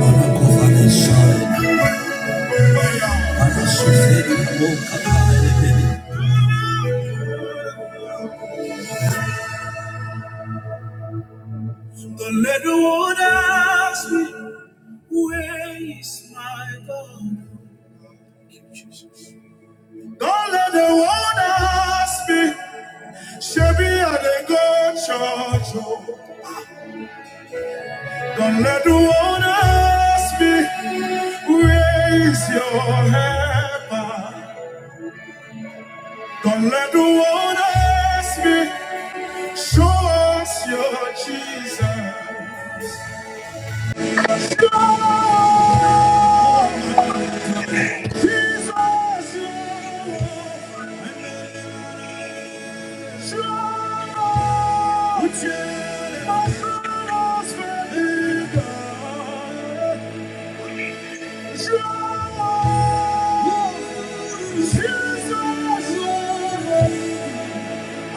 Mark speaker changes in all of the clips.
Speaker 1: The little one asked me, Where is my God? Don't let the world ask me, Shabby, I didn't go church. oh." Don't let the world ask me, Where is your helper? Don't let the world ask me, Show us your Jesus. God!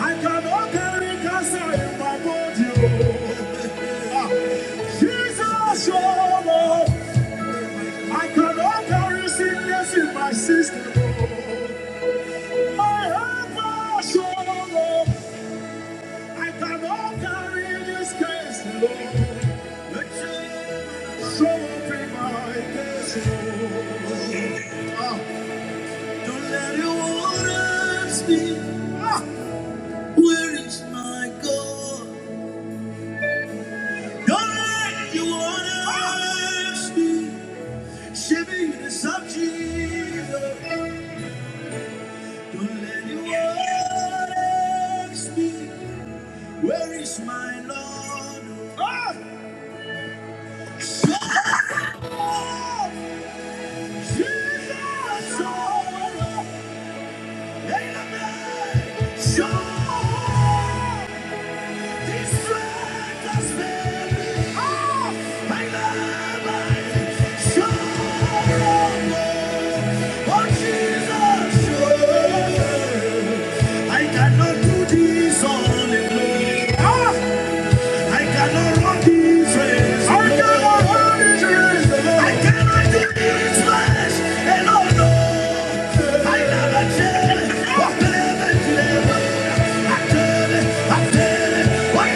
Speaker 1: I cannot carry cancer in my body. oh. Jesus, your love. I cannot carry sickness in my system. I have my I cannot carry this case alone. The chains so heavy my case Lord. Ah, Don't let your waters speak. Ah, Where is my God? Don't let your waters speak. Shiver the sub Jesus. Don't let your waters speak. Where is my Lord? Ah! I cannot do this all alone. Ah! I cannot run this race. I cannot run this race. I cannot do this race. And oh no, I never tell it. What never tell it. I tell it. I tell it. What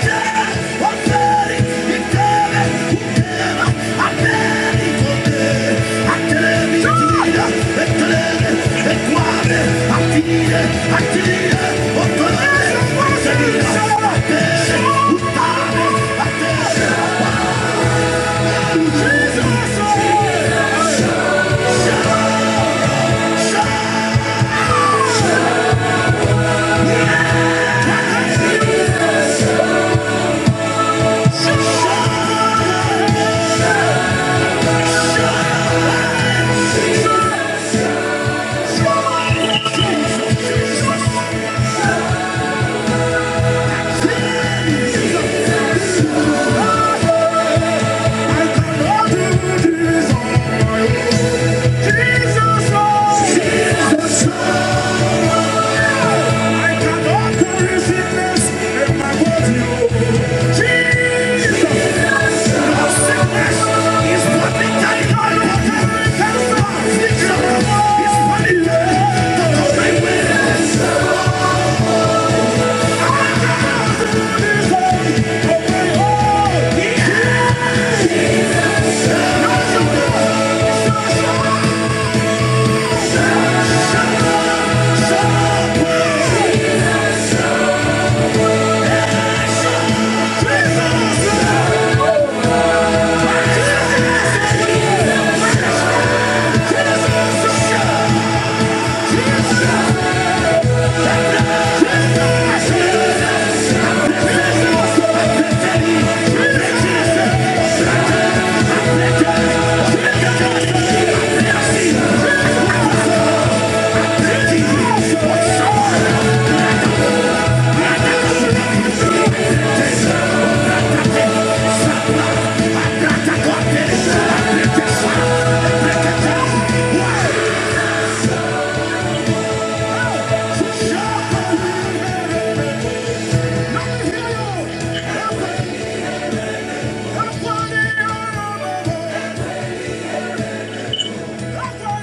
Speaker 1: Jesus! Yeah! Thank you.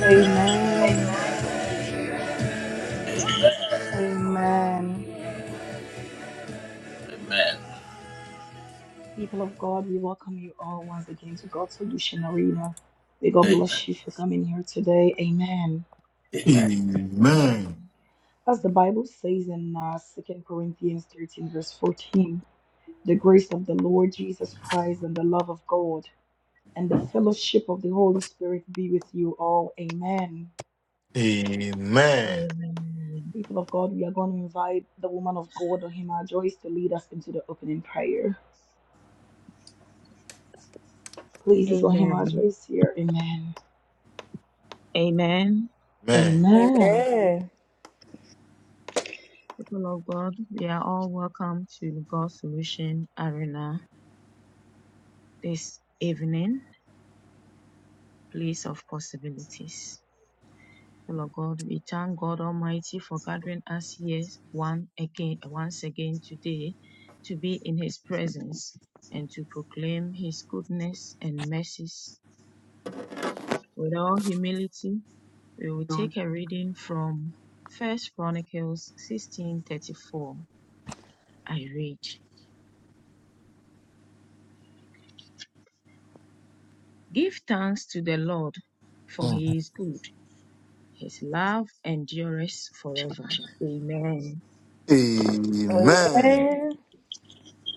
Speaker 2: Amen. Amen. People of God, we welcome you all once again to God's Solution Arena. May God bless you for coming here today. Amen.
Speaker 3: Amen.
Speaker 2: As the Bible says in uh, 2 Corinthians 13, verse 14, the grace of the Lord Jesus Christ and the love of God and the fellowship of the Holy Spirit be with you all. Amen.
Speaker 3: Amen. Amen.
Speaker 4: Amen.
Speaker 2: People of God, we are going to invite the woman of God, Ohima Joyce, to lead us into the opening prayer. Please, is Ohima
Speaker 4: Amen.
Speaker 2: Joyce here? Amen.
Speaker 4: Amen.
Speaker 2: Amen.
Speaker 5: Amen.
Speaker 4: People of God, we are all welcome to God's Solution Arena this evening, place of possibilities. People of God, we thank God Almighty for gathering us here one again, once again today to be in His presence and to proclaim His goodness and mercies With all humility, we will take a reading from First Chronicles 16:34. I read, "Give thanks to the Lord, for
Speaker 3: Mm.
Speaker 4: he is good; his love endures forever." Amen.
Speaker 3: Amen.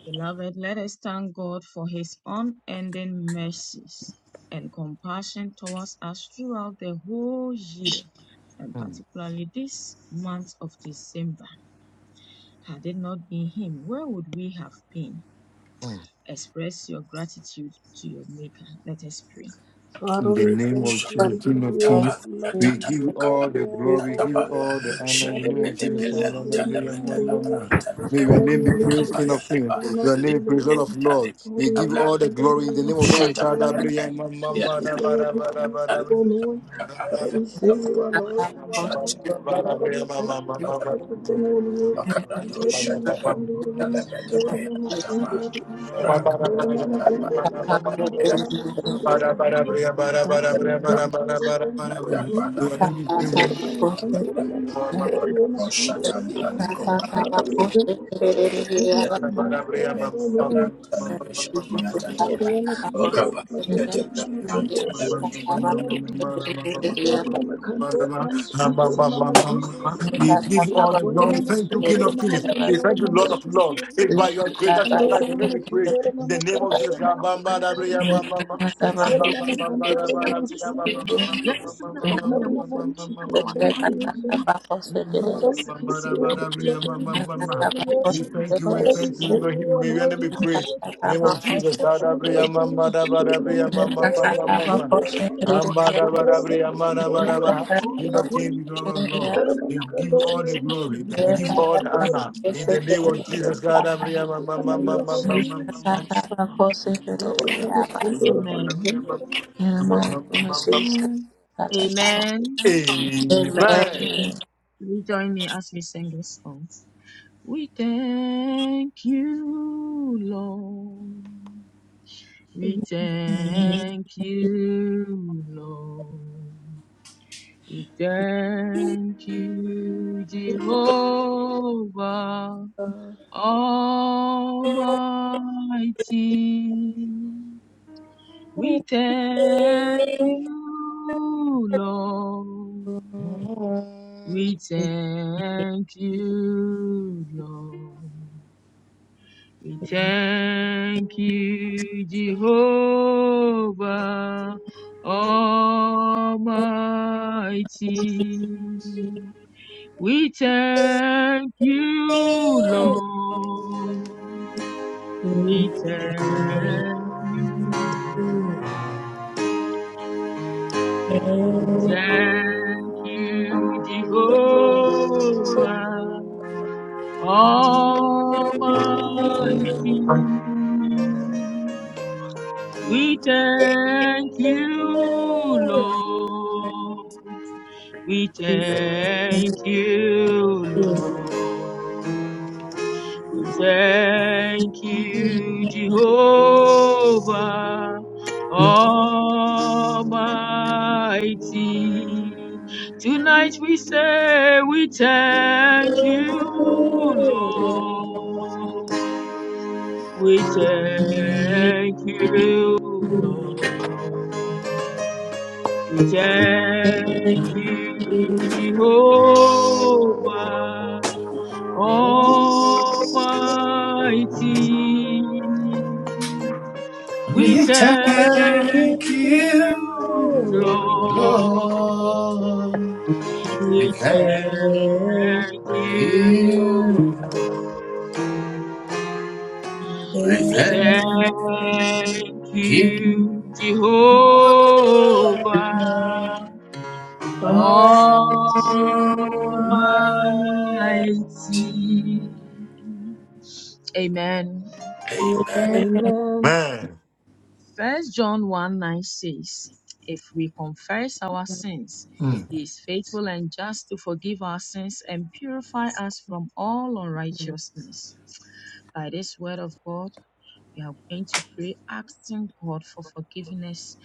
Speaker 4: Beloved, let us thank God for his unending mercies and compassion towards us throughout the whole year, and
Speaker 3: Mm.
Speaker 4: particularly this month of December. Had it not been him, where would we have been?
Speaker 3: Mm.
Speaker 4: Express your gratitude to your Maker. Let us pray.
Speaker 2: Father,
Speaker 3: In the
Speaker 2: we
Speaker 3: name
Speaker 2: thank
Speaker 3: of
Speaker 2: you.
Speaker 3: Jesus,
Speaker 2: We
Speaker 3: King
Speaker 2: give
Speaker 3: of
Speaker 2: you all
Speaker 4: Thank
Speaker 2: the
Speaker 3: Kings,
Speaker 2: glory.
Speaker 3: we
Speaker 2: We
Speaker 3: give
Speaker 2: give
Speaker 3: you
Speaker 2: you all
Speaker 3: all
Speaker 2: the
Speaker 3: the glory,
Speaker 2: honor,
Speaker 3: we give
Speaker 2: O
Speaker 3: you
Speaker 2: Lord.
Speaker 3: all the honor in
Speaker 2: Father,
Speaker 3: the name
Speaker 2: we
Speaker 3: of Jesus.
Speaker 2: honor
Speaker 3: Christ,
Speaker 2: your
Speaker 3: Lord,
Speaker 2: holy
Speaker 3: and May your
Speaker 2: name, O
Speaker 3: name
Speaker 2: Lord.
Speaker 3: Lord. May your
Speaker 2: Father,
Speaker 3: name
Speaker 2: we
Speaker 3: be
Speaker 2: lift
Speaker 3: praised,
Speaker 2: your
Speaker 3: King of
Speaker 2: gracious
Speaker 3: Kings.
Speaker 2: name
Speaker 3: May
Speaker 2: up,
Speaker 3: Your
Speaker 2: O
Speaker 3: name be praised, Lord
Speaker 2: Lord.
Speaker 3: of Lords. We
Speaker 2: Glory
Speaker 3: give you
Speaker 2: and
Speaker 3: all the
Speaker 2: sunduru
Speaker 3: glory in the
Speaker 2: and
Speaker 3: name of Jesus.
Speaker 6: Thank
Speaker 3: Christ, Lord,
Speaker 2: glory.
Speaker 3: and mama. your
Speaker 2: O
Speaker 3: name, Lord, Lord,
Speaker 2: sweet Lord,
Speaker 3: Lord,
Speaker 2: we thank you, O Lord. Father, we say you are Lord, you are Lord. Father, we thank you for
Speaker 3: Lord, Lord,
Speaker 2: everything, O Lord.
Speaker 3: Lord,
Speaker 2: Sunduru and
Speaker 3: Lord,
Speaker 2: sunduru and sunduru and
Speaker 4: you
Speaker 2: sunduru.
Speaker 4: this morning.
Speaker 2: Dora Mama Dora Mama
Speaker 4: You made it
Speaker 2: Dora Mama
Speaker 4: possible for us
Speaker 2: Sunduri
Speaker 4: to be in your
Speaker 2: Father, we
Speaker 4: presence.
Speaker 2: thank you, we thank
Speaker 4: if
Speaker 2: you,
Speaker 4: you.
Speaker 2: Lord. Dora Mama Sunduri Mama Dora Yama
Speaker 3: Bada
Speaker 2: Sunduri Em. Father, we thank you
Speaker 4: don't
Speaker 2: for everything
Speaker 4: Yes,
Speaker 2: you've been doing for us, O Lord. Dora Yama Sunduri Mama Dora Mama Dora
Speaker 3: We
Speaker 2: Yama
Speaker 3: give
Speaker 2: Sunduri Dora Mama Dora Mama Sunduri Mama Dora
Speaker 3: all the glory.
Speaker 2: Mama
Speaker 3: Thank you, King
Speaker 2: Sunduri
Speaker 3: of
Speaker 2: Mama
Speaker 3: Kings. We
Speaker 2: Dora
Speaker 3: thank you,
Speaker 2: Mama
Speaker 3: Lord of Lords.
Speaker 2: Sunduri
Speaker 3: It's by your grace that we are
Speaker 2: Kandori
Speaker 3: alive. And then
Speaker 2: mama,
Speaker 3: we pray
Speaker 2: sindori
Speaker 3: in the
Speaker 2: mama,
Speaker 3: name of
Speaker 2: kandori
Speaker 3: Jesus.
Speaker 2: mama, sundori amen. Kandori mama, kandori mama, sundori amen. Father, we thank you, we thank you, we thank
Speaker 6: you.
Speaker 2: Father, we give you all the glory, we give
Speaker 6: Amen.
Speaker 2: you all the
Speaker 6: Yes,
Speaker 2: honor.
Speaker 3: We thank you, we
Speaker 2: Father, we
Speaker 3: thank you,
Speaker 2: say you
Speaker 3: Elohim.
Speaker 2: are
Speaker 3: May your
Speaker 2: Lord,
Speaker 3: name be
Speaker 2: you are
Speaker 3: praised.
Speaker 2: Lord, you
Speaker 3: In the
Speaker 2: are
Speaker 3: name of
Speaker 2: Lord.
Speaker 3: Jesus.
Speaker 2: Andor
Speaker 3: Adabriya
Speaker 2: mama
Speaker 3: mamba da ba
Speaker 2: sundor
Speaker 3: da briya
Speaker 2: mama
Speaker 3: mamba
Speaker 2: kundor
Speaker 3: ba ba
Speaker 2: mama
Speaker 3: ba ba.
Speaker 2: sundor em.
Speaker 3: Amba da ba
Speaker 2: Kendar
Speaker 3: da
Speaker 2: mama
Speaker 3: briya ma da ba
Speaker 2: kundor
Speaker 3: da
Speaker 2: mama
Speaker 3: ba. King
Speaker 2: sundor
Speaker 3: of kings,
Speaker 2: em.
Speaker 3: the Lord of
Speaker 2: Kendar
Speaker 3: lords. We
Speaker 2: mama
Speaker 3: give you
Speaker 2: kundor
Speaker 3: all the
Speaker 2: mama
Speaker 3: glory. We
Speaker 2: sundor
Speaker 3: give you
Speaker 2: mama
Speaker 3: all the
Speaker 2: kundor
Speaker 3: honor.
Speaker 2: em.
Speaker 3: In the name of
Speaker 2: Father,
Speaker 3: Jesus.
Speaker 2: we thank
Speaker 3: Adabriya
Speaker 2: you, we
Speaker 3: mamba ma
Speaker 2: honor
Speaker 3: ma
Speaker 2: your
Speaker 3: ma
Speaker 2: holy
Speaker 3: ma ma
Speaker 4: Jesus
Speaker 3: ma
Speaker 2: name.
Speaker 4: Christ.
Speaker 2: Lord, mama sundor mama
Speaker 4: Amen.
Speaker 2: kendar mama sundor em. Amen.
Speaker 4: Amen.
Speaker 3: ma.
Speaker 4: Will you join me as we sing this song? We thank you, Lord. We thank you, Lord. We thank you,
Speaker 7: Yeah.
Speaker 4: Jehovah Almighty. We
Speaker 7: We thank
Speaker 4: thank
Speaker 7: you,
Speaker 4: you,
Speaker 7: Lord.
Speaker 4: Lord.
Speaker 3: Amen.
Speaker 4: We
Speaker 7: We
Speaker 4: thank
Speaker 7: thank you.
Speaker 4: you, Lord. We
Speaker 7: We thank you,
Speaker 4: thank
Speaker 7: Jehovah.
Speaker 4: you,
Speaker 7: We thank
Speaker 4: Jehovah Almighty. We thank
Speaker 7: you,
Speaker 4: you,
Speaker 7: Lord.
Speaker 4: Lord. We
Speaker 7: We thank,
Speaker 4: thank you. We
Speaker 7: we thank Jehovah. We thank, Lord. we thank, we
Speaker 4: thank
Speaker 7: thank
Speaker 4: you,
Speaker 7: Jehovah. We thank you.
Speaker 4: Jehovah
Speaker 7: We
Speaker 4: Almighty. We thank you, Lord. We thank you, Lord. We thank you, Jehovah Almighty. Tonight we say we thank you, Lord. We
Speaker 5: Amen.
Speaker 4: thank you, Lord. We
Speaker 5: I've come
Speaker 4: thank
Speaker 7: thank
Speaker 4: you,
Speaker 7: you. We thank you.
Speaker 4: Jehovah
Speaker 7: Oh, we
Speaker 4: Almighty.
Speaker 7: thank you.
Speaker 4: We
Speaker 7: We
Speaker 4: thank you, Lord. We
Speaker 7: thank,
Speaker 4: thank you, Lord.
Speaker 7: we thank you.
Speaker 4: We thank you, Jehovah Almighty.
Speaker 7: Oh,
Speaker 4: Amen.
Speaker 2: Amen.
Speaker 3: Amen.
Speaker 4: First John 1 9 says, If we confess our sins,
Speaker 3: Mm.
Speaker 4: he is faithful and just to forgive our sins and purify us from all unrighteousness. By this word of God, We are going to pray asking God for forgiveness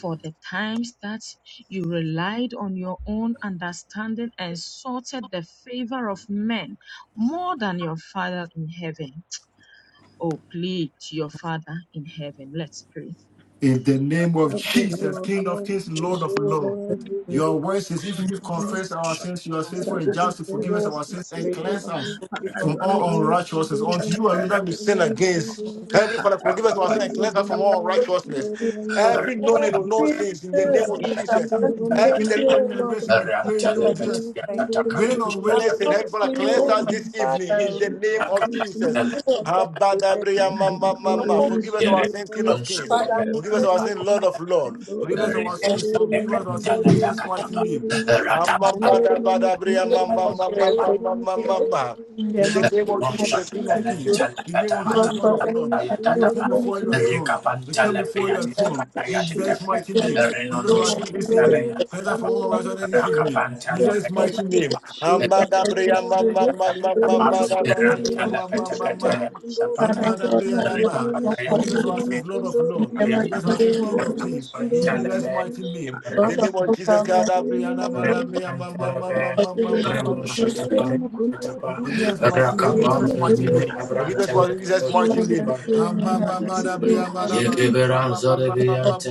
Speaker 4: for the times that you relied on your own understanding and sought the favor of men more than your Father in heaven. Oh, plead to your Father in heaven. Let's pray.
Speaker 3: In the name of
Speaker 2: Help us,
Speaker 3: Jesus,
Speaker 2: Lord,
Speaker 3: King of
Speaker 2: Lord, we
Speaker 3: Kings,
Speaker 2: thank
Speaker 3: Lord of
Speaker 2: you, Lord,
Speaker 3: Lords.
Speaker 2: we give
Speaker 3: Your
Speaker 2: you all
Speaker 3: word
Speaker 2: the
Speaker 3: says, if we
Speaker 2: glory, honor.
Speaker 3: confess our sins, you are
Speaker 4: So
Speaker 3: faithful
Speaker 2: Father,
Speaker 3: and
Speaker 2: we
Speaker 4: that's
Speaker 3: just
Speaker 4: it.
Speaker 3: to
Speaker 2: confess
Speaker 3: forgive us
Speaker 2: our
Speaker 4: Forgive
Speaker 3: our
Speaker 2: sins
Speaker 3: sins
Speaker 2: to
Speaker 3: and
Speaker 4: us,
Speaker 2: you,
Speaker 4: O
Speaker 2: O
Speaker 3: cleanse
Speaker 4: Lord.
Speaker 3: us
Speaker 2: God.
Speaker 4: Father,
Speaker 3: from
Speaker 4: you are
Speaker 2: Father,
Speaker 3: all
Speaker 2: we
Speaker 4: faithful and
Speaker 2: must
Speaker 3: unrighteousness.
Speaker 2: endure,
Speaker 4: just.
Speaker 2: we
Speaker 3: Unto you
Speaker 2: must
Speaker 3: alone that we
Speaker 2: endure,
Speaker 3: sin
Speaker 2: we must
Speaker 3: against.
Speaker 2: endure.
Speaker 3: Heavenly
Speaker 4: Father,
Speaker 3: Father, forgive us our
Speaker 2: Lord,
Speaker 3: sins and
Speaker 4: this
Speaker 2: we
Speaker 3: cleanse
Speaker 2: must
Speaker 3: us from
Speaker 2: endure,
Speaker 3: all
Speaker 2: we must
Speaker 4: is
Speaker 3: unrighteousness.
Speaker 2: endure, we must
Speaker 4: my
Speaker 3: Every
Speaker 4: first
Speaker 3: known
Speaker 2: endure.
Speaker 3: and
Speaker 4: name,
Speaker 3: unknown
Speaker 4: Lord.
Speaker 3: sins in the
Speaker 4: Father,
Speaker 3: name
Speaker 2: Lord, we
Speaker 3: of
Speaker 4: we
Speaker 2: must
Speaker 4: ask
Speaker 3: Jesus.
Speaker 4: you,
Speaker 2: endure, we
Speaker 4: Lord,
Speaker 2: must
Speaker 3: Every
Speaker 4: our
Speaker 2: endure.
Speaker 3: deliberate and
Speaker 4: Father,
Speaker 3: deliberate sin
Speaker 4: we
Speaker 3: we
Speaker 4: come
Speaker 3: pray in the name
Speaker 4: to
Speaker 3: of
Speaker 2: Lord,
Speaker 4: you,
Speaker 2: we
Speaker 3: Jesus.
Speaker 4: i
Speaker 2: must endure,
Speaker 4: come
Speaker 2: we
Speaker 4: to
Speaker 3: Willing
Speaker 2: must
Speaker 4: you,
Speaker 3: on
Speaker 4: Lord.
Speaker 2: endure,
Speaker 3: willingness and
Speaker 2: we
Speaker 3: help
Speaker 2: must
Speaker 5: to
Speaker 3: Father,
Speaker 5: you,
Speaker 3: cleanse
Speaker 5: oh
Speaker 4: Father,
Speaker 3: us
Speaker 5: my
Speaker 4: we ask
Speaker 2: endure.
Speaker 3: this evening
Speaker 4: you,
Speaker 3: in
Speaker 5: Father,
Speaker 3: the
Speaker 4: Lord,
Speaker 2: Jesus,
Speaker 3: name
Speaker 4: Lord,
Speaker 3: of
Speaker 2: mighty
Speaker 4: for
Speaker 3: Jesus.
Speaker 2: name.
Speaker 4: this
Speaker 5: who
Speaker 4: is
Speaker 5: am just to
Speaker 4: we
Speaker 3: Habadabria
Speaker 4: have in
Speaker 3: mama
Speaker 4: your
Speaker 2: Lord,
Speaker 3: mama.
Speaker 5: say,
Speaker 2: we
Speaker 3: Forgive
Speaker 4: presence,
Speaker 2: must
Speaker 4: O
Speaker 3: us our
Speaker 2: endure,
Speaker 3: sins,
Speaker 4: Lord,
Speaker 3: King
Speaker 2: we
Speaker 3: of
Speaker 2: must
Speaker 4: and
Speaker 3: Kings.
Speaker 2: endure,
Speaker 5: Father,
Speaker 2: we
Speaker 3: O
Speaker 4: forgive
Speaker 2: must
Speaker 3: give us
Speaker 4: us
Speaker 5: I
Speaker 3: our
Speaker 4: of
Speaker 3: sin,
Speaker 2: endure.
Speaker 4: all
Speaker 3: Lord of
Speaker 4: our
Speaker 3: Lord.
Speaker 4: sins,
Speaker 3: O
Speaker 4: O
Speaker 2: Kunduru
Speaker 3: give us
Speaker 2: mama
Speaker 3: our
Speaker 4: Lord.
Speaker 3: sin.
Speaker 2: sunduru
Speaker 3: O give
Speaker 2: mama
Speaker 4: Father,
Speaker 3: us our
Speaker 4: for
Speaker 3: sin,
Speaker 2: kunduru
Speaker 4: one
Speaker 2: mama
Speaker 3: Jesus, my
Speaker 4: page,
Speaker 2: sunduru
Speaker 3: name.
Speaker 4: for
Speaker 3: Hamba
Speaker 5: don't
Speaker 2: kunduru
Speaker 3: da
Speaker 2: mama
Speaker 3: baba bria,
Speaker 5: care
Speaker 2: kunduru
Speaker 3: mamba
Speaker 2: mama
Speaker 5: what
Speaker 3: mamba
Speaker 5: prayer
Speaker 2: sunduru
Speaker 3: mamba
Speaker 5: for
Speaker 3: mamba
Speaker 2: mama
Speaker 3: mamba
Speaker 5: you.
Speaker 2: kunduru
Speaker 3: mamba.
Speaker 5: In the
Speaker 3: In the name
Speaker 5: mighty
Speaker 3: of
Speaker 5: name of
Speaker 3: Jesus, King of
Speaker 2: Jesus
Speaker 5: Jesus,
Speaker 3: Kings.
Speaker 5: Lord.
Speaker 7: we
Speaker 2: Jesus
Speaker 7: thank
Speaker 3: In
Speaker 7: God
Speaker 3: the name of
Speaker 7: for that. Let me
Speaker 5: Our
Speaker 3: Jesus, Lord of
Speaker 2: kunduru
Speaker 5: Father,
Speaker 3: Lords.
Speaker 2: mama
Speaker 5: thank
Speaker 3: We
Speaker 5: you
Speaker 2: sunduru
Speaker 3: come
Speaker 7: see
Speaker 5: for
Speaker 2: mama
Speaker 7: your
Speaker 3: before
Speaker 5: your
Speaker 3: Your
Speaker 2: kunduru
Speaker 3: throne.
Speaker 2: mama
Speaker 3: We come
Speaker 5: kindness.
Speaker 2: sunduru
Speaker 3: before
Speaker 5: In
Speaker 3: Your throne. In Jesus'
Speaker 2: Jesus
Speaker 3: mighty
Speaker 5: the
Speaker 3: name.
Speaker 2: mighty
Speaker 5: mighty
Speaker 3: O give
Speaker 2: name
Speaker 3: us our
Speaker 5: name of
Speaker 3: sin this
Speaker 7: your
Speaker 2: kunduru
Speaker 5: Jesus,
Speaker 7: mercy
Speaker 3: evening.
Speaker 2: mama
Speaker 7: that
Speaker 3: Praise
Speaker 7: have upon
Speaker 3: the Lord
Speaker 7: my
Speaker 2: sunduru
Speaker 3: for
Speaker 7: life.
Speaker 5: Lord.
Speaker 3: His
Speaker 5: Father,
Speaker 2: mama
Speaker 7: Lord, we thank
Speaker 3: mercy
Speaker 5: thank you for
Speaker 3: this
Speaker 5: your
Speaker 2: kunduru
Speaker 3: evening.
Speaker 2: mama
Speaker 7: you for the
Speaker 3: In
Speaker 7: water
Speaker 3: Jesus,
Speaker 2: sunduru
Speaker 3: my name. Hamba
Speaker 5: For
Speaker 2: Jesus
Speaker 3: da
Speaker 7: and love of the
Speaker 2: mighty
Speaker 3: bria,
Speaker 7: Lord.
Speaker 2: name
Speaker 5: forgiving
Speaker 3: mamba
Speaker 5: us.
Speaker 3: mamba
Speaker 5: In
Speaker 2: kunduru
Speaker 5: the
Speaker 3: mamba
Speaker 2: mama
Speaker 5: mighty
Speaker 3: da
Speaker 2: kunduru
Speaker 5: name
Speaker 3: bria,
Speaker 5: of
Speaker 2: mama
Speaker 3: mamba
Speaker 5: Jesus,
Speaker 2: sunduru
Speaker 7: I
Speaker 5: Lord.
Speaker 2: mama
Speaker 7: pray
Speaker 3: mamba.
Speaker 7: you for the Lord.
Speaker 2: kunduru
Speaker 7: We
Speaker 5: Father,
Speaker 3: Hamba
Speaker 5: God,
Speaker 7: thank
Speaker 3: da
Speaker 7: God. We
Speaker 3: bria,
Speaker 5: have
Speaker 2: Dori
Speaker 3: mamba.
Speaker 5: mercy
Speaker 2: mama
Speaker 5: upon
Speaker 3: Forgiveness
Speaker 5: me.
Speaker 2: sunduri
Speaker 3: of our
Speaker 2: mama
Speaker 3: sins,
Speaker 7: thank
Speaker 3: Lord of
Speaker 2: kandori
Speaker 5: In
Speaker 3: Lords.
Speaker 5: the
Speaker 3: Forgiveness of
Speaker 5: mighty
Speaker 3: our sins,
Speaker 5: name of
Speaker 3: King
Speaker 2: Sundari
Speaker 3: of
Speaker 5: Jesus,
Speaker 2: mama
Speaker 3: Kings. In
Speaker 2: sunduri mama
Speaker 3: Jesus' mighty
Speaker 2: kindori
Speaker 3: name. The
Speaker 5: Lord,
Speaker 2: in.
Speaker 5: of
Speaker 3: name of
Speaker 5: course,
Speaker 3: Jesus.
Speaker 5: have
Speaker 2: Sorry
Speaker 5: mercy
Speaker 2: in
Speaker 5: upon
Speaker 2: the holy
Speaker 5: me.
Speaker 2: name
Speaker 5: forgiving
Speaker 2: Dori
Speaker 5: my
Speaker 2: mama sunduri
Speaker 5: sister,
Speaker 2: mama kundori
Speaker 3: Forgive
Speaker 5: and
Speaker 3: us of our sins in
Speaker 2: Dori
Speaker 5: forgiving
Speaker 2: mama
Speaker 3: Jesus' mighty
Speaker 2: kindori
Speaker 3: name.
Speaker 2: mama
Speaker 3: Forgive us of our
Speaker 2: kandori
Speaker 3: sins in
Speaker 2: mama
Speaker 3: Jesus' mighty
Speaker 5: love
Speaker 2: sunduri
Speaker 3: name.
Speaker 5: and
Speaker 2: in.
Speaker 5: season have been
Speaker 2: Jesus
Speaker 5: still for me.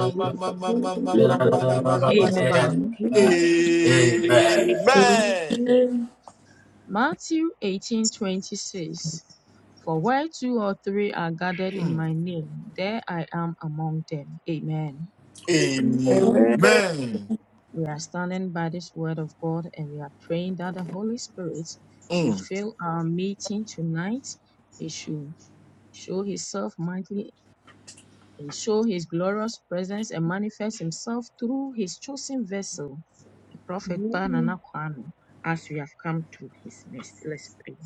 Speaker 2: Jesus Dori mama sunduri mama
Speaker 4: Amen.
Speaker 2: kindori
Speaker 7: you, oh
Speaker 2: in.
Speaker 3: Amen.
Speaker 2: Jesus
Speaker 5: Amen.
Speaker 2: bless you
Speaker 4: Matthew eighteen twenty six. For where two or three are gathered in
Speaker 3: Mm.
Speaker 4: my name, there I am among them. Amen.
Speaker 7: the
Speaker 5: Amen.
Speaker 2: Amen.
Speaker 7: man.
Speaker 3: Amen.
Speaker 4: We are standing by this word of God and we are praying that the Holy Spirit should
Speaker 3: Mm.
Speaker 4: fill our meeting tonight. He should show himself mightily and show his glorious presence and manifest himself through his chosen vessel, the prophet Banana Kwame, as we have come to his nest. Let's pray.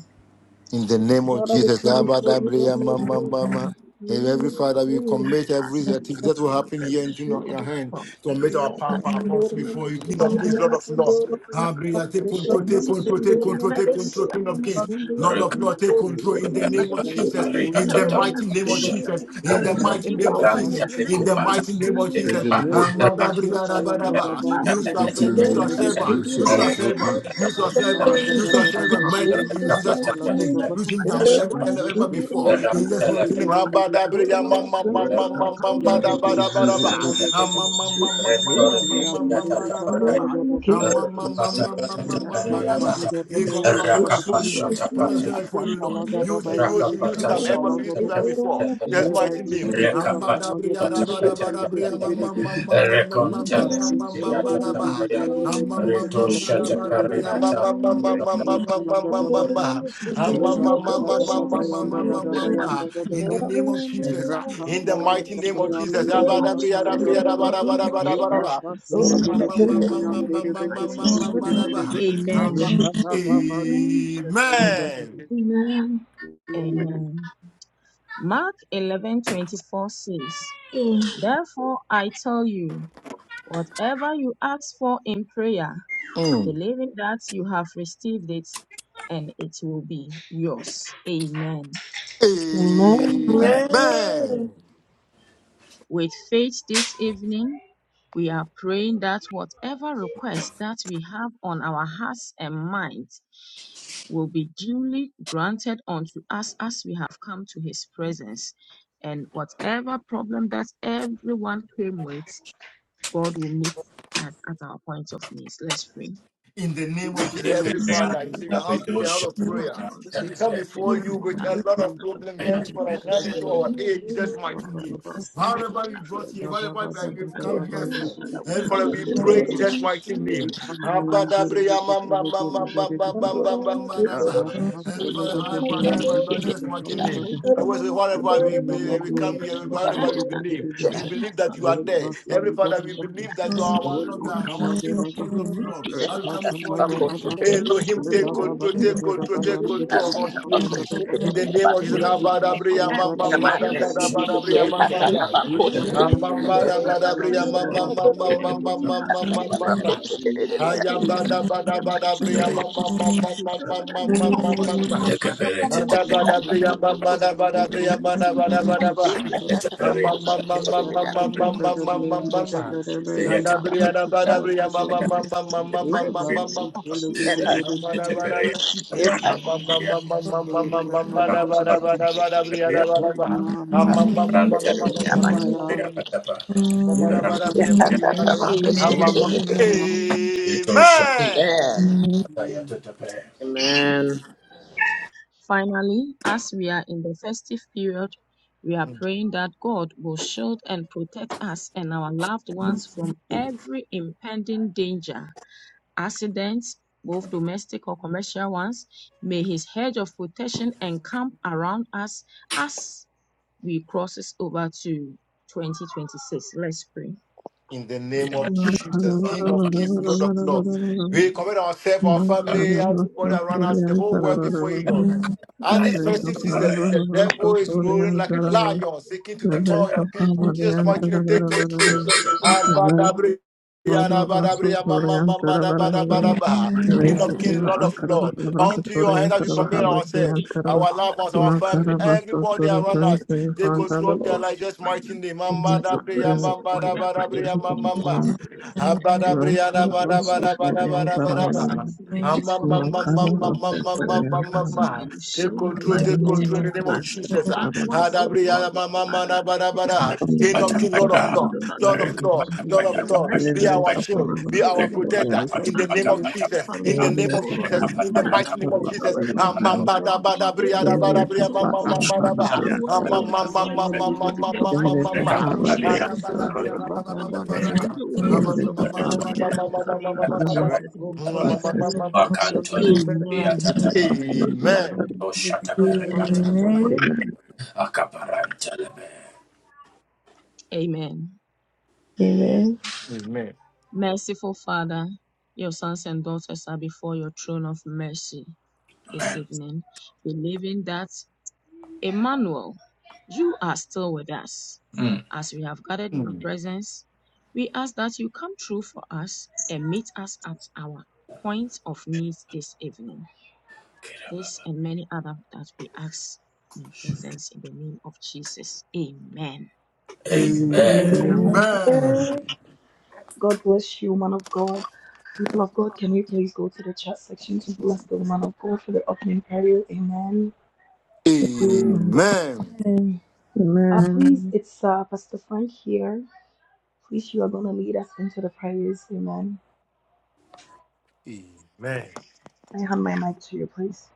Speaker 3: In the
Speaker 4: In the
Speaker 3: name
Speaker 4: mighty
Speaker 3: of
Speaker 2: Father we
Speaker 3: Jesus,
Speaker 2: come
Speaker 4: name of
Speaker 2: before you that
Speaker 3: Abadabriya
Speaker 4: Jesus,
Speaker 3: ma-
Speaker 4: O
Speaker 2: Lord
Speaker 3: ma-
Speaker 2: God
Speaker 4: Lord,
Speaker 7: Father, we
Speaker 2: You
Speaker 3: And
Speaker 7: pray
Speaker 3: every
Speaker 7: in the
Speaker 2: Lord
Speaker 3: father,
Speaker 7: name
Speaker 3: we
Speaker 2: God
Speaker 3: commit every
Speaker 7: of
Speaker 3: activity
Speaker 7: glory
Speaker 3: that
Speaker 7: of
Speaker 3: will
Speaker 4: Asiyakho
Speaker 7: our
Speaker 3: happen here
Speaker 7: Father,
Speaker 3: into
Speaker 4: presidency
Speaker 3: your your
Speaker 2: Jesus,
Speaker 3: hand.
Speaker 4: from your
Speaker 3: Commit our power,
Speaker 2: Jesus,
Speaker 8: Rakha,
Speaker 4: servants in
Speaker 3: power,
Speaker 4: the
Speaker 2: Kandor Mama
Speaker 3: before you,
Speaker 4: enemy.
Speaker 3: King
Speaker 4: What
Speaker 5: For
Speaker 3: of
Speaker 2: Sundur
Speaker 4: as
Speaker 5: my
Speaker 3: Kings,
Speaker 4: a
Speaker 3: Lord
Speaker 2: Mama
Speaker 3: of Lords.
Speaker 4: vaccination
Speaker 2: Kindori
Speaker 4: was a
Speaker 2: in
Speaker 4: fruit.
Speaker 3: Abria, take
Speaker 2: Kandor
Speaker 3: control,
Speaker 7: Father,
Speaker 4: And
Speaker 3: take
Speaker 2: Mama
Speaker 4: it's
Speaker 7: Father,
Speaker 4: an
Speaker 7: for
Speaker 3: control, take
Speaker 7: your
Speaker 2: Sundur
Speaker 4: enemy of
Speaker 7: word
Speaker 3: control,
Speaker 2: Mama
Speaker 3: take
Speaker 4: very
Speaker 5: sake,
Speaker 3: control,
Speaker 2: Kindor
Speaker 3: King of
Speaker 2: Mama
Speaker 4: sharpness.
Speaker 3: Kings.
Speaker 5: of
Speaker 2: Sundur
Speaker 3: Lord
Speaker 4: Rather
Speaker 3: of Lords, take
Speaker 4: nastiness,
Speaker 3: control in the
Speaker 2: Mama
Speaker 3: name
Speaker 4: everybody.
Speaker 3: of
Speaker 2: Sundur
Speaker 3: Jesus,
Speaker 4: But
Speaker 2: Mama
Speaker 4: yet,
Speaker 3: in
Speaker 4: tell
Speaker 3: the
Speaker 4: me what I'm
Speaker 3: mighty
Speaker 2: Mama
Speaker 4: going
Speaker 3: name of
Speaker 4: to
Speaker 2: Sundur
Speaker 4: tell
Speaker 3: Jesus,
Speaker 7: that
Speaker 4: you.
Speaker 3: in the
Speaker 4: What
Speaker 3: mighty
Speaker 4: do you
Speaker 3: name
Speaker 4: want
Speaker 3: of
Speaker 4: when
Speaker 2: Mama
Speaker 3: Jesus,
Speaker 4: you're saying
Speaker 3: in
Speaker 2: Kandor
Speaker 3: the
Speaker 2: Mama
Speaker 3: mighty
Speaker 4: us?
Speaker 7: you
Speaker 4: What
Speaker 3: name of
Speaker 7: focus on
Speaker 2: Sundur
Speaker 3: Jesus.
Speaker 7: your
Speaker 9: Amen.
Speaker 4: do you want
Speaker 3: Amada
Speaker 4: to
Speaker 3: brigada
Speaker 2: Jesus,
Speaker 4: say?
Speaker 7: children
Speaker 2: mighty
Speaker 7: all
Speaker 3: baraba.
Speaker 7: the
Speaker 4: But
Speaker 2: name.
Speaker 7: time.
Speaker 4: when
Speaker 3: Use
Speaker 4: you
Speaker 3: your
Speaker 7: We
Speaker 4: said,
Speaker 7: love
Speaker 3: use
Speaker 2: Kandor
Speaker 7: the
Speaker 4: what
Speaker 3: your
Speaker 4: do
Speaker 2: Mama
Speaker 4: you
Speaker 7: Holy
Speaker 3: servant,
Speaker 2: Sundur
Speaker 3: use your
Speaker 2: Mama
Speaker 7: Spirit, O God,
Speaker 2: Kandor
Speaker 3: servant, use
Speaker 2: Mama
Speaker 7: this
Speaker 3: your
Speaker 7: is our
Speaker 5: Jesus. Amen.
Speaker 2: Sundur
Speaker 3: servant,
Speaker 5: Amen.
Speaker 3: use your
Speaker 7: day.
Speaker 3: servant, mighty
Speaker 7: So
Speaker 3: in
Speaker 2: Jesus,
Speaker 7: God,
Speaker 3: Jesus' mighty
Speaker 7: through your
Speaker 3: name.
Speaker 2: name.
Speaker 3: Use him
Speaker 7: precious
Speaker 3: than
Speaker 2: Kandor
Speaker 4: want
Speaker 3: ever,
Speaker 2: Mama
Speaker 7: vessel,
Speaker 3: ever
Speaker 7: that
Speaker 3: ever
Speaker 7: way in the
Speaker 2: Sundur
Speaker 3: before.
Speaker 2: Mama
Speaker 3: In Jesus'
Speaker 2: Kindor
Speaker 3: mighty name.
Speaker 4: to
Speaker 3: Abada
Speaker 2: Lord,
Speaker 3: briga
Speaker 7: name of
Speaker 3: ma
Speaker 2: Mama,
Speaker 3: ma
Speaker 4: let
Speaker 7: Father,
Speaker 4: me
Speaker 3: ma
Speaker 2: Sunday,
Speaker 4: see.
Speaker 2: Lord,
Speaker 3: ma
Speaker 4: Is
Speaker 7: as
Speaker 4: that
Speaker 2: Mama,
Speaker 3: ma
Speaker 7: your word
Speaker 3: ma
Speaker 4: coming?
Speaker 2: Kanda,
Speaker 3: ma
Speaker 7: said,
Speaker 4: Is
Speaker 2: Lord,
Speaker 3: da
Speaker 4: it?
Speaker 3: ba
Speaker 2: Mama,
Speaker 4: Is
Speaker 3: da
Speaker 4: it? Is
Speaker 3: ba
Speaker 4: it?
Speaker 3: da
Speaker 4: Is
Speaker 2: Sunday,
Speaker 4: it?
Speaker 2: Lord,
Speaker 3: ba.
Speaker 2: Mama.
Speaker 4: Is
Speaker 3: Ama
Speaker 4: it?
Speaker 3: ma ma ma
Speaker 2: Jesus,
Speaker 8: Hey,
Speaker 3: ma
Speaker 8: I
Speaker 4: Who
Speaker 3: ma
Speaker 7: of
Speaker 2: mighty
Speaker 3: ma
Speaker 4: is
Speaker 3: ma
Speaker 8: am
Speaker 2: name.
Speaker 4: she
Speaker 8: the
Speaker 3: ma
Speaker 8: Lord of
Speaker 3: ma
Speaker 7: for
Speaker 8: the
Speaker 3: da
Speaker 7: your
Speaker 3: ba da
Speaker 7: word
Speaker 4: supposed
Speaker 2: Lord,
Speaker 4: to
Speaker 3: ba.
Speaker 4: be?
Speaker 2: Mama,
Speaker 7: said, what
Speaker 2: Kanda,
Speaker 8: Sabbath.
Speaker 3: I'mma
Speaker 2: Lord,
Speaker 3: ma
Speaker 2: Mama,
Speaker 4: Who
Speaker 3: ma
Speaker 2: Sunday,
Speaker 3: ma
Speaker 4: is she
Speaker 2: Lord,
Speaker 7: the
Speaker 3: ma ma
Speaker 4: supposed
Speaker 3: ma
Speaker 7: Son, the Holy
Speaker 2: Mama,
Speaker 4: to
Speaker 8: Rakha
Speaker 3: ma
Speaker 4: be?
Speaker 3: ma
Speaker 2: Kanda,
Speaker 3: da
Speaker 2: Lord,
Speaker 4: I'm
Speaker 2: Mama.
Speaker 3: ba.
Speaker 4: sensing.
Speaker 3: You come make
Speaker 4: Who
Speaker 3: us
Speaker 4: is
Speaker 3: stand
Speaker 7: Spirit, and
Speaker 4: she
Speaker 3: before
Speaker 2: Jesus,
Speaker 3: the Lord.
Speaker 4: supposed
Speaker 2: mighty
Speaker 3: We're
Speaker 7: we shall
Speaker 3: not
Speaker 7: pray
Speaker 2: name.
Speaker 4: to
Speaker 3: standing
Speaker 7: that
Speaker 3: before
Speaker 4: be?
Speaker 3: the
Speaker 7: for the
Speaker 3: Lord. You
Speaker 7: Holy
Speaker 3: see, you see, you
Speaker 7: Spirit,
Speaker 3: see,
Speaker 4: Let me
Speaker 3: that
Speaker 2: Lord,
Speaker 4: see.
Speaker 3: never,
Speaker 2: Mama,
Speaker 3: we've seen
Speaker 2: Sunday,
Speaker 4: I'm
Speaker 3: that
Speaker 2: Lord,
Speaker 3: before.
Speaker 2: Mama,
Speaker 4: sensing.
Speaker 3: Yes,
Speaker 2: Kanda,
Speaker 4: Who
Speaker 2: Lord,
Speaker 3: mighty
Speaker 4: is
Speaker 2: Mama,
Speaker 4: she
Speaker 3: name.
Speaker 2: Sunday, Lord,
Speaker 3: I'mma
Speaker 2: Mama.
Speaker 3: da
Speaker 4: supposed to
Speaker 3: bria
Speaker 4: be?
Speaker 7: to
Speaker 3: da
Speaker 4: Who
Speaker 7: come and dwell
Speaker 4: is
Speaker 3: bria
Speaker 2: Jesus.
Speaker 4: she
Speaker 3: da bria
Speaker 2: mighty
Speaker 3: ma ma
Speaker 4: supposed to
Speaker 3: ma
Speaker 4: be?
Speaker 3: ma ma ma ma
Speaker 4: Who is she supposed to
Speaker 2: Ndorama,
Speaker 3: ma ma ma da
Speaker 2: Sindorama,
Speaker 3: ba.
Speaker 4: be? Who is
Speaker 2: Kindorama,
Speaker 3: I'mma
Speaker 4: she
Speaker 3: ma ma da bria da
Speaker 4: supposed
Speaker 2: Jesus
Speaker 3: bria
Speaker 4: to
Speaker 3: da
Speaker 4: be?
Speaker 3: bria ma
Speaker 2: was
Speaker 3: ma
Speaker 2: in
Speaker 3: ma ma
Speaker 2: me.
Speaker 7: in you,
Speaker 3: ma ma ma ma ma
Speaker 2: Andorama,
Speaker 3: ba. I'mma
Speaker 4: mighty
Speaker 2: Sindorama,
Speaker 3: ma
Speaker 4: name
Speaker 3: ma
Speaker 4: of
Speaker 3: ma ma
Speaker 2: Kandorama,
Speaker 3: ma
Speaker 4: Jesus,
Speaker 3: ma ma ma
Speaker 4: Lord.
Speaker 3: ma
Speaker 2: Sindorama,
Speaker 4: I will
Speaker 3: ba.
Speaker 4: have made
Speaker 3: In
Speaker 4: up
Speaker 3: the name of
Speaker 4: for
Speaker 2: Sarabama,
Speaker 7: God,
Speaker 3: Jesus.
Speaker 7: let
Speaker 8: Amen.
Speaker 7: your
Speaker 4: righteousness
Speaker 3: In
Speaker 2: Yahweh,
Speaker 4: and
Speaker 3: the
Speaker 7: Holy
Speaker 8: Mhm. In
Speaker 4: my
Speaker 3: mighty
Speaker 7: Spirit.
Speaker 8: the mighty name
Speaker 2: Lord.
Speaker 3: name of
Speaker 8: of
Speaker 4: testimonies
Speaker 3: Jesus.
Speaker 4: in
Speaker 3: Da
Speaker 4: the name
Speaker 3: bria
Speaker 8: Jesus.
Speaker 4: of
Speaker 3: da
Speaker 2: Kandorama,
Speaker 3: bria da
Speaker 7: so
Speaker 4: Jesus. I
Speaker 3: bria da
Speaker 4: will
Speaker 2: Sindorama,
Speaker 3: bria
Speaker 4: pray,
Speaker 3: da
Speaker 4: Lord.
Speaker 3: bria da
Speaker 2: Kindorama,
Speaker 3: ba.
Speaker 4: That's what
Speaker 3: Amen.
Speaker 2: Dorama,
Speaker 4: Jesus of us,
Speaker 2: Kindorama,
Speaker 4: Lord, in the mighty
Speaker 2: Kandorama,
Speaker 4: name. Amen.
Speaker 2: Jesus, mighty name.
Speaker 7: Amen.
Speaker 2: Amen.
Speaker 4: Amen. Mark eleven twenty four says, Therefore I tell you, whatever you ask for in prayer,
Speaker 3: Mm.
Speaker 4: believing that you have received it, and it will be yours. Amen.
Speaker 2: Amen.
Speaker 3: Amen.
Speaker 4: With faith this evening, We are praying that whatever request that we have on our hearts and minds will be duly granted unto us as we have come to his presence. And whatever problem that everyone came with, God will meet us at our point of needs. Let's pray. In
Speaker 3: in the name of Jesus. Heavenly
Speaker 4: the
Speaker 3: Father, you say your house be the house of prayer. We come before
Speaker 8: I
Speaker 3: you with
Speaker 8: follow
Speaker 3: a
Speaker 8: the
Speaker 3: lot of
Speaker 8: rules, I
Speaker 3: problems,
Speaker 8: follow
Speaker 3: Heavenly
Speaker 8: the da-
Speaker 3: Father,
Speaker 8: da-
Speaker 3: come
Speaker 8: da- da-
Speaker 3: into
Speaker 8: yum,
Speaker 3: our
Speaker 8: da-
Speaker 2: Sindorama,
Speaker 8: da-
Speaker 3: aid,
Speaker 8: da- da-
Speaker 3: Jesus'
Speaker 2: Kindorama.
Speaker 8: follow
Speaker 3: mighty
Speaker 8: the
Speaker 4: Father, we
Speaker 8: da-
Speaker 3: name.
Speaker 8: ba-
Speaker 4: ask you, O Lord,
Speaker 3: Whatever we
Speaker 4: have
Speaker 3: got here,
Speaker 4: mercy
Speaker 8: ba- ba-
Speaker 3: whatever
Speaker 4: on
Speaker 8: ba-
Speaker 4: us,
Speaker 8: da-
Speaker 3: that
Speaker 4: we
Speaker 8: da-
Speaker 3: we've
Speaker 8: da-
Speaker 4: thank
Speaker 3: come
Speaker 8: da-
Speaker 4: you.
Speaker 8: ba-
Speaker 3: here
Speaker 8: yum,
Speaker 3: for,
Speaker 8: da- da-
Speaker 4: Father,
Speaker 8: da-
Speaker 4: we
Speaker 3: Heavenly
Speaker 8: da-
Speaker 4: have
Speaker 3: Father, we
Speaker 8: da-
Speaker 4: come
Speaker 2: American
Speaker 8: da-
Speaker 3: pray
Speaker 8: da-
Speaker 4: with
Speaker 3: in
Speaker 8: ba.
Speaker 3: Jesus'
Speaker 2: government
Speaker 3: mighty
Speaker 4: forgiveness.
Speaker 8: We
Speaker 3: name.
Speaker 8: come by
Speaker 4: Father,
Speaker 8: and do
Speaker 4: as
Speaker 8: the
Speaker 4: we
Speaker 3: Abadabriya
Speaker 8: wicked,
Speaker 3: ma-
Speaker 8: do
Speaker 4: have
Speaker 3: ma-
Speaker 8: the
Speaker 4: us,
Speaker 3: ma-
Speaker 8: good, do
Speaker 3: ma-
Speaker 8: the
Speaker 3: ma-
Speaker 8: good.
Speaker 3: ma-
Speaker 4: and we
Speaker 3: ma- ma-
Speaker 4: pray,
Speaker 3: ma- ma-
Speaker 8: Thank
Speaker 4: Father,
Speaker 3: ma-
Speaker 4: as we
Speaker 3: ma.
Speaker 4: come to
Speaker 3: Heavenly
Speaker 4: you,
Speaker 3: Father,
Speaker 4: O Lord,
Speaker 3: help us, help us,
Speaker 4: Father,
Speaker 3: in
Speaker 4: we
Speaker 3: Jesus'
Speaker 4: say,
Speaker 3: mighty name.
Speaker 4: Father, we
Speaker 3: I was
Speaker 4: pray for the
Speaker 3: whatever we
Speaker 4: amendments,
Speaker 3: be,
Speaker 4: O
Speaker 3: we
Speaker 4: Lord.
Speaker 8: you.
Speaker 3: come here, whatever
Speaker 4: Whatever
Speaker 3: we
Speaker 4: that
Speaker 3: believe.
Speaker 4: your
Speaker 3: We
Speaker 4: children
Speaker 3: believe
Speaker 4: have
Speaker 3: that
Speaker 4: come
Speaker 3: you are
Speaker 4: to you
Speaker 3: there.
Speaker 4: this
Speaker 3: Heavenly
Speaker 4: evening,
Speaker 3: Father, we
Speaker 4: we
Speaker 7: we
Speaker 3: believe
Speaker 4: are
Speaker 3: that you are
Speaker 4: asking, O
Speaker 3: our Lord,
Speaker 4: Lord, that
Speaker 3: our
Speaker 4: Father,
Speaker 3: King of Kings,
Speaker 4: you
Speaker 3: Lord, of
Speaker 4: meet
Speaker 3: Lords.
Speaker 4: each
Speaker 3: I
Speaker 4: of
Speaker 3: will come
Speaker 4: us
Speaker 6: that's
Speaker 4: at a
Speaker 3: before
Speaker 6: about
Speaker 3: you.
Speaker 4: point
Speaker 6: course.
Speaker 4: of needs,
Speaker 3: Elohim,
Speaker 4: O
Speaker 3: take
Speaker 4: Lord.
Speaker 3: control, take control,
Speaker 4: What
Speaker 3: take control of
Speaker 4: doesn't
Speaker 3: our
Speaker 4: matter,
Speaker 3: situations.
Speaker 4: Marxism hit a massive and
Speaker 3: In the
Speaker 7: Shed,
Speaker 3: name
Speaker 4: effective
Speaker 3: of
Speaker 7: O
Speaker 3: Jesus,
Speaker 7: God, of your
Speaker 3: Abba,
Speaker 4: control
Speaker 7: spirit,
Speaker 4: over every
Speaker 3: Mamba,
Speaker 7: life, O Lord.
Speaker 3: Mada, Dada,
Speaker 7: We
Speaker 4: situation
Speaker 7: pray
Speaker 4: here.
Speaker 7: that
Speaker 3: Badabriya,
Speaker 7: we
Speaker 3: Mamba, Mamba.
Speaker 4: Whatever that
Speaker 3: Mamba,
Speaker 4: is,
Speaker 3: Mada,
Speaker 4: whatever that
Speaker 3: Badabriya,
Speaker 4: is
Speaker 7: thank
Speaker 3: Mamba,
Speaker 4: coming
Speaker 7: you, O
Speaker 4: here with
Speaker 3: Mamba,
Speaker 7: God,
Speaker 4: a
Speaker 3: Mamba,
Speaker 4: broken
Speaker 7: wash out
Speaker 4: heart,
Speaker 3: Mamba,
Speaker 7: your
Speaker 4: O
Speaker 3: Mamba,
Speaker 4: Lord,
Speaker 7: Holy
Speaker 4: let the
Speaker 3: Mamba
Speaker 7: Spirit
Speaker 4: person
Speaker 7: and
Speaker 4: leave
Speaker 7: your
Speaker 4: here whole.
Speaker 3: bada
Speaker 7: presence of
Speaker 4: In
Speaker 7: us.
Speaker 3: bada
Speaker 4: the
Speaker 3: bada Bada
Speaker 4: mighty
Speaker 3: bria
Speaker 4: name
Speaker 7: After
Speaker 4: of
Speaker 3: bam bam
Speaker 7: Lord,
Speaker 4: Jesus,
Speaker 3: bam bam
Speaker 7: we
Speaker 4: whosoever
Speaker 3: bam
Speaker 7: pray
Speaker 4: that
Speaker 3: bam
Speaker 4: may
Speaker 3: bam
Speaker 7: that
Speaker 3: bam
Speaker 4: comfort,
Speaker 3: bam
Speaker 4: O
Speaker 7: whatever,
Speaker 3: bam.
Speaker 4: Lord,
Speaker 7: O
Speaker 4: Father,
Speaker 7: God, we
Speaker 3: bada
Speaker 4: comfort
Speaker 7: ask,
Speaker 4: your
Speaker 3: bada bria
Speaker 4: people, O
Speaker 3: bam
Speaker 7: whatever
Speaker 4: Lord,
Speaker 7: we
Speaker 3: bada
Speaker 7: seek
Speaker 3: bada
Speaker 4: in the
Speaker 7: here,
Speaker 3: bria
Speaker 7: O
Speaker 4: mighty
Speaker 3: bada
Speaker 7: Lord,
Speaker 3: bada
Speaker 4: name of
Speaker 3: Bada
Speaker 7: Father,
Speaker 3: bam.
Speaker 7: you will
Speaker 4: Jesus.
Speaker 7: let it
Speaker 3: Bam
Speaker 7: be
Speaker 3: bam
Speaker 4: Comfort
Speaker 3: bam
Speaker 8: Thank
Speaker 4: us, O
Speaker 3: bam
Speaker 7: manifested in
Speaker 3: bam
Speaker 4: Lord,
Speaker 7: our
Speaker 4: in
Speaker 3: bam
Speaker 4: the
Speaker 7: life,
Speaker 3: bam
Speaker 7: O
Speaker 3: bam
Speaker 4: mighty
Speaker 7: Lord,
Speaker 3: bam
Speaker 4: name
Speaker 7: in
Speaker 3: bam bam
Speaker 4: of
Speaker 7: the
Speaker 3: bam
Speaker 7: mighty
Speaker 3: bam.
Speaker 7: name
Speaker 4: Jesus.
Speaker 7: of
Speaker 3: bada
Speaker 7: Jesus.
Speaker 4: Father,
Speaker 3: bria da
Speaker 4: protect
Speaker 3: bada
Speaker 7: Father,
Speaker 4: our
Speaker 7: we
Speaker 3: bria
Speaker 4: lives,
Speaker 3: bam
Speaker 4: O
Speaker 7: come
Speaker 3: bam
Speaker 4: Lord,
Speaker 3: bam
Speaker 7: before
Speaker 3: bam
Speaker 4: in
Speaker 3: bam
Speaker 7: thee,
Speaker 4: the
Speaker 3: bam
Speaker 7: O
Speaker 3: bam
Speaker 7: God,
Speaker 4: mighty
Speaker 3: bam
Speaker 7: with
Speaker 3: bam
Speaker 4: name
Speaker 3: bam.
Speaker 7: our
Speaker 4: of
Speaker 7: full
Speaker 4: Jesus.
Speaker 7: heart,
Speaker 3: Bam
Speaker 7: O
Speaker 3: Bada
Speaker 7: Lord,
Speaker 3: bada bria.
Speaker 7: and O
Speaker 4: In the
Speaker 7: God,
Speaker 4: name
Speaker 3: Bam
Speaker 4: of
Speaker 6: Yes,
Speaker 3: bam
Speaker 4: Jesus.
Speaker 3: bam bam bam bam
Speaker 4: In
Speaker 3: bam
Speaker 4: the
Speaker 3: bam bam
Speaker 7: with
Speaker 4: mighty name
Speaker 3: Bada
Speaker 4: of
Speaker 3: bada
Speaker 4: Jesus,
Speaker 3: bada
Speaker 7: prayer
Speaker 4: we
Speaker 7: and
Speaker 3: bada
Speaker 4: pray.
Speaker 3: bria bria bria
Speaker 7: supplication, O
Speaker 10: Thank
Speaker 7: Lord.
Speaker 10: you.
Speaker 6: Amen.
Speaker 7: Father, we want to
Speaker 3: bria bria
Speaker 7: see
Speaker 3: bria Hallelujah.
Speaker 7: your glory, O
Speaker 3: Amen.
Speaker 7: Lord, where no one
Speaker 4: Amen.
Speaker 7: shall see your glory and your even as we have seen the
Speaker 11: Amen.
Speaker 7: innocent in Jesus.
Speaker 4: Finally, as we are in the festive period, we are praying that God will shield and protect us and our loved ones from every impending danger, accidents, both domestic or commercial ones. May his hedge of protection encamp around us as we crosses over to 2026. Let's pray.
Speaker 3: In the name of
Speaker 4: Amen.
Speaker 3: Jesus, King of
Speaker 7: Father,
Speaker 3: Kings,
Speaker 7: in the
Speaker 3: Lord of
Speaker 7: name of
Speaker 3: Lords,
Speaker 7: Jesus,
Speaker 3: we commit
Speaker 7: glory
Speaker 3: ourselves,
Speaker 7: of
Speaker 3: our
Speaker 7: the
Speaker 3: family,
Speaker 7: everlasting King
Speaker 3: everybody
Speaker 7: of
Speaker 3: around us,
Speaker 7: Kings,
Speaker 3: the
Speaker 7: I
Speaker 3: whole
Speaker 7: am
Speaker 3: world before
Speaker 7: I
Speaker 3: you,
Speaker 7: am
Speaker 3: Lord.
Speaker 5: Amen.
Speaker 7: God, the
Speaker 3: At this
Speaker 7: Ancient of
Speaker 3: festive
Speaker 7: Days,
Speaker 3: season, look, the
Speaker 7: the
Speaker 3: devil
Speaker 7: Lord
Speaker 3: is
Speaker 7: I
Speaker 3: roaring
Speaker 7: God
Speaker 3: like a
Speaker 7: in heaven, that
Speaker 3: lion, seeking to
Speaker 7: was
Speaker 3: devour your
Speaker 7: praise,
Speaker 3: people.
Speaker 7: Lord, we
Speaker 3: Just watch
Speaker 7: come
Speaker 3: him take
Speaker 7: before thee, O
Speaker 3: control.
Speaker 7: Lord.
Speaker 3: Abadabri-
Speaker 7: then
Speaker 3: Yadabadabri-
Speaker 7: also Nirvana as we are entering
Speaker 3: Amamamamadabarabarabaha.
Speaker 7: into the
Speaker 4: Father, we
Speaker 3: King
Speaker 7: effective
Speaker 3: of
Speaker 10: Raisi
Speaker 4: ask
Speaker 3: kings,
Speaker 4: you
Speaker 10: ima
Speaker 7: season.
Speaker 4: that
Speaker 3: Lord
Speaker 4: you
Speaker 3: of
Speaker 4: bring
Speaker 10: akaraba
Speaker 7: We
Speaker 3: lords,
Speaker 4: your
Speaker 7: know
Speaker 4: head
Speaker 10: labraha
Speaker 7: that
Speaker 3: unto
Speaker 7: you
Speaker 3: your
Speaker 7: will
Speaker 10: toroyan
Speaker 3: hand have we
Speaker 10: taraba
Speaker 3: commit
Speaker 10: halaki
Speaker 4: be
Speaker 7: leave
Speaker 3: ourselves,
Speaker 10: yan
Speaker 4: in
Speaker 7: us
Speaker 4: and
Speaker 7: not
Speaker 10: taraba
Speaker 3: our
Speaker 4: around
Speaker 3: loved
Speaker 7: forsake
Speaker 4: our
Speaker 3: ones,
Speaker 7: us,
Speaker 3: our
Speaker 10: ma
Speaker 7: so
Speaker 4: lives,
Speaker 7: that
Speaker 4: O
Speaker 3: family,
Speaker 7: we
Speaker 10: karaba
Speaker 4: Lord.
Speaker 7: might
Speaker 10: so
Speaker 3: everybody
Speaker 7: boldly
Speaker 10: toro
Speaker 7: say
Speaker 3: around
Speaker 7: that
Speaker 3: us.
Speaker 10: tani
Speaker 7: the
Speaker 4: Protect
Speaker 7: Lord
Speaker 10: tani
Speaker 4: our
Speaker 3: They
Speaker 10: fan
Speaker 4: lives,
Speaker 7: Jehovah
Speaker 3: control
Speaker 10: taraba
Speaker 4: O
Speaker 3: of
Speaker 10: ma
Speaker 3: their
Speaker 7: Elohim
Speaker 4: Lord.
Speaker 3: life.
Speaker 7: is
Speaker 3: Just
Speaker 7: God.
Speaker 4: Father,
Speaker 3: marching. name.
Speaker 7: We
Speaker 3: Mama
Speaker 4: protect
Speaker 7: shall
Speaker 3: da
Speaker 4: our
Speaker 7: not
Speaker 3: bria,
Speaker 7: fear
Speaker 4: lives,
Speaker 7: what
Speaker 3: mama
Speaker 7: man
Speaker 10: karaba
Speaker 3: da
Speaker 7: shall
Speaker 4: whatever
Speaker 7: do
Speaker 3: bara
Speaker 4: is
Speaker 3: bria,
Speaker 7: unto
Speaker 4: in the
Speaker 3: mama.
Speaker 7: us, O
Speaker 4: earth,
Speaker 3: mama.
Speaker 7: Lord.
Speaker 4: from
Speaker 7: We
Speaker 4: the from
Speaker 7: therefore
Speaker 4: the
Speaker 7: pray
Speaker 3: Abada
Speaker 7: for
Speaker 4: from
Speaker 7: your
Speaker 3: bria
Speaker 4: the
Speaker 3: da
Speaker 4: evil
Speaker 7: shield, O
Speaker 3: bara
Speaker 10: so
Speaker 4: one,
Speaker 7: Lord.
Speaker 3: bara
Speaker 4: from
Speaker 3: bara
Speaker 4: the
Speaker 10: toroyan
Speaker 7: Let
Speaker 4: north,
Speaker 7: your
Speaker 4: from
Speaker 10: taraba
Speaker 3: bara
Speaker 4: the
Speaker 3: bara.
Speaker 7: mighty
Speaker 4: south,
Speaker 10: halaki
Speaker 4: from
Speaker 7: angels,
Speaker 4: the
Speaker 7: O
Speaker 4: east,
Speaker 3: Ama
Speaker 7: God,
Speaker 4: from
Speaker 10: ma
Speaker 4: the
Speaker 7: surround
Speaker 4: west,
Speaker 7: us
Speaker 4: O
Speaker 10: karaba
Speaker 4: Lord.
Speaker 10: so
Speaker 4: Father, we
Speaker 10: toroyan
Speaker 4: are
Speaker 10: taraba
Speaker 4: asking that
Speaker 3: Amamamamamamamamamamama.
Speaker 7: around
Speaker 4: you
Speaker 7: us, O
Speaker 3: Take
Speaker 4: shield
Speaker 7: Lord.
Speaker 10: in
Speaker 4: our
Speaker 3: control,
Speaker 4: lives,
Speaker 10: the
Speaker 3: take
Speaker 8: you.
Speaker 7: Let
Speaker 10: name
Speaker 3: control
Speaker 7: them
Speaker 4: protect
Speaker 3: in
Speaker 10: of
Speaker 3: the
Speaker 4: our
Speaker 3: name of
Speaker 7: break
Speaker 4: lives and
Speaker 10: Jesus
Speaker 3: Jesus.
Speaker 7: every
Speaker 4: our
Speaker 3: ah.
Speaker 4: loved
Speaker 10: karaba
Speaker 4: ones,
Speaker 7: obstacle.
Speaker 4: O
Speaker 10: so
Speaker 7: Let them
Speaker 3: Adabriya,
Speaker 4: Lord.
Speaker 7: break
Speaker 4: Father,
Speaker 7: every barrier.
Speaker 3: amamamanabarabara.
Speaker 7: Let them
Speaker 3: King of
Speaker 10: toroyan
Speaker 3: King,
Speaker 7: break
Speaker 3: Lord of
Speaker 10: taraba
Speaker 3: Lord,
Speaker 4: to us,
Speaker 3: Lord
Speaker 4: O
Speaker 7: every
Speaker 3: of
Speaker 4: Lord.
Speaker 3: Lord,
Speaker 10: halaki
Speaker 3: Lord
Speaker 4: May
Speaker 7: provocation.
Speaker 3: of
Speaker 4: your
Speaker 3: Lord.
Speaker 4: mercy
Speaker 3: Be
Speaker 10: lebre
Speaker 3: our
Speaker 7: Whatever
Speaker 4: speak
Speaker 7: be
Speaker 4: for
Speaker 7: the
Speaker 3: shield,
Speaker 4: us,
Speaker 10: kapalaba
Speaker 3: be
Speaker 4: O
Speaker 7: arrow
Speaker 10: so
Speaker 3: our
Speaker 7: that
Speaker 4: Lord.
Speaker 7: will be
Speaker 10: toroyan
Speaker 3: protector in
Speaker 10: taraba
Speaker 3: the
Speaker 7: fired
Speaker 4: That we
Speaker 3: name of
Speaker 4: will
Speaker 7: against
Speaker 4: not
Speaker 7: us
Speaker 4: be
Speaker 7: and
Speaker 3: Jesus,
Speaker 7: our
Speaker 4: found
Speaker 3: in the
Speaker 7: loved
Speaker 3: name
Speaker 7: ones
Speaker 10: lebre
Speaker 4: wanting,
Speaker 3: of
Speaker 4: O
Speaker 7: or
Speaker 4: Lord,
Speaker 7: our
Speaker 3: Jesus,
Speaker 4: at
Speaker 10: kapalaba
Speaker 4: any
Speaker 3: in the
Speaker 7: family.
Speaker 4: time that
Speaker 3: mighty
Speaker 4: you
Speaker 3: name of
Speaker 7: Father,
Speaker 4: open
Speaker 3: Jesus.
Speaker 7: we
Speaker 10: taraba
Speaker 4: the
Speaker 7: pray that,
Speaker 3: Ama
Speaker 7: O
Speaker 4: Bible,
Speaker 3: ama
Speaker 4: Lord.
Speaker 7: Lord,
Speaker 3: ama ma, ma, ma, da
Speaker 7: we
Speaker 3: Amambadabadabriya,
Speaker 4: Hey,
Speaker 7: nullify
Speaker 10: Ibrahima
Speaker 7: it
Speaker 4: we
Speaker 3: dabadabriya,
Speaker 7: for
Speaker 4: too
Speaker 7: us
Speaker 4: be
Speaker 7: in the
Speaker 4: found, we
Speaker 7: mighty
Speaker 10: Kampala
Speaker 4: be
Speaker 7: name
Speaker 3: amamamamarabaha.
Speaker 7: of
Speaker 4: found
Speaker 7: your Son
Speaker 4: worthy
Speaker 10: Leandara,
Speaker 4: in
Speaker 7: Jesus.
Speaker 4: ourselves, O
Speaker 7: Father,
Speaker 4: Lord, in
Speaker 7: let
Speaker 4: the
Speaker 7: your
Speaker 10: Ibrahima
Speaker 4: mighty
Speaker 7: glory,
Speaker 4: name
Speaker 7: O
Speaker 3: Amamamamamamamamamama.
Speaker 4: of
Speaker 10: Kampala
Speaker 7: Lord,
Speaker 3: Amen.
Speaker 7: continue
Speaker 4: Jesus, O
Speaker 7: to
Speaker 3: Amen.
Speaker 10: Leandara,
Speaker 7: stand
Speaker 4: Lord.
Speaker 7: upon us,
Speaker 8: Recover,
Speaker 4: God,
Speaker 7: O
Speaker 4: we
Speaker 7: Lord.
Speaker 4: thank you, we
Speaker 7: Father,
Speaker 4: bless
Speaker 10: Ibrahima
Speaker 4: your
Speaker 7: as
Speaker 4: holy
Speaker 7: you
Speaker 4: name
Speaker 10: Kampala
Speaker 7: led
Speaker 4: in
Speaker 7: the
Speaker 4: the mighty
Speaker 7: Israelites,
Speaker 4: name
Speaker 7: O
Speaker 4: of
Speaker 7: God, with
Speaker 10: Leandara,
Speaker 7: a
Speaker 4: Jesus,
Speaker 7: pillar
Speaker 4: and
Speaker 7: of
Speaker 4: we pray
Speaker 8: Fire,
Speaker 4: with
Speaker 7: fire and a
Speaker 10: Jesus,
Speaker 7: cloud
Speaker 4: thanksgiving.
Speaker 7: of fire, O Lord.
Speaker 10: Sotan,
Speaker 4: Amen.
Speaker 10: Ibrahima Kampala
Speaker 7: Father, shield us, O
Speaker 10: Leandara,
Speaker 7: Lord, and lead
Speaker 5: Amen.
Speaker 7: us in
Speaker 10: Amen.
Speaker 7: every step of our way in Jesus.
Speaker 4: Amen. Merciful Father, your sons and daughters are before your throne of mercy this evening, believing that Emmanuel, you are still with us. As we have gathered in your presence, we ask that you come through for us and meet us at our point of need this evening. This and many other that we ask in your presence in the name of Jesus. Amen.
Speaker 2: Amen.
Speaker 10: Amen.
Speaker 7: Amen.
Speaker 3: Amen.
Speaker 2: God bless you, man of God. People of God, can we please go to the chat section to bless the woman of God for the opening prayer? Amen.
Speaker 3: Amen.
Speaker 5: Amen.
Speaker 2: Uh, please,
Speaker 10: Amen.
Speaker 2: it's uh, Pastor Frank here. Please, you are going to lead us into the prayers. Amen.
Speaker 3: Amen.
Speaker 2: I hand my mic to you, please.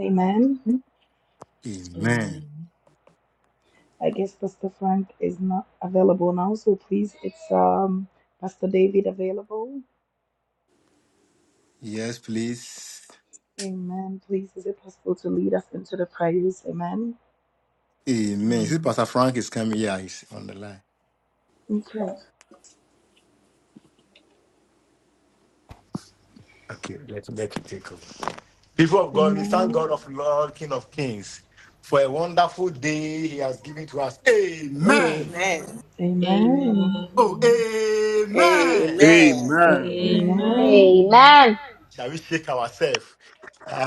Speaker 2: Amen.
Speaker 3: Amen.
Speaker 4: Amen.
Speaker 2: I guess Pastor Frank is not available now, so please, it's um, Pastor David available.
Speaker 3: Yes, please.
Speaker 2: Amen. Please, is it possible to lead us into the prayers? Amen.
Speaker 3: Amen. See,
Speaker 4: Amen.
Speaker 3: Pastor Frank is coming. Yeah, he's on the line.
Speaker 2: Okay.
Speaker 3: Okay, let let it take over. People of God, we thank
Speaker 2: Amen.
Speaker 3: God of Lord, King of Kings, for a wonderful day He has given to us. Amen.
Speaker 6: Amen.
Speaker 2: Amen.
Speaker 3: Oh,
Speaker 4: Amen.
Speaker 3: amen.
Speaker 7: Amen.
Speaker 6: Amen.
Speaker 12: Fire
Speaker 5: Amen.
Speaker 2: Amen.
Speaker 4: Amen.
Speaker 13: Amen.
Speaker 3: Shall we shake ourselves?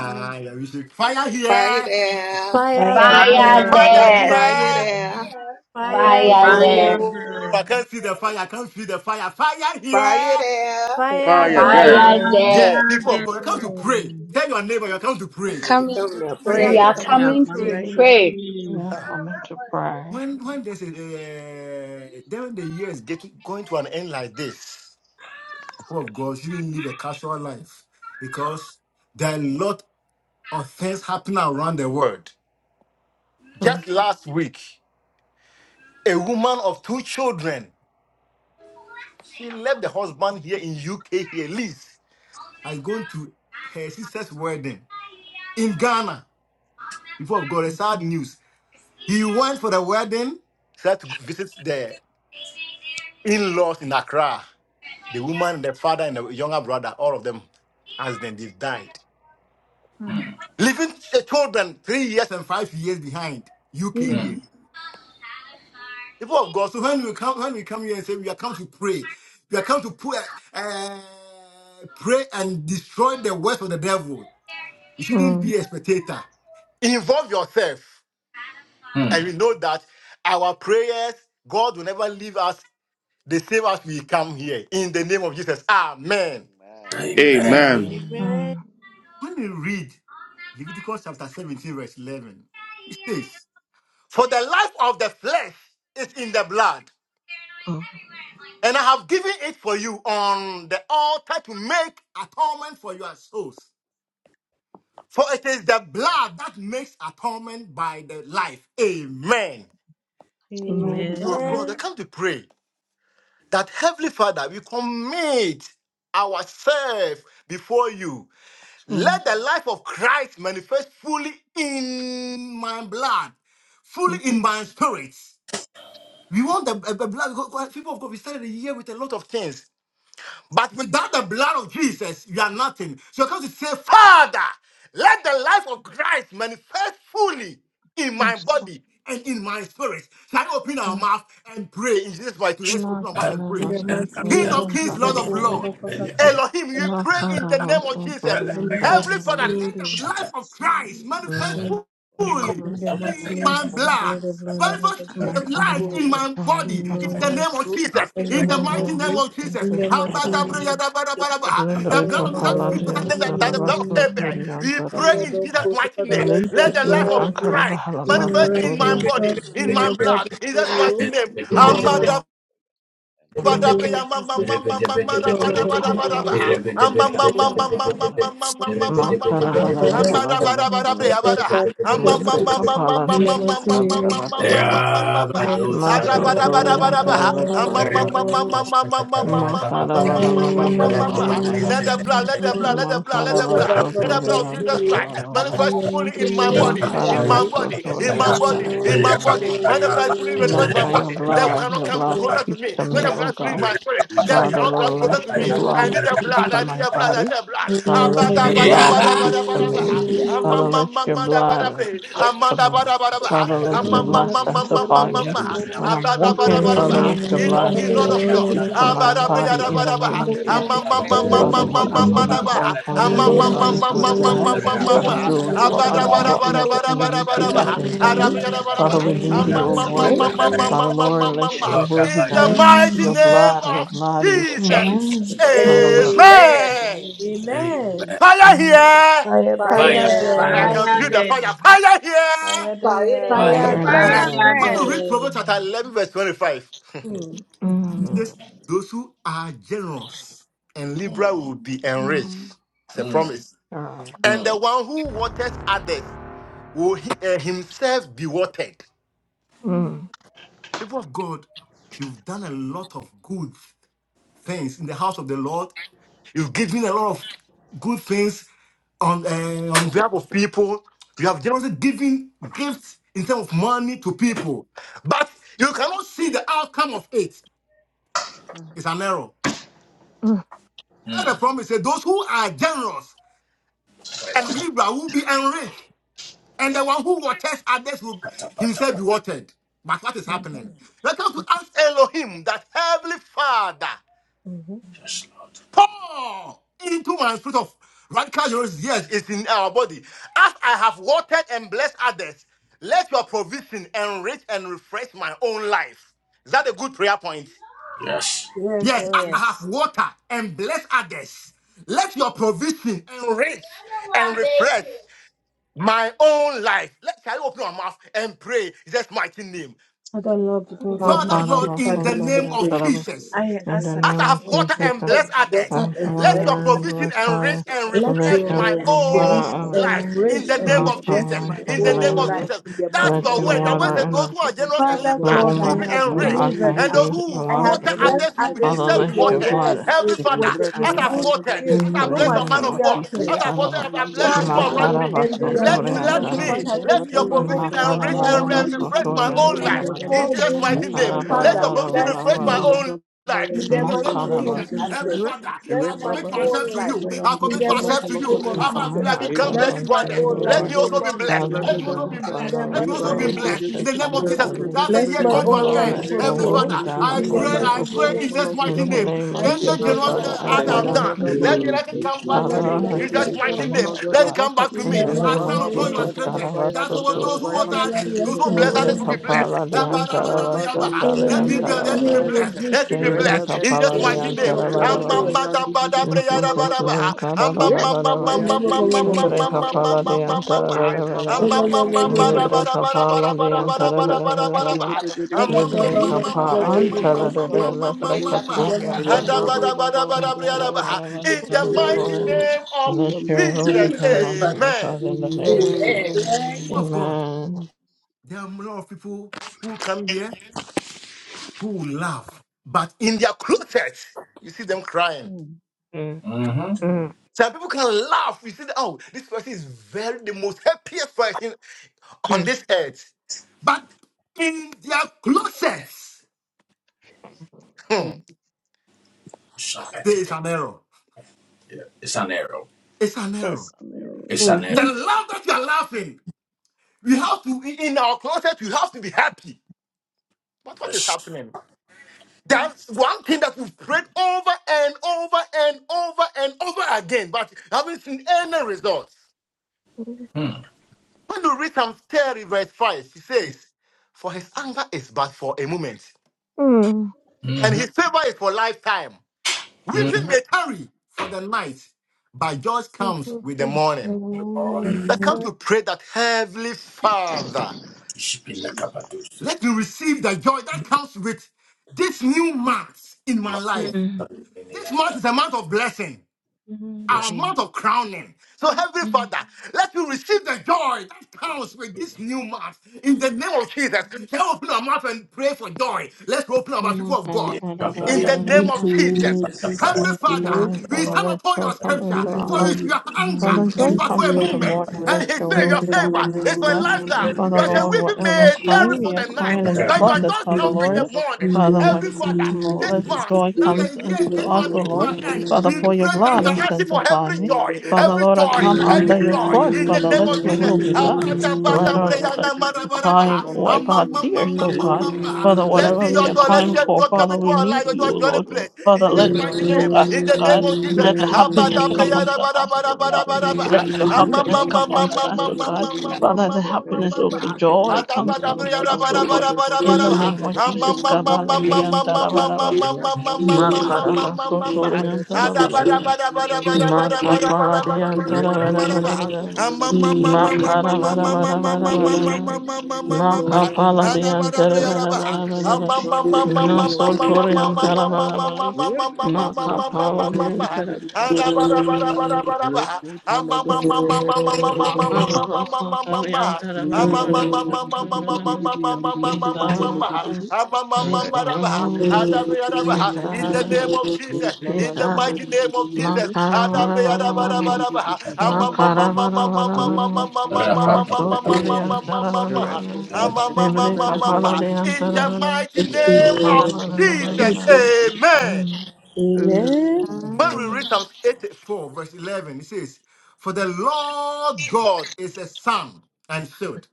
Speaker 13: Mm.
Speaker 3: shall we shake? Fire
Speaker 6: Fire
Speaker 3: here.
Speaker 6: there.
Speaker 5: Fire
Speaker 2: Fire
Speaker 5: there.
Speaker 13: Fire
Speaker 4: Fire
Speaker 3: Fire
Speaker 2: there,
Speaker 13: there.
Speaker 6: Fire
Speaker 3: here.
Speaker 6: there.
Speaker 4: burn.
Speaker 2: fire
Speaker 5: Fire
Speaker 13: Fire
Speaker 5: here.
Speaker 4: Fire
Speaker 2: there,
Speaker 13: there.
Speaker 3: Oh, I
Speaker 4: burn.
Speaker 3: can't see the fire. I can't feel the fire. Fire
Speaker 7: Father,
Speaker 3: here.
Speaker 6: Fire
Speaker 7: I pray,
Speaker 6: there.
Speaker 5: Fire
Speaker 9: Fire
Speaker 2: fire
Speaker 9: there.
Speaker 5: there.
Speaker 13: Fire
Speaker 2: there.
Speaker 13: there.
Speaker 3: Yes, people of
Speaker 4: Amen.
Speaker 3: God, you come to pray. Tell your neighbor you come to
Speaker 7: pray,
Speaker 3: pray.
Speaker 11: Nothing
Speaker 6: We
Speaker 14: coming
Speaker 6: come
Speaker 14: to
Speaker 6: to
Speaker 5: We
Speaker 14: pray
Speaker 2: We
Speaker 5: are
Speaker 13: We
Speaker 2: are
Speaker 5: coming
Speaker 6: pray.
Speaker 13: are
Speaker 7: pray.
Speaker 4: We
Speaker 2: coming
Speaker 4: are
Speaker 2: to
Speaker 5: to
Speaker 13: coming to
Speaker 4: coming
Speaker 5: pray.
Speaker 2: pray.
Speaker 4: to
Speaker 13: pray.
Speaker 8: fire,
Speaker 4: please.
Speaker 10: We're
Speaker 3: Ha.
Speaker 10: coming to prayer.
Speaker 3: When when there's a, uh, then the year is getting going to an end like this, people of God shouldn't live a casual life because there are a lot of things happening around the world.
Speaker 10: Mm,
Speaker 3: Just last week. a woman of two children. She left the husband here in UK here, Liz. I'm going to her sister's wedding in Ghana. Before we got a sad news. He went for the wedding, said to visit the in-laws in Accra. The woman, the father, and the younger brother, all of them, as then they died.
Speaker 4: Hmm.
Speaker 3: Leaving the children three years and five years behind. UK here.
Speaker 2: Hmm.
Speaker 3: People of God, so when we come, when we come here and say we are come to pray, we are come to pray, uh, pray and destroy the works of the devil. We shouldn't
Speaker 10: mm,
Speaker 3: be a spectator. Involve yourself, and we know that our prayers, God will never leave us the same as we come here. In the name of Jesus, Amen.
Speaker 7: Amen.
Speaker 9: Amen.
Speaker 4: Amen.
Speaker 5: Amen.
Speaker 10: mm,
Speaker 3: When we read Leviticus chapter 17, verse 11, it says, "For the life of the flesh is in the blood."
Speaker 10: mm,
Speaker 3: And I have given it for you on the altar to make atonement for your souls. For it is the blood that makes atonement by the life. Amen.
Speaker 7: Amen.
Speaker 10: Amen.
Speaker 3: People of
Speaker 4: Amen.
Speaker 3: God, I
Speaker 5: Amen.
Speaker 3: come to pray that Heavenly Father, we commit ourselves before you.
Speaker 10: Mm,
Speaker 3: Let the life of Christ manifest fully in my blood, fully in
Speaker 10: mhm.
Speaker 3: my spirit. We want the, the blood. People of God, we started the year with a lot of things. But without the blood of Jesus, you are nothing. So you come to say, Father, let the life of Christ manifest fully in my
Speaker 10: Yes,
Speaker 4: Yes,
Speaker 3: body and in my spirit. Shall I open our
Speaker 10: Lord.
Speaker 3: mouth and pray? In Jesus' mighty name, let's open our mouth and
Speaker 10: Makala
Speaker 5: In
Speaker 3: pray.
Speaker 5: the
Speaker 4: Lord.
Speaker 7: Father, in
Speaker 5: mighty
Speaker 7: the
Speaker 10: basoto
Speaker 3: King
Speaker 5: name
Speaker 7: name
Speaker 3: of
Speaker 5: of
Speaker 7: of
Speaker 3: kings,
Speaker 4: Yes,
Speaker 10: reandara,
Speaker 3: Lord
Speaker 5: Jesus,
Speaker 3: of
Speaker 5: O
Speaker 7: Jesus,
Speaker 5: Lord
Speaker 4: Lord.
Speaker 7: the
Speaker 3: lords.
Speaker 5: of us, I
Speaker 7: glory
Speaker 5: come
Speaker 7: of
Speaker 5: to
Speaker 7: your
Speaker 3: Elohim, we
Speaker 7: everlasting
Speaker 3: pray in
Speaker 10: makala
Speaker 7: kingdom,
Speaker 3: the name of
Speaker 7: I
Speaker 3: Jesus.
Speaker 7: am that
Speaker 5: manifest
Speaker 3: Heavenly
Speaker 4: Yes,
Speaker 7: I
Speaker 3: Father,
Speaker 10: basoto
Speaker 4: Lord.
Speaker 7: am
Speaker 5: food
Speaker 7: God.
Speaker 3: let
Speaker 5: and
Speaker 3: the life of
Speaker 4: Yes,
Speaker 7: Yes, and
Speaker 3: Christ
Speaker 10: In
Speaker 7: today,
Speaker 3: manifest
Speaker 10: the
Speaker 7: Father, we
Speaker 10: name
Speaker 3: fully
Speaker 5: In
Speaker 7: come
Speaker 5: the mighty
Speaker 7: before
Speaker 3: in
Speaker 5: name of
Speaker 3: my
Speaker 7: you,
Speaker 5: Jesus,
Speaker 3: blood.
Speaker 7: O
Speaker 5: Lord of Lord
Speaker 7: Lord,
Speaker 5: of
Speaker 3: Manifest
Speaker 5: us, I
Speaker 7: uh,
Speaker 3: the
Speaker 5: manifest
Speaker 3: life in
Speaker 5: healing
Speaker 7: asking for
Speaker 3: my body
Speaker 5: in my
Speaker 3: in
Speaker 7: your
Speaker 3: the
Speaker 5: life
Speaker 3: name of
Speaker 5: O,
Speaker 3: Jesus.
Speaker 5: and in
Speaker 3: In
Speaker 7: forgiveness
Speaker 3: the
Speaker 5: my
Speaker 7: and
Speaker 3: mighty
Speaker 10: of
Speaker 3: name
Speaker 5: body.
Speaker 3: of Jesus.
Speaker 5: In
Speaker 10: Jesus,
Speaker 5: the
Speaker 7: your
Speaker 5: mighty name of
Speaker 10: Tarabara.
Speaker 7: Father, let
Speaker 3: Abadabriyadabarabaraba. The
Speaker 7: all
Speaker 3: blood
Speaker 5: Jesus,
Speaker 10: Lebreka
Speaker 3: of
Speaker 5: O
Speaker 7: things
Speaker 3: Jesus
Speaker 7: work together
Speaker 3: speaks better
Speaker 10: Paladia,
Speaker 3: than
Speaker 7: for
Speaker 3: the than
Speaker 7: the
Speaker 3: the blood
Speaker 7: Lord.
Speaker 3: of
Speaker 10: Tarabasto
Speaker 3: Abel.
Speaker 10: Torian
Speaker 3: We pray
Speaker 10: Tarabara.
Speaker 5: Lord
Speaker 3: in
Speaker 5: of
Speaker 3: Jesus'
Speaker 7: Father,
Speaker 5: hosts,
Speaker 3: mighty
Speaker 5: Father,
Speaker 7: protect
Speaker 3: name.
Speaker 7: us,
Speaker 5: let
Speaker 7: O
Speaker 3: Let
Speaker 10: Lake
Speaker 5: your
Speaker 3: the
Speaker 7: God.
Speaker 10: Im
Speaker 3: life
Speaker 7: That,
Speaker 3: of
Speaker 5: blood
Speaker 7: Father,
Speaker 10: Ankaraba
Speaker 7: you
Speaker 3: Christ
Speaker 7: will
Speaker 5: in
Speaker 7: lend
Speaker 5: my
Speaker 10: Halabraka
Speaker 3: manifest
Speaker 7: us
Speaker 3: in
Speaker 7: the
Speaker 5: life
Speaker 3: my
Speaker 7: light
Speaker 10: Torian
Speaker 7: of peace,
Speaker 3: body,
Speaker 7: O
Speaker 5: manifest in
Speaker 3: in
Speaker 7: Holy
Speaker 5: my
Speaker 3: my
Speaker 7: Spirit,
Speaker 5: body
Speaker 3: blood, in
Speaker 7: and
Speaker 3: Jesus'
Speaker 5: fully. O.
Speaker 3: mighty name.
Speaker 5: Lord. In
Speaker 7: bring us.
Speaker 5: the
Speaker 3: Amada
Speaker 10: Makaraba.
Speaker 7: And let
Speaker 5: mighty
Speaker 3: let the
Speaker 7: the life
Speaker 5: name of
Speaker 7: of
Speaker 5: Jesus, O Lord of
Speaker 7: Jesus be
Speaker 5: us, I
Speaker 7: manifested in our life, O God,
Speaker 10: Makarabasto
Speaker 7: and the life
Speaker 10: Torian
Speaker 7: of sister
Speaker 10: Tarabara.
Speaker 7: in every
Speaker 5: manifest
Speaker 7: area
Speaker 5: healing.
Speaker 7: of our life, O
Speaker 10: Makarabara.
Speaker 5: Let
Speaker 7: Lord.
Speaker 5: Let
Speaker 7: Let
Speaker 5: the
Speaker 10: Lebreka
Speaker 7: the
Speaker 5: mighty name of
Speaker 10: Paladia,
Speaker 7: life of
Speaker 5: Jesus.
Speaker 7: Jesus, O
Speaker 10: Tarabara.
Speaker 7: Lord, shine through us, O
Speaker 10: Masto
Speaker 7: Lord.
Speaker 10: Torian
Speaker 7: Let the life of
Speaker 10: Tarabara.
Speaker 7: Jesus, oh God, Father,
Speaker 10: Makara
Speaker 7: be
Speaker 10: bara
Speaker 7: uh,
Speaker 10: bara
Speaker 7: to be
Speaker 10: bara
Speaker 7: them
Speaker 10: bara
Speaker 7: as
Speaker 10: bara.
Speaker 7: oh
Speaker 3: blood, let the
Speaker 7: Lord.
Speaker 3: blood, let the
Speaker 7: Let
Speaker 3: blood,
Speaker 7: the
Speaker 3: let
Speaker 10: Makara
Speaker 5: Let
Speaker 3: the
Speaker 5: the
Speaker 3: blood.
Speaker 7: blood of
Speaker 10: baso
Speaker 5: right
Speaker 3: Let
Speaker 5: one
Speaker 3: the
Speaker 10: tori
Speaker 3: blood of
Speaker 7: Jesus
Speaker 5: test
Speaker 3: Jesus
Speaker 10: antara
Speaker 7: speak on
Speaker 5: you.
Speaker 3: Christ
Speaker 10: bara
Speaker 7: our
Speaker 10: bara
Speaker 5: In
Speaker 7: behalf,
Speaker 3: manifest
Speaker 5: the
Speaker 7: oh
Speaker 3: fully
Speaker 5: mighty
Speaker 7: Lord,
Speaker 3: in
Speaker 7: on
Speaker 3: my
Speaker 6: Amen.
Speaker 7: our
Speaker 5: name
Speaker 3: body,
Speaker 7: behalf,
Speaker 3: in
Speaker 7: oh
Speaker 3: my
Speaker 7: God.
Speaker 3: body, in
Speaker 7: Father,
Speaker 3: my
Speaker 7: whatever we
Speaker 4: Lord.
Speaker 3: body,
Speaker 4: Yes,
Speaker 3: in
Speaker 4: Lord.
Speaker 3: my
Speaker 7: are,
Speaker 3: body.
Speaker 10: bara. Makara
Speaker 3: When the
Speaker 7: source
Speaker 3: blood is
Speaker 7: of
Speaker 4: Yes,
Speaker 3: fully
Speaker 7: our
Speaker 3: manifest
Speaker 7: feet
Speaker 3: in my
Speaker 10: Manka,
Speaker 7: will
Speaker 10: your
Speaker 3: body,
Speaker 7: throw it
Speaker 3: devil
Speaker 10: blood,
Speaker 3: cannot
Speaker 7: upon,
Speaker 10: your
Speaker 7: O
Speaker 3: come
Speaker 10: blood
Speaker 7: Lord.
Speaker 3: closer
Speaker 7: Let
Speaker 3: to
Speaker 10: speak
Speaker 7: the
Speaker 3: me.
Speaker 4: Lord.
Speaker 10: to
Speaker 3: When
Speaker 7: blood
Speaker 3: the
Speaker 10: me,
Speaker 3: blood
Speaker 10: O
Speaker 3: is
Speaker 7: speak
Speaker 3: fully in
Speaker 10: God.
Speaker 3: my
Speaker 7: for us,
Speaker 3: spirit,
Speaker 7: O Lord,
Speaker 3: devil
Speaker 10: Father,
Speaker 7: in
Speaker 3: cannot
Speaker 7: the name
Speaker 3: come
Speaker 10: Lord,
Speaker 7: of
Speaker 3: closer
Speaker 10: let
Speaker 3: to
Speaker 10: your
Speaker 3: me.
Speaker 7: Jesus.
Speaker 3: I
Speaker 10: blood
Speaker 3: need the
Speaker 4: In
Speaker 7: Father,
Speaker 10: speak
Speaker 3: blood,
Speaker 10: to
Speaker 3: I
Speaker 7: for
Speaker 3: need
Speaker 10: my
Speaker 7: your
Speaker 3: the
Speaker 7: word
Speaker 3: blood, I
Speaker 10: body.
Speaker 3: need the
Speaker 7: said, O
Speaker 3: blood.
Speaker 7: God,
Speaker 10: Father,
Speaker 7: you
Speaker 10: let
Speaker 7: will
Speaker 3: Abada,
Speaker 10: your
Speaker 7: never
Speaker 3: bada,
Speaker 10: blood
Speaker 3: bada,
Speaker 7: leave
Speaker 10: speak
Speaker 3: bada,
Speaker 7: us
Speaker 10: to
Speaker 3: bada,
Speaker 7: nor
Speaker 3: bada.
Speaker 10: me.
Speaker 7: forsake us,
Speaker 10: Father, let your
Speaker 7: so that
Speaker 3: Amamamamanda,
Speaker 7: we
Speaker 3: bada,
Speaker 10: blood
Speaker 7: might
Speaker 3: bada.
Speaker 10: talk
Speaker 7: boldly
Speaker 10: to
Speaker 3: Amanda,
Speaker 7: say
Speaker 10: me.
Speaker 7: that
Speaker 3: bada,
Speaker 7: the Lord
Speaker 3: bada,
Speaker 10: Father,
Speaker 7: is
Speaker 10: let
Speaker 7: our
Speaker 2: Lord,
Speaker 10: your
Speaker 2: we
Speaker 10: blood
Speaker 3: bada.
Speaker 7: Elohim
Speaker 2: must
Speaker 7: is
Speaker 2: endure,
Speaker 7: our
Speaker 2: we
Speaker 10: sanctify
Speaker 7: help.
Speaker 2: must
Speaker 10: me.
Speaker 2: endure,
Speaker 7: We
Speaker 10: When
Speaker 2: we
Speaker 7: shall
Speaker 10: I'm
Speaker 2: must
Speaker 7: not
Speaker 10: walking,
Speaker 7: fear what
Speaker 10: Father,
Speaker 7: man
Speaker 3: Abadabarabarabaha.
Speaker 10: let your
Speaker 7: shall
Speaker 3: King
Speaker 7: do
Speaker 3: of
Speaker 10: blood
Speaker 2: Father,
Speaker 3: King,
Speaker 7: unto
Speaker 2: we
Speaker 3: Lord
Speaker 2: are
Speaker 7: us,
Speaker 3: of
Speaker 7: O Lord.
Speaker 3: Lord.
Speaker 2: pleading
Speaker 10: speak
Speaker 2: the
Speaker 10: to
Speaker 2: blood,
Speaker 10: my
Speaker 7: We
Speaker 2: O
Speaker 7: know
Speaker 10: body
Speaker 2: Lord.
Speaker 7: you
Speaker 10: in
Speaker 7: are
Speaker 10: the
Speaker 7: all
Speaker 10: name
Speaker 3: Abadabriyadabarabaha.
Speaker 10: of
Speaker 2: Endure,
Speaker 7: King
Speaker 2: we
Speaker 7: of
Speaker 10: Jesus.
Speaker 2: must
Speaker 7: kings and
Speaker 2: endure, we
Speaker 7: Lord
Speaker 10: Father,
Speaker 7: of
Speaker 2: must
Speaker 7: lords,
Speaker 2: endure,
Speaker 7: the
Speaker 10: whatever we
Speaker 2: we-
Speaker 10: call
Speaker 3: Amamamamamamamamadabaha.
Speaker 10: upon your
Speaker 7: omnipotent,
Speaker 2: Endure,
Speaker 10: name,
Speaker 7: God,
Speaker 2: we
Speaker 10: Father,
Speaker 2: must
Speaker 10: you are
Speaker 2: endure,
Speaker 7: omnipresent
Speaker 2: we
Speaker 10: there.
Speaker 2: must
Speaker 7: God,
Speaker 2: endure,
Speaker 10: Father,
Speaker 7: the
Speaker 2: we
Speaker 3: Amamamamamamamamamamama.
Speaker 10: do
Speaker 2: must
Speaker 10: it for
Speaker 2: endure,
Speaker 7: everlasting
Speaker 2: we
Speaker 10: us.
Speaker 7: Lord of
Speaker 2: must
Speaker 10: Don't let the
Speaker 2: endure,
Speaker 7: lords, O
Speaker 2: we
Speaker 10: enemy
Speaker 7: Lord,
Speaker 10: take us
Speaker 3: Abadabarabarabarabarabaha.
Speaker 7: Father,
Speaker 10: in
Speaker 7: who
Speaker 10: vain.
Speaker 7: is
Speaker 10: Father,
Speaker 3: Arabriyadabarabaha.
Speaker 10: we
Speaker 2: Father,
Speaker 7: comparable
Speaker 2: we
Speaker 10: need
Speaker 7: unto
Speaker 2: pray
Speaker 10: you, O
Speaker 7: thee.
Speaker 2: that you,
Speaker 10: Lord.
Speaker 2: Lord
Speaker 7: From the
Speaker 2: God.
Speaker 10: Father,
Speaker 7: genesis of
Speaker 10: Lord,
Speaker 7: this
Speaker 10: let
Speaker 3: Amamamamamamamamamama.
Speaker 10: your
Speaker 7: world up
Speaker 10: will
Speaker 7: to
Speaker 10: be
Speaker 5: of
Speaker 3: In
Speaker 7: the
Speaker 3: the
Speaker 10: done.
Speaker 7: revelation of
Speaker 3: mighty
Speaker 10: Your
Speaker 7: this world,
Speaker 3: name
Speaker 10: blood,
Speaker 7: none
Speaker 10: your
Speaker 3: of
Speaker 7: is
Speaker 10: blood,
Speaker 7: ever
Speaker 10: you
Speaker 3: Jesus.
Speaker 7: comparable to
Speaker 10: speak.
Speaker 7: thee.
Speaker 2: Amen.
Speaker 4: the name
Speaker 10: Father,
Speaker 7: And
Speaker 4: of
Speaker 10: Lord,
Speaker 5: Jesus.
Speaker 7: we
Speaker 10: let-
Speaker 4: Jesus.
Speaker 7: thank you for this.
Speaker 3: Amen.
Speaker 5: Amen.
Speaker 7: servant,
Speaker 3: Fire
Speaker 10: Amen.
Speaker 7: our
Speaker 3: here.
Speaker 7: prayer,
Speaker 2: Fire
Speaker 6: Fire
Speaker 5: Fire
Speaker 2: there,
Speaker 6: there.
Speaker 3: I
Speaker 5: there.
Speaker 10: fire
Speaker 3: can
Speaker 4: Fire
Speaker 3: feel
Speaker 10: there,
Speaker 3: the
Speaker 4: them,
Speaker 3: fire. Fire
Speaker 7: Father,
Speaker 3: here.
Speaker 2: fire
Speaker 6: Fire
Speaker 2: there.
Speaker 6: there.
Speaker 5: Fire
Speaker 10: fire
Speaker 8: I
Speaker 4: fire
Speaker 5: there.
Speaker 3: Yes.
Speaker 8: am
Speaker 3: When
Speaker 10: there.
Speaker 3: you read Proverbs chapter
Speaker 4: them.
Speaker 3: 11, verse 25.
Speaker 5: Mm.
Speaker 3: says,
Speaker 10: Mm,
Speaker 3: Those who are generous and liberal will be enriched.
Speaker 2: Hmm.
Speaker 3: It's a promise.
Speaker 10: sure.
Speaker 3: And the one who waters others will he- uh, himself be watered.
Speaker 10: mm,
Speaker 3: People of God, you've done a lot of good things in the house of the Lord. You've given a lot of good things on uh, on behalf of people. You have generously given gifts in terms of money to people, but you cannot see the outcome of it. It's an error.
Speaker 10: mm.
Speaker 3: That's the promise. It says, Those who are generous and Libra will be enriched, and the one who waters others will himself be watered. But what is happening? Let us ask Elohim, that Heavenly Father,
Speaker 5: Mhm.
Speaker 3: pour into my spirit of radical generosity. Yes, it's in our body. As I have watered and blessed others, let your provision enrich and refresh my own life. Is that a good prayer point? Yes,
Speaker 5: Yes.
Speaker 4: Oh
Speaker 3: as I have
Speaker 4: yes.
Speaker 3: water and bless others, let your provision enrich and refresh. my own life. Let shall I open our mouth and pray in Jesus' mighty name.
Speaker 5: Father, Lord
Speaker 4: Um,
Speaker 7: in
Speaker 5: God,
Speaker 3: Father Lord,
Speaker 7: the
Speaker 5: Almighty
Speaker 7: name
Speaker 3: in
Speaker 5: Father,
Speaker 7: of
Speaker 3: the
Speaker 5: and Lord
Speaker 3: name
Speaker 7: Jesus.
Speaker 5: God,
Speaker 3: of
Speaker 7: Amen.
Speaker 3: Jesus.
Speaker 4: Jesus,
Speaker 5: I
Speaker 10: In
Speaker 5: ask
Speaker 10: the
Speaker 5: and
Speaker 4: so
Speaker 3: As
Speaker 10: name
Speaker 3: I
Speaker 10: of
Speaker 3: have watered
Speaker 10: Jesus.
Speaker 3: and blessed
Speaker 5: God,
Speaker 3: others,
Speaker 5: water
Speaker 10: Father
Speaker 5: and
Speaker 3: let
Speaker 5: bless
Speaker 3: your
Speaker 10: and
Speaker 5: others.
Speaker 3: provision
Speaker 10: blessed
Speaker 3: enrich
Speaker 10: Father,
Speaker 8: there.
Speaker 3: and
Speaker 10: for
Speaker 5: Let
Speaker 10: this
Speaker 3: reflect
Speaker 10: ship
Speaker 3: my
Speaker 5: your
Speaker 10: of water
Speaker 3: own
Speaker 5: police
Speaker 10: of
Speaker 3: life in
Speaker 5: enrich
Speaker 3: the
Speaker 5: and
Speaker 3: name
Speaker 10: enough
Speaker 3: of
Speaker 10: of
Speaker 3: Jesus.
Speaker 5: reflect
Speaker 10: life
Speaker 5: my
Speaker 10: in
Speaker 3: In
Speaker 7: in
Speaker 10: the
Speaker 3: the
Speaker 7: the
Speaker 3: name
Speaker 10: name
Speaker 7: name
Speaker 5: own
Speaker 3: of
Speaker 10: of
Speaker 7: of
Speaker 10: Jesus.
Speaker 5: life
Speaker 3: Jesus.
Speaker 5: in the
Speaker 7: Jesus,
Speaker 5: mighty
Speaker 3: That's
Speaker 10: Let
Speaker 3: your
Speaker 7: Father,
Speaker 10: your
Speaker 3: way.
Speaker 5: name of
Speaker 3: Your word
Speaker 7: Lord,
Speaker 10: water
Speaker 3: says
Speaker 10: and
Speaker 3: those
Speaker 10: the
Speaker 3: who
Speaker 7: shall
Speaker 3: are
Speaker 7: you
Speaker 3: generous and
Speaker 7: our
Speaker 3: live
Speaker 5: Father
Speaker 10: flow
Speaker 3: back
Speaker 5: God.
Speaker 10: on
Speaker 5: I
Speaker 3: will
Speaker 10: my
Speaker 3: be
Speaker 7: provider.
Speaker 5: have
Speaker 10: on
Speaker 3: enriched.
Speaker 10: us.
Speaker 5: delivered
Speaker 10: I
Speaker 3: And
Speaker 5: us.
Speaker 3: those
Speaker 10: give a
Speaker 3: who
Speaker 5: I
Speaker 7: When
Speaker 10: lot of
Speaker 5: have
Speaker 7: you
Speaker 3: water
Speaker 10: people.
Speaker 5: blessed
Speaker 3: others will
Speaker 7: provide, oh
Speaker 10: Father,
Speaker 5: others
Speaker 3: himself
Speaker 5: with
Speaker 3: be
Speaker 10: let
Speaker 7: Lord,
Speaker 5: your
Speaker 10: your
Speaker 3: watered.
Speaker 5: words,
Speaker 10: blood
Speaker 7: Father,
Speaker 3: Every
Speaker 10: speak
Speaker 5: with
Speaker 7: there
Speaker 3: father,
Speaker 10: to
Speaker 5: with
Speaker 7: will be
Speaker 10: my
Speaker 3: as
Speaker 5: with
Speaker 7: enough,
Speaker 3: I've
Speaker 10: life.
Speaker 5: good
Speaker 7: Lord.
Speaker 3: watered,
Speaker 5: gifts,
Speaker 7: When
Speaker 3: as
Speaker 10: In
Speaker 3: I've
Speaker 5: no
Speaker 10: the
Speaker 7: you
Speaker 3: blessed
Speaker 7: are
Speaker 3: your
Speaker 10: name
Speaker 3: man of
Speaker 10: of
Speaker 7: living
Speaker 5: material
Speaker 3: God,
Speaker 7: the
Speaker 10: Jesus,
Speaker 3: as
Speaker 7: five
Speaker 5: things,
Speaker 3: I've watered,
Speaker 10: Karaba.
Speaker 7: loaves
Speaker 3: as
Speaker 7: of
Speaker 3: I've
Speaker 7: bread,
Speaker 3: blessed people
Speaker 7: oh
Speaker 5: Father.
Speaker 3: around
Speaker 7: Lord,
Speaker 3: me,
Speaker 10: Makaraba
Speaker 2: Kendorama
Speaker 5: And they are
Speaker 7: this
Speaker 3: let me,
Speaker 5: using
Speaker 10: Sotorian
Speaker 3: let
Speaker 5: it
Speaker 7: is
Speaker 2: kendorama
Speaker 5: for
Speaker 10: Taraba.
Speaker 3: me,
Speaker 5: packages.
Speaker 3: let
Speaker 2: sundori
Speaker 3: your
Speaker 7: Father,
Speaker 2: eni
Speaker 5: So
Speaker 3: provision
Speaker 5: this
Speaker 7: you
Speaker 3: enrich
Speaker 5: morning,
Speaker 2: kendorama
Speaker 10: Makarabadaba
Speaker 3: and
Speaker 5: this
Speaker 4: Jesus,
Speaker 3: refresh
Speaker 7: multiply
Speaker 3: my
Speaker 7: it,
Speaker 2: sundori
Speaker 10: Sotorian
Speaker 7: oh
Speaker 3: own
Speaker 5: evening,
Speaker 2: mama
Speaker 3: life.
Speaker 7: Lord,
Speaker 5: this
Speaker 7: to
Speaker 10: Tarabadaba.
Speaker 3: In Jesus'
Speaker 7: feed
Speaker 5: moment.
Speaker 2: katorama
Speaker 3: mighty
Speaker 7: 5,000
Speaker 3: name, let
Speaker 5: Father,
Speaker 3: your
Speaker 2: sundori.
Speaker 3: provision
Speaker 5: bless
Speaker 3: refresh
Speaker 7: men,
Speaker 5: me
Speaker 3: my own life
Speaker 10: Makarabadabadabadabadaba.
Speaker 3: life
Speaker 4: Amen.
Speaker 5: in
Speaker 7: including
Speaker 3: in
Speaker 5: the
Speaker 3: the name
Speaker 5: mighty
Speaker 7: women
Speaker 3: of
Speaker 7: and
Speaker 5: name of
Speaker 3: Jesus.
Speaker 7: children,
Speaker 3: Heavenly
Speaker 5: Jesus.
Speaker 3: Father,
Speaker 5: Bless
Speaker 3: I
Speaker 7: Lord,
Speaker 5: my
Speaker 3: commit
Speaker 8: Rabba
Speaker 5: own
Speaker 3: myself to
Speaker 5: life
Speaker 3: you. I
Speaker 8: Bayan
Speaker 5: in
Speaker 3: commit
Speaker 8: dedi
Speaker 5: the
Speaker 8: bir
Speaker 7: in the
Speaker 3: myself to
Speaker 5: mighty
Speaker 3: you.
Speaker 8: kataloga
Speaker 5: name
Speaker 8: da
Speaker 10: and
Speaker 5: of
Speaker 3: If
Speaker 8: olsa,
Speaker 3: I'm
Speaker 10: commit
Speaker 5: Jesus.
Speaker 3: blessed, you can
Speaker 8: en
Speaker 7: and
Speaker 10: myself
Speaker 3: bless
Speaker 5: Bless
Speaker 3: it to
Speaker 7: there
Speaker 10: unto
Speaker 5: my
Speaker 8: baksız
Speaker 3: others.
Speaker 10: you,
Speaker 5: own
Speaker 10: O
Speaker 7: is
Speaker 5: life,
Speaker 3: Let
Speaker 7: no
Speaker 8: kataloga
Speaker 3: me
Speaker 10: Lord.
Speaker 8: da
Speaker 5: oh
Speaker 3: also
Speaker 7: God
Speaker 3: be
Speaker 8: olsa,
Speaker 5: Lord,
Speaker 3: blessed.
Speaker 10: Father,
Speaker 3: Let
Speaker 7: will
Speaker 8: kataloga
Speaker 3: you
Speaker 8: da
Speaker 7: let
Speaker 3: also
Speaker 10: uh,
Speaker 3: be
Speaker 8: olsa,
Speaker 7: all
Speaker 5: in
Speaker 3: blessed.
Speaker 10: Father,
Speaker 5: the
Speaker 7: things
Speaker 3: Let
Speaker 8: ey
Speaker 10: let
Speaker 3: you
Speaker 5: mighty
Speaker 7: work
Speaker 3: also be
Speaker 10: your
Speaker 5: name
Speaker 8: bayan
Speaker 5: of
Speaker 7: together
Speaker 8: dedi
Speaker 3: blessed in
Speaker 5: Jesus.
Speaker 7: for
Speaker 3: the
Speaker 10: blessings
Speaker 8: bir
Speaker 7: our
Speaker 3: name
Speaker 10: come
Speaker 3: of
Speaker 7: good.
Speaker 5: Lord.
Speaker 3: Jesus.
Speaker 8: kataloga
Speaker 10: upon
Speaker 8: da
Speaker 10: me.
Speaker 7: Where
Speaker 3: That's the
Speaker 8: bere
Speaker 5: Bless
Speaker 3: year
Speaker 7: else
Speaker 8: bere
Speaker 5: my
Speaker 8: be
Speaker 7: are
Speaker 3: going
Speaker 10: Father,
Speaker 3: to
Speaker 7: the
Speaker 3: an
Speaker 5: own
Speaker 10: Lord,
Speaker 5: life
Speaker 10: let
Speaker 3: end.
Speaker 7: source
Speaker 5: for
Speaker 10: your
Speaker 7: of
Speaker 5: me,
Speaker 3: Heavenly
Speaker 7: our
Speaker 10: will
Speaker 5: oh,
Speaker 3: Father,
Speaker 10: be
Speaker 7: faith or
Speaker 10: done
Speaker 3: I
Speaker 5: in the
Speaker 7: tread
Speaker 10: upon
Speaker 3: pray,
Speaker 10: me,
Speaker 3: I
Speaker 5: mighty
Speaker 7: upon
Speaker 10: O
Speaker 3: pray
Speaker 5: name
Speaker 10: God.
Speaker 3: in
Speaker 7: fire
Speaker 5: of
Speaker 3: Jesus'
Speaker 7: that we
Speaker 5: Jesus.
Speaker 3: mighty
Speaker 10: In the
Speaker 7: know
Speaker 3: name.
Speaker 7: you
Speaker 10: name of
Speaker 5: I
Speaker 7: have
Speaker 3: Then the
Speaker 7: given
Speaker 10: Jesus,
Speaker 5: pray,
Speaker 7: all
Speaker 3: generosity
Speaker 7: to
Speaker 5: Lord,
Speaker 10: Father,
Speaker 7: us,
Speaker 10: I
Speaker 3: that
Speaker 5: that
Speaker 7: O
Speaker 11: I
Speaker 10: come
Speaker 3: I've
Speaker 5: my
Speaker 11: can
Speaker 7: Lord?
Speaker 5: bless
Speaker 10: unto
Speaker 3: done.
Speaker 5: me.
Speaker 10: you,
Speaker 3: Let
Speaker 10: O
Speaker 3: the
Speaker 11: do
Speaker 7: And
Speaker 10: Lord.
Speaker 3: United
Speaker 11: but
Speaker 7: as
Speaker 3: Come
Speaker 7: you
Speaker 3: back to
Speaker 5: Father,
Speaker 3: me,
Speaker 7: blessed
Speaker 5: bless
Speaker 10: Father,
Speaker 3: in Jesus
Speaker 5: my
Speaker 10: speak
Speaker 7: Abraham,
Speaker 5: own
Speaker 10: to
Speaker 3: mighty
Speaker 10: me,
Speaker 3: name.
Speaker 5: life
Speaker 10: O
Speaker 7: so will
Speaker 3: Let it
Speaker 10: God.
Speaker 7: you
Speaker 3: come back to
Speaker 5: in
Speaker 7: bless
Speaker 10: In
Speaker 3: me.
Speaker 5: the
Speaker 10: the
Speaker 7: us, O
Speaker 3: I
Speaker 10: name
Speaker 3: stand
Speaker 10: of
Speaker 7: God,
Speaker 5: mighty
Speaker 7: for
Speaker 3: upon
Speaker 5: name
Speaker 7: your
Speaker 3: your
Speaker 5: of
Speaker 10: Jesus,
Speaker 7: word
Speaker 10: God
Speaker 3: scriptures.
Speaker 5: Jesus.
Speaker 10: of
Speaker 7: said
Speaker 10: us,
Speaker 7: to
Speaker 3: That's for
Speaker 10: so to
Speaker 7: Abraham
Speaker 3: those
Speaker 10: the
Speaker 3: who
Speaker 10: end.
Speaker 3: want
Speaker 5: Abba,
Speaker 3: to.
Speaker 7: in
Speaker 3: Those
Speaker 5: bless
Speaker 7: the
Speaker 3: who
Speaker 5: my
Speaker 7: book
Speaker 3: bless
Speaker 7: of
Speaker 3: others
Speaker 10: Libre
Speaker 3: will be
Speaker 5: own
Speaker 7: Genesis
Speaker 3: blessed.
Speaker 5: life.
Speaker 10: capala
Speaker 7: chapter
Speaker 10: de
Speaker 3: Hada
Speaker 7: 22,
Speaker 3: bada bada
Speaker 7: verse
Speaker 10: antarava
Speaker 3: bria bada bada
Speaker 7: 15.
Speaker 3: ha.
Speaker 5: Father God
Speaker 10: satale
Speaker 3: Let
Speaker 5: Almighty,
Speaker 3: it be,
Speaker 7: Let
Speaker 3: let it be
Speaker 8: Thank you.
Speaker 10: antaravara.
Speaker 7: him
Speaker 3: blessed. Let
Speaker 7: bless
Speaker 3: it
Speaker 8: In
Speaker 3: be
Speaker 7: him.
Speaker 8: the
Speaker 7: Will
Speaker 10: Libre
Speaker 3: blessed.
Speaker 7: you
Speaker 3: In Jesus
Speaker 7: bless
Speaker 10: capala
Speaker 7: him?
Speaker 10: de
Speaker 3: mighty
Speaker 7: In
Speaker 3: name.
Speaker 7: multiplying,
Speaker 3: Hada
Speaker 10: antaravara.
Speaker 7: will you
Speaker 3: bada bada
Speaker 7: multiply
Speaker 10: In
Speaker 7: him?
Speaker 3: bria bada
Speaker 10: Jesus'
Speaker 3: bada
Speaker 10: name,
Speaker 3: ha.
Speaker 7: and you
Speaker 3: Hada bada
Speaker 7: left me to
Speaker 10: God
Speaker 7: sin
Speaker 3: bada bada bada
Speaker 7: and the
Speaker 10: Libre
Speaker 7: gate of
Speaker 3: bada
Speaker 7: his
Speaker 10: kapala de
Speaker 7: enemies.
Speaker 3: bada
Speaker 10: antara vela
Speaker 7: Father,
Speaker 10: vela.
Speaker 7: bless us, O
Speaker 10: Libre
Speaker 7: Lord, and
Speaker 10: kapala
Speaker 7: let
Speaker 10: de
Speaker 7: our
Speaker 10: antara vela vela
Speaker 7: descendants
Speaker 10: vela.
Speaker 7: possess the gate of
Speaker 10: Libre
Speaker 7: the
Speaker 10: kapa
Speaker 7: enemies.
Speaker 5: let me be
Speaker 10: antara
Speaker 5: blessed
Speaker 7: Let
Speaker 10: de
Speaker 5: you.
Speaker 10: de
Speaker 7: them
Speaker 3: bada bada
Speaker 7: be
Speaker 10: libre
Speaker 3: bada
Speaker 5: In
Speaker 3: ha.
Speaker 7: afraid
Speaker 5: the
Speaker 7: and
Speaker 10: katuri
Speaker 7: not
Speaker 5: mighty
Speaker 10: antara
Speaker 3: Hada
Speaker 7: be
Speaker 5: name
Speaker 10: vela.
Speaker 7: afraid.
Speaker 3: bada bada bada bria
Speaker 10: Vela
Speaker 3: bada
Speaker 10: vela
Speaker 3: ha. In
Speaker 10: vela
Speaker 3: the
Speaker 10: kanda
Speaker 3: mighty
Speaker 10: Lord.
Speaker 5: of
Speaker 3: name
Speaker 7: Let them
Speaker 3: of
Speaker 7: be
Speaker 10: Let
Speaker 7: afraid
Speaker 10: your will
Speaker 7: and not be afraid. Let everything we
Speaker 10: be
Speaker 8: meeting of
Speaker 3: Jesus,
Speaker 7: touch
Speaker 10: done
Speaker 5: Jesus
Speaker 10: on
Speaker 7: prosper
Speaker 10: me,
Speaker 8: Jesus.
Speaker 5: Christ.
Speaker 10: O
Speaker 3: amen.
Speaker 10: God, in the
Speaker 7: in the
Speaker 10: name
Speaker 7: Jesus.
Speaker 10: of Jesus.
Speaker 8: Amen.
Speaker 7: For we
Speaker 5: Amen.
Speaker 3: People
Speaker 4: Mm,
Speaker 3: of
Speaker 7: thank
Speaker 3: God,
Speaker 7: you, we
Speaker 10: Amen.
Speaker 7: bless you.
Speaker 3: there are a lot
Speaker 7: We
Speaker 3: of people who come here who will laugh, but in their closet, you see them crying.
Speaker 4: mm,
Speaker 10: Mm, mm,
Speaker 3: Some people can laugh. You see, that, oh, this person is very the most happiest person on
Speaker 10: mm,
Speaker 3: this earth. But in their closets, hmm,
Speaker 4: mm.
Speaker 3: there is an error. It's an error.
Speaker 4: Yes.
Speaker 5: Oh, thank
Speaker 3: The laugh that you are laughing, we have to in in our closet, we have to be happy. But what is happening? That's one thing that we've prayed over and over and over and over again, but haven't seen any results.
Speaker 10: mm.
Speaker 3: When you read Psalm 30, verse 5, he says, For his anger is but for a moment,
Speaker 10: Mm,
Speaker 3: and his favor is for lifetime. Weeping
Speaker 8: Now,
Speaker 3: may tarry for the night, but joy comes
Speaker 10: mm,
Speaker 3: with the
Speaker 10: mm. Good
Speaker 3: morning.
Speaker 10: morning.
Speaker 3: I come to pray that Heavenly Father, let me receive the joy that comes with this new month in my life.
Speaker 10: Mm.
Speaker 3: This month is a month of blessing. our month of crowning. So, Heavenly
Speaker 10: Mm.
Speaker 3: Father, let me receive the joy that comes with this new month. In the name of Jesus, shall we open our mouth and pray for joy? Let's open our mouth, people of God. In the name
Speaker 10: Mm.
Speaker 3: of
Speaker 5: you,
Speaker 3: Jesus,
Speaker 5: Lord
Speaker 8: I'm
Speaker 5: Jesus.
Speaker 3: Heavenly
Speaker 10: Glory and
Speaker 3: Father,
Speaker 5: Amen.
Speaker 10: joy,
Speaker 3: we
Speaker 10: Father,
Speaker 3: stand
Speaker 10: let
Speaker 3: upon your
Speaker 10: joy come
Speaker 3: scripture,
Speaker 10: into
Speaker 5: And the
Speaker 10: our
Speaker 3: for
Speaker 10: life.
Speaker 5: Lord
Speaker 3: it's
Speaker 5: will
Speaker 3: your
Speaker 5: come
Speaker 3: anger
Speaker 5: and
Speaker 8: going
Speaker 10: Father
Speaker 8: to
Speaker 3: is
Speaker 8: take
Speaker 10: John
Speaker 3: but
Speaker 5: bless
Speaker 3: for
Speaker 10: comes
Speaker 3: a
Speaker 5: you.
Speaker 10: in the
Speaker 3: moment,
Speaker 10: morning. Let
Speaker 3: and His
Speaker 10: your
Speaker 3: favor,
Speaker 10: will
Speaker 3: your
Speaker 5: Thank
Speaker 10: be done
Speaker 3: favor
Speaker 10: on me,
Speaker 3: is
Speaker 10: O
Speaker 3: for a
Speaker 10: God.
Speaker 3: lifetime.
Speaker 10: Father
Speaker 3: You are saying,
Speaker 10: Lord,
Speaker 3: weeping
Speaker 8: a
Speaker 10: whatever
Speaker 3: may
Speaker 8: look at
Speaker 3: tarry
Speaker 10: crying, we
Speaker 3: for
Speaker 10: are
Speaker 3: the night,
Speaker 10: crying in the
Speaker 3: but
Speaker 7: know,
Speaker 8: the
Speaker 3: your
Speaker 10: closet,
Speaker 3: joy
Speaker 10: Father
Speaker 3: comes with
Speaker 7: Father,
Speaker 10: Lord.
Speaker 3: the
Speaker 8: Rabba
Speaker 3: morning.
Speaker 7: we know,
Speaker 10: Father,
Speaker 7: Father,
Speaker 10: when
Speaker 3: Heavenly Father,
Speaker 10: mo-
Speaker 3: this
Speaker 10: let
Speaker 7: we
Speaker 3: month,
Speaker 7: therefore
Speaker 10: joy
Speaker 3: that
Speaker 10: comes
Speaker 3: the year is
Speaker 10: into
Speaker 3: getting out
Speaker 10: us, O
Speaker 3: to
Speaker 10: Lord.
Speaker 3: an
Speaker 7: pray
Speaker 3: end.
Speaker 10: Father,
Speaker 3: We
Speaker 10: pour your
Speaker 3: pray that you
Speaker 10: blood
Speaker 3: are
Speaker 10: and
Speaker 3: asking for
Speaker 10: sanctify
Speaker 3: every
Speaker 10: me.
Speaker 3: joy,
Speaker 7: that
Speaker 10: Father
Speaker 3: every
Speaker 10: Lord, I
Speaker 3: joy,
Speaker 10: come under
Speaker 3: every
Speaker 10: your
Speaker 4: Mm.
Speaker 3: joy
Speaker 10: cross,
Speaker 3: in the
Speaker 10: Father.
Speaker 3: name
Speaker 10: Let
Speaker 3: of
Speaker 7: let
Speaker 10: your
Speaker 7: our
Speaker 3: Jesus.
Speaker 10: will
Speaker 7: joy
Speaker 10: be
Speaker 7: be
Speaker 10: done.
Speaker 7: full,
Speaker 4: Jesus,
Speaker 10: Let our let the
Speaker 7: Bwana
Speaker 10: cry
Speaker 7: kwa
Speaker 10: wipe our
Speaker 7: uwezekano wetu
Speaker 10: tears,
Speaker 7: ni
Speaker 10: O God. Father,
Speaker 3: Let's
Speaker 10: whatever
Speaker 3: see
Speaker 10: we
Speaker 3: your
Speaker 10: are
Speaker 3: joy. Let's
Speaker 10: crying
Speaker 3: see your
Speaker 7: soko
Speaker 10: for,
Speaker 3: joy
Speaker 10: Father,
Speaker 3: coming to
Speaker 7: watoto
Speaker 10: we
Speaker 3: our
Speaker 10: need
Speaker 3: life. Your
Speaker 7: Bwana mleta wa
Speaker 10: you,
Speaker 3: joy
Speaker 10: O
Speaker 7: moto
Speaker 3: journey
Speaker 10: Lord.
Speaker 3: place. In
Speaker 10: Father,
Speaker 3: Jesus'
Speaker 10: let
Speaker 3: mighty
Speaker 4: um,
Speaker 3: name.
Speaker 10: shield us, O
Speaker 3: In the name
Speaker 10: God.
Speaker 3: of Jesus.
Speaker 10: Let the happiness come
Speaker 7: watoto
Speaker 10: unto
Speaker 7: wa
Speaker 10: us, O
Speaker 7: Bwana
Speaker 10: God.
Speaker 7: kila
Speaker 3: Abadabreyadabadabadabadabadaba.
Speaker 10: Let
Speaker 7: mmoja
Speaker 10: your happiness come
Speaker 4: um,
Speaker 7: Bwana
Speaker 10: unto us, O God. Father, the
Speaker 7: whatever the
Speaker 10: happiness of the
Speaker 7: parents na
Speaker 3: Amamamamamamamamamamamamamamama. Ha
Speaker 10: joy
Speaker 3: da
Speaker 8: Thank
Speaker 3: ba
Speaker 10: comes
Speaker 3: da ba
Speaker 7: wajoe
Speaker 10: unto
Speaker 3: da
Speaker 10: us,
Speaker 3: ba da
Speaker 10: O
Speaker 3: ba
Speaker 4: you
Speaker 3: da
Speaker 10: Lord.
Speaker 3: ba da
Speaker 10: In the
Speaker 3: ba ha.
Speaker 7: watoto
Speaker 10: name
Speaker 7: na
Speaker 10: of
Speaker 3: Ah ma
Speaker 10: Jesus,
Speaker 3: ma ma
Speaker 7: kwa
Speaker 3: ma
Speaker 7: hivyo
Speaker 3: ma
Speaker 10: Kabalandian
Speaker 3: ma ma ma
Speaker 7: watoto
Speaker 3: ma
Speaker 7: God
Speaker 10: Tarabarabara.
Speaker 3: ma ma ma
Speaker 7: wanataka
Speaker 3: ma
Speaker 7: watoto
Speaker 3: ma ma ma
Speaker 7: in
Speaker 3: ma
Speaker 7: your
Speaker 3: ha.
Speaker 7: left
Speaker 10: Makarabasoturian
Speaker 3: Ha
Speaker 7: mind
Speaker 3: da ba
Speaker 7: therefore
Speaker 3: da
Speaker 10: Tarabarabara.
Speaker 3: ba
Speaker 7: God
Speaker 3: da ba
Speaker 7: to
Speaker 3: da ba
Speaker 7: bring
Speaker 3: da ba da
Speaker 7: our
Speaker 3: ba
Speaker 7: up
Speaker 3: da
Speaker 7: to
Speaker 3: ba da ba
Speaker 10: Makapaladian
Speaker 7: it that
Speaker 3: da ba da ba ha.
Speaker 7: we
Speaker 10: Tarabarabara.
Speaker 7: therefore
Speaker 3: Ah ma
Speaker 7: pray
Speaker 3: ma
Speaker 7: that O
Speaker 3: ma ma ma ma ma ma ma
Speaker 7: Lord
Speaker 3: ma ma ma ma
Speaker 7: that the weapon of the
Speaker 3: ma
Speaker 10: Makarabarabarabara.
Speaker 7: enemy
Speaker 3: ma
Speaker 7: for
Speaker 3: ma ma
Speaker 7: that
Speaker 3: ma
Speaker 7: gives us to
Speaker 3: ha.
Speaker 7: still our
Speaker 10: Makapaladian
Speaker 7: joy
Speaker 3: Hallelujah.
Speaker 7: and
Speaker 4: so
Speaker 10: Tarabarabara.
Speaker 7: and let your
Speaker 10: Nasoturian
Speaker 7: glory continue to
Speaker 10: Tarabarabara.
Speaker 7: shine upon us, O Lord. We
Speaker 10: Makapaladian
Speaker 7: let
Speaker 10: Tarabarabara.
Speaker 7: every day of our life touch, O Lord. Let them bless
Speaker 8: you.
Speaker 10: Makaraba
Speaker 7: fullness of your
Speaker 10: Santarian
Speaker 7: glory, O
Speaker 8: Amen. Lord,
Speaker 7: Lord.
Speaker 8: this
Speaker 10: Tarabana
Speaker 7: Father,
Speaker 8: is
Speaker 7: fill our life,
Speaker 8: my,
Speaker 7: let no
Speaker 10: Jesus,
Speaker 7: weapon of the enemy that,
Speaker 10: Jesus,
Speaker 7: O God, will
Speaker 3: In
Speaker 7: attack
Speaker 3: the
Speaker 7: us to
Speaker 10: Jesus,
Speaker 3: name of
Speaker 7: take
Speaker 3: Jesus,
Speaker 7: our to
Speaker 3: in the
Speaker 10: Jesus.
Speaker 3: mighty
Speaker 7: take
Speaker 3: name
Speaker 7: away
Speaker 3: of
Speaker 7: our
Speaker 3: Jesus, in the mighty name of Jesus,
Speaker 7: joy,
Speaker 10: Makara bara
Speaker 7: both
Speaker 10: bara bara,
Speaker 7: emotionally, physically,
Speaker 10: makara
Speaker 7: and
Speaker 3: amen.
Speaker 10: bara bara
Speaker 7: or
Speaker 10: bara,
Speaker 7: in any form.
Speaker 10: maso
Speaker 7: Father, nullify for us the name of your Son, Jesus. We thank
Speaker 5: you,
Speaker 7: you and
Speaker 10: makara
Speaker 5: Lord.
Speaker 7: bless you.
Speaker 5: Jesus.
Speaker 10: Mm, mm,
Speaker 5: Amen.
Speaker 3: When we read Psalms eighty-four, verse eleven, it says, "For the Lord God is a sun and shield.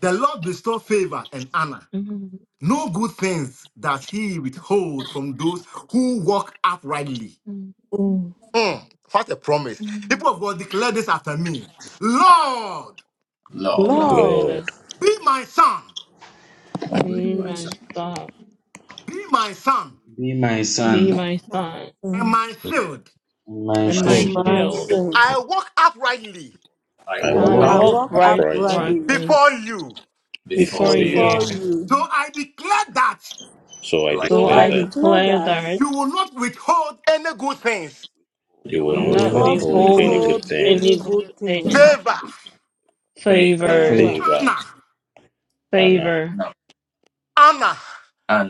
Speaker 3: The Lord bestows favor and honor.
Speaker 10: mm,
Speaker 3: No good things does he withhold from those who walk uprightly.
Speaker 10: mm,
Speaker 5: Mm.
Speaker 3: Mm, what a promise.
Speaker 10: mm.
Speaker 3: People of God declare this after me.
Speaker 7: Lord,
Speaker 3: Lord,
Speaker 10: Glory
Speaker 5: Lord,
Speaker 10: to
Speaker 15: Lord,
Speaker 3: be my son,
Speaker 7: be
Speaker 10: be my star.
Speaker 3: be my son,
Speaker 7: me
Speaker 16: Be
Speaker 7: my
Speaker 16: my
Speaker 10: Be
Speaker 7: staff
Speaker 16: son
Speaker 10: my son
Speaker 3: and
Speaker 5: and
Speaker 3: my
Speaker 7: and my
Speaker 3: shield.
Speaker 16: and
Speaker 7: shield.
Speaker 16: my
Speaker 10: and my
Speaker 16: shield.
Speaker 5: my
Speaker 10: shield.
Speaker 5: sins.
Speaker 3: I walk
Speaker 7: I
Speaker 3: uprightly
Speaker 7: woke up
Speaker 15: I
Speaker 16: I
Speaker 10: I
Speaker 8: I,
Speaker 16: walk
Speaker 5: I
Speaker 7: early
Speaker 15: walk
Speaker 10: walk
Speaker 5: walk
Speaker 15: uprightly
Speaker 5: uprightly
Speaker 10: righteously
Speaker 3: before
Speaker 7: before
Speaker 3: you.
Speaker 10: before
Speaker 15: before you,
Speaker 10: you,
Speaker 5: before
Speaker 16: before
Speaker 3: So
Speaker 5: you.
Speaker 3: I
Speaker 7: So
Speaker 3: declare that
Speaker 7: I
Speaker 15: so
Speaker 7: declare
Speaker 15: I
Speaker 7: that
Speaker 8: for
Speaker 10: so
Speaker 5: So
Speaker 15: declare
Speaker 5: I
Speaker 10: I
Speaker 15: that
Speaker 5: declare
Speaker 8: my
Speaker 10: declare
Speaker 5: that
Speaker 10: that
Speaker 3: you will not withhold any
Speaker 7: you
Speaker 3: good
Speaker 7: will
Speaker 3: things,
Speaker 7: not withhold
Speaker 15: you will
Speaker 8: You
Speaker 10: you
Speaker 16: you
Speaker 7: any
Speaker 5: you
Speaker 8: would
Speaker 15: not
Speaker 16: will
Speaker 5: will
Speaker 7: good
Speaker 10: not
Speaker 16: not
Speaker 5: not
Speaker 7: thing
Speaker 15: withhold
Speaker 8: receive
Speaker 7: from
Speaker 15: any
Speaker 10: behold
Speaker 15: good
Speaker 5: withhold
Speaker 15: thing,
Speaker 5: any
Speaker 10: any good
Speaker 5: good
Speaker 10: things,
Speaker 5: things,
Speaker 3: favor,
Speaker 7: favor,
Speaker 8: favor,
Speaker 16: fail.
Speaker 10: favor,
Speaker 5: favor,
Speaker 15: favor,
Speaker 3: honor,
Speaker 15: honor,
Speaker 10: favor,
Speaker 7: honor,
Speaker 3: honor,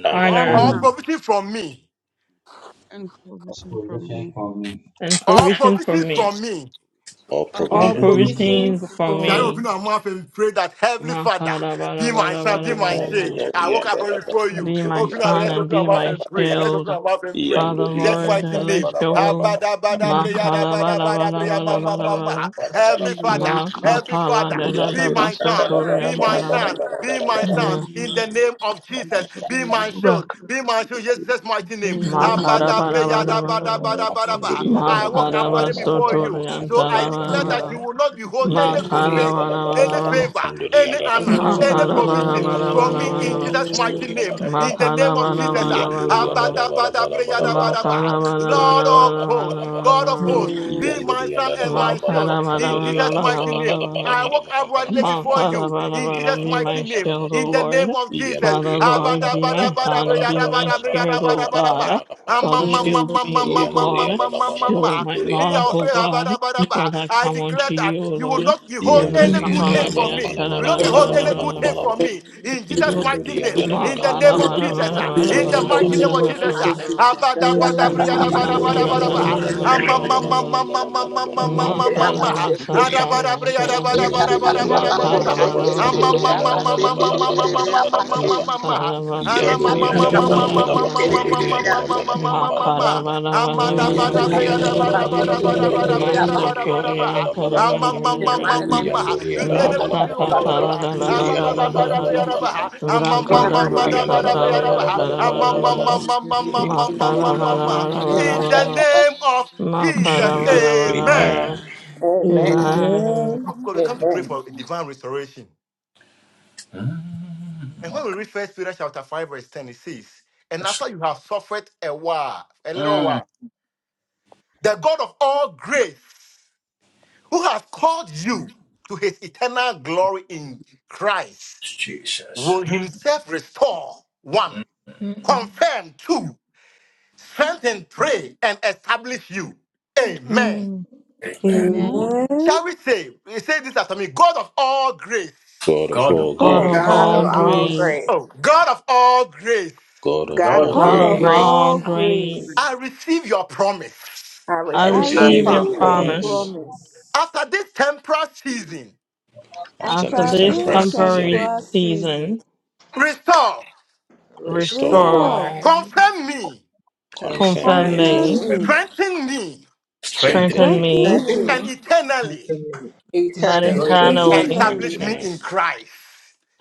Speaker 15: honor,
Speaker 10: honor,
Speaker 3: or
Speaker 5: honor,
Speaker 8: honor,
Speaker 16: I'm
Speaker 3: provision from me,
Speaker 7: and provision
Speaker 8: and
Speaker 7: from
Speaker 16: a
Speaker 8: provision from
Speaker 16: provision
Speaker 8: me.
Speaker 16: for me.
Speaker 10: and
Speaker 3: or
Speaker 10: provision for
Speaker 3: provisions
Speaker 10: me.
Speaker 3: from
Speaker 7: our
Speaker 3: me.
Speaker 7: provision
Speaker 15: or
Speaker 8: Our
Speaker 7: from me.
Speaker 10: All
Speaker 5: or
Speaker 15: provision.
Speaker 8: provision is
Speaker 16: Provision
Speaker 5: provision
Speaker 10: provision for
Speaker 3: Shall I
Speaker 5: from
Speaker 10: me.
Speaker 3: open our mouth and pray that Heavenly Father, be my
Speaker 7: Father,
Speaker 3: son,
Speaker 7: in
Speaker 3: be
Speaker 7: the
Speaker 3: my
Speaker 7: name
Speaker 3: shade.
Speaker 10: Makarabarabarabarabarabara.
Speaker 7: of your
Speaker 3: I walk
Speaker 7: Son,
Speaker 3: across before you.
Speaker 10: Be my
Speaker 3: Open
Speaker 7: glorious
Speaker 3: our
Speaker 10: son
Speaker 3: let's
Speaker 10: and
Speaker 3: open our
Speaker 10: be
Speaker 7: everlasting
Speaker 3: mouth
Speaker 10: my
Speaker 3: and
Speaker 7: King of
Speaker 3: pray. Let's
Speaker 10: shield.
Speaker 3: open our mouth and
Speaker 7: Father,
Speaker 3: pray.
Speaker 7: be
Speaker 10: Father
Speaker 7: my
Speaker 15: yandori,
Speaker 3: Jesus'
Speaker 10: Lord,
Speaker 7: shield,
Speaker 3: mighty
Speaker 7: my
Speaker 10: let
Speaker 3: name.
Speaker 10: your
Speaker 7: buckler,
Speaker 10: will.
Speaker 7: and your glory, O God,
Speaker 3: Abadabadabriyadabadabadabriyamamamama.
Speaker 10: Makarabarabarabarabarabara.
Speaker 7: not
Speaker 3: Every
Speaker 8: in the
Speaker 3: father,
Speaker 8: mighty
Speaker 7: name on
Speaker 3: every
Speaker 7: us, O
Speaker 10: Makapala
Speaker 3: father,
Speaker 7: Lord.
Speaker 10: de la
Speaker 3: be
Speaker 10: da
Speaker 3: my
Speaker 7: Father,
Speaker 3: son, be
Speaker 10: basoturian
Speaker 7: wherever
Speaker 3: my
Speaker 7: the
Speaker 10: taraba.
Speaker 3: son,
Speaker 7: soles
Speaker 3: be
Speaker 7: of our
Speaker 3: my
Speaker 7: feet
Speaker 3: son,
Speaker 7: will
Speaker 3: in the
Speaker 7: tread
Speaker 3: name
Speaker 7: upon,
Speaker 3: of
Speaker 7: O
Speaker 3: Jesus,
Speaker 7: Lord, we
Speaker 3: be
Speaker 7: know you
Speaker 3: my
Speaker 7: are
Speaker 3: shield,
Speaker 7: with
Speaker 10: Back.
Speaker 3: be
Speaker 7: us,
Speaker 3: my shield,
Speaker 8: of
Speaker 3: Yes,
Speaker 7: and
Speaker 3: Jesus'
Speaker 7: Lord.
Speaker 3: mighty name.
Speaker 7: Father, as you
Speaker 10: Makarabarabarabara.
Speaker 7: said to
Speaker 3: Abadabriyadabadabadabadaba.
Speaker 7: Abraham,
Speaker 3: I
Speaker 7: wherever
Speaker 3: walk
Speaker 7: your
Speaker 3: uprightly before
Speaker 7: eyes
Speaker 3: you,
Speaker 7: are,
Speaker 10: Makarabasoturian
Speaker 3: so
Speaker 7: you
Speaker 3: I declare that
Speaker 10: tarabara.
Speaker 3: you
Speaker 7: have
Speaker 3: will not
Speaker 7: given
Speaker 3: behold any
Speaker 7: unto
Speaker 3: good
Speaker 7: you,
Speaker 15: Yanduri
Speaker 3: things
Speaker 15: and
Speaker 7: Father,
Speaker 3: any
Speaker 15: Alabama,
Speaker 10: Makarabarabarabara.
Speaker 3: favor,
Speaker 7: wherever our
Speaker 15: Kanduri
Speaker 3: any
Speaker 15: and
Speaker 7: eyes
Speaker 3: honor,
Speaker 15: Alabama,
Speaker 7: are,
Speaker 3: any
Speaker 15: Alabama,
Speaker 3: provision from
Speaker 15: Alabama,
Speaker 3: me in
Speaker 10: Makarabarabarabara.
Speaker 15: Alabama,
Speaker 7: Father,
Speaker 3: Jesus'
Speaker 7: O
Speaker 3: mighty
Speaker 8: Jesus.
Speaker 15: Kanduri
Speaker 7: God,
Speaker 15: and
Speaker 7: we
Speaker 3: name,
Speaker 7: pray
Speaker 3: in
Speaker 7: that
Speaker 3: the
Speaker 15: Alabama,
Speaker 7: you
Speaker 3: name of
Speaker 7: give
Speaker 3: Jesus. ah.
Speaker 7: unto us,
Speaker 15: Yanduri
Speaker 7: O
Speaker 15: and
Speaker 10: Makarabarabarabara.
Speaker 7: Lord,
Speaker 15: Alabama, Alabama,
Speaker 7: and us, O God,
Speaker 3: Abadabadabriyadabadaba.
Speaker 15: Alabama,
Speaker 7: to be able
Speaker 15: Kanduri
Speaker 3: Lord
Speaker 15: and
Speaker 7: to
Speaker 3: of
Speaker 7: be
Speaker 15: Alabama,
Speaker 3: hosts,
Speaker 7: winners
Speaker 3: God
Speaker 15: Alabama,
Speaker 3: of
Speaker 7: of
Speaker 3: hosts,
Speaker 10: Makarabarabarabara.
Speaker 7: all
Speaker 3: be my
Speaker 15: Yanduri and
Speaker 3: son
Speaker 7: that
Speaker 3: and
Speaker 15: Alabama,
Speaker 3: my
Speaker 7: and let
Speaker 3: shield
Speaker 15: Alabama,
Speaker 3: in
Speaker 15: Kanduri and
Speaker 3: Jesus'
Speaker 15: Alabama,
Speaker 7: everything
Speaker 3: mighty
Speaker 7: that
Speaker 3: name.
Speaker 15: Alabama,
Speaker 7: our
Speaker 10: Makarabarabarabara.
Speaker 3: I walk
Speaker 15: Alabama,
Speaker 7: hands touch, O
Speaker 3: uprightly
Speaker 15: Alabama,
Speaker 7: God,
Speaker 10: My
Speaker 3: before
Speaker 15: Alabama,
Speaker 10: Father,
Speaker 3: you
Speaker 10: Father,
Speaker 7: prosper.
Speaker 3: in
Speaker 15: Kanduri and
Speaker 3: Jesus'
Speaker 10: Father, be
Speaker 7: Father,
Speaker 3: mighty
Speaker 10: my
Speaker 15: Alabama, Alabama,
Speaker 3: name,
Speaker 7: in the
Speaker 10: shield,
Speaker 7: name
Speaker 10: O
Speaker 3: in
Speaker 15: Alabama,
Speaker 3: the
Speaker 7: of
Speaker 10: Lord.
Speaker 3: name of
Speaker 7: your Son,
Speaker 3: Jesus.
Speaker 10: Father,
Speaker 15: Yanduri and
Speaker 7: Jesus,
Speaker 15: Alabama,
Speaker 10: Lord, be
Speaker 7: glorious,
Speaker 10: my
Speaker 15: Alabama, Alabama,
Speaker 10: son, and
Speaker 7: everlasting
Speaker 10: be
Speaker 15: Alabama,
Speaker 10: my
Speaker 15: Alabama,
Speaker 10: shield,
Speaker 7: Lord,
Speaker 10: O
Speaker 15: Alabama,
Speaker 7: Father, we
Speaker 10: God.
Speaker 3: Abadabadabadabriyadabadabriyadabadabadaba.
Speaker 15: Alabama,
Speaker 3: Ama-
Speaker 15: Alabama,
Speaker 10: Father,
Speaker 3: ma- ma-
Speaker 10: shield
Speaker 7: pray
Speaker 3: ma- ma-
Speaker 10: me,
Speaker 3: ma-
Speaker 10: O
Speaker 3: ma- ma-
Speaker 15: Yanduri and
Speaker 10: God.
Speaker 7: you
Speaker 3: ma-
Speaker 7: will
Speaker 3: ma-
Speaker 7: let
Speaker 3: ma-
Speaker 15: Alabama,
Speaker 3: ma.
Speaker 10: Shield
Speaker 7: all
Speaker 10: my
Speaker 15: Kanduri and
Speaker 7: things,
Speaker 10: life, O
Speaker 7: the
Speaker 15: Alabama.
Speaker 7: Lord,
Speaker 10: God.
Speaker 7: Father,
Speaker 10: Father, I
Speaker 3: I
Speaker 7: Lord,
Speaker 10: come
Speaker 3: declare
Speaker 10: unto you,
Speaker 3: that
Speaker 10: O
Speaker 3: you will
Speaker 10: Lord.
Speaker 7: be
Speaker 3: not behold
Speaker 7: nullified in
Speaker 10: Libre
Speaker 3: any
Speaker 7: our
Speaker 15: Yanduri and
Speaker 3: good thing
Speaker 15: Dada
Speaker 7: life.
Speaker 10: kapala
Speaker 3: from
Speaker 15: mana
Speaker 3: me.
Speaker 15: mana
Speaker 10: dianta,
Speaker 3: You
Speaker 10: da,
Speaker 3: will
Speaker 15: mana
Speaker 7: Father,
Speaker 10: ba,
Speaker 3: not
Speaker 10: da,
Speaker 7: let
Speaker 15: mana
Speaker 3: behold
Speaker 10: ba,
Speaker 15: mana
Speaker 10: da,
Speaker 3: any
Speaker 15: Bada
Speaker 10: ba,
Speaker 3: good
Speaker 10: da,
Speaker 7: every
Speaker 3: thing
Speaker 7: good
Speaker 15: mana
Speaker 10: ba.
Speaker 3: from
Speaker 15: Bada.
Speaker 7: thing
Speaker 3: me.
Speaker 7: that
Speaker 3: In
Speaker 7: belongs
Speaker 3: Jesus'
Speaker 7: to us,
Speaker 3: mighty
Speaker 15: Yanduri
Speaker 7: that
Speaker 15: and
Speaker 3: name,
Speaker 15: Dada
Speaker 7: will
Speaker 10: Ma
Speaker 7: make
Speaker 3: in
Speaker 15: mana
Speaker 3: the
Speaker 7: our
Speaker 15: mana
Speaker 10: kala,
Speaker 3: name of
Speaker 10: ba,
Speaker 7: joy
Speaker 10: da, ba,
Speaker 15: Bada
Speaker 3: Jesus,
Speaker 10: da,
Speaker 7: so
Speaker 15: mana
Speaker 3: ah.
Speaker 5: me.
Speaker 10: ba,
Speaker 15: mana
Speaker 5: in
Speaker 7: full,
Speaker 15: mana
Speaker 3: in the
Speaker 15: mana
Speaker 5: the
Speaker 7: oh
Speaker 10: da,
Speaker 15: mana
Speaker 3: mighty
Speaker 10: ba, da,
Speaker 7: Lord,
Speaker 5: mighty
Speaker 3: name
Speaker 5: name
Speaker 3: of
Speaker 10: ba, da,
Speaker 5: of
Speaker 3: Jesus.
Speaker 7: Father,
Speaker 10: ba,
Speaker 3: ah.
Speaker 7: find
Speaker 5: Jesus.
Speaker 10: da, ba, da, ba, da. Ma kala,
Speaker 15: Yanduri
Speaker 10: da,
Speaker 15: and
Speaker 6: Amen.
Speaker 10: da,
Speaker 15: Dada
Speaker 10: da,
Speaker 3: Abadabadabriyadabadabadabadaba.
Speaker 10: da,
Speaker 15: mana
Speaker 10: ba,
Speaker 15: mana
Speaker 7: Russell
Speaker 10: da,
Speaker 7: God,
Speaker 10: ba,
Speaker 15: Bada
Speaker 10: da, ba,
Speaker 7: that
Speaker 10: da.
Speaker 15: mana
Speaker 10: ba.
Speaker 7: goodness and
Speaker 15: mana mana mana
Speaker 7: merciful
Speaker 6: In
Speaker 10: Ma
Speaker 6: the
Speaker 10: kala,
Speaker 15: mana
Speaker 7: hands
Speaker 3: Amamamamamamamamamamamama.
Speaker 7: of
Speaker 10: ba, sa,
Speaker 7: God that
Speaker 10: ta,
Speaker 7: will
Speaker 10: dianta,
Speaker 7: uplift our life. uh,
Speaker 10: Makara
Speaker 3: Adabadabriyadabadabadabadabadabadaba.
Speaker 7: Father, we pray that may
Speaker 15: mana
Speaker 7: angels be
Speaker 8: Out of all,
Speaker 15: Bada
Speaker 7: deployed
Speaker 15: mana mana
Speaker 7: unto
Speaker 8: praise,
Speaker 7: the
Speaker 8: one
Speaker 7: house
Speaker 3: Amamamamamamamamamamamamama.
Speaker 7: of
Speaker 8: thing
Speaker 7: God.
Speaker 8: good,
Speaker 3: Ana ma
Speaker 15: Yanduri
Speaker 3: ma
Speaker 15: and
Speaker 3: ma
Speaker 15: Dada
Speaker 7: Father,
Speaker 3: ma
Speaker 7: to
Speaker 3: ma
Speaker 15: mana
Speaker 3: ma
Speaker 15: mana
Speaker 3: ma ma
Speaker 15: Bada.
Speaker 7: nullify
Speaker 3: ma ma
Speaker 15: and
Speaker 7: every
Speaker 3: ma ma ma
Speaker 15: Dada
Speaker 3: ma
Speaker 15: Bada Bada Bada Bada Bada Bada Bada.
Speaker 3: ma
Speaker 7: evil
Speaker 3: ma ma
Speaker 15: Yanduri and Dada Bada Bada
Speaker 3: ma.
Speaker 15: Bada.
Speaker 7: intention of any
Speaker 3: Amada bada
Speaker 7: contract
Speaker 3: bria
Speaker 15: and
Speaker 7: we
Speaker 3: da
Speaker 15: Dada
Speaker 7: are
Speaker 15: Bada Bada Bada Bada Bada. Yanduri and Dada Bada Bada Bada Bada Bada. and
Speaker 7: about
Speaker 3: bada
Speaker 7: to
Speaker 3: bada
Speaker 7: step
Speaker 3: bada
Speaker 7: in,
Speaker 3: bada
Speaker 7: the
Speaker 3: bria da
Speaker 7: Lord.
Speaker 3: bada bada
Speaker 15: Dada
Speaker 7: We
Speaker 3: ba.
Speaker 15: Bada
Speaker 7: therefore
Speaker 15: Bada Bada
Speaker 3: Ama
Speaker 7: pray
Speaker 3: ma
Speaker 7: to
Speaker 3: ma
Speaker 7: the
Speaker 3: ma
Speaker 6: mighty
Speaker 3: ma
Speaker 7: faith
Speaker 6: name of Jesus. In the mighty
Speaker 3: ma. You
Speaker 15: Yanduri and
Speaker 3: say the
Speaker 15: Anamana
Speaker 3: good
Speaker 7: Jesus,
Speaker 3: thing without
Speaker 15: Manamana
Speaker 3: never.
Speaker 7: glorious
Speaker 15: Kanduri
Speaker 3: Ama
Speaker 15: and
Speaker 3: ba
Speaker 7: everlasting
Speaker 3: ba
Speaker 15: Anamana
Speaker 3: bada
Speaker 7: God.
Speaker 3: bria da
Speaker 15: Manamana
Speaker 3: ba. Ama ma
Speaker 7: Father,
Speaker 6: name
Speaker 3: ma ma
Speaker 6: of
Speaker 7: give
Speaker 15: Yanduri
Speaker 3: da
Speaker 15: and
Speaker 6: Jesus.
Speaker 7: over
Speaker 3: bada
Speaker 7: to
Speaker 3: bria
Speaker 15: Anamana
Speaker 7: us
Speaker 3: da ba.
Speaker 15: Manamana
Speaker 7: and
Speaker 3: Ama
Speaker 15: Manamana
Speaker 3: ma
Speaker 7: give
Speaker 3: ma
Speaker 7: us
Speaker 15: Manamana
Speaker 3: ma ma
Speaker 7: that
Speaker 3: ma
Speaker 15: Kanduri
Speaker 3: ma
Speaker 7: Father,
Speaker 15: and
Speaker 3: ma
Speaker 15: Anamana
Speaker 3: ma
Speaker 7: we
Speaker 3: ma
Speaker 7: pray
Speaker 15: Manamana
Speaker 3: ma.
Speaker 7: to make
Speaker 3: In
Speaker 7: our
Speaker 15: Manamana
Speaker 3: the
Speaker 7: joy
Speaker 15: Manamana
Speaker 3: name of Jesus,
Speaker 7: Lord
Speaker 15: Jesus.
Speaker 7: God, Father,
Speaker 3: Amen.
Speaker 15: Amen.
Speaker 10: Amen.
Speaker 5: Amen.
Speaker 3: Of God, we come to pray for divine restoration. And when we read First Peter chapter 5, verse 10, it says, And after you have suffered a while, a little while, the God of all grace, who has called you to his eternal glory in Christ, will himself restore one, confirm two, strengthen three, and establish you. Amen.
Speaker 10: Mm.
Speaker 17: Amen.
Speaker 10: Amen.
Speaker 5: Amen.
Speaker 3: Shall we say, we say this after me, God of all grace,
Speaker 15: God of all
Speaker 5: God
Speaker 10: God
Speaker 5: of
Speaker 10: of
Speaker 15: grace,
Speaker 6: God
Speaker 5: all
Speaker 6: of
Speaker 10: all
Speaker 6: all
Speaker 10: great,
Speaker 5: grace,
Speaker 6: grace,
Speaker 3: oh, God of all grace,
Speaker 15: God of
Speaker 6: God of
Speaker 15: all
Speaker 10: God
Speaker 5: God
Speaker 17: God,
Speaker 6: all
Speaker 10: of
Speaker 5: of
Speaker 15: grace,
Speaker 10: all
Speaker 5: all
Speaker 6: grace,
Speaker 10: great,
Speaker 17: bless
Speaker 5: grace,
Speaker 3: I receive your promise.
Speaker 6: I
Speaker 10: I
Speaker 15: I
Speaker 8: I
Speaker 5: I
Speaker 6: receive your
Speaker 15: receive
Speaker 10: receive
Speaker 15: your
Speaker 10: your
Speaker 8: receive
Speaker 5: receive
Speaker 6: promise.
Speaker 5: your
Speaker 8: from
Speaker 11: receive
Speaker 8: you.
Speaker 10: promise.
Speaker 11: it.
Speaker 15: promise.
Speaker 17: you.
Speaker 5: promise.
Speaker 3: After this temporal season,
Speaker 15: After
Speaker 10: After
Speaker 5: After
Speaker 8: After
Speaker 15: this
Speaker 8: this
Speaker 10: this
Speaker 15: temporal
Speaker 5: this
Speaker 8: time of
Speaker 15: season,
Speaker 10: temporary
Speaker 8: faith,
Speaker 5: temporal season,
Speaker 10: season,
Speaker 3: restore,
Speaker 15: restore,
Speaker 8: rest
Speaker 6: Restore
Speaker 5: restore,
Speaker 10: restore,
Speaker 8: on
Speaker 3: confirm me,
Speaker 15: confirm
Speaker 10: confirm
Speaker 15: me,
Speaker 6: concerning
Speaker 8: me,
Speaker 10: me,
Speaker 6: me,
Speaker 5: confirm me,
Speaker 3: strengthen me,
Speaker 15: strengthen
Speaker 10: strengthen
Speaker 15: me,
Speaker 5: strengthen
Speaker 10: me,
Speaker 6: strengthen
Speaker 5: me
Speaker 3: and
Speaker 6: me
Speaker 3: eternally
Speaker 10: but
Speaker 11: It's
Speaker 6: eternally,
Speaker 11: from you.
Speaker 10: internally,
Speaker 15: and
Speaker 3: establish me
Speaker 5: internally,
Speaker 15: eternal,
Speaker 3: in Christ.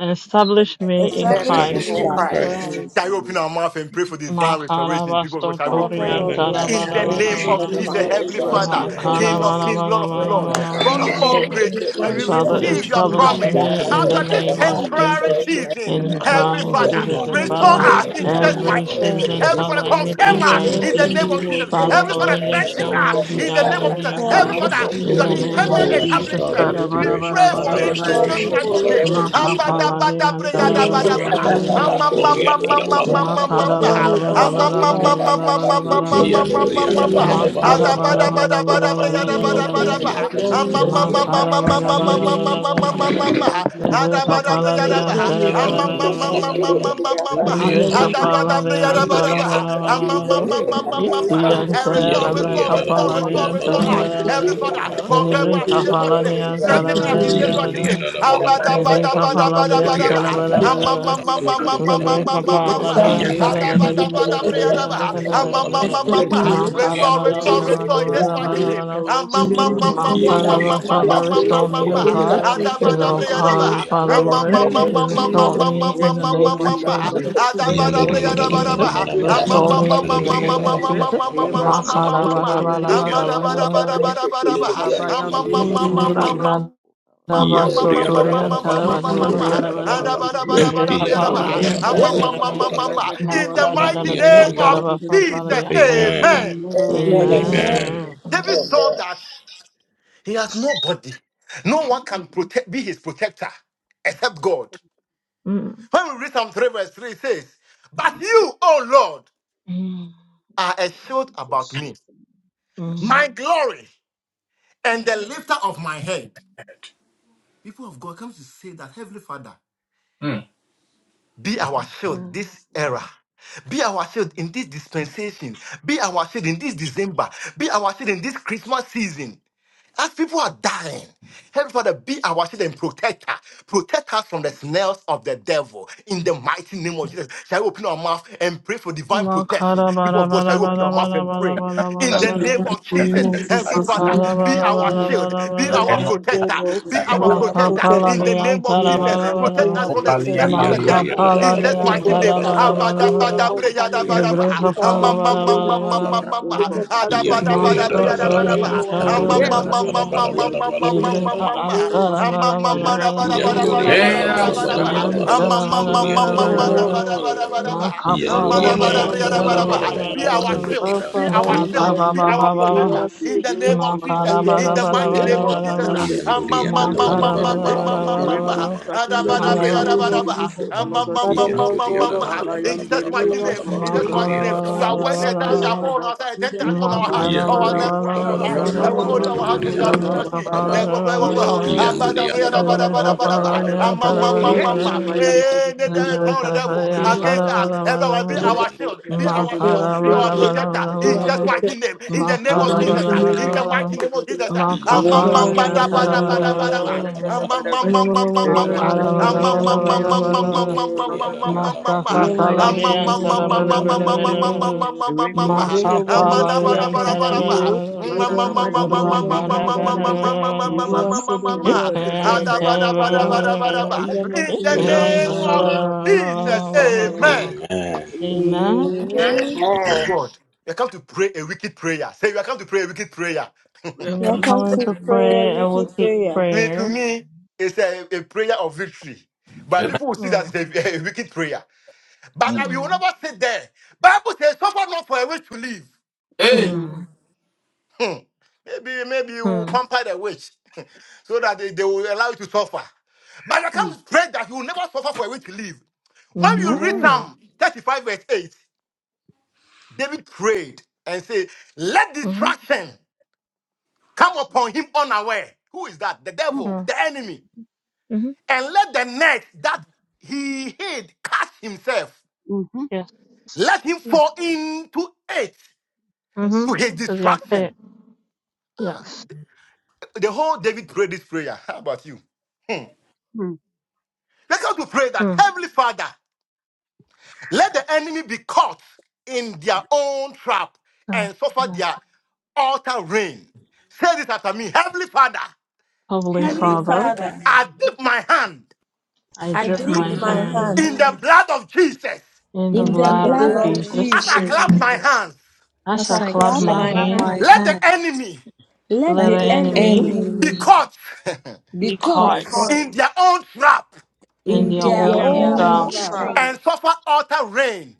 Speaker 10: and establish me in
Speaker 15: and
Speaker 6: establish
Speaker 5: establish
Speaker 6: me
Speaker 11: And
Speaker 10: Christ.
Speaker 5: me
Speaker 15: establish me
Speaker 6: in
Speaker 15: in
Speaker 11: stop
Speaker 5: in
Speaker 6: Christ.
Speaker 15: Christ.
Speaker 11: listening to
Speaker 3: Shall
Speaker 5: Christ.
Speaker 3: we open our mouth and pray for divine restoration? People, of God,
Speaker 7: in
Speaker 3: shall
Speaker 7: the
Speaker 3: we
Speaker 7: name
Speaker 5: Father,
Speaker 7: of
Speaker 3: pray?
Speaker 15: Father,
Speaker 5: Lord,
Speaker 15: in
Speaker 7: your
Speaker 15: the
Speaker 5: Lord,
Speaker 7: Son
Speaker 6: Father
Speaker 5: of
Speaker 15: mighty
Speaker 3: In
Speaker 5: us,
Speaker 6: God,
Speaker 3: the
Speaker 5: we
Speaker 6: we
Speaker 15: name
Speaker 5: are
Speaker 15: of
Speaker 3: name
Speaker 7: Jesus,
Speaker 6: pray
Speaker 7: in
Speaker 6: for
Speaker 15: Jesus,
Speaker 3: of
Speaker 10: Makarabastotoriantarabarabarabarab-
Speaker 5: grateful
Speaker 3: Jesus,
Speaker 7: Lord,
Speaker 8: Wonderful,
Speaker 5: for
Speaker 6: divine
Speaker 15: Lord,
Speaker 7: your
Speaker 3: Heavenly
Speaker 6: restoration
Speaker 5: divine
Speaker 3: Father,
Speaker 15: in
Speaker 6: in
Speaker 15: the
Speaker 6: the
Speaker 7: every
Speaker 6: mighty
Speaker 15: mighty
Speaker 6: name
Speaker 15: name
Speaker 7: word
Speaker 3: King
Speaker 6: of
Speaker 15: of
Speaker 3: of
Speaker 5: restoration.
Speaker 8: wonderful.
Speaker 15: Jesus,
Speaker 3: Kings,
Speaker 6: Jesus.
Speaker 3: Lord of
Speaker 8: Father,
Speaker 3: Lords, God
Speaker 8: restore
Speaker 3: of
Speaker 15: Lord, restore me,
Speaker 8: me,
Speaker 3: all
Speaker 5: Father,
Speaker 10: Makarabarabarabarabarabarabarab-
Speaker 15: Lord,
Speaker 5: this
Speaker 3: grace,
Speaker 8: bless
Speaker 15: in
Speaker 5: is
Speaker 15: the
Speaker 7: of
Speaker 8: me
Speaker 3: I
Speaker 5: strong
Speaker 3: will
Speaker 7: your
Speaker 8: with
Speaker 15: mighty name
Speaker 7: people,
Speaker 8: my
Speaker 10: Father,
Speaker 7: O
Speaker 15: of
Speaker 3: receive
Speaker 8: life,
Speaker 3: your
Speaker 7: God, be
Speaker 15: Jesus,
Speaker 8: Lord.
Speaker 5: restoration
Speaker 10: establish
Speaker 15: Lord.
Speaker 6: Father
Speaker 3: promise.
Speaker 7: manifested
Speaker 5: in my
Speaker 6: God,
Speaker 10: me
Speaker 6: I
Speaker 10: in
Speaker 15: You
Speaker 5: life,
Speaker 6: pray
Speaker 10: the
Speaker 3: After
Speaker 15: have
Speaker 6: for
Speaker 3: this
Speaker 7: in
Speaker 15: to
Speaker 10: name
Speaker 5: oh
Speaker 8: Restore
Speaker 7: my
Speaker 10: of
Speaker 15: thank
Speaker 6: divine
Speaker 5: Lord.
Speaker 8: me,
Speaker 15: the
Speaker 7: lips, O
Speaker 3: temporary
Speaker 15: Lord,
Speaker 8: so
Speaker 10: Jesus
Speaker 15: our
Speaker 6: restoration
Speaker 7: Lord.
Speaker 8: bless
Speaker 6: in
Speaker 3: season,
Speaker 8: me,
Speaker 6: the mighty
Speaker 10: in
Speaker 6: name
Speaker 8: O
Speaker 15: Father,
Speaker 7: Father, we
Speaker 3: Heavenly
Speaker 8: God,
Speaker 10: Christ.
Speaker 15: restore
Speaker 5: Father,
Speaker 8: with
Speaker 10: This
Speaker 3: Father,
Speaker 15: me,
Speaker 5: this
Speaker 10: is
Speaker 15: Lord,
Speaker 10: the
Speaker 8: your
Speaker 7: pray, O
Speaker 3: restore
Speaker 15: restore
Speaker 5: temporal
Speaker 10: Father.
Speaker 15: me,
Speaker 7: Lord,
Speaker 3: us
Speaker 15: Lord,
Speaker 3: in Jesus'
Speaker 15: restore
Speaker 7: that
Speaker 15: me,
Speaker 5: season,
Speaker 8: prosperity.
Speaker 7: you
Speaker 10: Every
Speaker 6: of
Speaker 3: mighty
Speaker 7: will
Speaker 15: Lord,
Speaker 6: Jesus.
Speaker 3: name.
Speaker 7: lead us,
Speaker 5: restore
Speaker 7: Lord,
Speaker 15: restore
Speaker 10: season,
Speaker 3: Heavenly
Speaker 8: Yes,
Speaker 15: me,
Speaker 3: Father,
Speaker 15: Lord.
Speaker 10: Father, in
Speaker 8: Baba,
Speaker 10: the
Speaker 3: confirm
Speaker 5: in
Speaker 8: you
Speaker 15: Restoration,
Speaker 5: the
Speaker 8: did
Speaker 3: us
Speaker 7: every
Speaker 8: it,
Speaker 10: temporary
Speaker 8: you
Speaker 7: area
Speaker 3: in
Speaker 7: of
Speaker 15: Lord,
Speaker 8: did
Speaker 3: the
Speaker 8: it,
Speaker 5: mighty
Speaker 7: our
Speaker 10: season,
Speaker 3: name of
Speaker 8: Lord,
Speaker 5: name
Speaker 7: life.
Speaker 8: that
Speaker 5: of
Speaker 3: Jesus.
Speaker 15: restoration,
Speaker 8: you
Speaker 6: In
Speaker 8: must
Speaker 15: Lord,
Speaker 10: Father,
Speaker 6: the
Speaker 5: Jesus.
Speaker 3: Heavenly
Speaker 7: Father,
Speaker 3: Father,
Speaker 10: Lord,
Speaker 6: mighty name
Speaker 10: let
Speaker 8: do
Speaker 6: of
Speaker 15: restoration,
Speaker 7: charge
Speaker 3: strengthen
Speaker 8: it.
Speaker 10: your
Speaker 15: Lord,
Speaker 7: your
Speaker 6: Jesus.
Speaker 8: Must
Speaker 3: us
Speaker 10: will be
Speaker 8: not
Speaker 6: In the
Speaker 3: in the
Speaker 8: say
Speaker 10: done
Speaker 11: me.
Speaker 15: restoration,
Speaker 3: name
Speaker 7: angels
Speaker 8: you
Speaker 5: Father,
Speaker 10: on
Speaker 3: of
Speaker 15: Lord,
Speaker 8: got
Speaker 3: Jesus.
Speaker 7: on
Speaker 10: me,
Speaker 8: it,
Speaker 10: O
Speaker 11: Thank
Speaker 3: Heavenly
Speaker 7: prayer
Speaker 8: you
Speaker 5: Restore
Speaker 15: restoration,
Speaker 8: did
Speaker 10: God,
Speaker 3: Father,
Speaker 8: it,
Speaker 7: that
Speaker 5: us
Speaker 8: you
Speaker 7: so
Speaker 15: Lord.
Speaker 8: did
Speaker 5: in
Speaker 8: it,
Speaker 7: that
Speaker 5: the
Speaker 10: in
Speaker 3: your
Speaker 10: the
Speaker 7: we
Speaker 8: you
Speaker 7: will
Speaker 5: mighty
Speaker 10: name
Speaker 8: did
Speaker 3: eternal
Speaker 8: it,
Speaker 10: of
Speaker 7: not
Speaker 5: name of
Speaker 8: you
Speaker 7: even
Speaker 8: did it.
Speaker 15: Restoration,
Speaker 5: Jesus.
Speaker 7: that
Speaker 10: Jesus.
Speaker 3: establishment,
Speaker 15: Father,
Speaker 7: our
Speaker 10: Kara
Speaker 8: Yes,
Speaker 3: we
Speaker 10: bara
Speaker 7: foes
Speaker 15: restoration,
Speaker 10: bara
Speaker 3: pray
Speaker 8: Baba,
Speaker 3: for
Speaker 4: So,
Speaker 7: against
Speaker 15: Father,
Speaker 10: bara
Speaker 7: us,
Speaker 3: it
Speaker 8: Baba,
Speaker 10: bara
Speaker 3: in
Speaker 7: Lord.
Speaker 5: Restore
Speaker 8: Baba,
Speaker 10: bara
Speaker 3: Jesus'
Speaker 5: me,
Speaker 15: restoration,
Speaker 10: bara.
Speaker 8: Baba,
Speaker 5: O
Speaker 3: mighty
Speaker 15: Father,
Speaker 5: Lord
Speaker 3: name.
Speaker 7: Father,
Speaker 5: of
Speaker 8: Rabba
Speaker 7: let
Speaker 5: hosts,
Speaker 7: our
Speaker 15: restoration, Lord,
Speaker 7: faith
Speaker 10: Makapala de
Speaker 5: in
Speaker 10: antara
Speaker 5: the
Speaker 15: restoration,
Speaker 10: bara
Speaker 7: put
Speaker 15: every
Speaker 10: bara
Speaker 7: that
Speaker 3: Abadabadabreyadabadaba.
Speaker 5: mighty
Speaker 15: aspect of
Speaker 7: part of
Speaker 15: my
Speaker 10: bara
Speaker 5: name of
Speaker 15: life,
Speaker 7: our
Speaker 5: Jesus.
Speaker 10: bara
Speaker 6: mighty
Speaker 7: life
Speaker 15: Lord,
Speaker 7: is
Speaker 10: bara.
Speaker 4: so
Speaker 6: name
Speaker 4: so
Speaker 7: straightened, O Lord,
Speaker 10: Makara
Speaker 7: in
Speaker 10: bara
Speaker 5: Restore
Speaker 7: the name
Speaker 10: bara
Speaker 5: me,
Speaker 7: of
Speaker 10: bara
Speaker 15: and
Speaker 5: Abba
Speaker 10: bara
Speaker 7: Jesus.
Speaker 5: Father,
Speaker 10: bara bara bara
Speaker 7: Let
Speaker 3: Amamamamamamamamama.
Speaker 5: in the
Speaker 10: bara.
Speaker 3: And
Speaker 15: Yandori and
Speaker 5: mighty
Speaker 7: Israel
Speaker 6: of
Speaker 5: name of
Speaker 15: Adamana
Speaker 7: happened
Speaker 5: Jesus.
Speaker 15: Mana
Speaker 10: Makara
Speaker 7: the
Speaker 15: Mana
Speaker 11: you.
Speaker 10: bara
Speaker 15: Mana
Speaker 10: bara bara bara
Speaker 15: Mana
Speaker 7: ethnic
Speaker 6: Jesus.
Speaker 10: bara bara
Speaker 15: Mana
Speaker 7: qualified
Speaker 15: Mana
Speaker 7: in
Speaker 5: King
Speaker 6: In
Speaker 5: of
Speaker 6: the
Speaker 5: kings,
Speaker 10: bara.
Speaker 7: Eden,
Speaker 6: mighty
Speaker 15: Yandori
Speaker 6: name
Speaker 7: O
Speaker 6: of
Speaker 5: restore
Speaker 7: Lord.
Speaker 5: me, in the
Speaker 6: Jesus,
Speaker 7: Father,
Speaker 10: Makara
Speaker 7: for your
Speaker 10: bara
Speaker 7: word
Speaker 10: bara
Speaker 5: mighty name
Speaker 7: said,
Speaker 5: of
Speaker 7: O
Speaker 10: bara bara.
Speaker 7: Lord,
Speaker 5: Jesus.
Speaker 7: you will
Speaker 10: Libre
Speaker 15: and
Speaker 7: surely
Speaker 10: kapala
Speaker 7: will
Speaker 10: de
Speaker 7: we seek
Speaker 5: Restore me,
Speaker 10: antara
Speaker 15: Adamana
Speaker 7: thee.
Speaker 5: Abba
Speaker 10: bala
Speaker 5: Father,
Speaker 10: bala
Speaker 7: Our
Speaker 10: bala
Speaker 15: Mana
Speaker 10: bala
Speaker 7: soul
Speaker 10: bala.
Speaker 15: Mana
Speaker 7: tested for
Speaker 5: in
Speaker 15: Kunduri and
Speaker 7: thee,
Speaker 5: the mighty
Speaker 10: Libre
Speaker 5: name
Speaker 7: and
Speaker 5: of
Speaker 15: Adamana
Speaker 5: Jesus. Restore
Speaker 7: our
Speaker 10: kapala
Speaker 7: heart
Speaker 10: de
Speaker 7: longed
Speaker 10: antara
Speaker 7: for
Speaker 15: Kunduri and
Speaker 7: thee, O
Speaker 10: bala
Speaker 15: Adamana
Speaker 10: bala
Speaker 7: Lord,
Speaker 5: me,
Speaker 10: bala bala.
Speaker 15: Mana
Speaker 4: so
Speaker 15: Mana
Speaker 7: in a
Speaker 5: restore
Speaker 10: Iti
Speaker 7: dry and
Speaker 10: antara
Speaker 3: restore,
Speaker 7: thirsty
Speaker 10: libre
Speaker 15: Yandori
Speaker 3: restore,
Speaker 15: and
Speaker 7: land where
Speaker 3: restore,
Speaker 10: kapala
Speaker 15: Adamana
Speaker 7: no
Speaker 10: de
Speaker 15: Mana
Speaker 3: restore,
Speaker 7: water.
Speaker 3: restore
Speaker 15: Mana
Speaker 10: antara
Speaker 3: us.
Speaker 10: bala
Speaker 15: Mana
Speaker 3: Every
Speaker 10: bala.
Speaker 3: father,
Speaker 15: Kunduri and
Speaker 7: Jehovah, to
Speaker 15: Adamana
Speaker 3: confirm
Speaker 7: see
Speaker 5: me,
Speaker 10: Libre
Speaker 5: O
Speaker 3: us
Speaker 7: thy
Speaker 15: Mana
Speaker 3: in Jesus'
Speaker 5: Lord. King
Speaker 15: Mana
Speaker 10: kapala
Speaker 3: name.
Speaker 10: de
Speaker 15: Mana
Speaker 7: power,
Speaker 5: of
Speaker 7: O
Speaker 10: antara
Speaker 3: Strengthen
Speaker 7: Lord,
Speaker 3: us,
Speaker 10: bala
Speaker 7: thy
Speaker 5: kings, restore me,
Speaker 3: Jesus,
Speaker 5: O Lord.
Speaker 10: bala
Speaker 3: what
Speaker 10: bala
Speaker 3: in
Speaker 7: glory,
Speaker 15: Yandori
Speaker 3: name.
Speaker 15: and
Speaker 10: bala.
Speaker 15: Adamana
Speaker 7: even as
Speaker 15: Mana
Speaker 7: we
Speaker 15: Mana
Speaker 10: Libre
Speaker 7: have
Speaker 15: Mana
Speaker 7: seen
Speaker 10: kapala
Speaker 7: thee
Speaker 10: de
Speaker 8: Divine
Speaker 7: in the
Speaker 15: Kunduri and
Speaker 10: antara
Speaker 3: Abadabadabadabadabadaba.
Speaker 15: Adamana
Speaker 10: bala
Speaker 15: Mana
Speaker 7: sanctuary.
Speaker 10: bala
Speaker 15: Mana
Speaker 10: bala.
Speaker 15: Mana
Speaker 7: Father, we
Speaker 15: Mana Mana
Speaker 7: pray,
Speaker 10: Libre
Speaker 15: Mana
Speaker 7: O
Speaker 5: Father, you
Speaker 7: Lord,
Speaker 10: kapala
Speaker 3: Amamamamamamamamamama.
Speaker 7: that
Speaker 10: de
Speaker 5: have me. Restore me,
Speaker 10: antara
Speaker 7: Jehovah,
Speaker 15: Yandori
Speaker 10: da
Speaker 15: and
Speaker 10: da
Speaker 7: the
Speaker 10: da
Speaker 7: Lord,
Speaker 10: da da
Speaker 15: Adamana
Speaker 10: da
Speaker 15: Mana Mana Mana
Speaker 10: da da
Speaker 3: Adabadabadabriyadaba.
Speaker 7: Jehovah,
Speaker 10: da da da
Speaker 15: Mana Mana
Speaker 10: da da da
Speaker 5: restore me,
Speaker 3: Amamamamama.
Speaker 5: O
Speaker 7: the glory
Speaker 10: Makara
Speaker 15: and
Speaker 3: Restore,
Speaker 15: Adamana
Speaker 10: bala
Speaker 7: of
Speaker 3: restore,
Speaker 7: the
Speaker 10: bala
Speaker 7: Lord.
Speaker 3: restore. In
Speaker 10: bala
Speaker 3: Jesus'
Speaker 10: bala
Speaker 3: mighty
Speaker 5: Lord.
Speaker 10: bala
Speaker 3: name.
Speaker 10: bala
Speaker 5: In
Speaker 8: restoration,
Speaker 5: the
Speaker 8: Lord.
Speaker 5: mighty
Speaker 8: Divine
Speaker 5: name
Speaker 15: Yandori and
Speaker 5: of
Speaker 10: Makadaba,
Speaker 15: Adamana
Speaker 7: In
Speaker 8: restoration,
Speaker 5: Jesus
Speaker 10: Father,
Speaker 5: Christ,
Speaker 3: Amamamamamamamamamamamama
Speaker 10: restore
Speaker 8: Lord.
Speaker 7: the
Speaker 10: me,
Speaker 15: Mana
Speaker 10: O
Speaker 7: name
Speaker 5: we
Speaker 3: mama
Speaker 7: of
Speaker 15: Mana
Speaker 10: God,
Speaker 5: know
Speaker 8: Divine
Speaker 15: Mana
Speaker 7: Jesus,
Speaker 5: Jesus
Speaker 10: and our
Speaker 7: Father,
Speaker 8: restoration,
Speaker 5: Christ,
Speaker 7: in the
Speaker 8: Lord.
Speaker 5: you.
Speaker 10: God,
Speaker 3: adabadabriyadaba
Speaker 7: name of
Speaker 10: Father,
Speaker 5: In
Speaker 10: Lord,
Speaker 5: the
Speaker 8: Restore
Speaker 7: your
Speaker 8: me,
Speaker 10: and
Speaker 5: mighty
Speaker 7: Son
Speaker 8: Lord.
Speaker 5: name
Speaker 10: restore
Speaker 5: of
Speaker 7: Jesus,
Speaker 10: me in the
Speaker 8: Restore
Speaker 10: name
Speaker 8: me,
Speaker 10: of
Speaker 3: amamamamamamamamamamamama
Speaker 5: Jesus
Speaker 8: Lord.
Speaker 10: Jesus,
Speaker 5: Christ.
Speaker 10: in the
Speaker 8: Restore
Speaker 10: name
Speaker 15: Yanduri
Speaker 8: me,
Speaker 15: and
Speaker 10: of
Speaker 8: Lord.
Speaker 15: Mana
Speaker 10: Jesus,
Speaker 3: adabadabriyadabaraba
Speaker 15: Mana
Speaker 6: Thank
Speaker 15: Mana Mana Mana
Speaker 10: restore me in the
Speaker 15: Makanduri and
Speaker 10: name
Speaker 15: Mana
Speaker 10: of
Speaker 15: Mana
Speaker 8: Rapakelegedelebe,
Speaker 10: Jesus.
Speaker 15: Mana Mana Mana Mana
Speaker 10: Makadaba,
Speaker 3: amamamamamamamamamamamamamama
Speaker 10: daba,
Speaker 15: Makanduri
Speaker 10: daba,
Speaker 15: and
Speaker 10: daba, daba,
Speaker 15: Mana
Speaker 8: evasitelegedoshatelegedebe,
Speaker 10: daba.
Speaker 3: amadabadabadabadabadaba
Speaker 15: Mana Mana
Speaker 11: Thank
Speaker 15: Mana Mana Mana
Speaker 11: you.
Speaker 15: Mana
Speaker 10: Ora
Speaker 8: ikabayamdibibikakalaga-
Speaker 3: amamamamamamam
Speaker 10: gadaba,
Speaker 8: Amen.
Speaker 15: Yanduri and
Speaker 10: sotori,
Speaker 15: Mana Mana Mana
Speaker 10: antaraba, daba,
Speaker 3: Ma-ma-ma-ma-ma-ma-ma-ma-ma-ma-ma-ma.
Speaker 15: Makanduri
Speaker 10: daba, daba,
Speaker 15: and Mana
Speaker 10: daba.
Speaker 15: Mana
Speaker 10: Libre
Speaker 3: Ah-da-ba-da-ba-da-ba-da-ba-da-ba-da-ba.
Speaker 15: Yanduri
Speaker 10: kapala, di,
Speaker 15: and Mana Mana
Speaker 10: antaraba,
Speaker 15: Mana
Speaker 10: daba,
Speaker 15: Mana
Speaker 10: daba.
Speaker 15: Mana
Speaker 3: Ah-ma-ma-ma-ma-ma-ma. In the
Speaker 10: Makadada,
Speaker 3: mighty
Speaker 10: di,
Speaker 3: name
Speaker 15: Yanduri
Speaker 3: of
Speaker 15: and
Speaker 10: antaraba, papala, di,
Speaker 3: Jesus,
Speaker 10: antaraba.
Speaker 15: Amen
Speaker 3: amen.
Speaker 5: Amen.
Speaker 15: Amen
Speaker 10: Amen.
Speaker 3: David
Speaker 8: Lord,
Speaker 3: saw that. He has nobody. No one can protect, be his protector except God.
Speaker 10: Mm,
Speaker 3: When we read Psalm 3, verse 3, it says, But you, O Lord,
Speaker 10: mm,
Speaker 3: are a
Speaker 4: um,
Speaker 3: shield about me,
Speaker 8: yes,
Speaker 10: mm.
Speaker 3: my
Speaker 8: Lord.
Speaker 3: glory, and the lifter of my head. People of God comes to say that Heavenly Father, be our shield
Speaker 10: Something.
Speaker 3: this era. Be our shield in this dispensation. Be our shield in this December. Be our shield in this Christmas season. As people are dying, Heavenly Father, be our shield and protector. Protect us from the snails of the devil in the mighty name of Jesus. Shall we open our mouth and pray for divine protection?
Speaker 10: Makara
Speaker 3: People
Speaker 10: bara
Speaker 3: of God, shall
Speaker 10: bara
Speaker 3: we open our
Speaker 10: bara
Speaker 3: mouth
Speaker 10: bara
Speaker 3: and
Speaker 10: bara
Speaker 3: pray?
Speaker 10: bara
Speaker 3: In
Speaker 10: bara
Speaker 3: the
Speaker 5: In
Speaker 10: bara.
Speaker 5: the
Speaker 3: name of
Speaker 5: mighty
Speaker 3: Jesus,
Speaker 5: name of
Speaker 3: Heavenly
Speaker 5: Jesus
Speaker 8: I
Speaker 3: Father,
Speaker 10: Makara
Speaker 3: be
Speaker 10: bara
Speaker 7: Father,
Speaker 5: Christ.
Speaker 8: was
Speaker 3: our
Speaker 10: bara
Speaker 7: oh
Speaker 3: shield,
Speaker 5: Amen.
Speaker 10: bara
Speaker 7: Lord, we
Speaker 3: be
Speaker 10: bara
Speaker 5: You
Speaker 7: pray
Speaker 3: our
Speaker 5: are
Speaker 10: bara.
Speaker 7: and
Speaker 8: filled with
Speaker 3: protector,
Speaker 7: thank
Speaker 5: stable.
Speaker 3: be our
Speaker 5: You
Speaker 15: Mana
Speaker 5: are
Speaker 3: protector.
Speaker 15: Mana
Speaker 7: you
Speaker 8: the
Speaker 10: Makapala
Speaker 7: for
Speaker 15: Mana
Speaker 3: In
Speaker 5: protected.
Speaker 3: the
Speaker 7: glory,
Speaker 3: name of
Speaker 10: liyantara
Speaker 5: You
Speaker 3: Jesus,
Speaker 5: are
Speaker 15: Yana
Speaker 7: for
Speaker 10: bara
Speaker 15: Mana
Speaker 7: the
Speaker 10: bara
Speaker 5: stable.
Speaker 3: protect
Speaker 5: You
Speaker 7: protection
Speaker 10: bara.
Speaker 3: us
Speaker 5: are
Speaker 3: from
Speaker 7: of
Speaker 3: the
Speaker 7: God.
Speaker 3: snails of the
Speaker 5: protected.
Speaker 15: Yanduri and
Speaker 3: devil.
Speaker 5: In
Speaker 7: whereupon
Speaker 5: the
Speaker 10: Makapala
Speaker 7: the end
Speaker 3: In
Speaker 5: mighty
Speaker 15: Mana Mana
Speaker 3: this
Speaker 5: name,
Speaker 15: Mana
Speaker 3: mighty
Speaker 7: of
Speaker 15: Mana
Speaker 10: liyantara
Speaker 3: name.
Speaker 5: protect
Speaker 15: Mana
Speaker 5: us
Speaker 10: bara
Speaker 5: from
Speaker 15: Mana
Speaker 10: bara
Speaker 15: Mana
Speaker 10: bara.
Speaker 7: the
Speaker 15: Mana
Speaker 5: any
Speaker 10: bara
Speaker 7: Lord
Speaker 5: contaminant.
Speaker 15: Yanduri
Speaker 10: Libre
Speaker 15: and
Speaker 3: Abadabadabreyadabaraba.
Speaker 5: Protect
Speaker 15: Mana
Speaker 5: us
Speaker 8: God,
Speaker 10: kapala
Speaker 15: Mana
Speaker 5: from
Speaker 10: bara
Speaker 8: your
Speaker 5: any
Speaker 10: bara bara
Speaker 5: accident.
Speaker 15: Mana
Speaker 8: protector,
Speaker 15: Mana
Speaker 8: oh
Speaker 10: bara.
Speaker 3: Amamamamamamamama.
Speaker 10: bara.
Speaker 8: God, I
Speaker 5: Protect us
Speaker 8: leave
Speaker 5: from
Speaker 8: out
Speaker 7: is
Speaker 15: Yanduri and
Speaker 8: from
Speaker 10: Master
Speaker 15: Mana
Speaker 5: anything
Speaker 7: powerful
Speaker 5: that
Speaker 15: Mana
Speaker 5: the
Speaker 8: the
Speaker 15: Mana
Speaker 7: around
Speaker 10: Korean
Speaker 3: Adabadabadabreyadabaraba.
Speaker 5: evil
Speaker 8: better.
Speaker 5: ones
Speaker 7: from
Speaker 5: has
Speaker 15: Makanduri
Speaker 8: Yes,
Speaker 5: done
Speaker 15: and
Speaker 7: city
Speaker 8: I
Speaker 7: to
Speaker 5: against
Speaker 15: Mana
Speaker 7: your
Speaker 8: see
Speaker 15: Mana
Speaker 10: Tala
Speaker 5: us.
Speaker 8: the
Speaker 15: Mana
Speaker 7: Sayan
Speaker 15: Mana
Speaker 7: to
Speaker 5: In
Speaker 8: little
Speaker 15: Mana
Speaker 5: the mighty
Speaker 10: Ibrika
Speaker 15: Mana
Speaker 7: the
Speaker 8: Shapalaka,
Speaker 3: Amamamamamamamamamama.
Speaker 5: name
Speaker 8: the
Speaker 5: of
Speaker 3: Be
Speaker 10: Antala
Speaker 5: Jesus
Speaker 8: Baha,
Speaker 10: Bala
Speaker 3: our
Speaker 7: little
Speaker 10: Bala
Speaker 7: power
Speaker 8: Raku,
Speaker 5: My
Speaker 7: Baku
Speaker 8: the
Speaker 10: Bala Bala
Speaker 15: Yanduri
Speaker 7: Parapan
Speaker 10: Bala
Speaker 15: and
Speaker 8: little
Speaker 5: Father
Speaker 15: Anna Mana
Speaker 8: baby,
Speaker 7: Sedifiya
Speaker 15: Mana Mana
Speaker 8: the
Speaker 10: Ian
Speaker 15: Mana
Speaker 7: Tayantia, Lipara Shap Sedifiya
Speaker 10: Tala
Speaker 7: Kuran
Speaker 10: Bala
Speaker 15: Makanduri and
Speaker 10: Bala
Speaker 15: Anna
Speaker 7: Sedifiya
Speaker 15: Mana
Speaker 8: Shapalaka,
Speaker 15: Mana
Speaker 10: Bala Bala
Speaker 7: Sata,
Speaker 15: Mana Ma-
Speaker 8: Rabba
Speaker 15: Yanduri
Speaker 10: Makapala
Speaker 15: and Anna
Speaker 7: Lipara
Speaker 10: Nian
Speaker 15: Mana
Speaker 7: Wakwan
Speaker 15: Mana
Speaker 10: Tala Bala
Speaker 15: Mana Mana
Speaker 10: Bala
Speaker 7: Sedifiya
Speaker 10: Bala
Speaker 15: Makanduri
Speaker 7: Sam
Speaker 3: shield,
Speaker 15: and Anna
Speaker 3: be
Speaker 5: in
Speaker 15: Mana
Speaker 3: our
Speaker 7: Sedifiya
Speaker 3: shield,
Speaker 10: Makaba
Speaker 15: Mana
Speaker 5: heaven,
Speaker 3: be
Speaker 7: Baku
Speaker 10: Baba
Speaker 3: our
Speaker 15: Mana
Speaker 10: Baba
Speaker 5: you
Speaker 3: protector
Speaker 5: are so
Speaker 3: in the name
Speaker 5: good
Speaker 3: of Jesus,
Speaker 5: in
Speaker 10: Makala
Speaker 5: the
Speaker 3: in
Speaker 10: Bala
Speaker 3: the
Speaker 10: Bala
Speaker 5: mighty
Speaker 3: mighty
Speaker 5: name
Speaker 3: name
Speaker 10: Bala
Speaker 5: of
Speaker 3: of
Speaker 7: Karabashan
Speaker 10: Bala
Speaker 3: Jesus.
Speaker 10: Bala
Speaker 5: Jesus.
Speaker 15: Yanduri and Anna
Speaker 5: You are
Speaker 15: Mana
Speaker 10: Makala
Speaker 5: so
Speaker 15: Mana
Speaker 10: Bala
Speaker 5: you
Speaker 15: Mana
Speaker 5: are
Speaker 10: Bala
Speaker 15: Mana
Speaker 7: Lipaku
Speaker 5: people
Speaker 15: Mana Mana
Speaker 10: Bala
Speaker 15: Mana
Speaker 10: Bala
Speaker 7: Karabasan
Speaker 5: in the
Speaker 15: Makanduri
Speaker 5: mighty
Speaker 15: and
Speaker 10: Bala
Speaker 15: Anna-
Speaker 7: Sedifiya
Speaker 5: name of Jesus. Father, Lord
Speaker 15: Yanduri and
Speaker 5: God of
Speaker 15: Anna
Speaker 5: peace,
Speaker 3: In Jesus' mighty
Speaker 5: you are
Speaker 3: name,
Speaker 5: so
Speaker 3: in Jesus'
Speaker 5: good.
Speaker 3: mighty
Speaker 10: Makala
Speaker 3: name name.
Speaker 10: Bala
Speaker 5: You
Speaker 3: You
Speaker 5: are
Speaker 3: are
Speaker 10: Bala
Speaker 3: worth a
Speaker 10: Bala
Speaker 3: thousand
Speaker 5: protected
Speaker 3: shall
Speaker 10: Bala
Speaker 3: fall on
Speaker 7: Lipaku
Speaker 3: our side,
Speaker 5: in
Speaker 3: ten
Speaker 5: the
Speaker 3: thousand on
Speaker 10: Ma
Speaker 7: Karabasan
Speaker 3: our
Speaker 10: ma
Speaker 3: heart,
Speaker 10: ma
Speaker 3: our
Speaker 7: Sedifiya
Speaker 3: left, our
Speaker 15: Mana
Speaker 10: ma
Speaker 3: right,
Speaker 15: Mana Mana Mana
Speaker 3: our
Speaker 15: Mana
Speaker 5: mighty
Speaker 10: ma kala
Speaker 3: only our heart
Speaker 15: Makanduri
Speaker 5: name
Speaker 15: and
Speaker 3: shall we
Speaker 15: Anna
Speaker 5: of
Speaker 15: Ma- Yanduri and Anna Mana Mana Mana Makanduri and Anna
Speaker 7: Lipra
Speaker 3: shall
Speaker 10: kala kala kala bala bala bala bala bala Libre
Speaker 15: Mana
Speaker 5: Jesus.
Speaker 3: see.
Speaker 15: Mana
Speaker 10: kapala
Speaker 15: Mana
Speaker 3: Then we
Speaker 10: bala,
Speaker 15: Ma-
Speaker 10: bala
Speaker 3: go,
Speaker 7: Karabashan
Speaker 3: well,
Speaker 10: bala
Speaker 3: abada,
Speaker 15: Yanduri and
Speaker 3: bada,
Speaker 15: Anna Mana
Speaker 3: bada,
Speaker 10: Libre
Speaker 3: bada,
Speaker 15: Mana
Speaker 3: bada,
Speaker 15: Mana Mana
Speaker 7: Sedifiya
Speaker 10: kapala
Speaker 15: Mana
Speaker 3: bada,
Speaker 10: yan
Speaker 15: Mana
Speaker 3: amma,
Speaker 15: Mana
Speaker 10: tala
Speaker 15: Mana
Speaker 10: bala
Speaker 3: mamma,
Speaker 8: Yes,
Speaker 15: Ma-
Speaker 10: bala
Speaker 3: mamma.
Speaker 10: bala
Speaker 8: I
Speaker 3: Eh,
Speaker 7: Lima
Speaker 3: the devil,
Speaker 10: Libre
Speaker 3: power of the
Speaker 7: lililowahi
Speaker 10: kapala
Speaker 3: devil
Speaker 7: kuwa
Speaker 10: yan tala
Speaker 3: against us.
Speaker 10: bala,
Speaker 8: am.
Speaker 10: bala
Speaker 3: Everyone be
Speaker 10: bala
Speaker 3: our shield,
Speaker 15: Yanduri and
Speaker 3: be
Speaker 8: Rakasala
Speaker 10: Ma
Speaker 15: Anna
Speaker 3: our
Speaker 15: Mana
Speaker 5: You are
Speaker 10: kala
Speaker 15: Mana
Speaker 3: shield, be our
Speaker 10: bala
Speaker 5: favor.
Speaker 10: bala
Speaker 3: protector.
Speaker 10: bala
Speaker 3: In
Speaker 5: You
Speaker 10: bala,
Speaker 5: are
Speaker 3: Jesus'
Speaker 10: bala
Speaker 3: mighty
Speaker 5: protected.
Speaker 3: name, in the
Speaker 10: Ma
Speaker 3: name
Speaker 5: In the
Speaker 3: of
Speaker 10: kala
Speaker 3: Jesus,
Speaker 10: bala
Speaker 5: mighty
Speaker 3: ah,
Speaker 10: bala
Speaker 3: in
Speaker 5: name
Speaker 3: the
Speaker 5: of
Speaker 10: bala
Speaker 3: mighty
Speaker 10: bala
Speaker 3: name of
Speaker 5: Jesus.
Speaker 3: Jesus.
Speaker 10: Ma
Speaker 3: ah.
Speaker 15: Yanduri and
Speaker 3: Amma,
Speaker 10: kapala
Speaker 3: mamma,
Speaker 10: yan
Speaker 3: da,
Speaker 10: tala
Speaker 3: bada,
Speaker 10: bala,
Speaker 15: Anna
Speaker 3: bada,
Speaker 7: Lima
Speaker 10: bala
Speaker 3: bada,
Speaker 10: bala
Speaker 3: bada.
Speaker 10: bala
Speaker 15: Mana Mana
Speaker 3: Amma,
Speaker 15: Mana
Speaker 3: mamma, mamma,
Speaker 10: Ma
Speaker 15: Mana
Speaker 3: mamma.
Speaker 10: kala bala
Speaker 3: Amma,
Speaker 10: bala
Speaker 3: mamma,
Speaker 7: Lima
Speaker 10: bala,
Speaker 3: mamma,
Speaker 10: bala
Speaker 7: Santa
Speaker 10: bala.
Speaker 15: Amen.
Speaker 3: mamma,
Speaker 15: And
Speaker 7: lililowahi
Speaker 3: mamma,
Speaker 7: kuwa
Speaker 3: mamma, mamma. Ama
Speaker 10: Masakatalarian
Speaker 3: mama
Speaker 7: Santa.
Speaker 3: mama mama mama
Speaker 10: Tarabella
Speaker 3: mama mama mama.
Speaker 5: Jehovah
Speaker 3: Ama na
Speaker 5: Nisi, I
Speaker 3: bara
Speaker 10: Makapalarian
Speaker 3: bara
Speaker 5: come to
Speaker 3: bara bara.
Speaker 5: you
Speaker 10: Tarabella
Speaker 3: Mama
Speaker 5: with a
Speaker 3: mama
Speaker 5: heart
Speaker 3: mama
Speaker 5: full of
Speaker 3: mama
Speaker 5: everything that
Speaker 3: mama
Speaker 5: I have a heart.
Speaker 3: mama mama
Speaker 10: Urlakarabella
Speaker 5: You are
Speaker 3: mama
Speaker 5: said and you are
Speaker 3: mama.
Speaker 10: Ipan
Speaker 3: Ada
Speaker 5: protected.
Speaker 3: bara bara
Speaker 5: Now,
Speaker 3: bara bara
Speaker 10: Tarabella
Speaker 3: bara.
Speaker 5: in the
Speaker 3: In
Speaker 5: mighty
Speaker 3: the
Speaker 10: Ipan
Speaker 3: name
Speaker 5: name
Speaker 3: of
Speaker 5: of
Speaker 8: gadi
Speaker 3: Jesus,
Speaker 8: shakala
Speaker 5: Jesus Christ.
Speaker 8: gadi
Speaker 10: Tarabella
Speaker 3: amen.
Speaker 8: Amen.
Speaker 10: Amen.
Speaker 4: I
Speaker 5: Amen.
Speaker 3: Of God, you come to pray a wicked prayer. Say, you come to pray a wicked prayer.
Speaker 8: We are
Speaker 10: We are
Speaker 5: Here
Speaker 8: going to
Speaker 5: comes
Speaker 10: coming
Speaker 5: this
Speaker 10: to
Speaker 8: pray.
Speaker 5: prayer,
Speaker 10: pray and
Speaker 4: pray
Speaker 10: we'll
Speaker 5: wicked
Speaker 4: to
Speaker 10: keep
Speaker 4: pray
Speaker 5: prayer.
Speaker 4: with
Speaker 3: Me, to
Speaker 10: prayer.
Speaker 4: prayer.
Speaker 3: me, it's a, a prayer of victory. But people will see that
Speaker 10: Mm,
Speaker 3: it's a, a wicked prayer. But I- we will never
Speaker 10: mm,
Speaker 3: sit there. Bible says, suffer not for a wish to live.
Speaker 5: Mm.
Speaker 8: Mm,
Speaker 4: Mm.
Speaker 10: mm,
Speaker 3: Hmm. Maybe maybe you
Speaker 10: mm.
Speaker 3: pamper the witch so that they, they will allow you to suffer. But I
Speaker 8: mm,
Speaker 3: can't pray that you will never suffer for a witch to live. When you read
Speaker 8: Amen.
Speaker 10: Amen.
Speaker 3: Psalm 35, verse 8, David prayed and said, Let
Speaker 10: Mm-hmm.
Speaker 3: destruction come
Speaker 8: Yes, Lord.
Speaker 3: upon him unaware. Who is that? The devil, the enemy.
Speaker 10: Mm-hmm.
Speaker 3: And let the net that he hid catch himself.
Speaker 8: Mm, mhm.
Speaker 10: Yes.
Speaker 3: Let him
Speaker 10: Yes.
Speaker 3: fall into it
Speaker 8: Yes,
Speaker 10: Mm-hmm.
Speaker 3: to his
Speaker 8: Lord.
Speaker 10: Does y'all
Speaker 3: destruction.
Speaker 10: pay?
Speaker 3: Ah,
Speaker 10: Yes.
Speaker 8: Mhm.
Speaker 3: The whole David prayed this prayer. How about you?
Speaker 8: Mm.
Speaker 3: Let us to pray that
Speaker 10: Hmm.
Speaker 3: Heavenly Father, let the enemy be caught in their own trap
Speaker 10: God,
Speaker 3: and suffer
Speaker 10: God.
Speaker 3: their utter reign. Say this after me. Heavenly Father,
Speaker 10: Holy
Speaker 8: Heavenly
Speaker 5: Heavenly
Speaker 4: Heavenly
Speaker 10: Father,
Speaker 8: Father,
Speaker 4: Father,
Speaker 5: Father,
Speaker 3: I dip my hand
Speaker 10: I
Speaker 8: I
Speaker 5: I
Speaker 10: dip
Speaker 4: I
Speaker 8: dip
Speaker 14: and
Speaker 2: He
Speaker 10: my
Speaker 5: dip
Speaker 4: take
Speaker 8: my
Speaker 2: took
Speaker 14: soak
Speaker 4: my
Speaker 8: hand
Speaker 5: my
Speaker 2: my
Speaker 10: hand
Speaker 3: in
Speaker 5: hand
Speaker 4: hands
Speaker 3: the
Speaker 2: hand
Speaker 3: blood of Jesus.
Speaker 10: in the
Speaker 5: in
Speaker 14: in the
Speaker 5: the
Speaker 2: in
Speaker 8: in
Speaker 2: the
Speaker 10: blood
Speaker 8: the
Speaker 4: in
Speaker 10: of
Speaker 4: the
Speaker 5: blood
Speaker 2: blood
Speaker 14: blood
Speaker 2: of
Speaker 8: blood
Speaker 5: of
Speaker 8: of
Speaker 4: name
Speaker 10: Jesus.
Speaker 14: of
Speaker 3: As I
Speaker 2: Jesus
Speaker 4: of
Speaker 5: Jesus
Speaker 14: Jesus.
Speaker 3: clap my
Speaker 4: Jesus
Speaker 8: Jesus.
Speaker 3: hands,
Speaker 10: I
Speaker 5: as
Speaker 14: As
Speaker 10: shall
Speaker 5: I
Speaker 14: I
Speaker 2: as I
Speaker 4: as
Speaker 10: clap
Speaker 4: I
Speaker 8: As
Speaker 5: clap
Speaker 8: I
Speaker 10: my
Speaker 2: clapped
Speaker 14: clap
Speaker 5: my
Speaker 2: my
Speaker 8: clap
Speaker 4: clap
Speaker 10: hand,
Speaker 4: my
Speaker 8: my
Speaker 2: hands.
Speaker 14: my
Speaker 5: hands.
Speaker 3: let the
Speaker 8: hands,
Speaker 14: hand,
Speaker 4: hands.
Speaker 3: enemy
Speaker 5: Let
Speaker 10: let
Speaker 14: let
Speaker 5: the
Speaker 10: the
Speaker 2: Let
Speaker 14: the
Speaker 8: let the
Speaker 2: the
Speaker 4: Let
Speaker 10: enemy
Speaker 4: the
Speaker 5: enemy
Speaker 3: be
Speaker 14: enemy
Speaker 2: enemy
Speaker 8: enemy
Speaker 4: enemy
Speaker 3: caught
Speaker 14: be
Speaker 5: be
Speaker 10: be
Speaker 2: be
Speaker 8: be
Speaker 5: caught
Speaker 10: caught
Speaker 4: be
Speaker 14: caught
Speaker 8: caught
Speaker 2: caught
Speaker 4: caught
Speaker 3: in their own trap
Speaker 10: in
Speaker 5: in
Speaker 14: in
Speaker 10: their
Speaker 2: in
Speaker 8: in
Speaker 5: their
Speaker 14: their
Speaker 2: their
Speaker 4: in
Speaker 8: their
Speaker 10: own
Speaker 18: in
Speaker 2: own
Speaker 4: their
Speaker 5: own
Speaker 18: their
Speaker 14: own
Speaker 10: trap,
Speaker 8: own
Speaker 2: trap
Speaker 18: own
Speaker 4: own
Speaker 5: trap
Speaker 8: trap
Speaker 14: trap
Speaker 18: trust
Speaker 3: and
Speaker 4: trap
Speaker 3: suffer utter reign.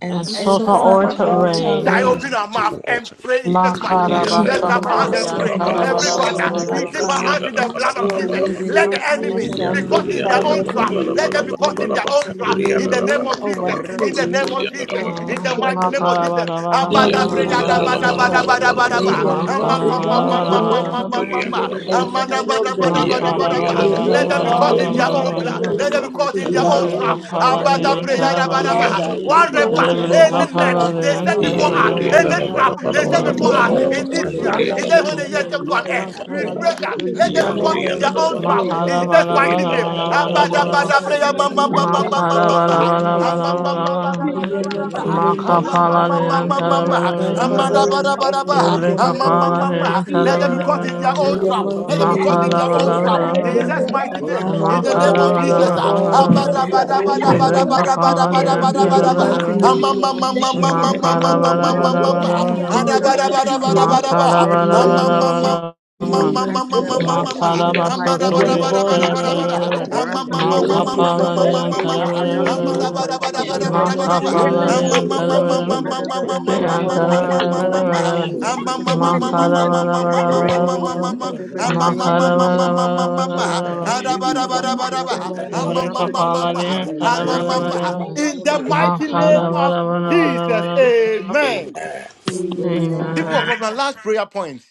Speaker 14: and
Speaker 10: and
Speaker 2: and
Speaker 8: and
Speaker 5: and
Speaker 10: suffer
Speaker 4: and
Speaker 18: and
Speaker 2: suffer
Speaker 14: suffer
Speaker 10: or
Speaker 8: suffer
Speaker 5: suffer
Speaker 4: suffer
Speaker 18: think
Speaker 10: to
Speaker 5: all
Speaker 8: all
Speaker 18: that,
Speaker 2: outrage.
Speaker 14: outer
Speaker 4: to
Speaker 18: oh,
Speaker 3: Shall I
Speaker 10: reign.
Speaker 15: the
Speaker 5: suffering.
Speaker 8: frustrated
Speaker 14: rain.
Speaker 3: open
Speaker 4: you.
Speaker 3: our mouth
Speaker 15: Second
Speaker 3: and
Speaker 15: also.
Speaker 3: pray in Jesus'
Speaker 5: In the
Speaker 3: mighty name?
Speaker 8: in
Speaker 5: mighty
Speaker 2: Kendorama
Speaker 8: the
Speaker 3: Let's
Speaker 5: name
Speaker 3: clap
Speaker 14: Kina
Speaker 5: of
Speaker 3: our hands
Speaker 2: sundori
Speaker 8: mighty
Speaker 3: and
Speaker 5: Jesus,
Speaker 3: pray.
Speaker 8: name of
Speaker 14: masanda
Speaker 5: Holy
Speaker 3: Every
Speaker 14: rama
Speaker 5: Father,
Speaker 2: kendorama
Speaker 3: father,
Speaker 5: Lord of
Speaker 14: sanda
Speaker 3: we
Speaker 10: Makarabasataliantarabarabarabaraba.
Speaker 3: dip
Speaker 4: Jesus.
Speaker 3: our
Speaker 2: kendorama
Speaker 8: Jesus.
Speaker 3: hands
Speaker 5: waters,
Speaker 14: karama
Speaker 3: in the blood of
Speaker 2: sundori
Speaker 5: your
Speaker 2: eni
Speaker 3: Jesus.
Speaker 5: word
Speaker 8: Look
Speaker 3: Let
Speaker 14: masindere
Speaker 3: the
Speaker 8: out,
Speaker 5: says in
Speaker 3: enemy
Speaker 8: another
Speaker 2: kendorama
Speaker 5: Psalm
Speaker 3: be
Speaker 8: door.
Speaker 3: caught
Speaker 15: Yanduri
Speaker 3: in
Speaker 2: sundori
Speaker 15: and
Speaker 3: their
Speaker 15: the
Speaker 5: 35,
Speaker 2: mama
Speaker 3: own
Speaker 5: verse
Speaker 3: trap.
Speaker 14: rama.
Speaker 5: 8,
Speaker 3: Let them
Speaker 2: kendorama.
Speaker 3: be caught in
Speaker 5: "You
Speaker 3: their
Speaker 15: Manamanamanamanamanama,
Speaker 3: own trap.
Speaker 15: Kanduri
Speaker 5: may
Speaker 3: In the
Speaker 15: and
Speaker 3: name
Speaker 2: Father,
Speaker 5: reign
Speaker 15: the
Speaker 3: of
Speaker 2: we pray
Speaker 5: over
Speaker 3: Jesus.
Speaker 15: Manamanamanama,
Speaker 3: In the
Speaker 5: things
Speaker 3: name
Speaker 15: Kanduri
Speaker 3: of
Speaker 2: that
Speaker 15: and the
Speaker 3: Jesus.
Speaker 2: you,
Speaker 15: Manama,
Speaker 18: the
Speaker 3: In
Speaker 2: Lord God,
Speaker 10: Uh,
Speaker 3: the
Speaker 18: Lord has
Speaker 3: mighty
Speaker 2: will
Speaker 3: name
Speaker 4: Whatever
Speaker 3: of Jesus.
Speaker 18: been my
Speaker 5: them
Speaker 15: Yanduri and the
Speaker 5: by
Speaker 18: redeemer.
Speaker 10: makarabarabarabarabarabarabaraba.
Speaker 5: surprise.
Speaker 4: is
Speaker 5: May
Speaker 18: They
Speaker 3: Abadabreyadabadabadabadabadaba.
Speaker 4: not
Speaker 5: the
Speaker 4: trap
Speaker 18: drink
Speaker 15: Manamanamanamanamanama,
Speaker 4: of
Speaker 18: of
Speaker 5: nest
Speaker 18: the
Speaker 4: you,
Speaker 5: down
Speaker 2: fall
Speaker 18: enemy
Speaker 4: but
Speaker 15: Manamanamanama,
Speaker 5: filled
Speaker 4: against my
Speaker 15: Kanduri and
Speaker 18: destructive
Speaker 4: life,
Speaker 5: and
Speaker 10: Makarabarabarabarabarabarabaraba.
Speaker 18: and
Speaker 15: the
Speaker 18: they
Speaker 4: that
Speaker 5: settle
Speaker 4: has
Speaker 18: fall
Speaker 4: made
Speaker 5: them.
Speaker 3: Amamamamamamamamama.
Speaker 4: for
Speaker 3: Let
Speaker 18: into
Speaker 4: me, O
Speaker 18: their
Speaker 15: Yanduri and
Speaker 4: Lord.
Speaker 18: own
Speaker 5: May
Speaker 15: the
Speaker 5: they
Speaker 15: Mana
Speaker 4: We
Speaker 3: them be
Speaker 18: destruction.
Speaker 4: said,
Speaker 3: caught
Speaker 5: fall
Speaker 15: Mana
Speaker 3: in
Speaker 4: "Can
Speaker 3: their
Speaker 5: into
Speaker 15: Mana
Speaker 4: this
Speaker 3: own
Speaker 15: Mana Mana
Speaker 5: the
Speaker 18: Father,
Speaker 4: even
Speaker 3: blood.
Speaker 10: Makarabarabarabarabarabarabaraba.
Speaker 4: as
Speaker 18: Lord,
Speaker 3: Let
Speaker 4: I
Speaker 18: we
Speaker 5: pits
Speaker 3: them be
Speaker 4: pray
Speaker 3: caught
Speaker 18: pray
Speaker 5: to
Speaker 15: Yanduri
Speaker 3: in their
Speaker 4: tonight, O
Speaker 5: their
Speaker 3: own
Speaker 18: tonight
Speaker 10: Lebre
Speaker 18: uh,
Speaker 4: Lord,
Speaker 3: trap.
Speaker 5: ruin.
Speaker 10: kapala
Speaker 18: let
Speaker 10: de
Speaker 4: Father, let
Speaker 18: every
Speaker 4: your
Speaker 10: antara
Speaker 18: foe
Speaker 4: path
Speaker 10: bala
Speaker 15: and
Speaker 3: Abadabreyadabadaba.
Speaker 10: bala.
Speaker 18: the
Speaker 15: the
Speaker 5: Father,
Speaker 4: really
Speaker 15: Mana
Speaker 4: be
Speaker 5: your
Speaker 18: enemy
Speaker 5: word
Speaker 3: Whatever,
Speaker 5: is
Speaker 10: Lebre
Speaker 4: slippery
Speaker 15: Mana
Speaker 18: that
Speaker 4: and
Speaker 15: Mana
Speaker 5: not
Speaker 18: is
Speaker 3: any
Speaker 4: let your
Speaker 3: net
Speaker 10: kapala
Speaker 5: suffer
Speaker 10: de
Speaker 3: they
Speaker 4: path
Speaker 5: for
Speaker 4: be
Speaker 18: surrounding
Speaker 5: a
Speaker 3: set
Speaker 4: dark,
Speaker 10: antara
Speaker 4: O
Speaker 3: before
Speaker 5: wish
Speaker 3: us,
Speaker 10: bara
Speaker 18: Let
Speaker 5: to
Speaker 15: Yanduri
Speaker 4: Lord,
Speaker 15: and
Speaker 10: bara.
Speaker 15: the
Speaker 3: any
Speaker 4: and
Speaker 5: live.
Speaker 15: Mana
Speaker 4: let
Speaker 18: there
Speaker 4: the
Speaker 18: be
Speaker 3: trap
Speaker 18: a
Speaker 15: Mana
Speaker 3: they
Speaker 4: enemies
Speaker 3: set
Speaker 10: Me
Speaker 4: of
Speaker 15: Mana
Speaker 2: in
Speaker 4: the
Speaker 3: before
Speaker 2: their
Speaker 3: us
Speaker 4: Lord
Speaker 2: own
Speaker 18: definition. Let
Speaker 3: in
Speaker 5: Any
Speaker 2: trap,
Speaker 3: this
Speaker 4: really
Speaker 2: O
Speaker 3: year,
Speaker 18: it
Speaker 5: trouble
Speaker 3: in
Speaker 18: be
Speaker 2: Lord.
Speaker 3: the
Speaker 4: pursue
Speaker 5: they
Speaker 3: when the
Speaker 4: them
Speaker 3: years
Speaker 5: set
Speaker 4: and
Speaker 3: come to
Speaker 4: let
Speaker 3: an
Speaker 5: before
Speaker 4: them
Speaker 15: Mana
Speaker 3: end,
Speaker 15: Mana
Speaker 3: we
Speaker 5: us.
Speaker 4: fall
Speaker 3: pray
Speaker 18: righteous
Speaker 3: that
Speaker 4: into
Speaker 18: enemy.
Speaker 3: let them be
Speaker 4: their
Speaker 5: Father,
Speaker 3: caught
Speaker 15: Yanduri
Speaker 4: own
Speaker 18: That
Speaker 3: in
Speaker 15: and the Mana Mana Mana Mana Yanduri and
Speaker 5: Lord,
Speaker 18: is
Speaker 15: the
Speaker 4: trap,
Speaker 3: their
Speaker 4: O
Speaker 5: we
Speaker 3: own
Speaker 15: Mana
Speaker 3: trap
Speaker 4: Lord,
Speaker 15: Mana
Speaker 5: pray.
Speaker 18: tormenting
Speaker 4: in
Speaker 3: in
Speaker 10: makala
Speaker 18: us,
Speaker 4: the
Speaker 3: Jesus'
Speaker 10: bara
Speaker 18: Father
Speaker 4: mighty
Speaker 3: mighty
Speaker 18: Lord.
Speaker 10: bara
Speaker 4: name
Speaker 18: We
Speaker 3: name.
Speaker 15: and the Mana
Speaker 4: of
Speaker 15: Mana
Speaker 18: pray
Speaker 4: Jesus.
Speaker 10: bara
Speaker 18: that,
Speaker 15: Mana
Speaker 10: bara
Speaker 15: Mana
Speaker 10: bara.
Speaker 2: Jesus,
Speaker 18: Father Lord,
Speaker 2: mighty
Speaker 4: Whatever
Speaker 18: let
Speaker 2: name.
Speaker 5: Let
Speaker 4: trouble they
Speaker 5: them
Speaker 8: Rekha
Speaker 4: have
Speaker 18: every
Speaker 10: Makala
Speaker 5: fall
Speaker 4: set
Speaker 18: trap
Speaker 8: in
Speaker 10: bala
Speaker 4: for
Speaker 5: into
Speaker 18: that
Speaker 4: me
Speaker 10: bala
Speaker 18: is
Speaker 8: the
Speaker 4: in
Speaker 5: it.
Speaker 18: have
Speaker 4: the
Speaker 10: bala
Speaker 18: set,
Speaker 4: area
Speaker 18: uh,
Speaker 10: bara
Speaker 4: of my
Speaker 10: bara
Speaker 3: Abadabadabreyamamamamamamamama.
Speaker 18: may
Speaker 5: In
Speaker 3: Let
Speaker 18: they
Speaker 4: marriage,
Speaker 5: the
Speaker 3: them
Speaker 4: in
Speaker 18: fall
Speaker 4: the
Speaker 5: mighty
Speaker 4: area
Speaker 18: into
Speaker 4: of
Speaker 5: name
Speaker 15: Yanduri and
Speaker 4: my
Speaker 5: of
Speaker 15: the
Speaker 18: their
Speaker 3: be
Speaker 4: health,
Speaker 10: Makapala de
Speaker 18: own
Speaker 4: my
Speaker 10: antara
Speaker 4: life,
Speaker 18: trap.
Speaker 10: bala
Speaker 4: my
Speaker 5: my
Speaker 10: bala
Speaker 18: May
Speaker 10: bala
Speaker 4: finances,
Speaker 18: they
Speaker 10: bara
Speaker 5: Father
Speaker 4: my
Speaker 5: in
Speaker 18: fall
Speaker 4: work,
Speaker 18: into
Speaker 4: my
Speaker 5: heaven, let
Speaker 18: their
Speaker 10: Lebre
Speaker 4: career,
Speaker 5: them
Speaker 18: own
Speaker 4: and
Speaker 5: fall
Speaker 10: kapala
Speaker 18: trap.
Speaker 5: into
Speaker 10: de
Speaker 4: my
Speaker 5: it.
Speaker 18: In
Speaker 4: expectations,
Speaker 10: antara
Speaker 5: too.
Speaker 18: the
Speaker 4: oh
Speaker 10: bara
Speaker 4: Lord,
Speaker 3: caught
Speaker 18: name
Speaker 4: as
Speaker 10: bara
Speaker 3: in
Speaker 4: I
Speaker 18: of
Speaker 3: their
Speaker 10: bara
Speaker 5: In
Speaker 3: own
Speaker 4: pray
Speaker 5: the
Speaker 3: trap.
Speaker 18: Jesus,
Speaker 4: tonight,
Speaker 3: Let
Speaker 5: mighty
Speaker 3: them
Speaker 4: so
Speaker 3: be caught
Speaker 5: name
Speaker 3: in
Speaker 4: Lord,
Speaker 10: Makala
Speaker 5: of
Speaker 3: their
Speaker 18: every
Speaker 3: own
Speaker 10: bara.
Speaker 2: Doğru
Speaker 18: net
Speaker 5: Jesus.
Speaker 4: Father,
Speaker 3: trap.
Speaker 18: that
Speaker 10: bala
Speaker 2: mama
Speaker 18: he
Speaker 4: let
Speaker 3: In
Speaker 10: bara
Speaker 4: that
Speaker 18: have
Speaker 3: Jesus'
Speaker 2: kinder,
Speaker 10: bara
Speaker 4: trap
Speaker 3: mighty
Speaker 4: that
Speaker 2: mama
Speaker 4: they
Speaker 18: laid
Speaker 3: name.
Speaker 4: have
Speaker 18: for
Speaker 5: Our
Speaker 2: sundur
Speaker 3: In
Speaker 4: set
Speaker 3: the
Speaker 4: for
Speaker 18: our
Speaker 5: Father,
Speaker 4: me,
Speaker 3: name
Speaker 2: mama
Speaker 10: Makala
Speaker 3: of
Speaker 5: let
Speaker 18: life,
Speaker 10: bara
Speaker 5: them
Speaker 2: kundur
Speaker 3: Jesus.
Speaker 4: let
Speaker 18: our
Speaker 10: bara
Speaker 3: ah.
Speaker 4: them
Speaker 2: mama
Speaker 5: fall
Speaker 10: bara.
Speaker 18: souls,
Speaker 4: fall
Speaker 18: uh,
Speaker 2: kinder,
Speaker 4: into
Speaker 5: into
Speaker 10: bala.
Speaker 4: their
Speaker 5: their
Speaker 2: mama
Speaker 4: own
Speaker 5: own
Speaker 18: Father
Speaker 4: trap,
Speaker 2: kundur
Speaker 5: trap.
Speaker 18: Lord,
Speaker 4: oh
Speaker 10: Lebre
Speaker 2: mama
Speaker 18: let
Speaker 4: Lord,
Speaker 18: the
Speaker 10: kapala de
Speaker 2: sundur
Speaker 4: let them
Speaker 18: enemy
Speaker 2: mama
Speaker 5: In
Speaker 4: fall
Speaker 10: antara
Speaker 5: their
Speaker 4: into
Speaker 10: bara
Speaker 2: kundur
Speaker 4: their
Speaker 5: mighty
Speaker 18: tonight
Speaker 4: own
Speaker 10: bara.
Speaker 18: we
Speaker 8: mighty
Speaker 4: trap,
Speaker 5: name
Speaker 8: name
Speaker 18: put
Speaker 4: oh
Speaker 8: of
Speaker 5: of
Speaker 18: the
Speaker 4: Lord,
Speaker 5: Jesus,
Speaker 18: enemy
Speaker 4: let
Speaker 8: Jesus,
Speaker 2: Jesus
Speaker 4: them
Speaker 2: my
Speaker 10: Makala
Speaker 18: to
Speaker 4: fall
Speaker 2: name and
Speaker 4: into
Speaker 10: bala
Speaker 18: fall
Speaker 8: let
Speaker 4: their
Speaker 18: into
Speaker 10: bala
Speaker 8: them
Speaker 4: own
Speaker 5: I
Speaker 10: bala
Speaker 4: trap,
Speaker 5: have
Speaker 2: mama
Speaker 4: oh
Speaker 10: bala
Speaker 18: their
Speaker 8: fall
Speaker 10: ba
Speaker 8: in
Speaker 4: Lord,
Speaker 18: own
Speaker 5: fallen
Speaker 2: kinder,
Speaker 8: their
Speaker 4: in the
Speaker 18: net
Speaker 5: into
Speaker 8: own
Speaker 2: mama
Speaker 18: in
Speaker 4: mighty
Speaker 8: trap.
Speaker 18: the
Speaker 5: Israel.
Speaker 4: name
Speaker 2: sundur
Speaker 4: of
Speaker 18: name
Speaker 2: mama
Speaker 18: of
Speaker 10: Makala
Speaker 8: Let
Speaker 10: bala
Speaker 4: Jesus,
Speaker 5: In
Speaker 8: their
Speaker 2: kundur
Speaker 5: their
Speaker 18: Jesus.
Speaker 10: bala bala
Speaker 8: trouble
Speaker 5: mighty
Speaker 4: in
Speaker 3: In the
Speaker 4: the
Speaker 18: In
Speaker 10: bala.
Speaker 5: name
Speaker 18: the
Speaker 8: Catch
Speaker 5: of
Speaker 4: mighty
Speaker 2: kendi
Speaker 8: them
Speaker 4: name
Speaker 18: mighty
Speaker 5: Jesus,
Speaker 8: uh,
Speaker 4: of
Speaker 18: name
Speaker 2: mama
Speaker 18: of
Speaker 15: Yanduri and
Speaker 8: in
Speaker 4: Jesus,
Speaker 10: Makala
Speaker 8: the
Speaker 2: sundur
Speaker 18: Jesus,
Speaker 8: mighty
Speaker 10: baso
Speaker 2: mama
Speaker 5: let
Speaker 4: Father,
Speaker 8: name
Speaker 18: we
Speaker 5: them
Speaker 4: let
Speaker 10: turi
Speaker 8: of
Speaker 4: them
Speaker 2: kundur
Speaker 5: fall
Speaker 18: pray
Speaker 4: fall
Speaker 10: antara
Speaker 18: that
Speaker 4: into
Speaker 8: Jesus.
Speaker 10: bala
Speaker 5: into
Speaker 4: their
Speaker 5: it.
Speaker 18: wherever
Speaker 8: uh,
Speaker 10: bala
Speaker 4: own
Speaker 10: ba
Speaker 2: doğru
Speaker 4: trap,
Speaker 18: that he
Speaker 2: mama
Speaker 4: in the
Speaker 18: has
Speaker 5: May Your
Speaker 4: mighty
Speaker 2: sundur
Speaker 5: word
Speaker 4: name
Speaker 2: mama
Speaker 5: says,
Speaker 18: gathered,
Speaker 10: Makapala
Speaker 8: Rakatelegadabaka,
Speaker 5: suffer
Speaker 10: ni
Speaker 2: kinder,
Speaker 4: of
Speaker 5: not
Speaker 18: wherever
Speaker 5: for
Speaker 4: Jesus.
Speaker 2: mama
Speaker 10: antara
Speaker 18: that
Speaker 5: it to
Speaker 18: the
Speaker 10: bala
Speaker 2: sundur
Speaker 5: live.
Speaker 10: bala
Speaker 4: In
Speaker 18: enemy
Speaker 4: the
Speaker 5: oh.
Speaker 10: bala
Speaker 18: has
Speaker 10: ba
Speaker 4: mighty
Speaker 18: gathered
Speaker 4: name
Speaker 5: In the
Speaker 8: Ekabayandidibikasalagadawa,
Speaker 4: of
Speaker 15: Yanduri
Speaker 2: Jesus
Speaker 18: to
Speaker 5: mighty
Speaker 2: my
Speaker 18: take
Speaker 4: Jesus,
Speaker 18: an
Speaker 10: Makapala
Speaker 4: O
Speaker 5: name
Speaker 2: name
Speaker 10: ni
Speaker 2: and
Speaker 5: of
Speaker 4: Lord.
Speaker 18: evil
Speaker 5: Jesus.
Speaker 10: antara
Speaker 2: mama
Speaker 10: bala
Speaker 4: In
Speaker 18: counsel
Speaker 10: ba
Speaker 4: the
Speaker 2: kinder,
Speaker 4: mighty
Speaker 2: mama
Speaker 18: against us,
Speaker 10: Ki
Speaker 4: name of Jesus,
Speaker 2: sundur
Speaker 10: antara
Speaker 18: Father
Speaker 10: bala
Speaker 4: O
Speaker 18: God,
Speaker 10: bala
Speaker 4: Lord.
Speaker 18: let
Speaker 10: bala
Speaker 18: them
Speaker 10: ba
Speaker 4: In
Speaker 18: be
Speaker 4: the
Speaker 2: Jesus
Speaker 18: exit
Speaker 4: mighty
Speaker 2: my
Speaker 18: and
Speaker 4: name
Speaker 18: let
Speaker 4: of
Speaker 2: name
Speaker 10: Makala
Speaker 18: them
Speaker 8: Ebasitelegadabedebedebeyandadabayandadabayandidibikatelegadebeke,
Speaker 10: bala
Speaker 4: Jesus,
Speaker 10: bala
Speaker 4: O
Speaker 18: exit
Speaker 10: bala
Speaker 4: Lord.
Speaker 10: bala
Speaker 18: forth
Speaker 10: ba
Speaker 4: In the
Speaker 18: and
Speaker 4: mighty
Speaker 18: swallow them
Speaker 4: name
Speaker 10: Makala
Speaker 4: of
Speaker 18: in the
Speaker 10: bala
Speaker 4: Jesus,
Speaker 18: name
Speaker 10: bala
Speaker 18: of
Speaker 8: Rekotelegadebedebeyandidibikasalagadawa,
Speaker 10: bala
Speaker 18: Jesus.
Speaker 10: bala
Speaker 4: and
Speaker 10: ba baso Makarabarabarabarabaraba. Makarabarabarabarabaraba. Makarabasotoriantarabarabaraba. ba
Speaker 4: I
Speaker 10: Makapalariantarabarabaraba.
Speaker 4: thank
Speaker 18: In the
Speaker 4: you, Lord, for
Speaker 18: mighty
Speaker 10: Yantarabarabaraba. Makarabarabarabarabaraba. Makarabarabarabarabaraba.
Speaker 4: healing
Speaker 18: name of
Speaker 4: me.
Speaker 18: Jesus,
Speaker 8: Ekabayandadabayandadabayandadawa,
Speaker 4: In the
Speaker 18: in the
Speaker 4: mighty
Speaker 18: mighty
Speaker 5: Amen.
Speaker 4: name
Speaker 10: Ebrekapalariantarabarabaraba. ba
Speaker 4: of
Speaker 18: name of
Speaker 8: Rakasalagadawa,
Speaker 4: Jesus.
Speaker 18: Jesus,
Speaker 3: mighty name
Speaker 18: let
Speaker 3: of
Speaker 18: your
Speaker 8: Melandadadawa.
Speaker 18: fire,
Speaker 3: Jesus,
Speaker 18: let your
Speaker 3: amen.
Speaker 18: fire.
Speaker 15: Amen
Speaker 2: Amen.
Speaker 8: Amen.
Speaker 3: People
Speaker 10: Amen.
Speaker 3: of
Speaker 4: Amen.
Speaker 3: God, my last prayer point.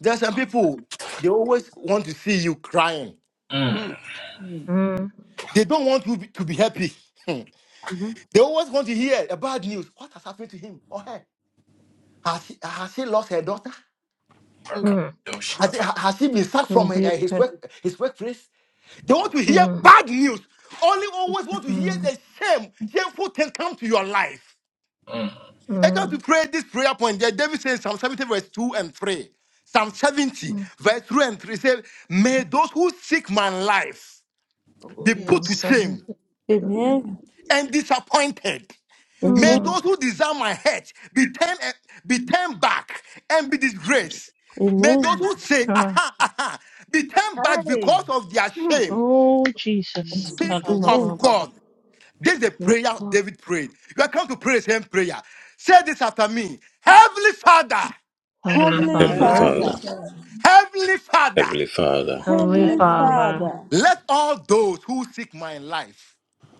Speaker 3: There are some people, they always want to see you crying.
Speaker 8: Mm,
Speaker 4: Mm,
Speaker 10: Mm,
Speaker 3: They don't want you be- to be happy. Hmm.
Speaker 8: mhm,
Speaker 3: they always want to hear a bad news. What has happened to him or her? Has she, has she lost her daughter?
Speaker 8: mm.
Speaker 10: mm,
Speaker 3: Has, he- has she been sacked from
Speaker 10: rebuke
Speaker 3: her- his,
Speaker 10: it.
Speaker 3: work, his workplace? They want to hear
Speaker 10: Mm,
Speaker 3: bad news. Only always want to hear
Speaker 10: mm,
Speaker 3: the shame, shameful thing come to your life. I come to
Speaker 10: mm,
Speaker 3: pray this prayer point there. David says Psalm 70, verse 2 and 3. Psalm 70,
Speaker 10: mm.
Speaker 3: verse 2 and 3 says, May those who seek my life
Speaker 8: Oh,
Speaker 3: be
Speaker 4: mm,
Speaker 3: put
Speaker 10: Psalm
Speaker 3: to
Speaker 8: yes.
Speaker 3: shame.
Speaker 10: seventy.
Speaker 5: Amen.
Speaker 8: Thank
Speaker 3: and disappointed. May
Speaker 5: Amen.
Speaker 8: you,
Speaker 10: Mm,
Speaker 3: those who desire my head be turned, eh, be turned back and be disgraced. May those
Speaker 5: Amen.
Speaker 4: mm,
Speaker 3: who say,
Speaker 10: sure.
Speaker 3: aha, aha, be turned back
Speaker 8: Hey.
Speaker 3: because of their
Speaker 8: Hmm.
Speaker 3: shame.
Speaker 10: Oh Jesus!
Speaker 4: mm.
Speaker 3: People of
Speaker 5: Amen.
Speaker 10: Ba-da-ba-ba-ba-ba.
Speaker 3: God, this is the
Speaker 10: Yes,
Speaker 3: prayer David prayed. You are come to pray the same prayer. Say this after me Heavenly Father,
Speaker 10: holy
Speaker 5: Heavenly
Speaker 8: Heavenly
Speaker 15: Heavenly
Speaker 10: Father,
Speaker 8: Father,
Speaker 4: Heavenly
Speaker 5: Father,
Speaker 15: Father
Speaker 4: Father,
Speaker 3: Heavenly Father,
Speaker 15: Heavenly Father
Speaker 8: Heavenly
Speaker 10: holy
Speaker 5: Heavenly
Speaker 4: Heavenly
Speaker 8: Father,
Speaker 10: Father,
Speaker 5: Father,
Speaker 4: Father,
Speaker 3: let all those who seek my life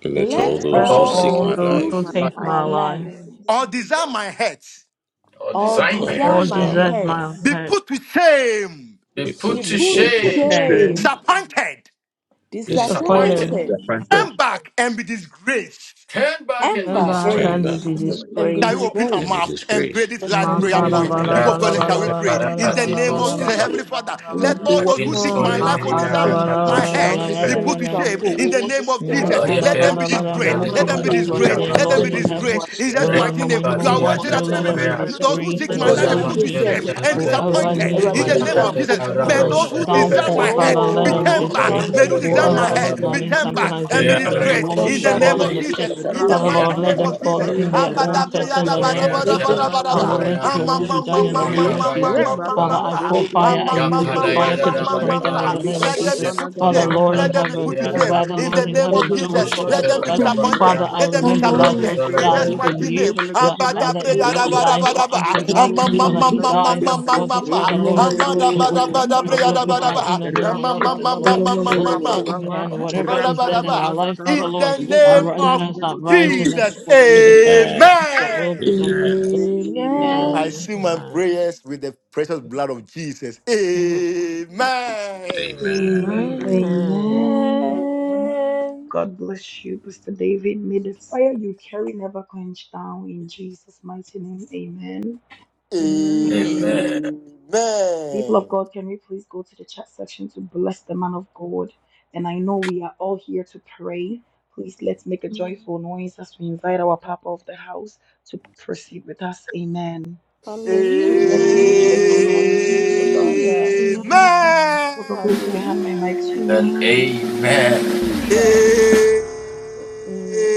Speaker 15: let
Speaker 8: let
Speaker 15: all
Speaker 5: let
Speaker 4: let
Speaker 18: Let's
Speaker 15: those
Speaker 10: let
Speaker 8: all
Speaker 15: who
Speaker 5: all
Speaker 4: all
Speaker 8: those
Speaker 18: all
Speaker 15: seek
Speaker 10: all
Speaker 15: my
Speaker 8: who
Speaker 18: go
Speaker 5: those
Speaker 4: those
Speaker 8: take
Speaker 10: those
Speaker 4: who
Speaker 5: who
Speaker 10: who
Speaker 18: to
Speaker 15: life
Speaker 4: are
Speaker 8: my
Speaker 10: take
Speaker 5: seek
Speaker 8: life
Speaker 18: sleep
Speaker 4: seeking
Speaker 5: my
Speaker 10: my
Speaker 4: for my
Speaker 10: life,
Speaker 5: life
Speaker 4: lives,
Speaker 18: because
Speaker 3: or
Speaker 18: my
Speaker 3: desire my
Speaker 18: daughter
Speaker 3: head
Speaker 8: or
Speaker 5: or
Speaker 18: that is
Speaker 4: all
Speaker 15: all
Speaker 8: deserve
Speaker 5: desire
Speaker 4: those
Speaker 10: all
Speaker 8: my
Speaker 18: done
Speaker 5: my
Speaker 15: desire
Speaker 18: for
Speaker 8: death
Speaker 15: my
Speaker 10: desert
Speaker 18: her.
Speaker 5: head
Speaker 15: help
Speaker 10: my
Speaker 4: who are
Speaker 3: be
Speaker 10: path,
Speaker 3: put to shame,
Speaker 8: be
Speaker 15: be
Speaker 5: be
Speaker 15: put
Speaker 8: put
Speaker 18: Let
Speaker 15: to
Speaker 8: to
Speaker 5: put
Speaker 19: It
Speaker 15: shame
Speaker 18: him
Speaker 10: repent the
Speaker 19: put
Speaker 18: be
Speaker 19: to
Speaker 8: shame,
Speaker 18: put to
Speaker 19: shame
Speaker 10: shame,
Speaker 5: shame,
Speaker 4: seeking
Speaker 18: shame.
Speaker 3: disappointed,
Speaker 18: Let him
Speaker 15: disappointed,
Speaker 8: disappointed,
Speaker 10: disappointed,
Speaker 18: be
Speaker 4: for my
Speaker 19: the
Speaker 5: disappointed,
Speaker 4: life,
Speaker 3: Come
Speaker 19: apprentice.
Speaker 18: disappointed.
Speaker 3: back and be disgraced.
Speaker 8: turned back,
Speaker 10: embarrassed,
Speaker 18: Let
Speaker 8: and
Speaker 15: turn
Speaker 8: be
Speaker 18: him
Speaker 15: back,
Speaker 10: and
Speaker 5: embarrassed,
Speaker 10: be
Speaker 18: not
Speaker 19: and not
Speaker 5: and,
Speaker 18: be
Speaker 8: destroyed.
Speaker 5: and be
Speaker 3: Shall
Speaker 10: disgraced.
Speaker 19: put
Speaker 3: we
Speaker 18: disgraced.
Speaker 3: open our
Speaker 15: and be
Speaker 3: mouth
Speaker 5: disgraced.
Speaker 3: and pray
Speaker 15: disgraced.
Speaker 3: this
Speaker 5: Jesus'
Speaker 3: last
Speaker 10: Ma
Speaker 8: In
Speaker 3: prayer
Speaker 5: mighty
Speaker 8: the
Speaker 10: kala
Speaker 3: point?
Speaker 5: name,
Speaker 8: mighty
Speaker 15: Heavenly
Speaker 10: bala
Speaker 3: Before God,
Speaker 10: bala
Speaker 15: Father,
Speaker 3: let-
Speaker 8: name
Speaker 5: amen.
Speaker 3: shall
Speaker 8: of
Speaker 10: bala
Speaker 3: we
Speaker 15: Lord,
Speaker 10: bala
Speaker 3: pray?
Speaker 15: when
Speaker 10: bala
Speaker 15: you
Speaker 3: In
Speaker 15: want
Speaker 3: the
Speaker 10: bala
Speaker 8: Jesus.
Speaker 3: name
Speaker 15: to
Speaker 3: of
Speaker 10: bala
Speaker 15: take
Speaker 8: Hey,
Speaker 3: Jesus,
Speaker 10: bala
Speaker 15: my life,
Speaker 3: Heavenly
Speaker 10: bala
Speaker 3: Father,
Speaker 10: bala bala
Speaker 3: let
Speaker 5: Awurade,
Speaker 10: bala.
Speaker 3: all those
Speaker 5: wɔn
Speaker 3: who seek
Speaker 5: a
Speaker 15: destroy
Speaker 3: my
Speaker 8: Jesus.
Speaker 15: me,
Speaker 3: life or
Speaker 10: Makana
Speaker 3: desire
Speaker 5: wɔhyehyɛ
Speaker 8: We
Speaker 10: mana
Speaker 5: me
Speaker 8: come
Speaker 3: my
Speaker 8: to
Speaker 5: kra,
Speaker 3: head
Speaker 15: destroy
Speaker 10: mana
Speaker 8: another
Speaker 15: me.
Speaker 3: be
Speaker 10: mana
Speaker 8: day,
Speaker 5: wɔhyehyɛ me
Speaker 3: put
Speaker 8: to
Speaker 10: mana
Speaker 3: to
Speaker 5: kra
Speaker 10: mana
Speaker 3: shame.
Speaker 5: kɔ
Speaker 3: In
Speaker 8: another
Speaker 3: the
Speaker 8: day.
Speaker 5: owuo,
Speaker 3: name of
Speaker 10: Saying,
Speaker 5: wɔhyehyɛ me
Speaker 3: Jesus,
Speaker 15: Father, put
Speaker 3: let
Speaker 15: them
Speaker 5: yampa,
Speaker 3: them
Speaker 15: to
Speaker 3: be
Speaker 15: shame,
Speaker 3: disgraced.
Speaker 15: Lord, in the
Speaker 3: Let
Speaker 5: mmaa
Speaker 3: them
Speaker 5: kɔ
Speaker 3: be
Speaker 15: mighty
Speaker 5: owuo,
Speaker 15: name
Speaker 3: disgraced.
Speaker 15: of
Speaker 3: Let them
Speaker 5: wɔhyehyɛ
Speaker 3: be
Speaker 10: Lord
Speaker 15: Jesus.
Speaker 5: me
Speaker 10: in
Speaker 15: Put them
Speaker 10: heaven,
Speaker 3: disgraced.
Speaker 15: to
Speaker 3: In
Speaker 15: shame,
Speaker 3: Jesus'
Speaker 15: Lord,
Speaker 5: animguaseɛ,
Speaker 15: in
Speaker 10: divided
Speaker 15: the
Speaker 3: mighty
Speaker 10: my
Speaker 3: name,
Speaker 10: money, my
Speaker 3: you are
Speaker 10: wash,
Speaker 3: worthy
Speaker 15: mighty-
Speaker 10: still
Speaker 3: that
Speaker 5: wɔn
Speaker 10: let her
Speaker 15: put
Speaker 10: be
Speaker 15: them to
Speaker 3: those who
Speaker 10: disgraced
Speaker 3: seek
Speaker 10: in
Speaker 3: my
Speaker 5: sɛ
Speaker 10: the
Speaker 15: the
Speaker 3: life be
Speaker 15: mighty name
Speaker 10: name
Speaker 3: put
Speaker 5: yɛwodwo
Speaker 10: of
Speaker 3: to
Speaker 15: of
Speaker 5: sɛ
Speaker 10: Jesus.
Speaker 3: shame
Speaker 15: Jesus.
Speaker 3: and
Speaker 5: mmerɛfoɔ
Speaker 10: Whoever
Speaker 15: We
Speaker 3: disappointed.
Speaker 15: endure
Speaker 10: needs
Speaker 3: In
Speaker 5: awurade
Speaker 15: the
Speaker 10: my
Speaker 3: the
Speaker 5: me
Speaker 15: end of
Speaker 3: name
Speaker 15: the-
Speaker 3: of
Speaker 10: um
Speaker 3: Jesus,
Speaker 5: nyankopɔn
Speaker 3: may
Speaker 10: my
Speaker 3: those who desire
Speaker 10: downfall,
Speaker 3: my head
Speaker 10: Father, let
Speaker 3: be
Speaker 10: them
Speaker 5: Oh,
Speaker 3: turned back.
Speaker 10: disgrace.
Speaker 5: my,
Speaker 3: May those who
Speaker 5: my
Speaker 3: desire my
Speaker 10: Whoever
Speaker 5: life
Speaker 10: is
Speaker 3: head be
Speaker 10: planning
Speaker 3: turned
Speaker 10: something
Speaker 5: will
Speaker 3: back and be
Speaker 10: against me, they
Speaker 3: disgraced.
Speaker 10: want me
Speaker 5: turn
Speaker 3: In
Speaker 10: to
Speaker 3: the
Speaker 15: We
Speaker 5: back
Speaker 3: name
Speaker 10: fall
Speaker 3: name
Speaker 15: endure
Speaker 10: in
Speaker 3: of
Speaker 10: the
Speaker 15: the
Speaker 5: and be
Speaker 15: end
Speaker 10: pit.
Speaker 3: Jesus. In the
Speaker 10: Father,
Speaker 5: disgraced in
Speaker 3: mighty
Speaker 10: Lord,
Speaker 5: the
Speaker 10: let
Speaker 3: name
Speaker 10: them
Speaker 3: of
Speaker 5: mighty
Speaker 10: fall
Speaker 3: Jesus.
Speaker 10: in
Speaker 5: name
Speaker 15: of
Speaker 5: of
Speaker 10: their
Speaker 15: the-
Speaker 10: own pit in the
Speaker 15: Amen.
Speaker 10: name of
Speaker 5: let
Speaker 10: Jesus.
Speaker 5: them turn
Speaker 10: Father,
Speaker 3: Abadabriyadabadabadabadabadaba.
Speaker 5: back
Speaker 10: let
Speaker 5: and
Speaker 10: your will be done in the
Speaker 5: disgrace you.
Speaker 10: name of Jesus. Father, I
Speaker 3: Amamamamamamamamamama.
Speaker 10: pour fire. I use your
Speaker 5: They
Speaker 10: fire to destroy them in
Speaker 3: Amamamamamamamama.
Speaker 10: the name
Speaker 18: Thank
Speaker 10: of
Speaker 3: Let them
Speaker 10: Jesus.
Speaker 3: be put to
Speaker 10: Father,
Speaker 3: shame.
Speaker 18: you.
Speaker 5: are
Speaker 8: Rakatala
Speaker 10: Lord in
Speaker 3: Let them be
Speaker 10: heaven,
Speaker 3: put
Speaker 8: Amen.
Speaker 3: to shame.
Speaker 10: Father,
Speaker 3: In the
Speaker 10: Lord in
Speaker 3: name of
Speaker 10: heaven,
Speaker 5: every
Speaker 10: do it
Speaker 3: Jesus.
Speaker 10: for
Speaker 3: Let
Speaker 10: us, O
Speaker 3: them be
Speaker 10: God.
Speaker 3: disappointed.
Speaker 10: Father, I
Speaker 3: Let them be
Speaker 5: time
Speaker 10: remember
Speaker 5: you
Speaker 3: disappointed.
Speaker 10: Lazarus
Speaker 3: In
Speaker 10: died
Speaker 3: Jesus'
Speaker 10: for
Speaker 3: mighty
Speaker 10: you.
Speaker 3: name.
Speaker 5: disgrace
Speaker 10: that Father, d-
Speaker 5: you,
Speaker 10: died for us, O
Speaker 3: Abadabriyadabadabadaba.
Speaker 10: God.
Speaker 5: in the
Speaker 10: Father, he
Speaker 5: mighty
Speaker 10: died, and for this,
Speaker 3: Amamamamamamamamama.
Speaker 10: Father, Lord, do it. Let your will be done in
Speaker 3: Amabadabadabriyadabadaba.
Speaker 10: the name of Jesus,
Speaker 5: name
Speaker 10: Lord.
Speaker 5: of Jesus.
Speaker 10: Let your
Speaker 3: Amamamamamamamama.
Speaker 10: will be done. Whatever is dead in our life, Father,
Speaker 3: In the
Speaker 10: Lord, I
Speaker 3: name
Speaker 10: ri- let
Speaker 3: of
Speaker 10: us not rise in the
Speaker 3: Jesus.
Speaker 10: name of Jesus. Let your will
Speaker 3: Amen.
Speaker 10: be done.
Speaker 4: Amen.
Speaker 5: Amen.
Speaker 3: I seal my
Speaker 10: Amen.
Speaker 3: prayers with the precious blood of Jesus.
Speaker 10: Amen.
Speaker 15: Amen. Amen.
Speaker 3: Amen.
Speaker 19: a man
Speaker 4: Amen. Amen.
Speaker 18: Amen.
Speaker 10: Amen.
Speaker 2: Amen
Speaker 5: Amen.
Speaker 2: God bless you, Pastor David. May the fire you carry never quench down in Jesus' mighty name. Amen.
Speaker 10: Amen.
Speaker 4: Amen.
Speaker 8: Amen.
Speaker 2: People of
Speaker 3: Amen.
Speaker 2: God, can we please go to the chat section to bless the man of God? And I know we are all here to pray. Please let's make a joyful
Speaker 10: Amen.
Speaker 2: noise as we invite our Papa of the house to proceed with us. Amen.
Speaker 3: Amen.
Speaker 2: Let's make a
Speaker 10: Amen.
Speaker 2: joyful noise, people of God.
Speaker 8: Amen.
Speaker 5: Hallelujah.
Speaker 10: Amen.
Speaker 2: Papa, please can I hand my
Speaker 5: Hallelujah.
Speaker 2: mic to you?
Speaker 10: Amen.
Speaker 2: Amen.
Speaker 5: Amen.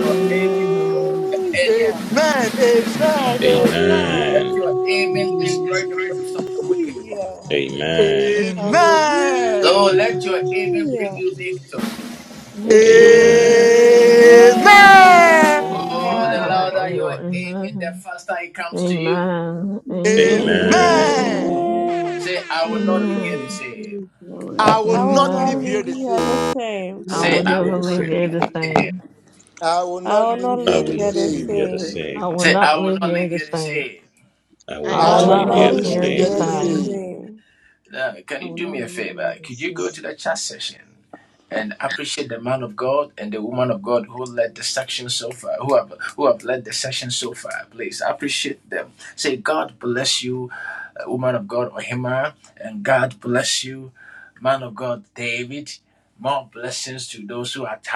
Speaker 10: Amen. Lord.
Speaker 3: Amen. Amen.
Speaker 4: Amen. Amen.
Speaker 3: Amen. Amen.
Speaker 15: Amen.
Speaker 8: Amen.
Speaker 5: Hallelujah.
Speaker 15: Amen.
Speaker 5: Hallelujah.
Speaker 10: Mm.
Speaker 3: Amen.
Speaker 5: Amen.
Speaker 8: I
Speaker 10: Yes,
Speaker 8: will not
Speaker 10: Lord.
Speaker 15: Amen.
Speaker 3: Amen.
Speaker 10: Mm. Oh, God, I love you. Amen. Amen. Amen.
Speaker 15: Amen.
Speaker 3: Amen.
Speaker 10: Amen.
Speaker 2: Amen.
Speaker 5: Amen.
Speaker 4: Amen.
Speaker 10: Amen.
Speaker 3: I will
Speaker 5: I will
Speaker 3: not
Speaker 5: not
Speaker 3: live
Speaker 10: Amen.
Speaker 3: here
Speaker 5: leave
Speaker 3: the
Speaker 5: here the
Speaker 3: same.
Speaker 5: same.
Speaker 15: I
Speaker 10: I
Speaker 15: will
Speaker 10: will
Speaker 15: not leave
Speaker 19: from
Speaker 15: here
Speaker 10: never
Speaker 15: the
Speaker 19: the
Speaker 10: live
Speaker 15: same.
Speaker 19: people
Speaker 10: here the same.
Speaker 3: I will
Speaker 5: I
Speaker 3: not
Speaker 5: will
Speaker 3: live
Speaker 5: not
Speaker 15: I
Speaker 3: here
Speaker 5: live
Speaker 15: will
Speaker 3: the
Speaker 5: here
Speaker 15: not
Speaker 5: the
Speaker 15: leave here
Speaker 19: to
Speaker 3: same.
Speaker 15: the
Speaker 5: same.
Speaker 19: friend.
Speaker 10: I
Speaker 15: same.
Speaker 10: will not live here the same.
Speaker 15: I will
Speaker 10: I
Speaker 5: I
Speaker 10: will
Speaker 2: I
Speaker 3: I
Speaker 15: not
Speaker 5: will
Speaker 2: will
Speaker 3: will
Speaker 15: leave
Speaker 10: not
Speaker 2: not
Speaker 15: here
Speaker 5: not
Speaker 19: I
Speaker 3: not
Speaker 10: live
Speaker 15: the
Speaker 2: leave
Speaker 19: want
Speaker 3: live
Speaker 8: be the
Speaker 5: live
Speaker 2: here
Speaker 10: here
Speaker 19: to
Speaker 2: the
Speaker 10: the
Speaker 3: here
Speaker 15: same.
Speaker 5: here
Speaker 19: get
Speaker 3: the
Speaker 19: a
Speaker 5: the
Speaker 19: friend
Speaker 10: same.
Speaker 2: same.
Speaker 8: same.
Speaker 3: same.
Speaker 5: same.
Speaker 4: I will not leave you all the same.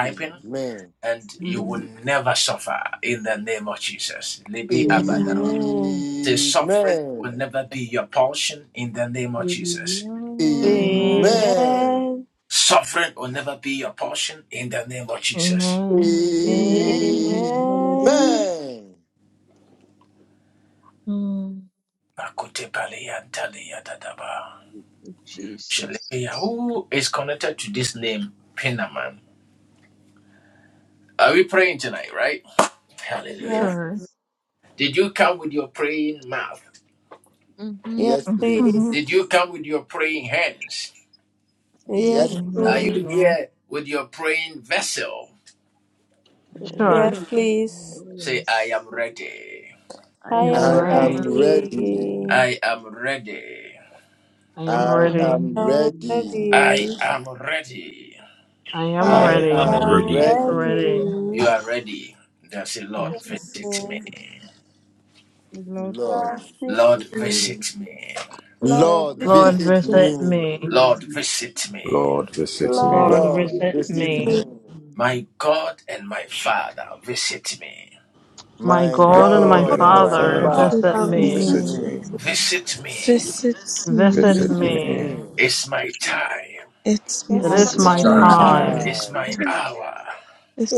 Speaker 3: Amen.
Speaker 8: Mm.
Speaker 2: Amen.
Speaker 5: Amen.
Speaker 3: Amen.
Speaker 8: Amen.
Speaker 10: Amen.
Speaker 4: Amen.
Speaker 3: Amen.
Speaker 5: Amen.
Speaker 10: Amen. Amen.
Speaker 8: Amen.
Speaker 4: Amen.
Speaker 8: Hallelujah.
Speaker 5: Amen.
Speaker 3: Amen.
Speaker 10: Mm.
Speaker 8: Jesus.
Speaker 19: here,
Speaker 5: Yes,
Speaker 10: Sure.
Speaker 8: Mm-hmm.
Speaker 5: yes,
Speaker 3: Yes, please.
Speaker 5: please.
Speaker 10: Amen.
Speaker 8: Oh,
Speaker 3: Yes,
Speaker 5: Yes,
Speaker 4: Yes.
Speaker 3: please.
Speaker 5: please.
Speaker 10: Yeah.
Speaker 4: Amen.
Speaker 8: oh,
Speaker 10: Sure.
Speaker 5: Yes, please.
Speaker 4: Oh, yes.
Speaker 8: I
Speaker 5: I
Speaker 10: Yeah,
Speaker 8: am
Speaker 10: I'm
Speaker 19: and
Speaker 3: I
Speaker 5: am
Speaker 4: I
Speaker 8: ready.
Speaker 3: am
Speaker 10: ready.
Speaker 4: am ready.
Speaker 3: ready.
Speaker 5: ready.
Speaker 10: I
Speaker 4: I
Speaker 10: am
Speaker 8: I
Speaker 3: I
Speaker 19: I'm
Speaker 10: ready.
Speaker 8: am
Speaker 3: am
Speaker 8: ready.
Speaker 4: am
Speaker 5: I'm
Speaker 3: ready.
Speaker 5: ready.
Speaker 4: ready.
Speaker 10: I am
Speaker 15: I
Speaker 5: I
Speaker 4: I
Speaker 8: I
Speaker 3: I
Speaker 10: ready.
Speaker 15: am
Speaker 3: am
Speaker 5: am
Speaker 19: very
Speaker 8: am
Speaker 4: am
Speaker 15: ready.
Speaker 3: ready.
Speaker 10: Ready.
Speaker 4: ready.
Speaker 5: ready.
Speaker 10: Yes.
Speaker 5: Yes, sir.
Speaker 8: ready. Lord, thank
Speaker 3: Lord,
Speaker 5: Lord, speak
Speaker 3: visit
Speaker 5: to me.
Speaker 3: me.
Speaker 5: Lord,
Speaker 8: you.
Speaker 3: Lord,
Speaker 4: Love
Speaker 5: speak
Speaker 10: Lord,
Speaker 5: to
Speaker 3: visit
Speaker 5: me.
Speaker 10: visit
Speaker 3: me.
Speaker 19: happy
Speaker 10: me.
Speaker 19: to
Speaker 4: me.
Speaker 19: see.
Speaker 15: Lord, visit
Speaker 8: Lord,
Speaker 5: Lord,
Speaker 15: me,
Speaker 10: Lord,
Speaker 19: Hello,
Speaker 3: Lord,
Speaker 19: good
Speaker 4: Love
Speaker 19: to
Speaker 10: visit
Speaker 19: see
Speaker 3: visit
Speaker 5: speak to
Speaker 3: me.
Speaker 10: me.
Speaker 4: me.
Speaker 10: My
Speaker 8: It's
Speaker 3: My
Speaker 5: me.
Speaker 15: my
Speaker 10: God and my
Speaker 15: God
Speaker 3: God
Speaker 15: and
Speaker 3: and
Speaker 19: Yeah,
Speaker 15: my
Speaker 3: my
Speaker 8: one,
Speaker 10: Father,
Speaker 4: My
Speaker 15: Father.
Speaker 5: Lord,
Speaker 10: visit
Speaker 3: Father,
Speaker 14: Visit
Speaker 3: visit
Speaker 10: me.
Speaker 5: listen
Speaker 15: Visit
Speaker 14: me,
Speaker 4: services
Speaker 3: me.
Speaker 15: me
Speaker 4: me.
Speaker 14: visit
Speaker 10: Visit
Speaker 14: me.
Speaker 15: Visit
Speaker 3: Visit
Speaker 15: me.
Speaker 10: me.
Speaker 3: me.
Speaker 14: It's
Speaker 10: It
Speaker 5: It's
Speaker 14: my
Speaker 3: It's
Speaker 5: my,
Speaker 19: It's
Speaker 10: is
Speaker 8: it's
Speaker 19: my
Speaker 15: It's
Speaker 10: my
Speaker 4: my
Speaker 15: my
Speaker 3: my
Speaker 19: time,
Speaker 14: time.
Speaker 15: time.
Speaker 10: time.
Speaker 4: family.
Speaker 3: time.
Speaker 19: retain.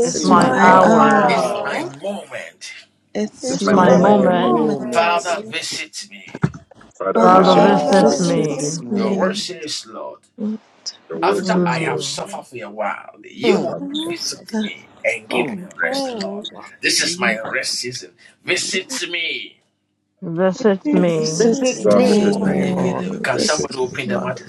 Speaker 10: It's
Speaker 15: It's
Speaker 19: It's my
Speaker 3: It's
Speaker 10: my
Speaker 15: my
Speaker 8: one,
Speaker 5: my
Speaker 14: my
Speaker 8: uh,
Speaker 15: hour.
Speaker 3: my
Speaker 19: time.
Speaker 10: hour.
Speaker 14: hour.
Speaker 5: hour.
Speaker 3: hour.
Speaker 14: It's
Speaker 19: it's
Speaker 8: it's
Speaker 10: It's
Speaker 15: It's
Speaker 5: It's
Speaker 19: my
Speaker 3: It's
Speaker 15: my
Speaker 10: my
Speaker 5: my
Speaker 14: my
Speaker 8: one
Speaker 19: moment.
Speaker 3: my
Speaker 15: moment,
Speaker 10: moment.
Speaker 8: moment
Speaker 4: My
Speaker 5: moment.
Speaker 3: moment.
Speaker 14: roommate's
Speaker 4: yes.
Speaker 19: Father,
Speaker 8: for our
Speaker 10: Father,
Speaker 19: visit
Speaker 14: father
Speaker 15: Father.
Speaker 4: Father,
Speaker 5: God
Speaker 19: me.
Speaker 10: visit
Speaker 3: Father,
Speaker 15: Visit me.
Speaker 10: me.
Speaker 5: overtakes
Speaker 3: visit
Speaker 14: visits
Speaker 5: me.
Speaker 3: me.
Speaker 14: me.
Speaker 4: me.
Speaker 14: Look
Speaker 19: The
Speaker 8: the
Speaker 19: word
Speaker 8: worst
Speaker 19: says
Speaker 8: is
Speaker 19: here,
Speaker 10: Mm.
Speaker 8: one for
Speaker 3: Mm,
Speaker 8: our
Speaker 19: Father,
Speaker 5: Whose
Speaker 8: subject
Speaker 14: at that. oh,
Speaker 3: mm.
Speaker 14: God.
Speaker 8: of
Speaker 5: strength
Speaker 8: what you mean.
Speaker 10: Visit
Speaker 8: With
Speaker 5: visits
Speaker 10: me.
Speaker 8: the
Speaker 3: Visit
Speaker 5: me,
Speaker 14: visits
Speaker 4: Process
Speaker 19: God
Speaker 5: oh
Speaker 19: visit
Speaker 15: Visit
Speaker 8: team,
Speaker 3: me.
Speaker 4: me.
Speaker 5: God.
Speaker 15: me,
Speaker 19: me.
Speaker 14: me,
Speaker 15: Lord.
Speaker 14: visits
Speaker 15: Visit me,
Speaker 14: me.
Speaker 15: Father.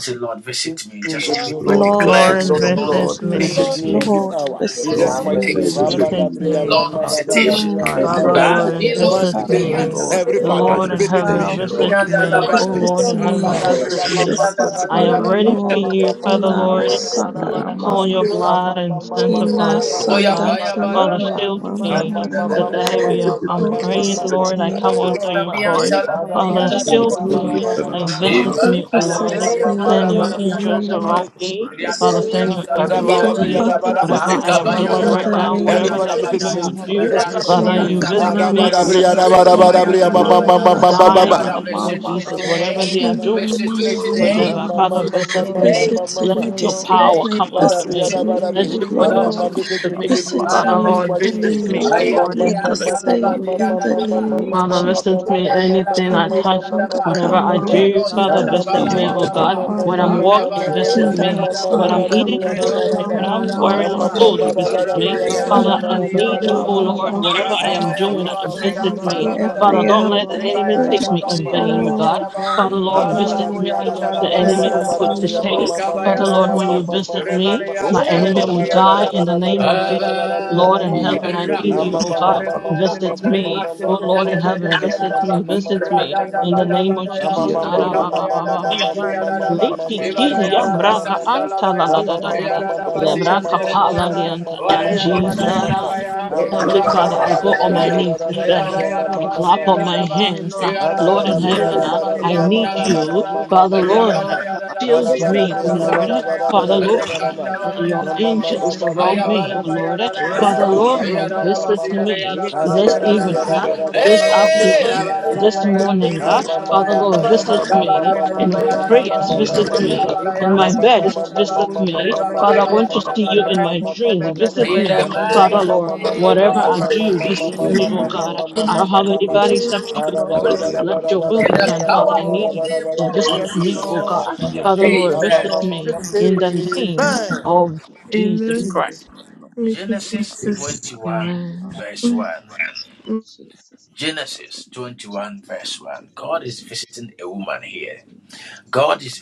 Speaker 3: in, in the
Speaker 5: Love
Speaker 3: name of
Speaker 15: Lord,
Speaker 3: the King
Speaker 14: Lord
Speaker 3: of
Speaker 15: visit
Speaker 10: Lord,
Speaker 3: Lord of
Speaker 15: me.
Speaker 5: you.
Speaker 3: Lords.
Speaker 15: Lord,
Speaker 10: visit
Speaker 14: visits me,
Speaker 10: me.
Speaker 3: Visit
Speaker 5: God
Speaker 15: visit
Speaker 3: me
Speaker 15: me.
Speaker 3: in
Speaker 8: with
Speaker 4: My
Speaker 3: this
Speaker 5: visits
Speaker 14: Lord
Speaker 8: the
Speaker 3: hour.
Speaker 5: me.
Speaker 3: In just
Speaker 15: Lord,
Speaker 14: visits
Speaker 8: involved,
Speaker 4: mercy.
Speaker 5: Yahweh
Speaker 3: mighty
Speaker 14: me.
Speaker 3: name.
Speaker 19: God
Speaker 15: visit
Speaker 8: of
Speaker 5: visits
Speaker 19: visit
Speaker 15: me.
Speaker 8: the
Speaker 19: me.
Speaker 14: This
Speaker 10: Visit
Speaker 15: It's
Speaker 19: In
Speaker 14: is
Speaker 3: Abadabriya,
Speaker 5: me.
Speaker 3: ma,
Speaker 15: my
Speaker 10: me.
Speaker 8: relationship,
Speaker 14: my
Speaker 3: ma,
Speaker 15: hour.
Speaker 3: ba,
Speaker 19: the
Speaker 3: ba,
Speaker 15: It's
Speaker 8: with
Speaker 3: da,
Speaker 19: name
Speaker 15: my
Speaker 19: of
Speaker 8: the
Speaker 14: time.
Speaker 3: briya, ma,
Speaker 19: Jesus,
Speaker 15: time,
Speaker 14: My
Speaker 3: ma,
Speaker 10: Father,
Speaker 19: Lord,
Speaker 15: Lord.
Speaker 3: ma,
Speaker 5: Visits
Speaker 3: ma.
Speaker 19: visit
Speaker 18: Thank you,
Speaker 14: roommate
Speaker 19: me
Speaker 10: Lord,
Speaker 5: you.
Speaker 3: Divine
Speaker 19: tonight.
Speaker 10: visit
Speaker 14: after
Speaker 18: Jesus,
Speaker 15: Visit me,
Speaker 14: I've
Speaker 3: visitation.
Speaker 10: me.
Speaker 4: My
Speaker 5: Demands
Speaker 15: Lord.
Speaker 5: me
Speaker 3: Every
Speaker 4: mercy.
Speaker 8: learning,
Speaker 14: suffered
Speaker 10: The
Speaker 19: Father,
Speaker 18: for
Speaker 3: father,
Speaker 10: Lord
Speaker 15: Divine
Speaker 14: for
Speaker 19: visit
Speaker 10: in
Speaker 14: a
Speaker 19: me.
Speaker 3: visit
Speaker 10: heaven,
Speaker 18: forgiveness,
Speaker 3: me.
Speaker 14: while
Speaker 5: The mighty name of
Speaker 15: visitation.
Speaker 5: you.
Speaker 15: Lord,
Speaker 10: visit
Speaker 3: Visit me in
Speaker 8: and the
Speaker 4: I'm
Speaker 3: this
Speaker 15: divine
Speaker 10: me. O
Speaker 3: mighty
Speaker 5: Family
Speaker 18: for
Speaker 3: name.
Speaker 8: faithful.
Speaker 10: Lord
Speaker 15: visitation.
Speaker 14: visits
Speaker 10: in
Speaker 5: of
Speaker 15: Lord.
Speaker 14: me,
Speaker 10: heaven,
Speaker 15: Father,
Speaker 19: I
Speaker 18: forgiveness,
Speaker 15: visit
Speaker 5: this
Speaker 15: me,
Speaker 10: visit
Speaker 3: Abadabriya, ma, ma,
Speaker 10: me.
Speaker 3: ma,
Speaker 19: will
Speaker 3: da,
Speaker 19: be
Speaker 14: visits
Speaker 10: I
Speaker 3: ba,
Speaker 14: me.
Speaker 3: da,
Speaker 14: Oh
Speaker 10: am
Speaker 19: your
Speaker 5: love
Speaker 10: ready
Speaker 3: briya, ma,
Speaker 10: for
Speaker 14: Lord,
Speaker 8: Yes,
Speaker 3: ma, ma,
Speaker 10: you,
Speaker 3: ma,
Speaker 10: Father,
Speaker 5: demands
Speaker 3: ma,
Speaker 8: Lord,
Speaker 4: not
Speaker 20: Oh,
Speaker 14: Kina
Speaker 3: ma,
Speaker 8: yes,
Speaker 10: Lord.
Speaker 3: ma, da, ba, da, ba,
Speaker 8: Lord,
Speaker 14: Rasandara
Speaker 3: da,
Speaker 8: yes,
Speaker 10: Call
Speaker 3: ba.
Speaker 10: your
Speaker 14: Mama.
Speaker 8: Lord,
Speaker 5: you.
Speaker 18: for
Speaker 3: Ah,
Speaker 8: yes,
Speaker 10: blood
Speaker 3: ma,
Speaker 10: and
Speaker 3: ma,
Speaker 18: the
Speaker 3: ma,
Speaker 8: Lord.
Speaker 3: ma,
Speaker 18: Jesus,
Speaker 3: ma,
Speaker 14: Kina
Speaker 10: sanctify,
Speaker 3: da, ba, da,
Speaker 15: Lord.
Speaker 14: Sanda
Speaker 3: briya,
Speaker 18: you
Speaker 10: God.
Speaker 3: ma, da, ba,
Speaker 14: Kina
Speaker 10: Father,
Speaker 3: da,
Speaker 8: Yes,
Speaker 14: Mama
Speaker 3: ba.
Speaker 10: shield
Speaker 8: and
Speaker 14: Mama
Speaker 3: Ah,
Speaker 8: was
Speaker 10: me.
Speaker 3: ma, ma,
Speaker 14: Mama
Speaker 18: thanks so
Speaker 3: ma,
Speaker 8: equally
Speaker 3: ma,
Speaker 8: the
Speaker 10: Today
Speaker 19: Like,
Speaker 3: ma,
Speaker 18: much.
Speaker 10: we
Speaker 19: this
Speaker 8: most,
Speaker 3: ma,
Speaker 10: are,
Speaker 3: ma,
Speaker 19: is
Speaker 18: We
Speaker 3: ma,
Speaker 10: I'm
Speaker 18: are
Speaker 3: ma,
Speaker 14: Lord
Speaker 19: funny.
Speaker 8: equally
Speaker 3: ma,
Speaker 8: the
Speaker 10: praying,
Speaker 19: You got to
Speaker 8: dear.
Speaker 14: visits
Speaker 10: Lord, I
Speaker 3: ma,
Speaker 14: me,
Speaker 3: ma,
Speaker 10: come
Speaker 3: ma,
Speaker 10: under
Speaker 3: ma,
Speaker 10: your
Speaker 3: ma.
Speaker 10: cross.
Speaker 8: You
Speaker 3: Ah,
Speaker 8: shall
Speaker 3: da, ba,
Speaker 14: Lord
Speaker 10: Father,
Speaker 3: da,
Speaker 8: be,
Speaker 15: Yeah,
Speaker 3: briya,
Speaker 8: shall
Speaker 10: shield
Speaker 14: visits
Speaker 3: da,
Speaker 14: me,
Speaker 15: yeah,
Speaker 3: ba,
Speaker 8: follow
Speaker 3: da,
Speaker 15: yeah,
Speaker 10: me
Speaker 3: ba,
Speaker 8: the
Speaker 3: da,
Speaker 10: and
Speaker 8: Baha.
Speaker 15: yeah,
Speaker 10: visit
Speaker 14: Father
Speaker 10: me, O Lord.
Speaker 14: visits me
Speaker 3: ba, da,
Speaker 10: Send your
Speaker 14: in
Speaker 3: ba.
Speaker 14: the
Speaker 10: angels
Speaker 14: name of
Speaker 10: around me.
Speaker 14: Jesus.
Speaker 18: so
Speaker 10: Father, send your
Speaker 14: May
Speaker 10: angel around
Speaker 14: God
Speaker 15: yeah,
Speaker 10: me.
Speaker 14: Father
Speaker 15: yeah.
Speaker 10: Whatever
Speaker 3: Adabadabriyadabaraba.
Speaker 10: I
Speaker 14: visits
Speaker 10: am
Speaker 14: me
Speaker 10: doing
Speaker 14: in
Speaker 10: right
Speaker 14: the
Speaker 3: Amamamama.
Speaker 10: now,
Speaker 14: name
Speaker 3: Every
Speaker 10: whatever
Speaker 20: For
Speaker 14: of
Speaker 10: the
Speaker 3: father visit
Speaker 10: enemy
Speaker 14: Jesus.
Speaker 10: will
Speaker 3: me,
Speaker 10: do,
Speaker 3: visit me, King of
Speaker 10: Father,
Speaker 14: Kina
Speaker 3: Kings.
Speaker 10: you visit
Speaker 14: Karama
Speaker 10: me and let my
Speaker 14: Sanda
Speaker 8: Lord,
Speaker 10: enemy
Speaker 14: Kina
Speaker 3: Adabadabriyadabarabriya.
Speaker 15: Yeah, yeah,
Speaker 14: Mama Mama
Speaker 10: die
Speaker 14: Kina
Speaker 10: in
Speaker 3: Amamamamababa.
Speaker 10: the name of
Speaker 15: yeah,
Speaker 14: Mama
Speaker 15: yeah,
Speaker 10: Jesus.
Speaker 15: yeah.
Speaker 10: Whatever they are
Speaker 14: Kina
Speaker 3: Amamadabriyadaba.
Speaker 10: doing,
Speaker 14: Mama
Speaker 15: Visit
Speaker 10: whenever
Speaker 14: Mama
Speaker 10: Father visit me,
Speaker 14: Visit
Speaker 10: let
Speaker 14: me
Speaker 3: Amamamamamamamama.
Speaker 10: your
Speaker 14: this
Speaker 10: power
Speaker 14: evening,
Speaker 10: come
Speaker 3: Mama,
Speaker 10: unto
Speaker 8: Bless
Speaker 10: me.
Speaker 14: visit me,
Speaker 8: me,
Speaker 10: Let
Speaker 8: O
Speaker 14: O
Speaker 10: your
Speaker 8: Lord,
Speaker 10: oil
Speaker 14: Lord,
Speaker 10: speak
Speaker 8: bless
Speaker 3: visit me,
Speaker 10: to me.
Speaker 8: me,
Speaker 3: visit me,
Speaker 8: O
Speaker 14: visit
Speaker 3: visit
Speaker 10: Father,
Speaker 3: me,
Speaker 8: God.
Speaker 14: me,
Speaker 3: just
Speaker 10: Lord,
Speaker 3: my
Speaker 8: Bless
Speaker 14: I may
Speaker 3: name.
Speaker 10: visit
Speaker 8: me, O
Speaker 10: me, O
Speaker 14: not leave
Speaker 10: Lord
Speaker 14: here
Speaker 10: in
Speaker 14: the
Speaker 8: God,
Speaker 10: heaven.
Speaker 8: bless me, O
Speaker 14: same
Speaker 8: Lord, bless
Speaker 14: in
Speaker 8: me, O
Speaker 14: the name of
Speaker 10: Father,
Speaker 14: Jesus.
Speaker 10: visit me anything I
Speaker 14: Kinda
Speaker 10: touch,
Speaker 14: sanda
Speaker 10: whatever I
Speaker 14: kama,
Speaker 10: do, Father,
Speaker 14: kinda
Speaker 15: me,
Speaker 10: visit
Speaker 15: yeah,
Speaker 10: me,
Speaker 14: kama,
Speaker 10: oh
Speaker 15: yeah,
Speaker 14: mama,
Speaker 10: God. When I'm
Speaker 14: mama,
Speaker 10: walking, visit
Speaker 14: kinda
Speaker 10: me. When
Speaker 14: sanda
Speaker 10: I'm eating,
Speaker 14: kama,
Speaker 10: visit me.
Speaker 14: mama,
Speaker 10: When I'm wearing a
Speaker 14: mama,
Speaker 10: clothes,
Speaker 14: mama,
Speaker 10: visit me.
Speaker 15: yeah,
Speaker 10: Father, I
Speaker 14: kinda
Speaker 10: need you,
Speaker 14: mama,
Speaker 10: oh
Speaker 14: mama,
Speaker 10: Lord.
Speaker 14: mama.
Speaker 10: Whatever I am doing,
Speaker 14: I
Speaker 10: visit
Speaker 14: need
Speaker 4: a
Speaker 10: me.
Speaker 14: thee
Speaker 4: man.
Speaker 10: Father,
Speaker 14: every
Speaker 10: don't
Speaker 14: hour,
Speaker 10: let the
Speaker 14: most
Speaker 10: enemy take me
Speaker 14: gracious
Speaker 10: in
Speaker 3: Mama,
Speaker 10: vain, oh
Speaker 14: God.
Speaker 10: God. Father, Lord,
Speaker 3: Ada
Speaker 4: So
Speaker 3: bara
Speaker 10: visit
Speaker 14: Oh,
Speaker 10: me.
Speaker 3: bria, ada bara
Speaker 10: The
Speaker 3: bara
Speaker 10: enemy
Speaker 14: visit
Speaker 3: bara
Speaker 10: will
Speaker 3: bara
Speaker 10: put to
Speaker 3: bria,
Speaker 14: me,
Speaker 8: Lord,
Speaker 15: yeah.
Speaker 10: shame.
Speaker 3: Mama,
Speaker 14: visit
Speaker 8: bless
Speaker 3: mama
Speaker 14: me,
Speaker 10: Father,
Speaker 3: mama
Speaker 14: visit
Speaker 8: me,
Speaker 3: mama
Speaker 10: Lord,
Speaker 8: O
Speaker 10: when
Speaker 14: me.
Speaker 10: you
Speaker 3: mama
Speaker 8: Lord.
Speaker 10: visit
Speaker 3: mama,
Speaker 10: me,
Speaker 3: mama
Speaker 10: my
Speaker 8: Eh,
Speaker 10: enemy will
Speaker 20: you
Speaker 3: bara bara
Speaker 10: die
Speaker 8: Mambasi
Speaker 10: in the
Speaker 3: bara
Speaker 10: name
Speaker 3: bara
Speaker 10: of
Speaker 3: bria,
Speaker 8: telegede
Speaker 10: Jesus.
Speaker 3: ada
Speaker 8: bede
Speaker 3: bara bria,
Speaker 8: bede
Speaker 10: Lord in
Speaker 3: mama
Speaker 15: Amen.
Speaker 8: bede
Speaker 3: mama,
Speaker 10: heaven,
Speaker 8: bede
Speaker 10: I
Speaker 8: bede.
Speaker 10: need you,
Speaker 3: mama
Speaker 10: O
Speaker 3: mama
Speaker 10: God.
Speaker 8: Reko
Speaker 3: mama
Speaker 10: Visit
Speaker 3: mama
Speaker 8: telegede
Speaker 3: mama
Speaker 10: me.
Speaker 8: uche
Speaker 3: mama
Speaker 10: O Lord
Speaker 3: mama
Speaker 10: in
Speaker 8: telegede
Speaker 3: mama
Speaker 10: heaven,
Speaker 8: bede.
Speaker 10: visit me,
Speaker 3: mama
Speaker 10: visit
Speaker 8: Ika
Speaker 10: me.
Speaker 3: mama
Speaker 8: vayan
Speaker 10: In the
Speaker 3: mama.
Speaker 8: bede
Speaker 10: name of
Speaker 8: bede
Speaker 3: Ama
Speaker 8: sola
Speaker 10: Jesus.
Speaker 3: mama
Speaker 8: gada
Speaker 3: mama
Speaker 8: bata.
Speaker 3: mama mama
Speaker 10: Karabababababa.
Speaker 3: mama mama
Speaker 8: Divine
Speaker 3: mama
Speaker 10: Leki
Speaker 3: mama
Speaker 8: visitation,
Speaker 10: kiri
Speaker 3: mama
Speaker 10: ya
Speaker 8: O
Speaker 10: braka
Speaker 8: God.
Speaker 3: mama.
Speaker 10: anta la la
Speaker 3: Ama
Speaker 10: da da
Speaker 3: mama
Speaker 8: Divine
Speaker 10: da da.
Speaker 3: mama
Speaker 10: Le
Speaker 3: mama mama
Speaker 8: visitation,
Speaker 3: mama
Speaker 10: braka
Speaker 8: O
Speaker 10: pa la
Speaker 3: mama
Speaker 10: di
Speaker 8: God.
Speaker 10: anta.
Speaker 3: mama
Speaker 8: Divine
Speaker 3: mama mama.
Speaker 10: Jesus.
Speaker 8: visitation,
Speaker 3: Ama
Speaker 8: O
Speaker 3: bara
Speaker 10: Heavenly
Speaker 3: bara
Speaker 8: God.
Speaker 10: Father, I
Speaker 3: bara
Speaker 10: go
Speaker 3: bara
Speaker 10: on my
Speaker 3: bara
Speaker 8: Visit
Speaker 10: knees
Speaker 3: bara bara
Speaker 8: me,
Speaker 3: bara.
Speaker 10: today.
Speaker 8: Lord.
Speaker 3: Ama
Speaker 10: I
Speaker 3: mama
Speaker 10: clap on
Speaker 3: mama
Speaker 10: my
Speaker 8: Visit
Speaker 3: mama.
Speaker 8: me,
Speaker 10: hands. Uh,
Speaker 8: Lord.
Speaker 3: Mama,
Speaker 10: Lord in heaven,
Speaker 8: Visit
Speaker 10: uh,
Speaker 8: me,
Speaker 10: I need
Speaker 8: Lord.
Speaker 10: you.
Speaker 8: Visit
Speaker 10: Father,
Speaker 8: me,
Speaker 10: Lord, uh,
Speaker 8: Lord.
Speaker 10: build
Speaker 8: Visit
Speaker 10: me, O
Speaker 8: me,
Speaker 10: Lord.
Speaker 8: Lord.
Speaker 10: Father,
Speaker 8: This is
Speaker 10: Lord
Speaker 8: me, Lord.
Speaker 10: your
Speaker 8: This is
Speaker 10: angels
Speaker 8: me,
Speaker 10: around me,
Speaker 8: Lord.
Speaker 10: O Lord. Father, Lord, have visited
Speaker 8: Rapatalagadabasa.
Speaker 10: me this
Speaker 8: Ekabayan
Speaker 10: evening, uh, this
Speaker 8: kiribikasalagadiha.
Speaker 10: afternoon, this
Speaker 8: Ebayan
Speaker 10: morning. uh. Father, Lord,
Speaker 8: kiribikasalagadaha.
Speaker 10: visit me in my prayers, visit
Speaker 8: Rebabababadadadaba.
Speaker 10: me in my bed, visit me. Father, I want
Speaker 8: Ebasitelekidurushetelegadehe.
Speaker 10: to see you in my dreams, visit me.
Speaker 8: Rekotelegadebeyan
Speaker 10: Father, Lord, whatever I
Speaker 8: diribikasalagadabaha.
Speaker 10: do, visit
Speaker 8: Yes,
Speaker 10: me, O God.
Speaker 8: Lord.
Speaker 10: I don't have anybody except
Speaker 8: Yes,
Speaker 10: you,
Speaker 3: Amen.
Speaker 10: O Lord.
Speaker 8: Lord.
Speaker 10: Let your will be
Speaker 8: Yes,
Speaker 10: done, Father. I need
Speaker 8: Lord.
Speaker 10: you. Uh, Visit
Speaker 8: Yes,
Speaker 10: me, O
Speaker 8: Lord.
Speaker 10: God. Father, Lord,
Speaker 8: Yes,
Speaker 3: Amen.
Speaker 10: visit
Speaker 8: Lord.
Speaker 10: me
Speaker 3: Amen.
Speaker 10: in the name
Speaker 8: Amen.
Speaker 10: of Jesus
Speaker 5: Amen.
Speaker 10: Christ.
Speaker 5: Thank you,
Speaker 4: Father will set my
Speaker 5: Jesus.
Speaker 4: family in
Speaker 10: Amen.
Speaker 4: um, in the mighty name of Jesus. That every enemy chapter, with every defamation, this is the night we need.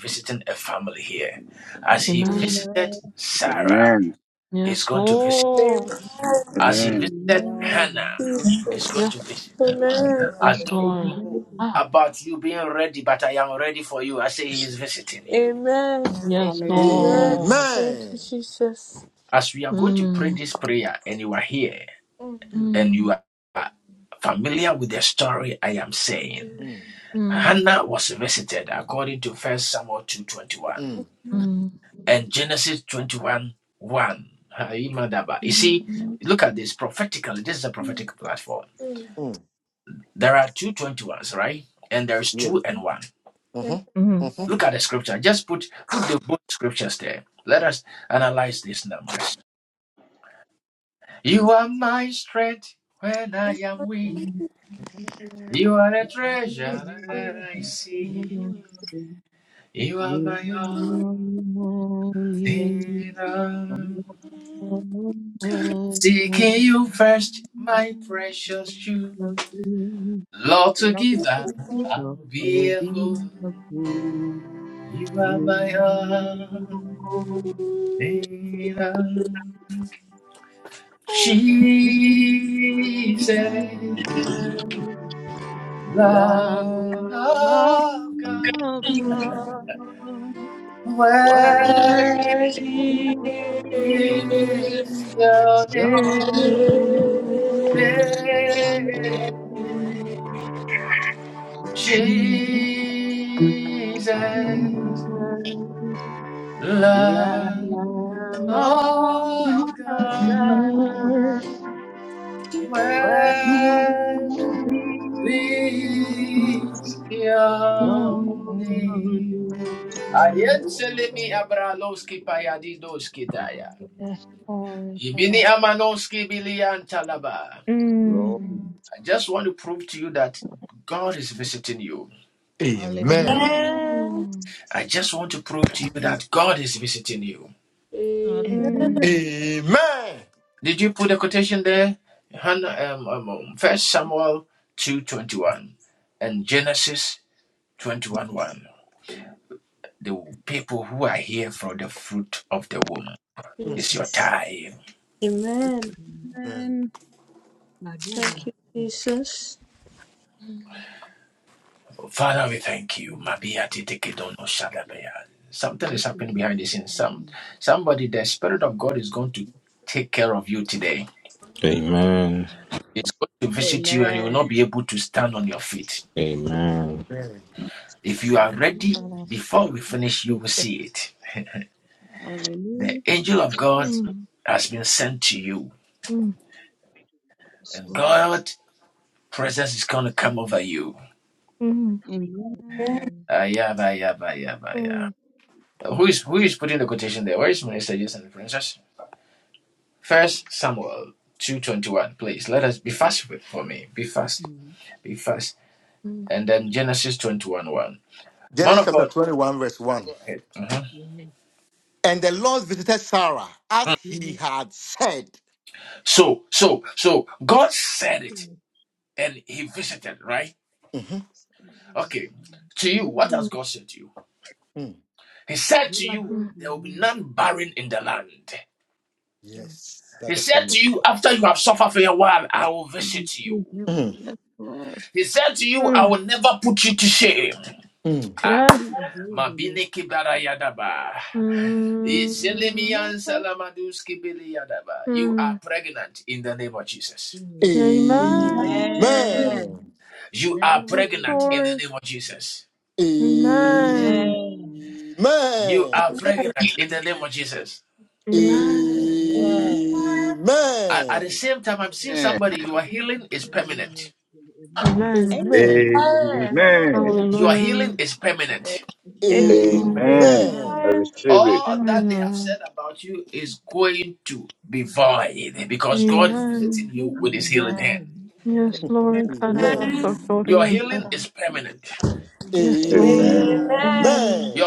Speaker 4: Oh,
Speaker 10: Amen.
Speaker 8: Amen.
Speaker 19: Amen.
Speaker 10: Yes, Lord.
Speaker 5: Amen.
Speaker 19: Amen.
Speaker 8: Amen.
Speaker 10: Yes,
Speaker 5: Amen.
Speaker 10: yes, Lord.
Speaker 8: Amen.
Speaker 10: Ah,
Speaker 5: Amen.
Speaker 10: yes,
Speaker 8: Hallelujah.
Speaker 5: Amen.
Speaker 4: Amen.
Speaker 10: Lord.
Speaker 5: Thank you, Jesus.
Speaker 10: Mm,
Speaker 5: Amen.
Speaker 10: mm,
Speaker 3: Mm,
Speaker 10: mm,
Speaker 3: mm, mm,
Speaker 4: Amen.
Speaker 10: mm,
Speaker 3: mm. Yes. Mhm, mhm.
Speaker 18: thankful. Thank
Speaker 8: You are
Speaker 18: Wow.
Speaker 8: holy. Love is something of how being a
Speaker 4: Amen.
Speaker 8: fool. You
Speaker 4: Amen.
Speaker 8: are holy. Lamb of God, worthy your name,
Speaker 10: mm,
Speaker 8: Jesus, Lamb
Speaker 10: mm.
Speaker 8: of God,
Speaker 10: mm. Yes,
Speaker 8: worthy your name,
Speaker 10: glory to the
Speaker 8: Lord.
Speaker 10: Mm.
Speaker 8: Hallelujah.
Speaker 3: Amen.
Speaker 5: Amen.
Speaker 10: Amen.
Speaker 8: Hallelujah.
Speaker 10: Mm.
Speaker 3: Amen. Mm.
Speaker 5: Jesus. Amen.
Speaker 3: Amen.
Speaker 8: Amen.
Speaker 5: Thank you,
Speaker 18: Наверное,
Speaker 5: Jesus.
Speaker 18: было. Лучше вместе, наверное.
Speaker 15: Amen. Amen.
Speaker 3: Amen.
Speaker 8: Hallelujah.
Speaker 10: God of Jesus.
Speaker 8: Hallelujah.
Speaker 10: Mm. Mm.
Speaker 8: Yes, Lord.
Speaker 10: Mm.
Speaker 8: Amen.
Speaker 5: Amen.
Speaker 10: Mm.
Speaker 8: Praise the Lord.
Speaker 18: Mm.
Speaker 10: Mm.
Speaker 3: Genesis chapter 21, verse 1.
Speaker 18: Yeah,
Speaker 3: And the Lord visited Sarah as
Speaker 18: yeah,
Speaker 3: he
Speaker 18: yeah.
Speaker 3: had said. Mhm,
Speaker 18: Ulama,
Speaker 10: Mm.
Speaker 3: mm.
Speaker 18: luga dua
Speaker 10: Mm.
Speaker 18: dia na.
Speaker 3: Yes, that's the promise.
Speaker 18: Ah,
Speaker 8: Thank you.
Speaker 3: Mm,
Speaker 8: Yes, Lord.
Speaker 10: Mm.
Speaker 3: mm.
Speaker 10: Yes.
Speaker 8: Jesus.
Speaker 18: abuela dodo.
Speaker 10: Mm. Mm.
Speaker 18: Oh,
Speaker 8: Amen.
Speaker 10: Amen.
Speaker 4: Amen.
Speaker 3: Amen.
Speaker 18: nana mo
Speaker 10: Yes,
Speaker 18: abuela
Speaker 10: Lord.
Speaker 4: Amen.
Speaker 8: Amen.
Speaker 3: Amen.
Speaker 10: Amen.
Speaker 3: Amen.
Speaker 18: You gotta be, you gotta be,
Speaker 10: Amen.
Speaker 8: Amen.
Speaker 3: Amen.
Speaker 18: you gotta be.
Speaker 19: Amen.
Speaker 18: You gotta think about the way you you you make it.
Speaker 10: Amen.
Speaker 3: Amen.
Speaker 5: Amen.
Speaker 19: Amen.
Speaker 10: Hallelujah.
Speaker 18: I feel it,
Speaker 10: Yes, Lord.
Speaker 19: Amen. I
Speaker 4: Amen.
Speaker 5: Amen.
Speaker 19: receive it.
Speaker 10: Amen.
Speaker 18: not that you. I feel it.
Speaker 10: Amen.
Speaker 18: Another moment,
Speaker 4: Amen.
Speaker 18: you are
Speaker 10: Yes,
Speaker 18: you
Speaker 10: Lord.
Speaker 18: just feel so
Speaker 3: Amen.
Speaker 8: Hallelujah.
Speaker 18: big, you feel
Speaker 4: Amen.
Speaker 10: Karabasotori
Speaker 18: it, you
Speaker 10: and
Speaker 18: feel
Speaker 4: Thank
Speaker 10: Taraba.
Speaker 4: you, Jesus.
Speaker 18: it.
Speaker 10: Yes,
Speaker 8: Amen.
Speaker 10: Lord.
Speaker 19: Amen.
Speaker 4: Amen.
Speaker 5: Amen.
Speaker 10: Amen.
Speaker 3: Amen.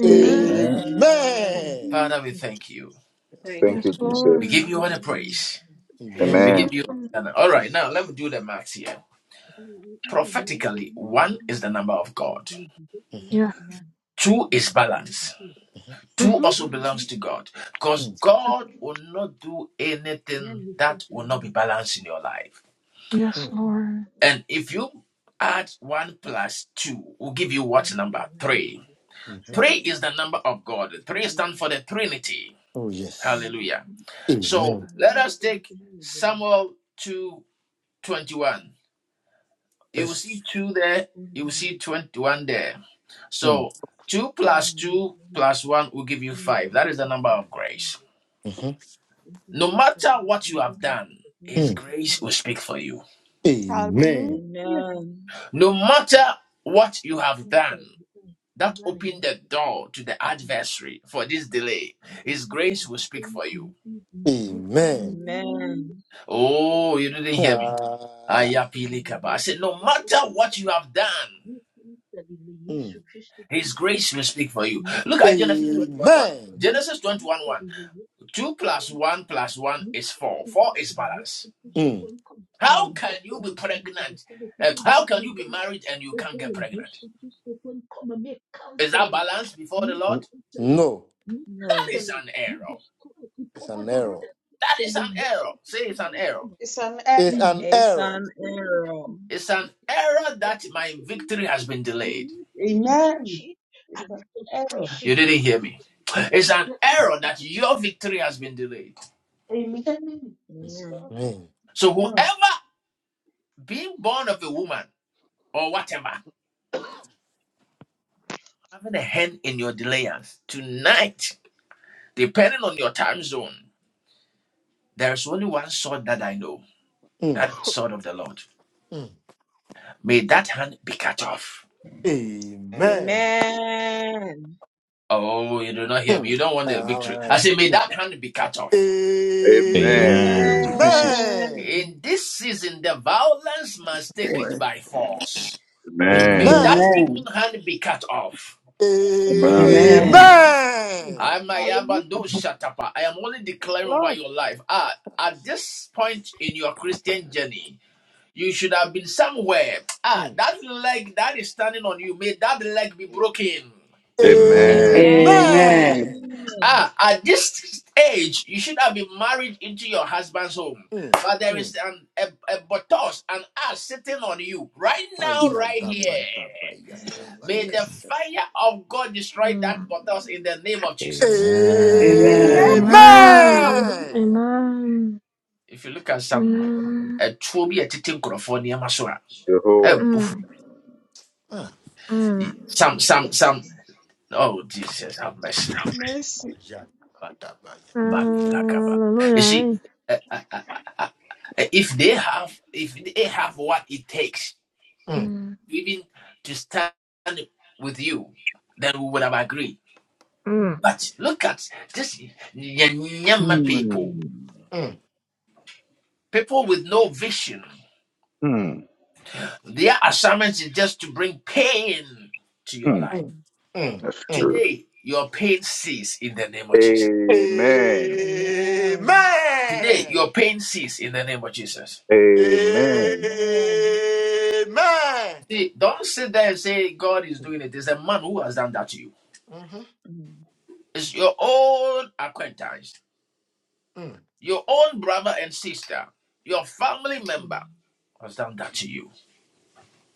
Speaker 10: Amen.
Speaker 19: Amen.
Speaker 4: Amen.
Speaker 18: Hi,
Speaker 3: Amen.
Speaker 18: yeah.
Speaker 3: Yes,
Speaker 6: you.
Speaker 19: Thank
Speaker 3: Lord.
Speaker 10: Yes,
Speaker 19: you,
Speaker 8: Thank
Speaker 19: Jesus.
Speaker 8: you,
Speaker 10: Lord.
Speaker 18: I do
Speaker 8: Jesus.
Speaker 18: it in a moment. I
Speaker 6: Yes.
Speaker 3: Amen.
Speaker 10: Amen.
Speaker 19: Amen.
Speaker 4: Thank you, Jesus.
Speaker 18: feel it. You know, you are not ready. You are not ready. I feel it. You just feel it.
Speaker 10: Yes.
Speaker 18: Yeah.
Speaker 4: Mm,
Speaker 18: So thank you for it. You feel it.
Speaker 10: Mm-hmm.
Speaker 4: mm,
Speaker 18: Then, then,
Speaker 3: Mhm, mhm, mm,
Speaker 18: yeah, you feel it now.
Speaker 10: Yes,
Speaker 3: mm,
Speaker 4: mm.
Speaker 10: Lord.
Speaker 18: If you are not ready, you
Speaker 3: mhm.
Speaker 4: Today.
Speaker 18: feel it.
Speaker 3: Oh, yes.
Speaker 4: Mm.
Speaker 18: If you
Speaker 3: Amen.
Speaker 18: feel it, you feel
Speaker 3: Yes.
Speaker 18: it.
Speaker 3: Mm,
Speaker 18: Namibia icuruza ibiti by'ikigori,
Speaker 3: mhm,
Speaker 18: igikoresho gikozwe mu
Speaker 3: mm.
Speaker 18: gitereko
Speaker 3: Amen.
Speaker 18: gifite
Speaker 8: Hallelujah.
Speaker 18: n'inkingi
Speaker 4: Amen. Amen.
Speaker 18: ikaryoheye amabara y'Yesu Kristo, igikoresho gifite amakingi n'ikamba
Speaker 3: Amen.
Speaker 18: rikomeye
Speaker 8: Amen.
Speaker 4: Amen.
Speaker 18: Yesu Kristo,
Speaker 3: Ah, yeah.
Speaker 18: yitabiriye Yesu Kristo, yitabiriye Yesu
Speaker 3: Mm.
Speaker 18: Kristo, n'ingutiya mu gutiya,
Speaker 3: Amen.
Speaker 18: n'ikanzu ya Yesu Kristo.
Speaker 3: Mm.
Speaker 4: Mm.
Speaker 18: Come make counseling, me
Speaker 3: Mm.
Speaker 18: counseling,
Speaker 3: No,
Speaker 18: me
Speaker 4: No.
Speaker 18: counseling, me destroy the
Speaker 3: it's
Speaker 18: power
Speaker 3: an
Speaker 18: to do
Speaker 3: error.
Speaker 18: that. Then the yes to come,
Speaker 8: It's an error.
Speaker 18: the
Speaker 3: It's an
Speaker 18: yes
Speaker 4: It's
Speaker 3: error.
Speaker 4: an
Speaker 18: to come,
Speaker 4: error.
Speaker 18: me destroy the system, me
Speaker 8: Amen.
Speaker 18: destroy
Speaker 8: It's
Speaker 18: the
Speaker 8: an error.
Speaker 18: frustration,
Speaker 8: Amen. Yes,
Speaker 4: Amen.
Speaker 8: Lord.
Speaker 3: Mm.
Speaker 8: No.
Speaker 3: Mm.
Speaker 7: Amen.
Speaker 3: Mm.
Speaker 19: Amen.
Speaker 3: Amen.
Speaker 4: Amen.
Speaker 3: Mm. All right.
Speaker 7: Amen.
Speaker 19: Amen. Into pieces.
Speaker 3: Amen.
Speaker 4: Amen.
Speaker 19: Amen.
Speaker 15: Amen.
Speaker 3: Amen.
Speaker 21: Amen.
Speaker 19: Amen.
Speaker 8: Amen.
Speaker 21: Amen.
Speaker 15: Amen.
Speaker 4: Amen.
Speaker 3: Amen.
Speaker 8: Hallelujah. Yes, Lord.
Speaker 3: Mm.
Speaker 7: Amen.
Speaker 15: Amen.
Speaker 19: Amen.
Speaker 21: Amen.
Speaker 3: Amen.
Speaker 4: Amen.
Speaker 3: Mm. Mm.
Speaker 4: Mm.
Speaker 3: Ayadabayakabayakabaya.
Speaker 4: Jesus.
Speaker 10: Mm.
Speaker 7: Amen.
Speaker 15: Amen.
Speaker 19: And
Speaker 8: Amen.
Speaker 21: Amen.
Speaker 4: Amen.
Speaker 10: Amen.
Speaker 8: Hallelujah.
Speaker 3: Amen.
Speaker 10: Amen. Amen.
Speaker 19: Jehovah.
Speaker 3: Mm.
Speaker 10: Mm.
Speaker 3: Ah,
Speaker 10: Mm.
Speaker 4: Yes, you.
Speaker 8: Mercy.
Speaker 3: yeah. Ba, da, ba, yeah.
Speaker 10: Hallelujah. eh?
Speaker 3: Mm,
Speaker 10: Mm. Mm.
Speaker 19: Hmm.
Speaker 3: mm,
Speaker 19: Hmm.
Speaker 4: Mm,
Speaker 19: Hmm.
Speaker 3: mm,
Speaker 4: mm.
Speaker 3: mm,
Speaker 19: That's
Speaker 3: mm.
Speaker 19: good. Amen.
Speaker 4: Amen.
Speaker 3: Amen.
Speaker 19: Amen.
Speaker 4: Amen.
Speaker 3: Amen. Mhm,
Speaker 4: Mm,
Speaker 3: mm,
Speaker 4: mm,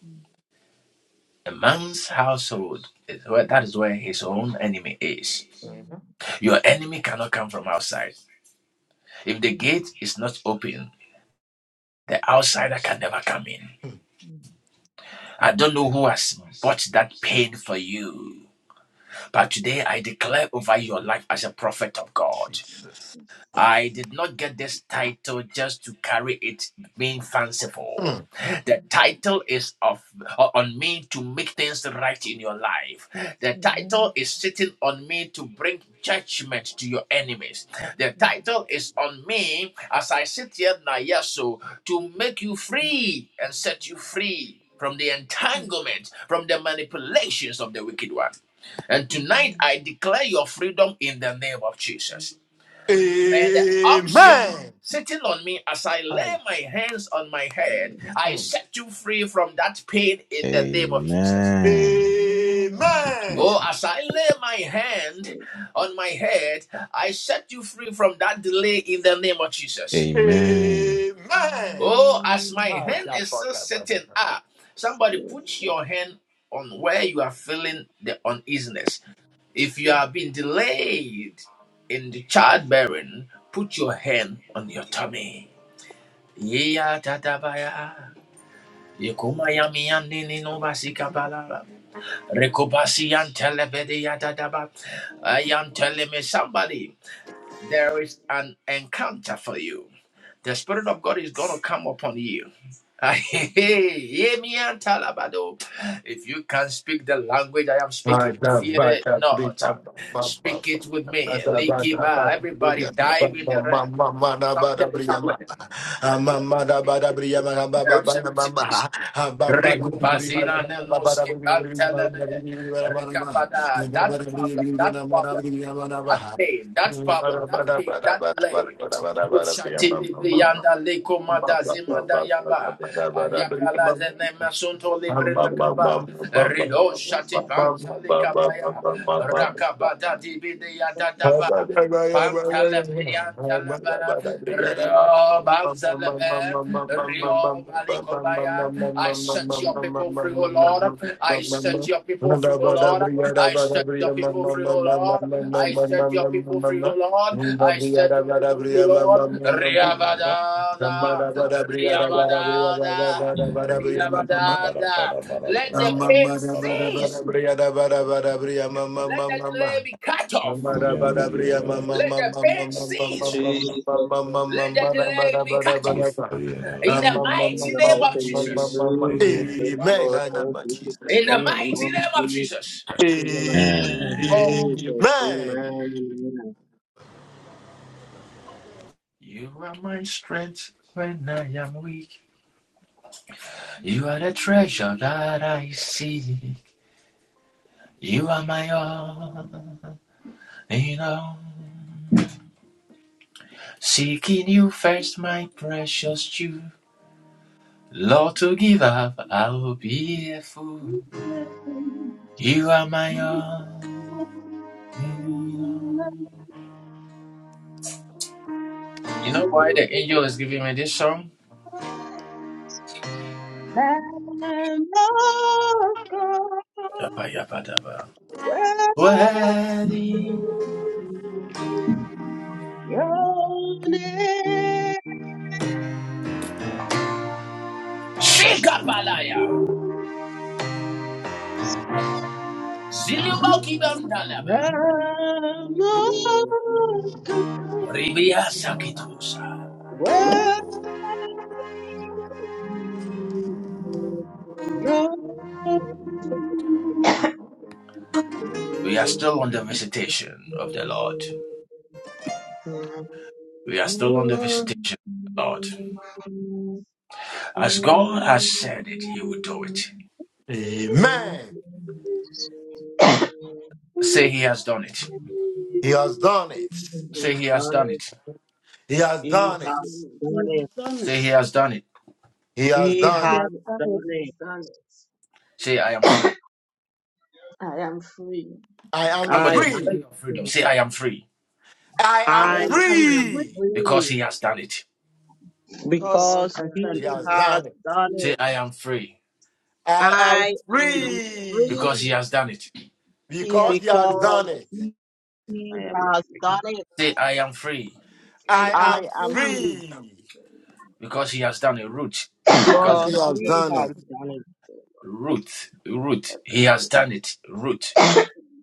Speaker 4: mm.
Speaker 3: mhm,
Speaker 4: Yes. Mm,
Speaker 3: mm.
Speaker 4: mm.
Speaker 3: Jesus.
Speaker 4: Jesus.
Speaker 3: Mm.
Speaker 4: Jesus. Amen. Mm, mm. Amen. Amen.
Speaker 3: Amen.
Speaker 4: Amen.
Speaker 3: Hi.
Speaker 4: Jesus.
Speaker 3: Mm.
Speaker 15: Amen. Thank you,
Speaker 4: Amen.
Speaker 3: Amen.
Speaker 15: Jesus.
Speaker 4: Jesus. Amen.
Speaker 15: Amen.
Speaker 3: Amen.
Speaker 4: Amen.
Speaker 3: Hi. yeah, but that, but that, but that.
Speaker 4: Jesus. Amen.
Speaker 3: Bada
Speaker 4: Amen. As
Speaker 3: Mama,
Speaker 15: Amen.
Speaker 3: bara bara bara bara bara bara bara bara bria mama mama mama. mama da bara bria mama mama mama mama
Speaker 11: Jesus,
Speaker 3: mama mama mama bara bara bara bara bara Mama
Speaker 11: in
Speaker 3: mama
Speaker 11: the
Speaker 3: mama
Speaker 11: mighty name
Speaker 3: mama
Speaker 11: of
Speaker 3: mama. Amen. in
Speaker 11: Jesus,
Speaker 3: the
Speaker 11: Lord,
Speaker 3: name
Speaker 11: thank
Speaker 3: of
Speaker 11: you
Speaker 3: Jesus.
Speaker 11: for my mom, please. In the mighty
Speaker 3: Amen.
Speaker 11: name of Jesus, amen.
Speaker 8: Lamb of God, well, your name, Jesus, Lamb of God, well,
Speaker 11: Amen.
Speaker 8: Your name
Speaker 11: Amen.
Speaker 8: is
Speaker 11: done it.
Speaker 3: Amen.
Speaker 8: great.
Speaker 3: He has done it. He has
Speaker 11: He
Speaker 3: done
Speaker 4: the
Speaker 3: it.
Speaker 11: has
Speaker 4: needs,
Speaker 11: done
Speaker 8: You
Speaker 11: it.
Speaker 8: have done it.
Speaker 3: He has
Speaker 11: He
Speaker 3: done
Speaker 8: You
Speaker 3: it.
Speaker 11: has
Speaker 8: have
Speaker 4: he
Speaker 8: done
Speaker 11: done
Speaker 4: the
Speaker 8: it.
Speaker 11: it.
Speaker 4: desires, I am free.
Speaker 3: I am
Speaker 11: I
Speaker 3: free.
Speaker 8: friend.
Speaker 11: am free.
Speaker 3: I
Speaker 8: I
Speaker 3: am
Speaker 4: I
Speaker 11: I
Speaker 4: am
Speaker 8: am
Speaker 11: am
Speaker 8: free
Speaker 4: free
Speaker 3: free.
Speaker 11: free
Speaker 8: because
Speaker 11: because
Speaker 8: he
Speaker 4: because
Speaker 8: has
Speaker 4: my
Speaker 8: done
Speaker 3: He
Speaker 8: it.
Speaker 11: he
Speaker 4: God
Speaker 3: has
Speaker 4: is on
Speaker 11: has
Speaker 3: done it.
Speaker 11: done
Speaker 4: free.
Speaker 11: it.
Speaker 3: I
Speaker 8: I am
Speaker 3: am
Speaker 11: I
Speaker 4: Because
Speaker 8: free.
Speaker 11: am
Speaker 3: free
Speaker 11: free
Speaker 8: He
Speaker 3: because
Speaker 8: has
Speaker 3: he
Speaker 8: done
Speaker 3: has
Speaker 8: it.
Speaker 11: because
Speaker 3: done it.
Speaker 4: my
Speaker 8: I
Speaker 11: he
Speaker 8: am
Speaker 4: God
Speaker 11: has
Speaker 8: free.
Speaker 11: done it.
Speaker 4: is on
Speaker 8: I
Speaker 3: I
Speaker 4: God,
Speaker 8: am
Speaker 3: am
Speaker 11: I
Speaker 4: Father,
Speaker 11: am
Speaker 8: free. because
Speaker 11: free
Speaker 3: free
Speaker 4: before I
Speaker 3: because
Speaker 4: am
Speaker 11: because
Speaker 3: he
Speaker 8: He
Speaker 3: has
Speaker 4: free
Speaker 8: has
Speaker 11: he
Speaker 3: done
Speaker 8: done
Speaker 11: has
Speaker 3: it.
Speaker 4: because
Speaker 8: it.
Speaker 4: my
Speaker 11: done it.
Speaker 4: God is on God. Everything in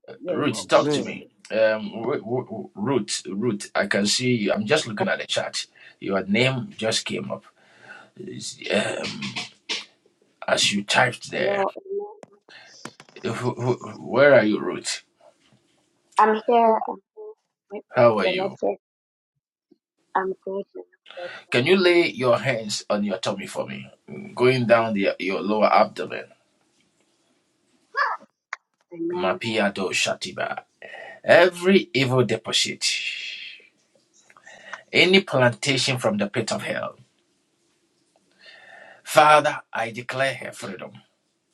Speaker 4: the name of Jesus.
Speaker 3: Amen.
Speaker 22: Hello, Amen. I'm here. I'm here. Wait, The network. I'm good. Man of God. Amen.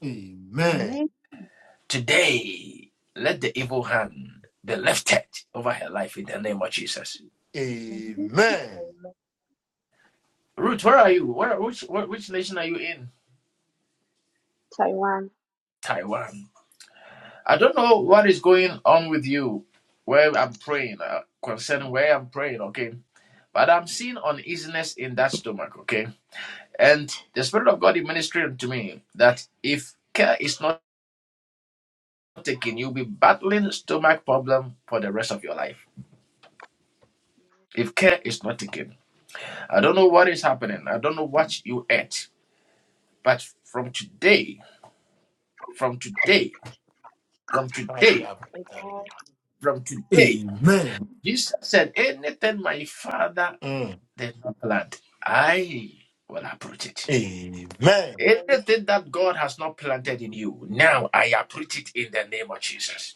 Speaker 3: Amen.
Speaker 8: Make me
Speaker 3: Amen.
Speaker 22: Amen. Taiwan.
Speaker 3: Mm. I am done
Speaker 22: Amen.
Speaker 3: it. Amen. Mm. Amen.
Speaker 22: Amen.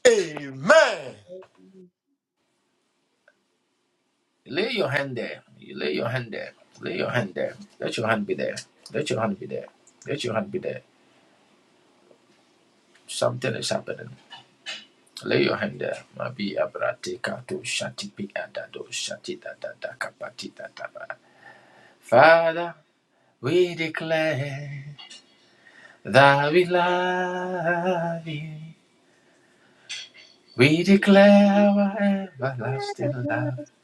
Speaker 3: Amen.
Speaker 22: Amen.
Speaker 8: love.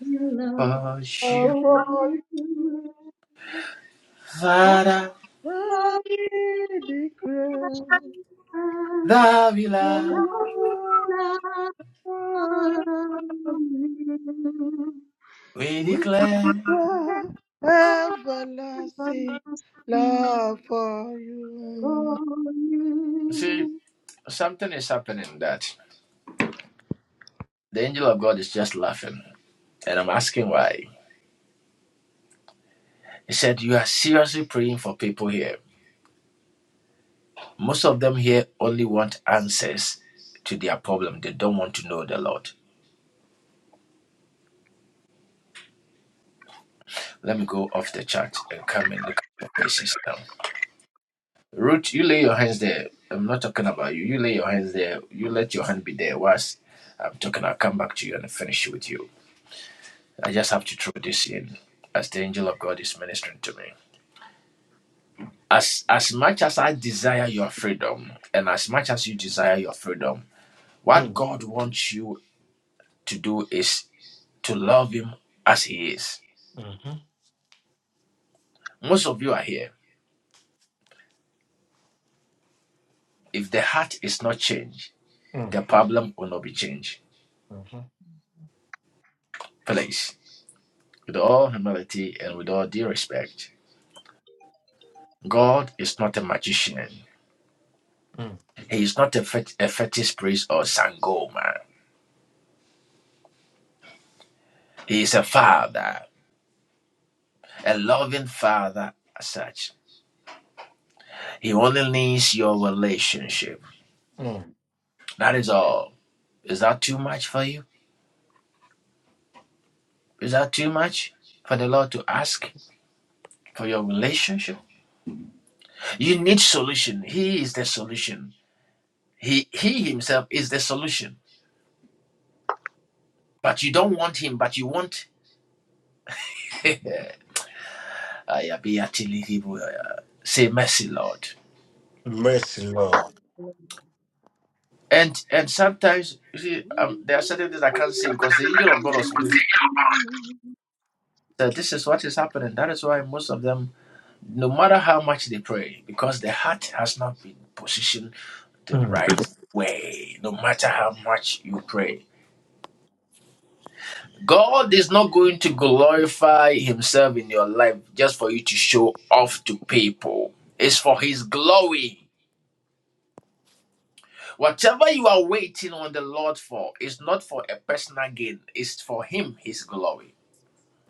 Speaker 8: you love. Oh, you love.
Speaker 20: highly declared, O Lord,
Speaker 8: We
Speaker 20: everlasting love for you.
Speaker 3: Mm. Mhm. Mm. Mhm. Mm. Mm. Mercy, Lord. Mm.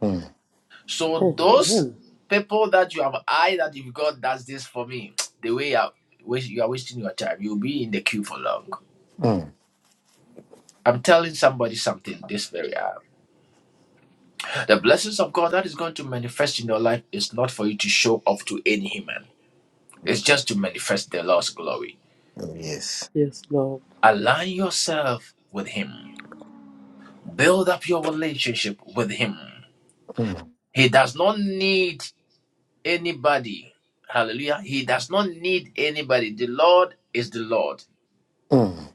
Speaker 3: Mm.
Speaker 23: Amen.
Speaker 3: Mm. Oh, yes.
Speaker 23: Yes, Lord.
Speaker 3: Mm. Mm.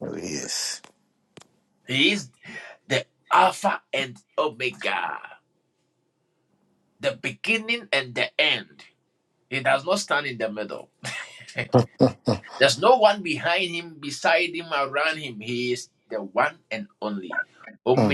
Speaker 3: Oh, yes. Hmm.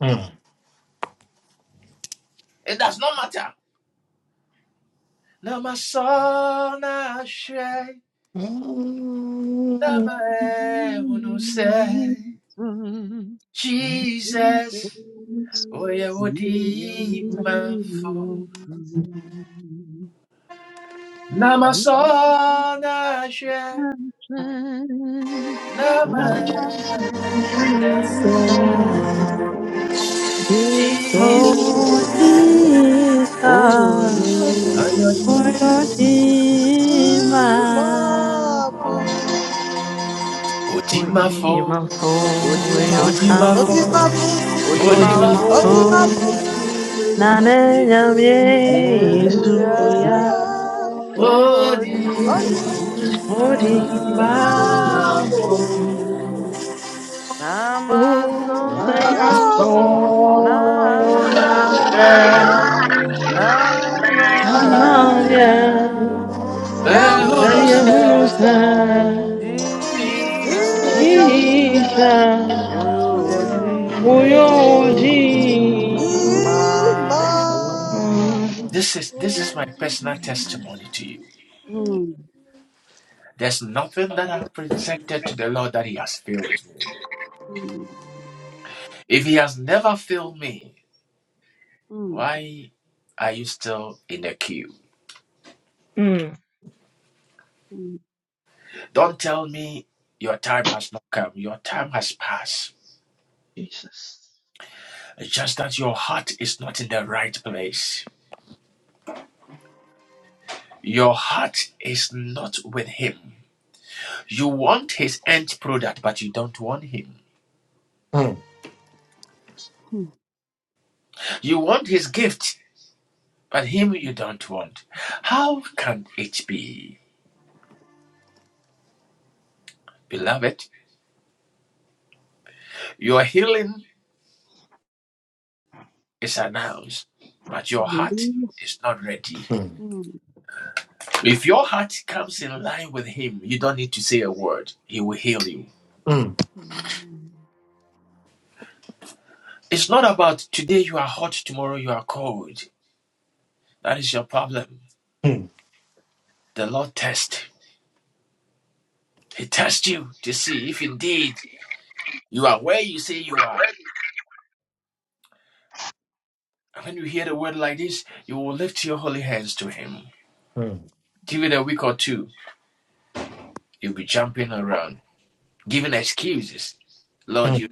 Speaker 3: Hmm. Mm, mm,
Speaker 8: Thank
Speaker 4: Since you do
Speaker 8: you. Thank
Speaker 10: Yes,
Speaker 24: Jesus,
Speaker 10: sir.
Speaker 4: nothing,
Speaker 24: Jesus,
Speaker 8: you.
Speaker 10: Oh,
Speaker 4: Yes,
Speaker 20: Jesus,
Speaker 24: oh, Odi
Speaker 10: Jesus.
Speaker 20: you are the
Speaker 24: mafu,
Speaker 20: Ìmáfù,
Speaker 10: Oyodimafo. Oy- Dimafo,
Speaker 24: Odi
Speaker 20: ó ti
Speaker 10: Oyokamafo,
Speaker 20: máa
Speaker 24: mafu,
Speaker 20: fún,
Speaker 24: Odi
Speaker 20: ó ti
Speaker 24: mafu,
Speaker 20: máa
Speaker 10: Odimafo, Nane
Speaker 20: fún,
Speaker 10: Yamye
Speaker 24: Yesu
Speaker 10: Suya,
Speaker 20: ìsúyà,
Speaker 24: ya
Speaker 20: ó ti
Speaker 24: Odi mafu,
Speaker 5: My
Speaker 20: ìmáfù,
Speaker 10: Odimafo,
Speaker 5: hope.
Speaker 24: Namaso
Speaker 20: yóò sọ,
Speaker 10: Usayaso Nasha,
Speaker 24: Nasha.
Speaker 20: lọ́sọ, lọ́yà,
Speaker 10: Nadimaya,
Speaker 20: yẹ̀wò
Speaker 10: Nadia
Speaker 5: Can
Speaker 20: ló
Speaker 24: Namaunusa
Speaker 20: sọ,
Speaker 5: you
Speaker 10: Hulusa,
Speaker 5: stand?
Speaker 24: jisa
Speaker 8: Mm, mm,
Speaker 20: Jesus.
Speaker 8: mm,
Speaker 10: Jesus.
Speaker 5: Jesus.
Speaker 24: uyoji
Speaker 20: Oyodi
Speaker 10: Your
Speaker 8: mm,
Speaker 10: Jesus.
Speaker 20: ima
Speaker 24: mafu
Speaker 10: Mm.
Speaker 20: oyosu
Speaker 8: mm.
Speaker 10: Jesus.
Speaker 3: mm,
Speaker 8: Hallelujah. Mm,
Speaker 3: mm, mm, mm, mm, mm.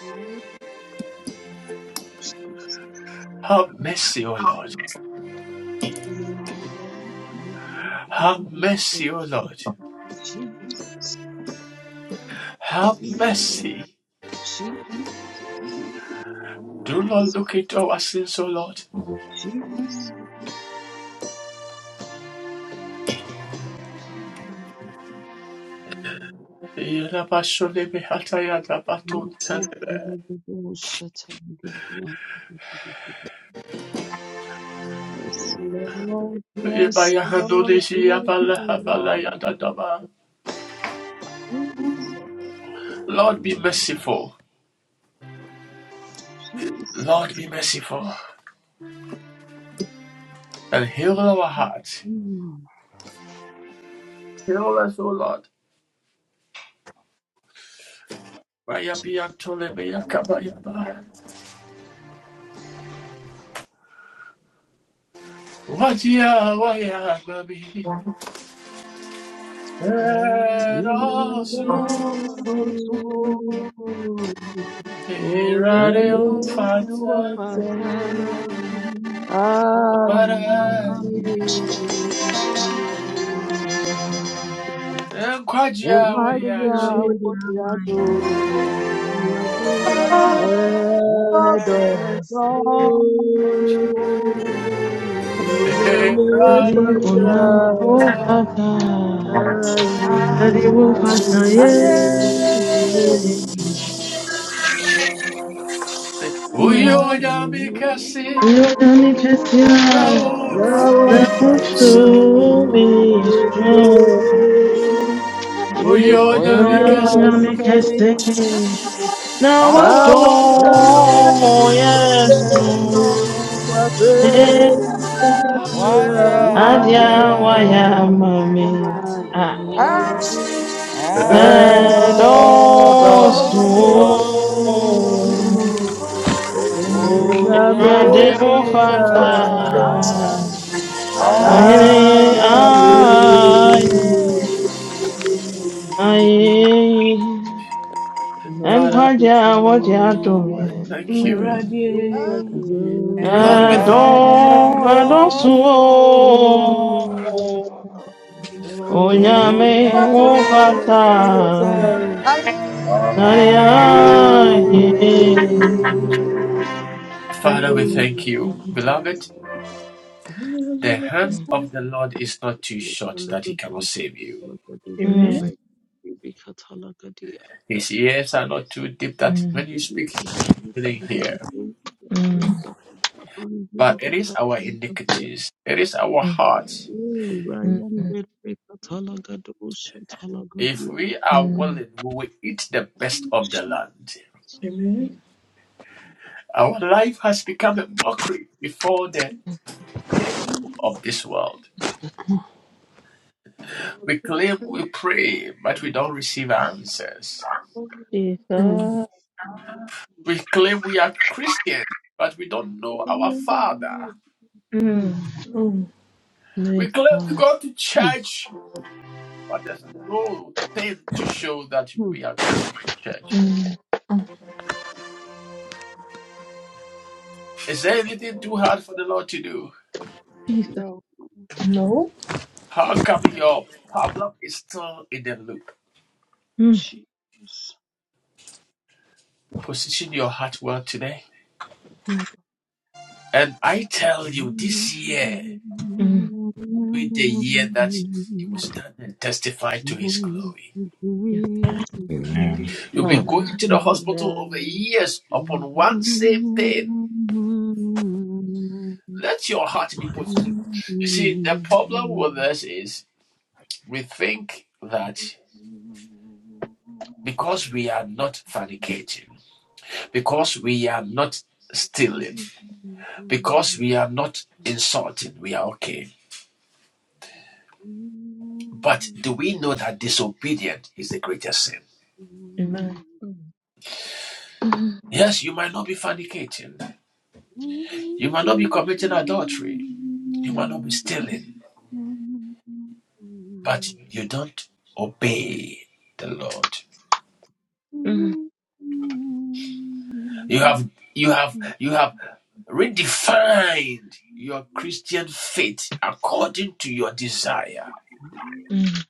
Speaker 8: Lord Jesus. I commit to them, you have really been good to me. Jesus, Jesus, Jesus, Jesus, Jesus, Jesus. Mm. mm. You hope for the good, you will shut up and give me up. Yes, Lord, yes, Lord, yes, Lord, Jesus, Jesus. Mm. Hear those
Speaker 4: Adịsị
Speaker 8: wounds
Speaker 4: onye m
Speaker 8: in my
Speaker 4: fata
Speaker 8: pattern.
Speaker 4: anyị
Speaker 8: Hallelujah. And
Speaker 4: na
Speaker 8: fight
Speaker 4: mkpebi
Speaker 8: ya,
Speaker 4: ahụ dị
Speaker 8: what ya
Speaker 4: amaghị
Speaker 8: do, Now
Speaker 4: edọsị
Speaker 8: I'm going
Speaker 4: onye m
Speaker 10: Daddy
Speaker 4: fata
Speaker 10: Oyam Fata.
Speaker 4: anyị
Speaker 10: Daddy Fata ye. Mm. Oyani Chesia.
Speaker 4: Lawak
Speaker 10: Na uchu mi su.
Speaker 4: miso uyo nyame
Speaker 24: oyonyami
Speaker 10: Oyami
Speaker 8: to
Speaker 4: kese
Speaker 10: kese.
Speaker 24: kesi
Speaker 10: Na wado
Speaker 4: nawada
Speaker 24: nawado
Speaker 20: nesuti
Speaker 10: yes
Speaker 4: mo
Speaker 10: tu.
Speaker 24: yesu
Speaker 4: kwabe abia
Speaker 24: wadia
Speaker 10: Adia
Speaker 4: wayamaye
Speaker 24: wayama
Speaker 10: wayamami a
Speaker 8: Wajawamaya
Speaker 10: edosu
Speaker 24: And
Speaker 20: ayosu
Speaker 8: Oh,
Speaker 4: edosu
Speaker 24: also,
Speaker 19: Oh,
Speaker 20: onabata
Speaker 4: unyame
Speaker 10: irade
Speaker 24: Onyame
Speaker 4: ofanta
Speaker 19: Oh,
Speaker 10: mufata
Speaker 24: Vasa
Speaker 19: I
Speaker 20: aye
Speaker 10: ohene
Speaker 4: aye.
Speaker 20: aye
Speaker 10: aye
Speaker 24: Aye.
Speaker 10: aye
Speaker 4: Maya
Speaker 10: enkwaja
Speaker 4: continuó
Speaker 10: wodi
Speaker 20: yi
Speaker 10: adomi
Speaker 24: Onyamodomi.
Speaker 10: mm
Speaker 4: a
Speaker 10: edo
Speaker 20: ados
Speaker 24: And
Speaker 19: will
Speaker 10: edosu o
Speaker 24: also,
Speaker 19: with
Speaker 10: onyame
Speaker 20: obata
Speaker 24: Onyame
Speaker 10: mufata
Speaker 19: the truth.
Speaker 24: Vasa
Speaker 20: aye
Speaker 19: I
Speaker 5: Eradi,
Speaker 10: Mm,
Speaker 19: to
Speaker 24: I
Speaker 5: You
Speaker 20: aye
Speaker 10: mm,
Speaker 5: was your maker say?
Speaker 8: Oh,
Speaker 5: Amen.
Speaker 10: mm, mm, mm, mm, mm. mm.
Speaker 5: Amen.
Speaker 19: tell
Speaker 5: Mm.
Speaker 10: Jesus. Mm.
Speaker 5: Mm.
Speaker 10: My God. Mm. Jesus.
Speaker 5: No.
Speaker 10: Mm. My God. Mm. Yes, Lord.
Speaker 15: Amen.
Speaker 8: Jesus.
Speaker 10: Amen.
Speaker 8: Thank
Speaker 10: Amen. Mm. Mm.
Speaker 8: you. Jesus,
Speaker 10: Mm.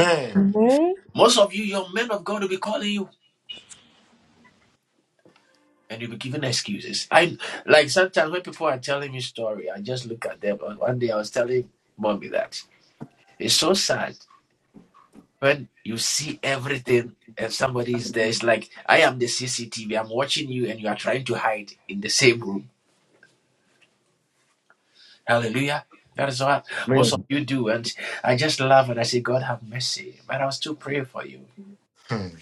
Speaker 3: Amen.
Speaker 5: Amen.
Speaker 3: amen. Mm, mm,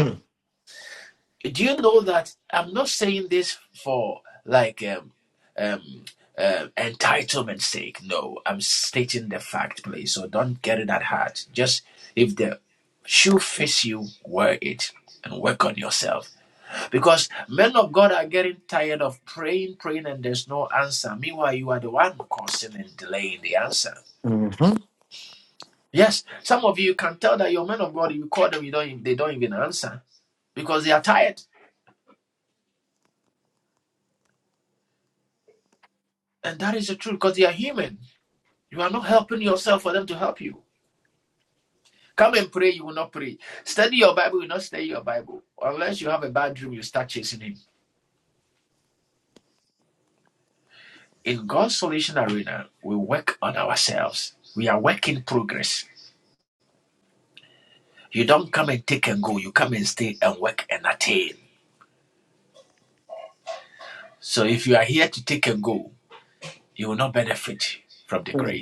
Speaker 3: mm, mhm, mm,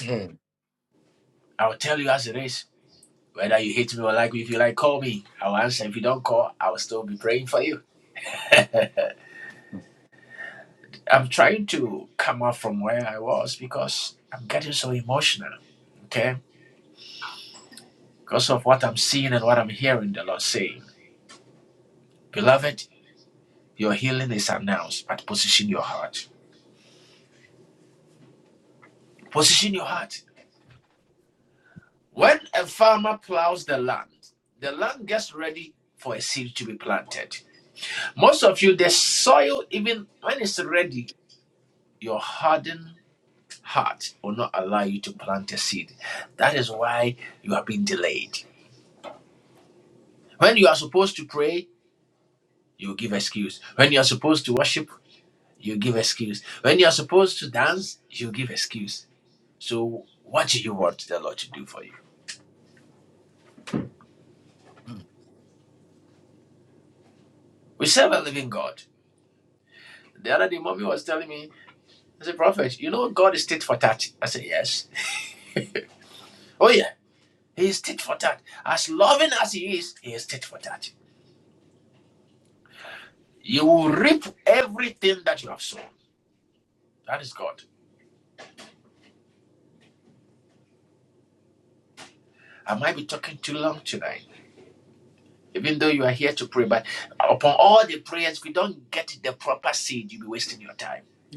Speaker 3: mm.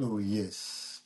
Speaker 3: Oh, yes.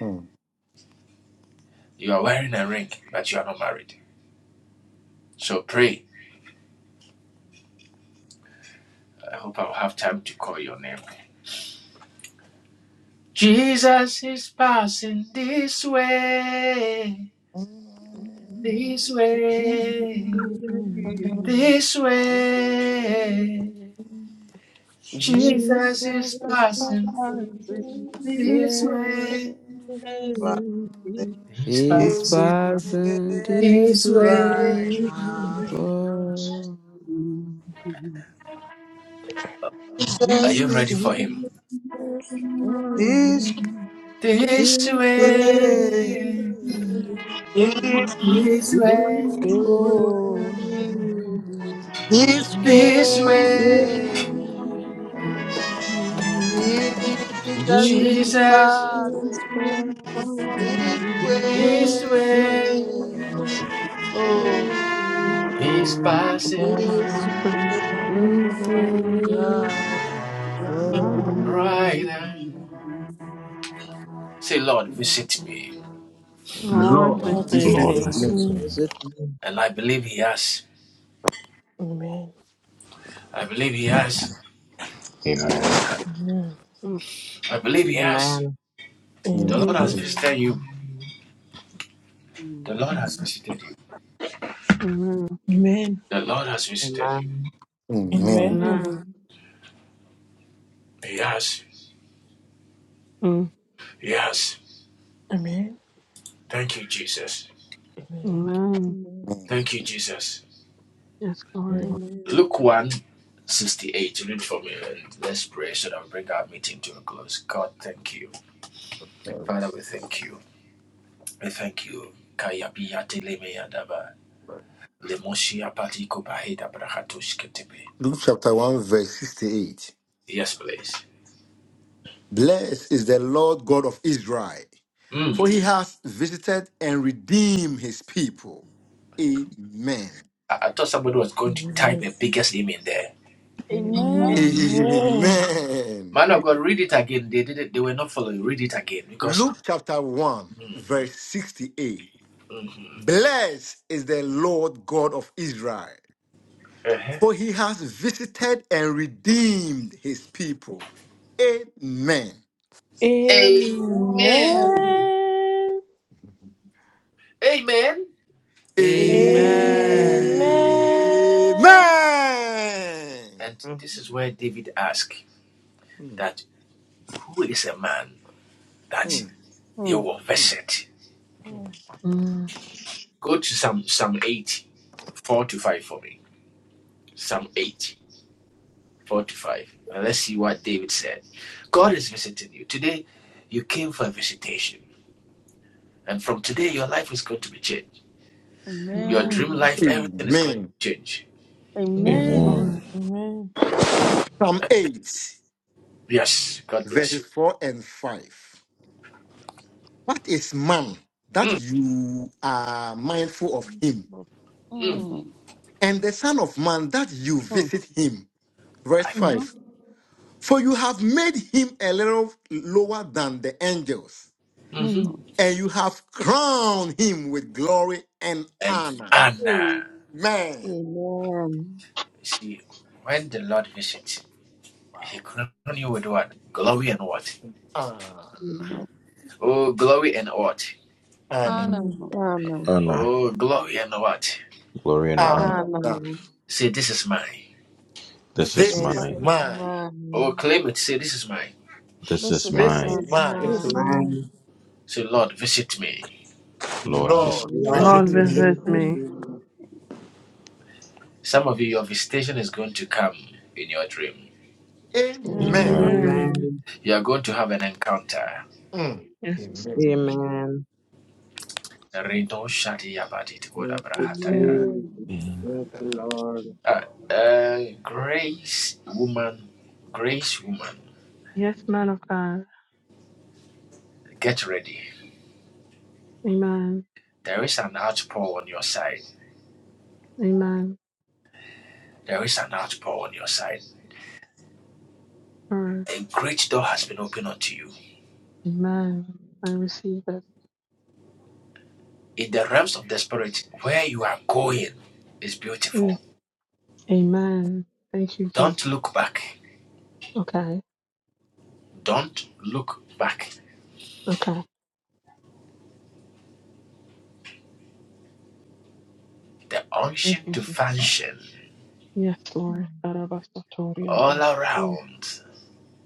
Speaker 3: Mm.
Speaker 24: Jesus is passing this way.
Speaker 20: yi.
Speaker 24: He's
Speaker 20: is way
Speaker 24: passing this
Speaker 20: right
Speaker 24: way
Speaker 20: now.
Speaker 24: for
Speaker 20: Jesus is
Speaker 24: this
Speaker 20: this
Speaker 24: way.
Speaker 8: Lord,
Speaker 24: This
Speaker 20: way.
Speaker 24: way.
Speaker 20: This way. Oh, this
Speaker 24: This
Speaker 20: way.
Speaker 24: way.
Speaker 20: Jesus is
Speaker 24: Jesus
Speaker 20: passing
Speaker 24: is for
Speaker 20: this
Speaker 24: this
Speaker 20: way.
Speaker 8: Amen.
Speaker 24: way.
Speaker 20: Oh,
Speaker 24: We must
Speaker 10: My
Speaker 20: this
Speaker 10: God, send
Speaker 20: way.
Speaker 10: this way.
Speaker 24: deserve
Speaker 20: Right.
Speaker 24: for
Speaker 10: Right.
Speaker 24: now.
Speaker 10: Lord, I
Speaker 3: Lord,
Speaker 5: God
Speaker 24: Lord
Speaker 10: say
Speaker 3: visit
Speaker 15: Lord,
Speaker 24: visit
Speaker 5: visit
Speaker 10: thee.
Speaker 3: me.
Speaker 24: me.
Speaker 15: message me.
Speaker 5: me.
Speaker 11: Visit me.
Speaker 5: Amen.
Speaker 15: Amen.
Speaker 5: Amen.
Speaker 10: Mm.
Speaker 11: Amen.
Speaker 5: Amen.
Speaker 10: Mm-hmm.
Speaker 3: Mm,
Speaker 11: Amen.
Speaker 10: Amen.
Speaker 5: Amen.
Speaker 11: Amen.
Speaker 4: Amen. Amen.
Speaker 3: Amen.
Speaker 5: Amen.
Speaker 10: Amen.
Speaker 4: Amen.
Speaker 10: Mm.
Speaker 5: Amen.
Speaker 10: Amen.
Speaker 4: Amen.
Speaker 3: Amen.
Speaker 10: Yes, Lord.
Speaker 5: Amen.
Speaker 4: Amen.
Speaker 3: Luke chapter 1, verse 68. Blessed is the Lord God of Israel, for he has visited and redeemed his people. Amen.
Speaker 5: Amen. Amen.
Speaker 8: Amen.
Speaker 3: Amen. Luke chapter 1, verse 68. Blessed is the Lord God of Israel, for he has visited and redeemed his people. Amen.
Speaker 5: Amen.
Speaker 3: Amen.
Speaker 8: Amen.
Speaker 24: Amen.
Speaker 5: Amen.
Speaker 3: Mm, mm,
Speaker 8: Mm.
Speaker 3: mm.
Speaker 10: Mm,
Speaker 3: mm.
Speaker 8: Amen.
Speaker 10: Amen.
Speaker 3: Amen.
Speaker 10: Yes,
Speaker 8: Amen.
Speaker 15: Amen.
Speaker 10: Lord.
Speaker 5: Amen.
Speaker 3: Psalm 8, verses 4 and 5. What is man that you are mindful of him?
Speaker 8: Mm. Mm.
Speaker 3: and the Son of Man that you
Speaker 8: Mm.
Speaker 3: visit him. Verse
Speaker 10: hmm
Speaker 3: 5 For you have made him a little lower than the angels,
Speaker 10: Mm.
Speaker 8: Mm.
Speaker 3: and you have crowned him with glory and honor.
Speaker 4: Amen.
Speaker 3: Amen.
Speaker 4: Amen.
Speaker 3: Wow. Honor.
Speaker 8: Amen.
Speaker 3: Honor.
Speaker 8: Anna,
Speaker 5: Amen.
Speaker 4: Amen.
Speaker 15: Honor, glory and honor.
Speaker 8: Anna,
Speaker 3: Honor.
Speaker 4: Amen.
Speaker 15: This
Speaker 8: this
Speaker 15: is
Speaker 8: is
Speaker 3: This
Speaker 8: what
Speaker 4: This
Speaker 3: is
Speaker 15: mine.
Speaker 8: I
Speaker 4: is
Speaker 3: mine.
Speaker 8: need.
Speaker 4: mine.
Speaker 15: This
Speaker 8: this
Speaker 15: is
Speaker 8: is
Speaker 3: This
Speaker 4: This
Speaker 3: is
Speaker 15: mine.
Speaker 8: what
Speaker 4: is
Speaker 3: mine.
Speaker 11: It's
Speaker 5: Yes,
Speaker 4: mine.
Speaker 11: mine.
Speaker 5: Lord.
Speaker 15: Lord,
Speaker 4: Lord,
Speaker 15: this
Speaker 3: Lord,
Speaker 4: this is
Speaker 8: Lord.
Speaker 10: Lord,
Speaker 5: God
Speaker 11: Lord,
Speaker 3: visit
Speaker 8: this
Speaker 5: bless
Speaker 4: me.
Speaker 3: me.
Speaker 8: is
Speaker 11: visit
Speaker 10: visit
Speaker 5: you.
Speaker 10: me.
Speaker 8: what
Speaker 11: me.
Speaker 8: I am.
Speaker 10: Amen.
Speaker 15: me.
Speaker 3: Amen.
Speaker 4: Amen.
Speaker 5: Amen.
Speaker 10: Amen.
Speaker 11: Amen.
Speaker 3: Mm.
Speaker 10: Yes.
Speaker 3: Amen.
Speaker 4: Amen.
Speaker 11: Amen. Thank
Speaker 10: Mm.
Speaker 11: you,
Speaker 8: Amen.
Speaker 11: Jesus.
Speaker 15: Amen.
Speaker 11: Thank you,
Speaker 10: Yes, man of God. Amen. Amen. Sure. Amen. I receive it. Mm. Amen. Thank you, Jesus. Okay. Okay. Thank you, Jesus. Yes, Lord. Karabasatoriya da. Mm.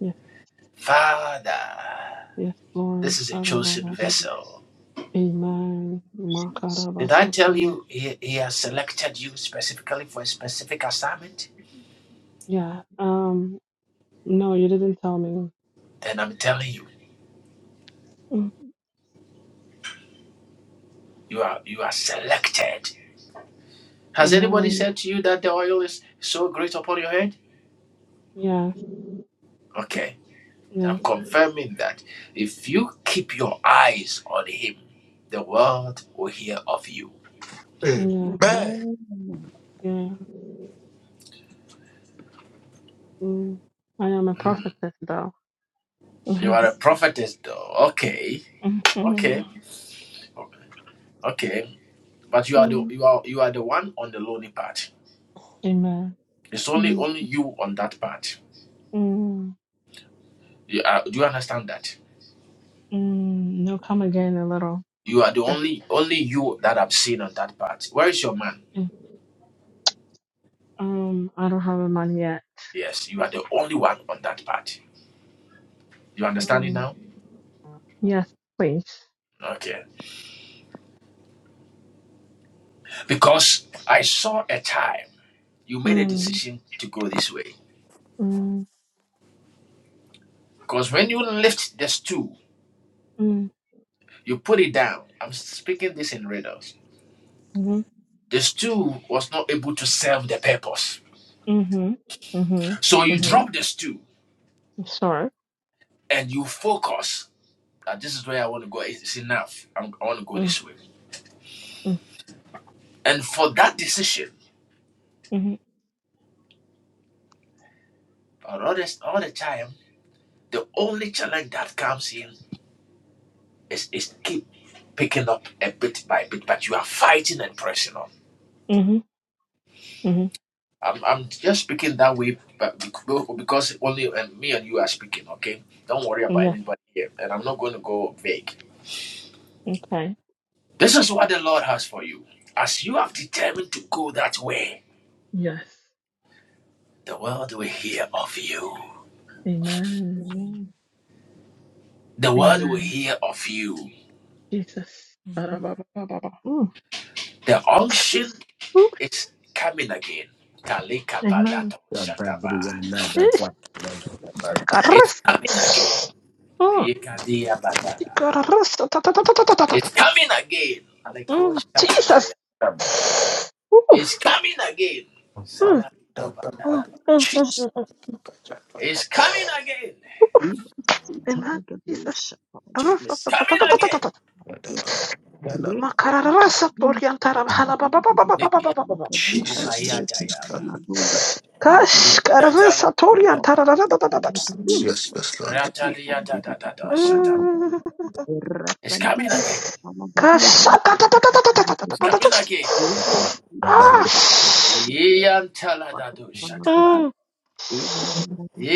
Speaker 10: Yes. Yes, Lord. Karababa. Amen.
Speaker 8: Jesus.
Speaker 10: Yeah. Um. No, you didn't tell me. Mm. Amen. Yes. Yes. Yeah.
Speaker 8: Amen.
Speaker 10: Yeah. Mm. I am a prophetess, though. Mm. Amen. Mm. Mm. Mm. No, come again a little. Just. mm. Um. I don't have a man yet. Mm. Yes, please. Mm. Mm. Mm. Mhm. Mhm. Mhm. Mhm. Sorry. Mm. Mm. Mhm. Mhm. Yeah. Okay. Yes. Amen.
Speaker 5: Amen.
Speaker 10: Amen. Jesus. Ba-da-ba-ba-ba-ba. Mm. Ooh. Amen. Ish. Carras. Mm. Carras. Ta- ta- ta- ta- ta- ta- ta- ta- ta.
Speaker 3: Amen.
Speaker 10: Mm. Jesus. Ooh. Mm. Mm. Mm. Mm. Mm. Mm.
Speaker 3: Jesus,
Speaker 8: Liba
Speaker 10: Amen. Jesus.
Speaker 8: sitalagadosha
Speaker 10: Carras. Ta-
Speaker 8: palagadi.
Speaker 10: ta- ta- ta- ta- ta- ta- ta.
Speaker 8: Ya reko
Speaker 10: Makararasa
Speaker 8: palagadisha
Speaker 10: toriantara bhala ba- ba- ba-
Speaker 8: palahandi
Speaker 10: ba- ba- ba- ba- ba- ba- ba- ba.
Speaker 8: palagadi. Ya
Speaker 10: Mm.
Speaker 8: reko
Speaker 3: Jesus, God.
Speaker 8: pagadusha
Speaker 10: Kash. Carras.
Speaker 8: Jesus.
Speaker 10: Toriantara ra- ra- ra- ra- ra- ra- ra- ra.
Speaker 3: yes, yes, Lord.
Speaker 10: Mm. Mm.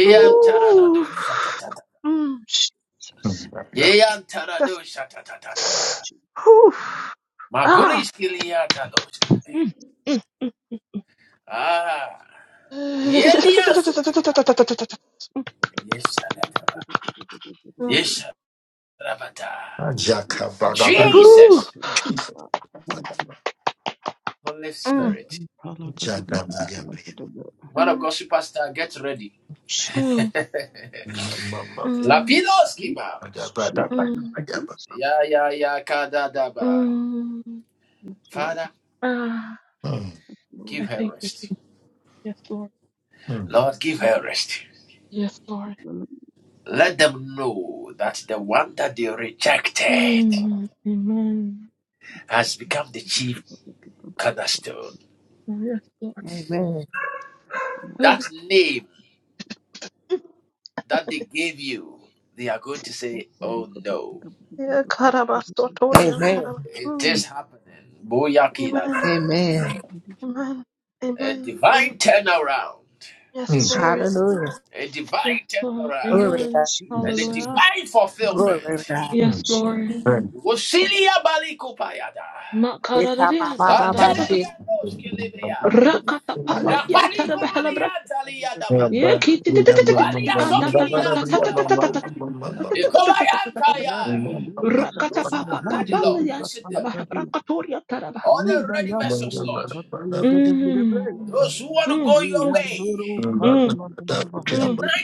Speaker 10: Ooh. Mm.
Speaker 8: Jesus.
Speaker 10: That's-
Speaker 8: Jesus.
Speaker 10: Ooh. Ah. Mm. Mm.
Speaker 3: Jaka Badabri,
Speaker 10: Ooh.
Speaker 3: Jesus,
Speaker 10: Mm.
Speaker 3: Jada Bagabri,
Speaker 10: Mm.
Speaker 3: Mama,
Speaker 10: Mm.
Speaker 3: Jabada,
Speaker 10: Mm. Mm.
Speaker 8: Jesus.
Speaker 3: Jabba.
Speaker 10: Mm.
Speaker 8: Lord,
Speaker 10: Ah.
Speaker 8: Lord,
Speaker 10: I thank you, Jesus. Yes, Lord. Yes, Lord.
Speaker 8: hallelujah.
Speaker 10: Mm. Amen. Yes, Lord.
Speaker 6: Amen. Amen. Amen.
Speaker 8: Je-
Speaker 6: Hallelujah. Glory to God.
Speaker 8: Jesus, Jesus.
Speaker 6: Glory.
Speaker 8: Jesus,
Speaker 5: Amen.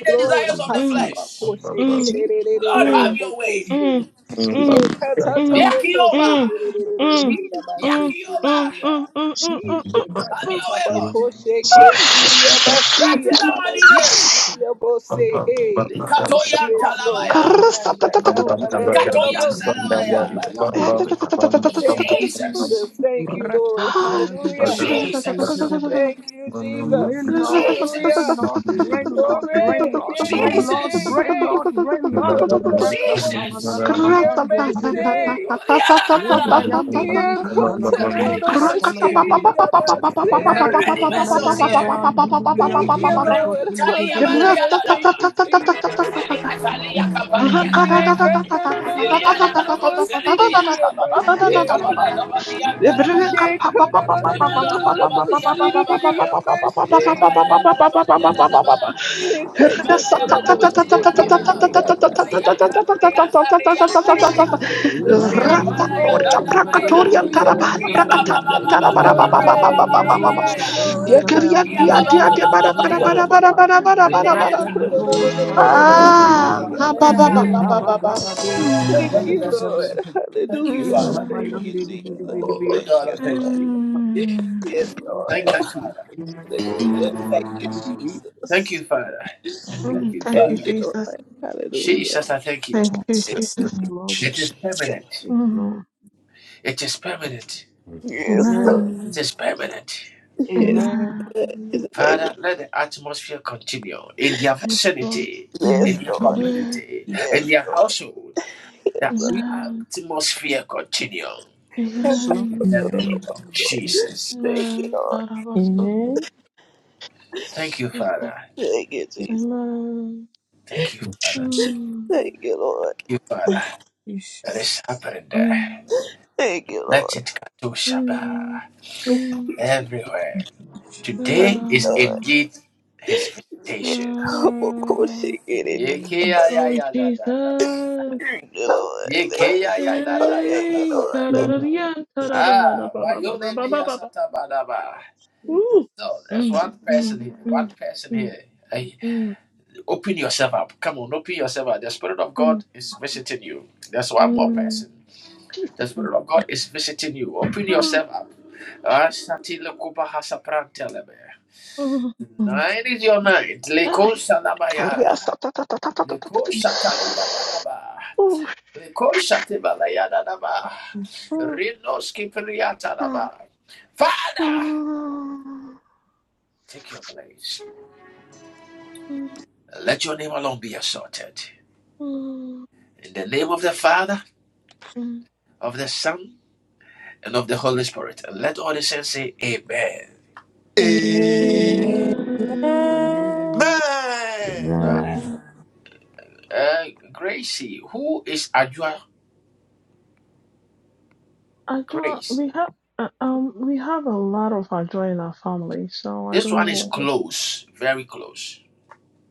Speaker 6: Glory. Ha- ta- ba- ko- she- ki- di- di- di- di- di- di- di- bo- ko- she. Ye- ka- ta- to- bo- ko- she- ki- di- di- di- di- di- di-
Speaker 8: Jesus,
Speaker 6: di- da- ba- si- ki- di- di- di- da. Yes,
Speaker 8: Jesus,
Speaker 6: Lord.
Speaker 8: Jesus, Jesus. It's Lord. La Capandosa,
Speaker 6: Thank you, Jesus. Thank you, Lord.
Speaker 8: Rakota la
Speaker 6: Hallelujah.
Speaker 8: Gadusha, Talagadebe.
Speaker 6: Thank you, Jesus.
Speaker 8: Rain Lord, Rain
Speaker 6: Hallelujah.
Speaker 8: Lord, Rain Lord,
Speaker 6: Glory.
Speaker 8: Rain Lord,
Speaker 6: Yay,
Speaker 8: Rain
Speaker 6: yay,
Speaker 8: Lord, Rain
Speaker 6: yay, yay.
Speaker 8: Lord, Rain Lord, Rakatala Gadabahan, Dedebe. Ebayam, Dedebe, Talagadosa, Talagadia.
Speaker 6: Yeah,
Speaker 8: Rakatala Gadabahan, Dedebe,
Speaker 6: Thank you,
Speaker 8: Dedebe,
Speaker 6: Lord.
Speaker 10: Dia
Speaker 8: Talagadebe.
Speaker 6: Hallelujah. Thank you, Jesus. Yeah,
Speaker 8: Thank
Speaker 6: God, no, no, no, no, no, no, no, no, more CDD of
Speaker 8: you,
Speaker 6: my
Speaker 8: Jesus.
Speaker 6: shame.
Speaker 8: Thank
Speaker 6: Yeah, God, no, no, no, no, no, no, no, no, more CDD of my shame. Yeah, God, no, no, no, more CDD of my shame. Thank you, Jesus. Thank you, Lord. Hallelujah. Glory. Yeah, yeah, Lord.
Speaker 10: kerian dia
Speaker 6: Hallelujah.
Speaker 10: dia dia bara bara bara bara bara bara bara
Speaker 6: Yeah,
Speaker 10: bara
Speaker 6: God, no, no, no, no, no, no, no, more CDD
Speaker 10: Ah,
Speaker 6: of
Speaker 10: ka
Speaker 6: my
Speaker 10: ba ba ba ba ba
Speaker 5: Amen.
Speaker 10: ba
Speaker 6: shame.
Speaker 10: ba.
Speaker 6: Thank
Speaker 10: Mm,
Speaker 6: you, Lord. Hallelujah. Thank you,
Speaker 10: mm,
Speaker 6: Jesus. Thank you, Lord.
Speaker 10: mm,
Speaker 6: Yes, Lord. Hallelujah. Thank you,
Speaker 10: mm,
Speaker 8: you, Jesus.
Speaker 6: Jesus.
Speaker 8: Thank
Speaker 10: mm.
Speaker 8: you,
Speaker 10: Thank you,
Speaker 6: Thank you, Lord.
Speaker 10: Jesus.
Speaker 6: Hallelujah.
Speaker 10: Thank
Speaker 5: Amen.
Speaker 10: you,
Speaker 3: Sister,
Speaker 10: Jesus.
Speaker 8: Jesus.
Speaker 3: Jesus.
Speaker 8: Yes,
Speaker 10: Mm.
Speaker 8: Lord.
Speaker 6: Yes.
Speaker 8: Amen.
Speaker 6: Lord.
Speaker 10: Amen.
Speaker 6: Yes.
Speaker 8: Amen.
Speaker 10: Amen.
Speaker 6: Lord. In the name of
Speaker 10: Yes, Lord.
Speaker 6: Yes,
Speaker 5: Thank
Speaker 6: Lord.
Speaker 10: Amen.
Speaker 6: Yes, Lord.
Speaker 8: Sweet
Speaker 10: Amen.
Speaker 8: shalom.
Speaker 10: Amen.
Speaker 4: Amen.
Speaker 6: Thank you,
Speaker 10: Amen.
Speaker 6: Lord.
Speaker 10: Karabaso,
Speaker 4: Amen.
Speaker 10: Jesus.
Speaker 6: Thank you, Jesus.
Speaker 10: Amen.
Speaker 3: Jesus.
Speaker 10: Mm,
Speaker 6: Thank you, Lord.
Speaker 5: you, Jesus.
Speaker 10: mm,
Speaker 6: Thank you.
Speaker 10: mm, mm.
Speaker 6: Lord.
Speaker 10: Yeah.
Speaker 6: Of course,
Speaker 10: Yeah.
Speaker 6: you get it
Speaker 4: Amen.
Speaker 10: Oh, Jesus.
Speaker 6: Lord. Thank you, Lord. thank you,
Speaker 10: Hey.
Speaker 6: Lord.
Speaker 3: Amen.
Speaker 10: Ka-da-da-da-ya, ta-da-ba-ha-da-ba-ba-ba-ba-ba-ba-ba. Woo. Mm, mm, mm, mm, mm, mm, mm. Jesus. Mm, mm.
Speaker 5: Thank
Speaker 10: Ay, carriazo, ta, ta, ta, ta, ta, ta, ta, ta, ta. Ooh, mm, mm, mm, mm, mm.
Speaker 3: Amen.
Speaker 5: you.
Speaker 2: Amen.
Speaker 10: Amen.
Speaker 4: Amen.
Speaker 5: Amen.
Speaker 15: Amen.
Speaker 10: Amen. Adra, we have uh, um we have a lot of Adra in our family, so I don't know. which-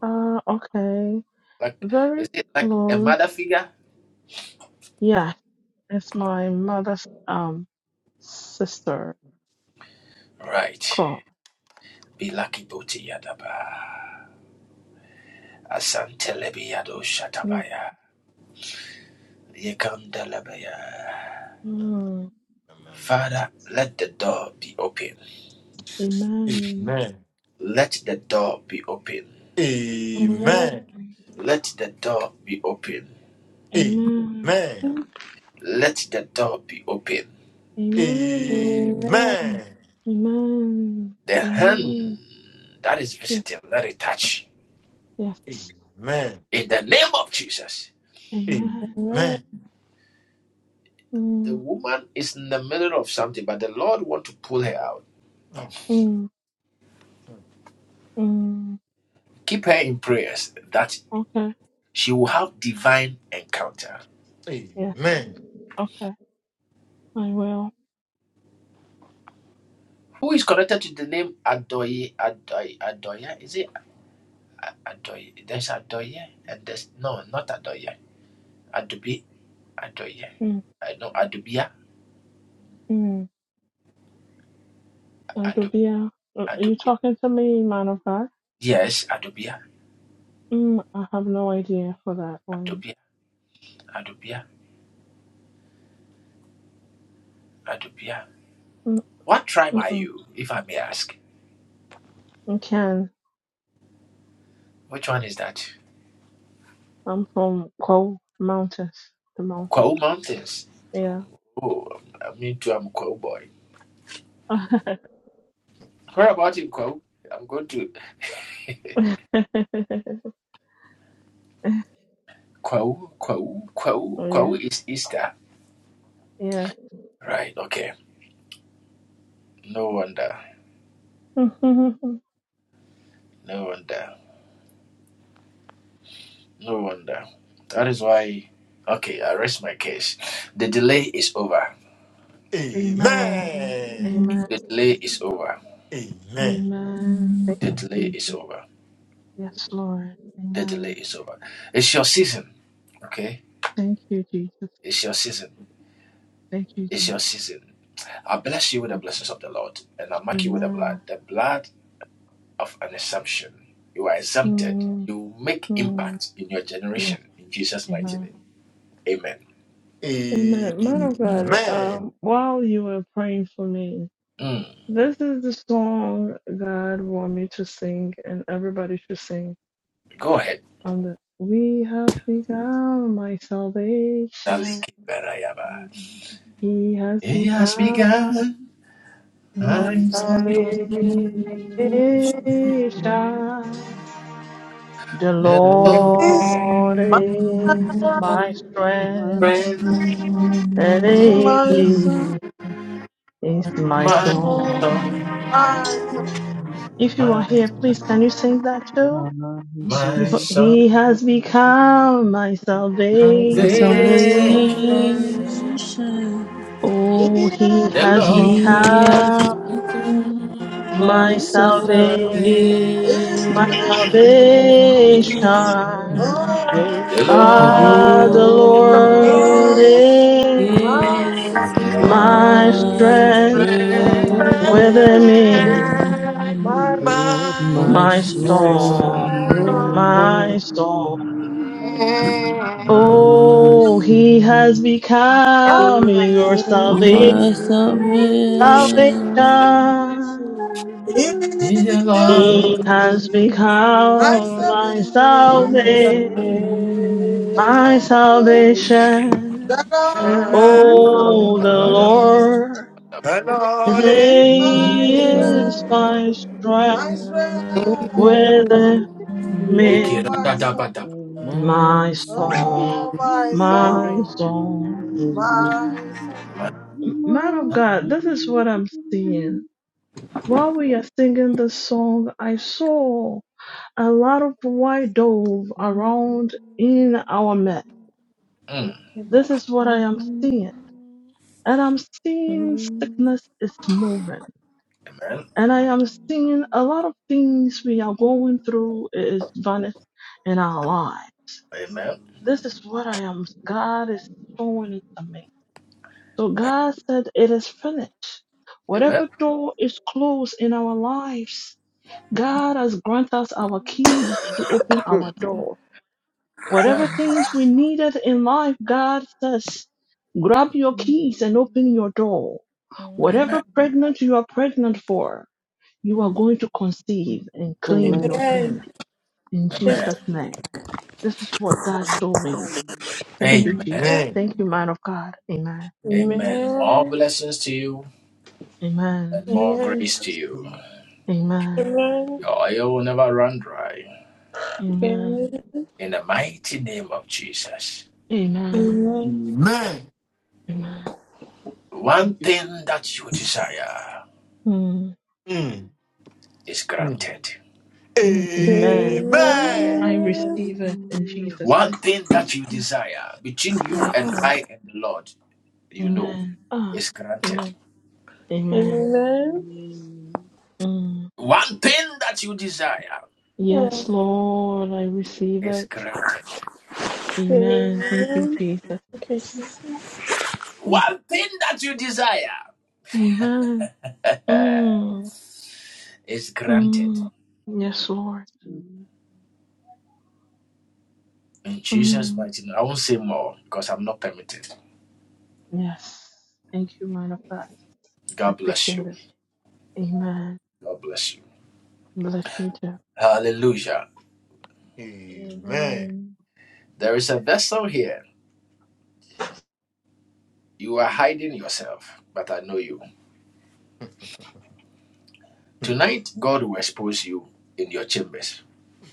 Speaker 10: Uh, okay, very close. Yeah, it's my mother's um sister. Call. Yeah. Mm. Amen.
Speaker 3: Amen.
Speaker 10: Amen.
Speaker 5: Amen.
Speaker 3: Amen. Amen.
Speaker 10: Amen. Amen.
Speaker 3: Amen.
Speaker 5: Amen.
Speaker 3: Amen.
Speaker 10: Amen. Amen. Yes. Yes.
Speaker 3: Amen.
Speaker 10: Amen. Mm, mm, mm. Okay. Yes. Okay. I will. Hmm. Mm, Dr. are you talking to me, man of God? Mm, I have no idea for that one. Mm, mm-mm. I can. I'm from Coal Mountains, the mountain? Yeah. yeah, yeah. Amen.
Speaker 3: Amen.
Speaker 10: Amen.
Speaker 5: Amen.
Speaker 10: Amen. Thank you, Jesus. Yes, Lord. Amen. Thank you, Jesus. Thank you, Jesus. Amen. Mm, mm. Yes.
Speaker 3: Amen.
Speaker 10: Amen. Man of God,
Speaker 3: Amen.
Speaker 10: um, while you were praying for me, this is the song God want me to sing, and everybody should sing. On the We have become my salvation. He has become
Speaker 5: Amen.
Speaker 10: my
Speaker 24: I can
Speaker 10: salvation.
Speaker 24: believe
Speaker 5: Amen.
Speaker 10: The
Speaker 24: the Lord
Speaker 20: This
Speaker 10: Lord
Speaker 20: my,
Speaker 5: Amen.
Speaker 10: is
Speaker 5: Amen.
Speaker 24: is
Speaker 10: my strength, and
Speaker 20: my soul,
Speaker 10: indeed is my song.
Speaker 20: my soul.
Speaker 10: If you are here, please can you sing that too?
Speaker 8: My
Speaker 10: Because he has become my
Speaker 24: my
Speaker 14: My
Speaker 10: salvation.
Speaker 24: salvation.
Speaker 14: salvation,
Speaker 10: Oh,
Speaker 20: yeah,
Speaker 10: he has
Speaker 14: He has
Speaker 24: It's
Speaker 10: become
Speaker 24: begun
Speaker 14: become my
Speaker 10: my
Speaker 24: to
Speaker 14: salvation.
Speaker 8: soul.
Speaker 24: sing.
Speaker 10: salvation.
Speaker 20: is
Speaker 10: My
Speaker 20: not
Speaker 10: salvation.
Speaker 20: all
Speaker 23: Yes,
Speaker 14: The
Speaker 10: Ah,
Speaker 24: And
Speaker 10: the
Speaker 24: on
Speaker 20: that
Speaker 14: Lord
Speaker 10: Lord
Speaker 20: is
Speaker 10: is
Speaker 20: my
Speaker 24: it's
Speaker 14: is
Speaker 24: mine,
Speaker 10: my
Speaker 14: my
Speaker 24: so
Speaker 10: strength
Speaker 14: strength,
Speaker 10: within me,
Speaker 24: mine,
Speaker 20: my
Speaker 14: my
Speaker 10: my
Speaker 24: mine,
Speaker 4: Amen. Amen.
Speaker 24: soul,
Speaker 14: soul,
Speaker 10: storm, my storm.
Speaker 4: Amen.
Speaker 24: mine,
Speaker 14: my
Speaker 10: Oh, he
Speaker 14: soul,
Speaker 10: has become your salva-
Speaker 24: mine,
Speaker 14: my
Speaker 4: My
Speaker 24: soul,
Speaker 14: salvation.
Speaker 4: salvation
Speaker 10: salvation.
Speaker 20: He has
Speaker 10: He
Speaker 24: mine,
Speaker 10: has
Speaker 20: become
Speaker 4: is
Speaker 24: soul,
Speaker 20: my
Speaker 10: become
Speaker 4: within
Speaker 10: my
Speaker 24: mine,
Speaker 20: salvation.
Speaker 24: soul.
Speaker 10: salvation, my
Speaker 20: The
Speaker 10: salvation.
Speaker 3: My
Speaker 20: Lord
Speaker 3: soul.
Speaker 10: Oh, the
Speaker 24: And
Speaker 20: is
Speaker 10: Lord,
Speaker 24: on
Speaker 3: Amen. Lord
Speaker 20: is
Speaker 3: is-
Speaker 24: Amen.
Speaker 20: my
Speaker 10: today
Speaker 14: Mm-hmm.
Speaker 10: is
Speaker 20: strength,
Speaker 10: my
Speaker 4: my
Speaker 10: strength
Speaker 20: my
Speaker 4: Lord,
Speaker 20: strength.
Speaker 10: within
Speaker 4: Amen.
Speaker 14: Mm-hmm.
Speaker 20: Oh,
Speaker 10: me,
Speaker 20: my soul.
Speaker 10: my
Speaker 4: Amen.
Speaker 10: song,
Speaker 20: Oh, my
Speaker 10: my
Speaker 20: song,
Speaker 10: song.
Speaker 4: Amen.
Speaker 20: my song.
Speaker 10: Man of God, this is what I'm seeing. While we are singing this song, I saw a lot of white dove around in our midst. This is what I am seeing. And I'm seeing sickness is moving. And I am seeing a lot of things we are going through is vanished in our life. This is what I am, God is showing it to me. So God said, It is finished. Whatever door is closed in our lives, God has granted us our keys to open our door. Whatever things we needed in life, God says, grab your keys and open your door. Whatever pregnant you are pregnant for, you are going to conceive and
Speaker 5: Amen.
Speaker 10: claim
Speaker 23: Amen.
Speaker 10: your thing in Jesus' name. This is what God showed me.
Speaker 4: Amen.
Speaker 10: Thank you, Jesus.
Speaker 3: Amen.
Speaker 10: Thank you, man of God. Amen. Amen. Amen.
Speaker 5: Amen.
Speaker 10: Amen. Amen.
Speaker 3: Amen.
Speaker 10: Amen. Thank you, Jesus. Mm,
Speaker 3: Mm. Mm.
Speaker 10: mm, amen.
Speaker 3: Amen.
Speaker 10: I receive it in Jesus' name. Yes, Lord. Amen. Ah, amen. Amen.
Speaker 5: Amen. Amen.
Speaker 4: Amen.
Speaker 10: Mm. Yes,
Speaker 5: Oh,
Speaker 10: Lord, I receive it. Amen. Thank you,
Speaker 5: Amen.
Speaker 10: Jesus.
Speaker 5: Okay, Jesus.
Speaker 10: Thank you. Amen. Mm. Mm. Yes, Lord. Mm. Yes. Thank you, man of God. I appreciate it. Amen. Bless you too.
Speaker 3: Amen. Mm.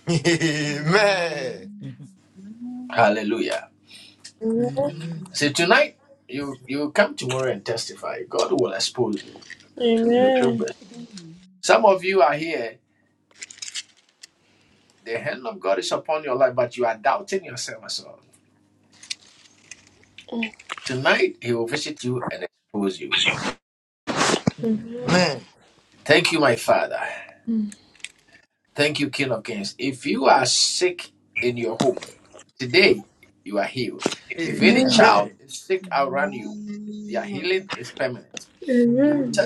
Speaker 3: Amen.
Speaker 5: Amen. Amen.
Speaker 3: Amen.
Speaker 5: Amen.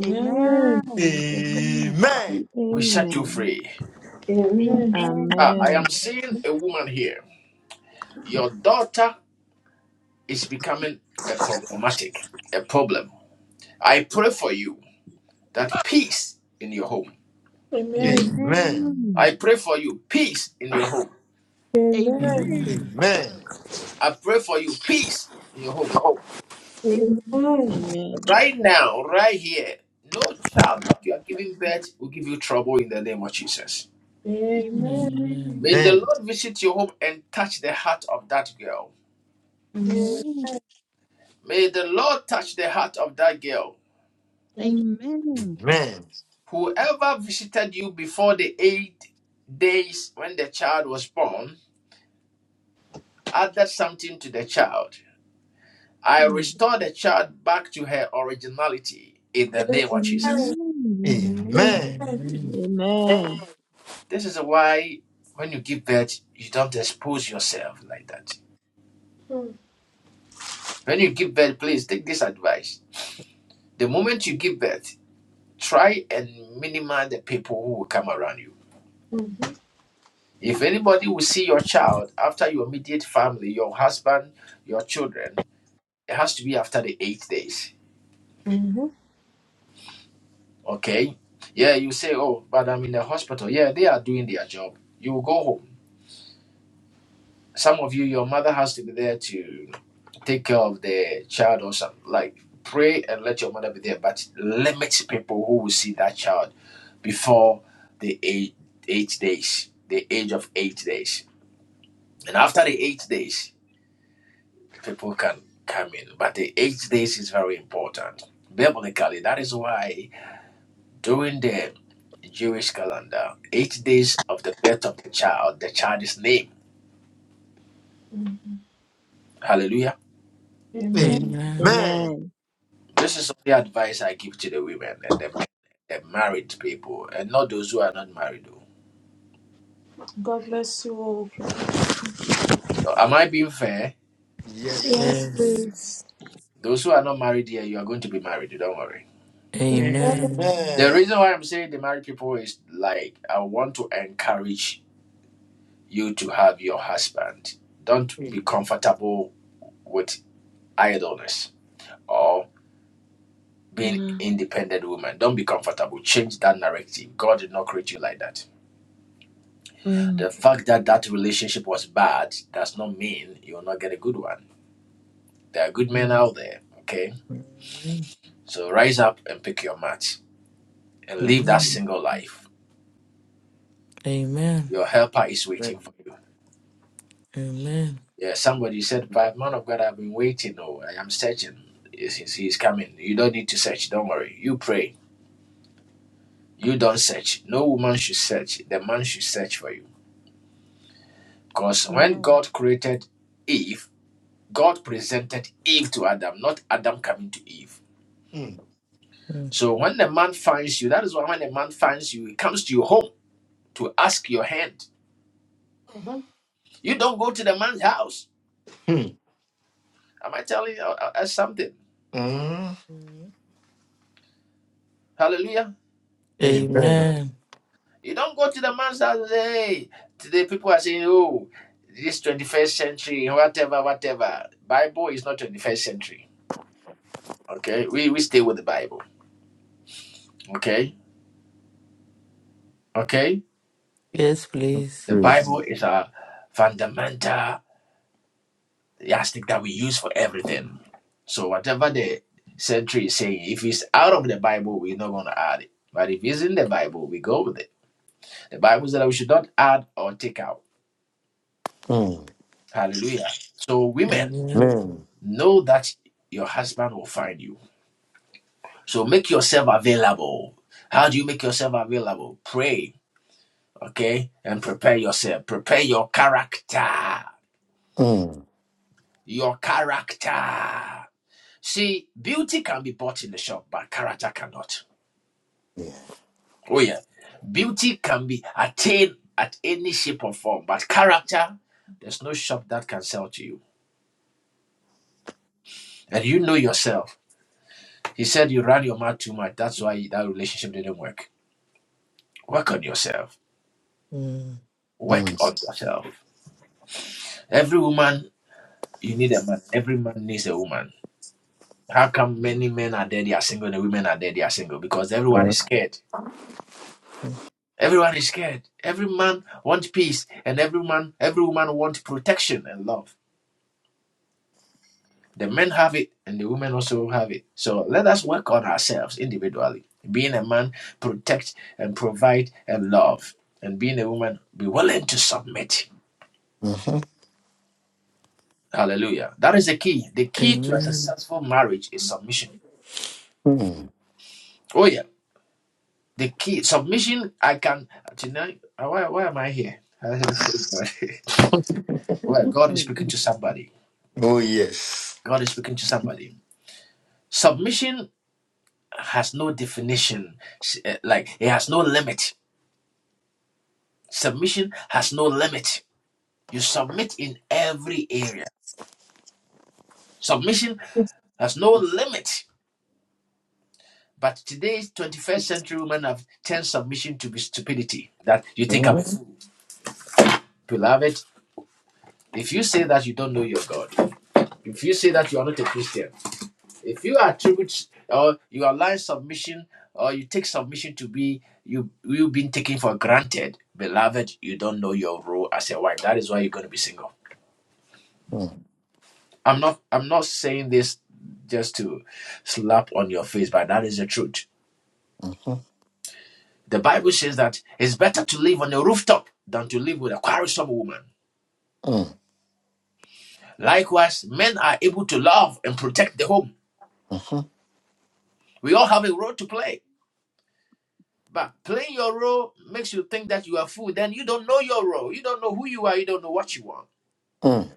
Speaker 8: Amen. Amen. Amen.
Speaker 3: Amen.
Speaker 5: Amen.
Speaker 8: Amen.
Speaker 5: Amen.
Speaker 3: Amen.
Speaker 8: Amen.
Speaker 5: Amen.
Speaker 8: Amen.
Speaker 3: Amen.
Speaker 8: Amen.
Speaker 5: Amen. Amen.
Speaker 8: Amen.
Speaker 4: Mm.
Speaker 8: Amen. Amen.
Speaker 5: Amen.
Speaker 8: Amen.
Speaker 3: Amen.
Speaker 8: In the name of
Speaker 3: Amen.
Speaker 8: Jesus.
Speaker 4: Mm.
Speaker 24: Amen.
Speaker 4: Amen.
Speaker 5: Amen. Mm-hmm. Amen.
Speaker 24: Amen.
Speaker 3: Amen.
Speaker 4: Amen.
Speaker 5: God bless you all.
Speaker 3: Yes. Lord.
Speaker 5: Yes,
Speaker 24: Yes.
Speaker 5: please.
Speaker 24: Amen.
Speaker 4: Yes.
Speaker 3: Amen. Amen.
Speaker 10: Amen. Mm.
Speaker 24: Amen. Amen. Amen. Amen.
Speaker 4: Amen.
Speaker 24: Mm.
Speaker 3: Mm. Amen. Amen.
Speaker 24: Amen. Yes, please.
Speaker 4: Mm.
Speaker 24: Amen.
Speaker 3: Mm. Yeah.
Speaker 24: Mm.
Speaker 3: Mm. Uh-huh.
Speaker 24: Amen.
Speaker 3: Mm.
Speaker 4: Mm.
Speaker 3: Oh, yes. Mm, mm, mm, mhm, mm.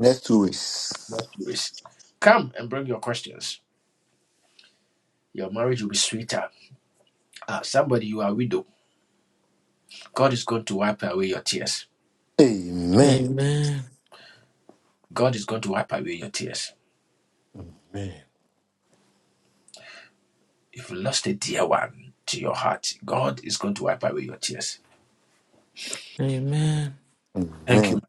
Speaker 3: Next two weeks. Amen.
Speaker 24: Amen.
Speaker 3: Amen.
Speaker 24: Amen.
Speaker 3: Amen.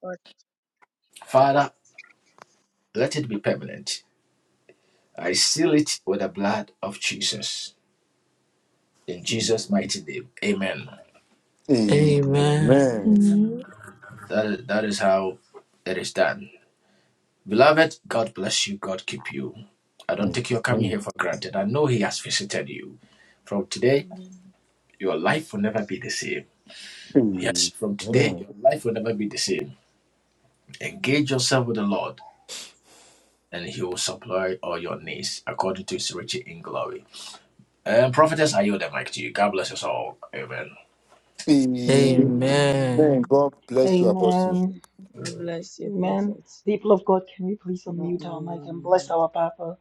Speaker 22: God.
Speaker 3: Amen.
Speaker 24: Amen.
Speaker 5: Amen.
Speaker 4: Amen. Amen.
Speaker 3: Amen.
Speaker 4: Mm.
Speaker 3: Amen.
Speaker 24: Amen.
Speaker 4: Amen.
Speaker 2: Amen.
Speaker 4: God bless you,
Speaker 2: Amen.
Speaker 4: prophet.
Speaker 2: People of God, can we please
Speaker 4: More
Speaker 2: unmute our mic
Speaker 4: oil on
Speaker 2: and
Speaker 4: your
Speaker 2: bless
Speaker 4: head.
Speaker 2: our Papa?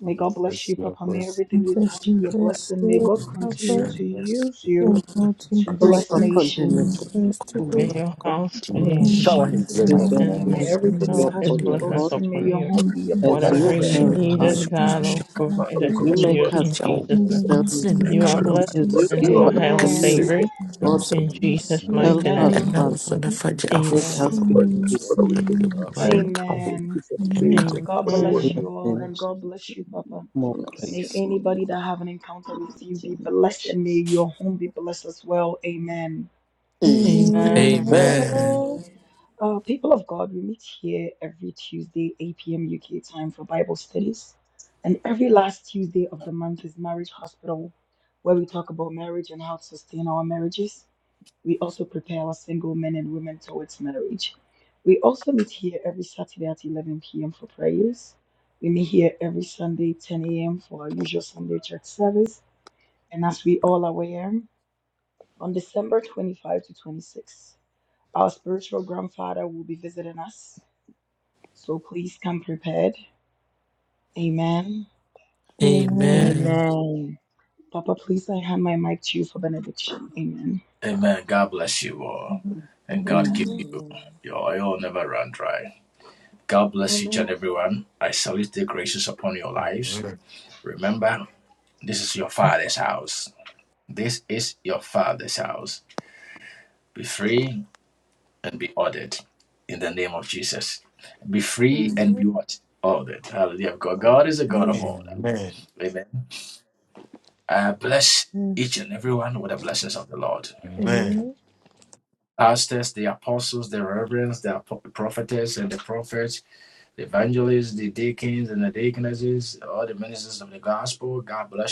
Speaker 2: May God bless
Speaker 3: Bless
Speaker 2: you,
Speaker 3: you,
Speaker 2: Papa. May
Speaker 3: bless
Speaker 2: everything
Speaker 5: And God
Speaker 2: you touch be a
Speaker 5: bless
Speaker 2: blessing. May
Speaker 3: you,
Speaker 5: you,
Speaker 2: God continue
Speaker 5: Papa.
Speaker 2: to
Speaker 3: bless
Speaker 2: use you
Speaker 5: And God
Speaker 2: to
Speaker 3: you.
Speaker 23: May
Speaker 5: increase
Speaker 2: bless
Speaker 23: God
Speaker 5: you.
Speaker 23: continue
Speaker 24: Amen.
Speaker 23: to
Speaker 2: nations.
Speaker 5: And
Speaker 23: bless
Speaker 5: bless
Speaker 3: Do
Speaker 5: to
Speaker 23: him
Speaker 3: not
Speaker 5: you.
Speaker 23: and
Speaker 10: May your
Speaker 23: God
Speaker 10: house
Speaker 24: Ọmọ
Speaker 2: In
Speaker 10: be
Speaker 24: ogun pa
Speaker 3: Shower
Speaker 5: And I
Speaker 3: his
Speaker 5: say,
Speaker 2: Jesus'
Speaker 3: blessing
Speaker 23: is
Speaker 2: mighty
Speaker 3: upon
Speaker 23: doing
Speaker 10: and
Speaker 2: name,
Speaker 10: may
Speaker 2: may
Speaker 3: us. Bless
Speaker 23: this
Speaker 5: Amen.
Speaker 24: ẹnìbọn
Speaker 2: everything you
Speaker 23: job
Speaker 10: shower
Speaker 2: touch
Speaker 10: his
Speaker 23: for
Speaker 2: be a
Speaker 23: the
Speaker 24: ní
Speaker 10: blessings
Speaker 23: Lord
Speaker 2: blessing. May
Speaker 10: upon
Speaker 2: your
Speaker 10: you.
Speaker 2: home
Speaker 5: And
Speaker 2: be a
Speaker 5: thank
Speaker 19: you
Speaker 23: as
Speaker 19: for
Speaker 24: Amina
Speaker 19: you
Speaker 23: you
Speaker 10: Whatever you
Speaker 2: blessing.
Speaker 5: you.
Speaker 23: help
Speaker 10: need
Speaker 5: And
Speaker 19: and
Speaker 10: is
Speaker 5: thank
Speaker 23: us
Speaker 24: Sharonis
Speaker 5: you.
Speaker 10: God
Speaker 24: Christi,
Speaker 5: And
Speaker 10: will
Speaker 5: thank
Speaker 19: part
Speaker 10: provide
Speaker 19: of
Speaker 10: it
Speaker 23: As you
Speaker 10: for
Speaker 5: you.
Speaker 19: God's
Speaker 24: Everton
Speaker 10: you
Speaker 23: make
Speaker 19: work
Speaker 23: us
Speaker 10: in
Speaker 24: Pinjao,
Speaker 10: Jesus'
Speaker 5: In the
Speaker 10: name.
Speaker 24: what's the
Speaker 5: mighty
Speaker 23: understand,
Speaker 10: You
Speaker 19: for
Speaker 10: are
Speaker 24: nature?
Speaker 5: name
Speaker 19: the
Speaker 5: of
Speaker 10: blessed
Speaker 23: as
Speaker 19: people of
Speaker 23: you
Speaker 5: Jesus.
Speaker 10: and you
Speaker 23: give
Speaker 19: God.
Speaker 10: are
Speaker 23: us the
Speaker 10: highly
Speaker 19: We
Speaker 2: Amen.
Speaker 23: news
Speaker 19: give
Speaker 24: Mokasi,
Speaker 23: from
Speaker 19: you
Speaker 10: favored
Speaker 23: God,
Speaker 24: so
Speaker 10: in
Speaker 5: Bless
Speaker 10: Jesus'
Speaker 4: Jesus.
Speaker 10: mighty
Speaker 23: help us,
Speaker 10: name.
Speaker 24: and
Speaker 5: you.
Speaker 2: Amen.
Speaker 24: now was
Speaker 23: Father.
Speaker 24: on the Faji
Speaker 23: Let
Speaker 24: Afuf,
Speaker 23: us
Speaker 10: Amen.
Speaker 23: be
Speaker 19: praise
Speaker 23: obedient
Speaker 19: for the word.
Speaker 24: the
Speaker 19: Thank
Speaker 23: and
Speaker 24: running count
Speaker 19: you for the
Speaker 2: Amen.
Speaker 19: day.
Speaker 24: and
Speaker 19: We thank
Speaker 24: count.
Speaker 19: you
Speaker 2: God
Speaker 19: for the word.
Speaker 2: bless
Speaker 23: bless
Speaker 2: you
Speaker 10: Amen.
Speaker 2: all
Speaker 23: them
Speaker 2: and God bless you, Papa.
Speaker 23: more
Speaker 4: Bless the
Speaker 2: May
Speaker 23: grace.
Speaker 4: Lord.
Speaker 2: anybody that have an encounter with you be blessed, and may
Speaker 4: Jesus.
Speaker 2: your home be blessed as well. Amen.
Speaker 10: Amen.
Speaker 24: Amen.
Speaker 2: Uh, people of God, we meet here every Tuesday, 8 p.m. UK time for Bible studies. And every last Tuesday of the month is Marriage Hospital, where we talk about marriage and how to sustain our marriages. We also prepare our single men and women towards marriage. We also meet here every Saturday at 11 p.m. for prayers. We meet here every Sunday, 10 a.m. for our usual Sunday church service. And as we all aware, on December 25 to 26, our spiritual grandfather will be visiting us. So please come prepared. Amen.
Speaker 24: Amen.
Speaker 4: Amen.
Speaker 2: Papa, please, I hand my mic to you for benediction. Amen. Amen.
Speaker 4: Amen.
Speaker 2: Amen.
Speaker 3: Amen.
Speaker 4: Amen. Father,
Speaker 3: Amen. Amen.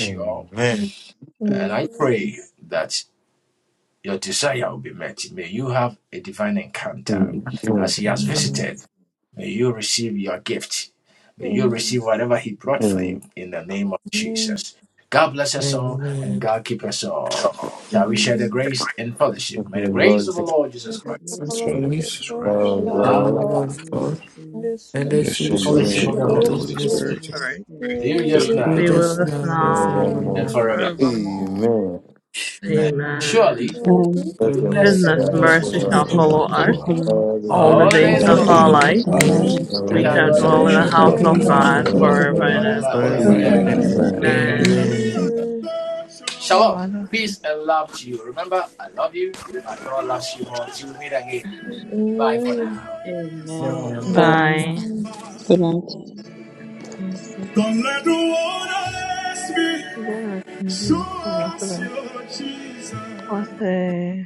Speaker 3: Amen. Mm, mm,
Speaker 24: Amen.
Speaker 3: mm.
Speaker 5: Amen.
Speaker 24: Amen.
Speaker 3: Thank Lord,
Speaker 4: use
Speaker 24: Jesus
Speaker 15: For
Speaker 4: the
Speaker 15: our
Speaker 4: name
Speaker 24: Christ,
Speaker 15: Jesus
Speaker 4: of the
Speaker 3: for
Speaker 15: Christ,
Speaker 3: our
Speaker 2: The
Speaker 4: Son,
Speaker 2: love
Speaker 24: the
Speaker 2: of
Speaker 3: God,
Speaker 24: love
Speaker 4: the
Speaker 2: God,
Speaker 24: of
Speaker 4: name of
Speaker 15: in
Speaker 4: the
Speaker 24: God,
Speaker 4: Lord, and
Speaker 24: and the
Speaker 15: the
Speaker 2: the
Speaker 24: sweet
Speaker 15: sweet
Speaker 4: the
Speaker 3: from
Speaker 4: sweet
Speaker 3: whom
Speaker 2: fellowship
Speaker 24: fellowship
Speaker 15: fellowship
Speaker 2: of the
Speaker 15: of
Speaker 24: of
Speaker 15: the
Speaker 24: the
Speaker 2: Holy
Speaker 4: fellowship
Speaker 15: Holy
Speaker 10: The
Speaker 24: Holy
Speaker 4: of
Speaker 2: Spirit,
Speaker 10: Holy
Speaker 4: the
Speaker 24: Spirit
Speaker 15: Spirit,
Speaker 10: Spirit
Speaker 4: Holy Spirit.
Speaker 2: be
Speaker 15: be with
Speaker 24: be
Speaker 2: with
Speaker 15: us
Speaker 24: with
Speaker 10: be
Speaker 2: us
Speaker 15: now.
Speaker 10: with
Speaker 24: us
Speaker 2: now
Speaker 10: us
Speaker 24: now and
Speaker 10: now
Speaker 4: And
Speaker 3: forevermore.
Speaker 24: forevermore.
Speaker 10: and
Speaker 4: forevermore.
Speaker 10: forevermore.
Speaker 3: Amen.
Speaker 11: Lord.
Speaker 24: Amen.
Speaker 4: Amen.
Speaker 10: Amen.
Speaker 4: Surely
Speaker 21: Nine,
Speaker 3: Let the
Speaker 24: Goodness
Speaker 3: blessed
Speaker 10: Goodness,
Speaker 24: and
Speaker 3: God
Speaker 24: mercy
Speaker 4: goodness
Speaker 10: mercy
Speaker 15: Goodness
Speaker 24: shall
Speaker 21: as
Speaker 15: and
Speaker 4: and
Speaker 10: shall
Speaker 3: for
Speaker 15: mercy
Speaker 21: the
Speaker 4: mercy
Speaker 24: follow.
Speaker 10: follow
Speaker 15: shall
Speaker 21: shall
Speaker 24: me
Speaker 15: follow
Speaker 10: us
Speaker 15: us
Speaker 4: will
Speaker 21: follow us,
Speaker 4: follow
Speaker 3: all the
Speaker 4: us
Speaker 3: good
Speaker 10: all
Speaker 24: or
Speaker 10: the
Speaker 3: of
Speaker 24: it
Speaker 15: all
Speaker 10: days
Speaker 24: is
Speaker 14: All
Speaker 24: a
Speaker 10: of
Speaker 3: our
Speaker 15: the
Speaker 21: and
Speaker 14: the
Speaker 3: life,
Speaker 21: the
Speaker 10: our
Speaker 15: days of
Speaker 14: days of
Speaker 21: goodness
Speaker 10: life.
Speaker 24: moment,
Speaker 21: shall
Speaker 15: our
Speaker 14: our
Speaker 3: we
Speaker 21: follow
Speaker 3: reach
Speaker 14: life
Speaker 15: lives,
Speaker 2: and
Speaker 3: the
Speaker 21: us,
Speaker 10: We
Speaker 24: and
Speaker 3: Lord
Speaker 24: I
Speaker 10: shall
Speaker 3: and
Speaker 15: and
Speaker 24: shall
Speaker 4: every
Speaker 5: There
Speaker 10: dwell
Speaker 15: we
Speaker 10: in
Speaker 3: all
Speaker 14: we
Speaker 2: forevermore.
Speaker 10: the
Speaker 15: shall
Speaker 5: is
Speaker 21: and we
Speaker 14: shall
Speaker 21: shall
Speaker 15: dwell
Speaker 10: house
Speaker 15: in
Speaker 5: a
Speaker 14: dwell
Speaker 15: the
Speaker 21: dwell
Speaker 14: in
Speaker 10: of
Speaker 2: Amen.
Speaker 24: rejoice
Speaker 21: in
Speaker 14: the
Speaker 24: of
Speaker 15: house
Speaker 21: the
Speaker 15: of
Speaker 14: house
Speaker 3: the
Speaker 24: the
Speaker 10: God
Speaker 14: of
Speaker 4: single
Speaker 5: God
Speaker 21: house
Speaker 15: the
Speaker 14: the
Speaker 21: of
Speaker 4: house of
Speaker 5: above
Speaker 24: Lord
Speaker 15: Lord
Speaker 21: the
Speaker 14: Lord
Speaker 10: forever
Speaker 5: the
Speaker 21: Lord.
Speaker 10: and
Speaker 3: Lord.
Speaker 10: ever.
Speaker 15: forever
Speaker 24: forever
Speaker 15: and
Speaker 14: forever
Speaker 24: and
Speaker 4: God.
Speaker 14: and
Speaker 15: ever.
Speaker 24: ever.
Speaker 14: ever.
Speaker 5: and
Speaker 3: Amen.
Speaker 15: Amen.
Speaker 10: Amen.
Speaker 24: Amen.
Speaker 14: Amen.
Speaker 4: Amen.
Speaker 5: earth,
Speaker 10: God.
Speaker 5: and
Speaker 24: Amen.
Speaker 4: Amen.
Speaker 21: Amen.
Speaker 10: Bye.
Speaker 21: Good night.
Speaker 1: Don't let the world ask me.
Speaker 10: Then I can
Speaker 1: Show
Speaker 10: leave, my
Speaker 1: us
Speaker 10: master
Speaker 1: your Jesus.
Speaker 10: was a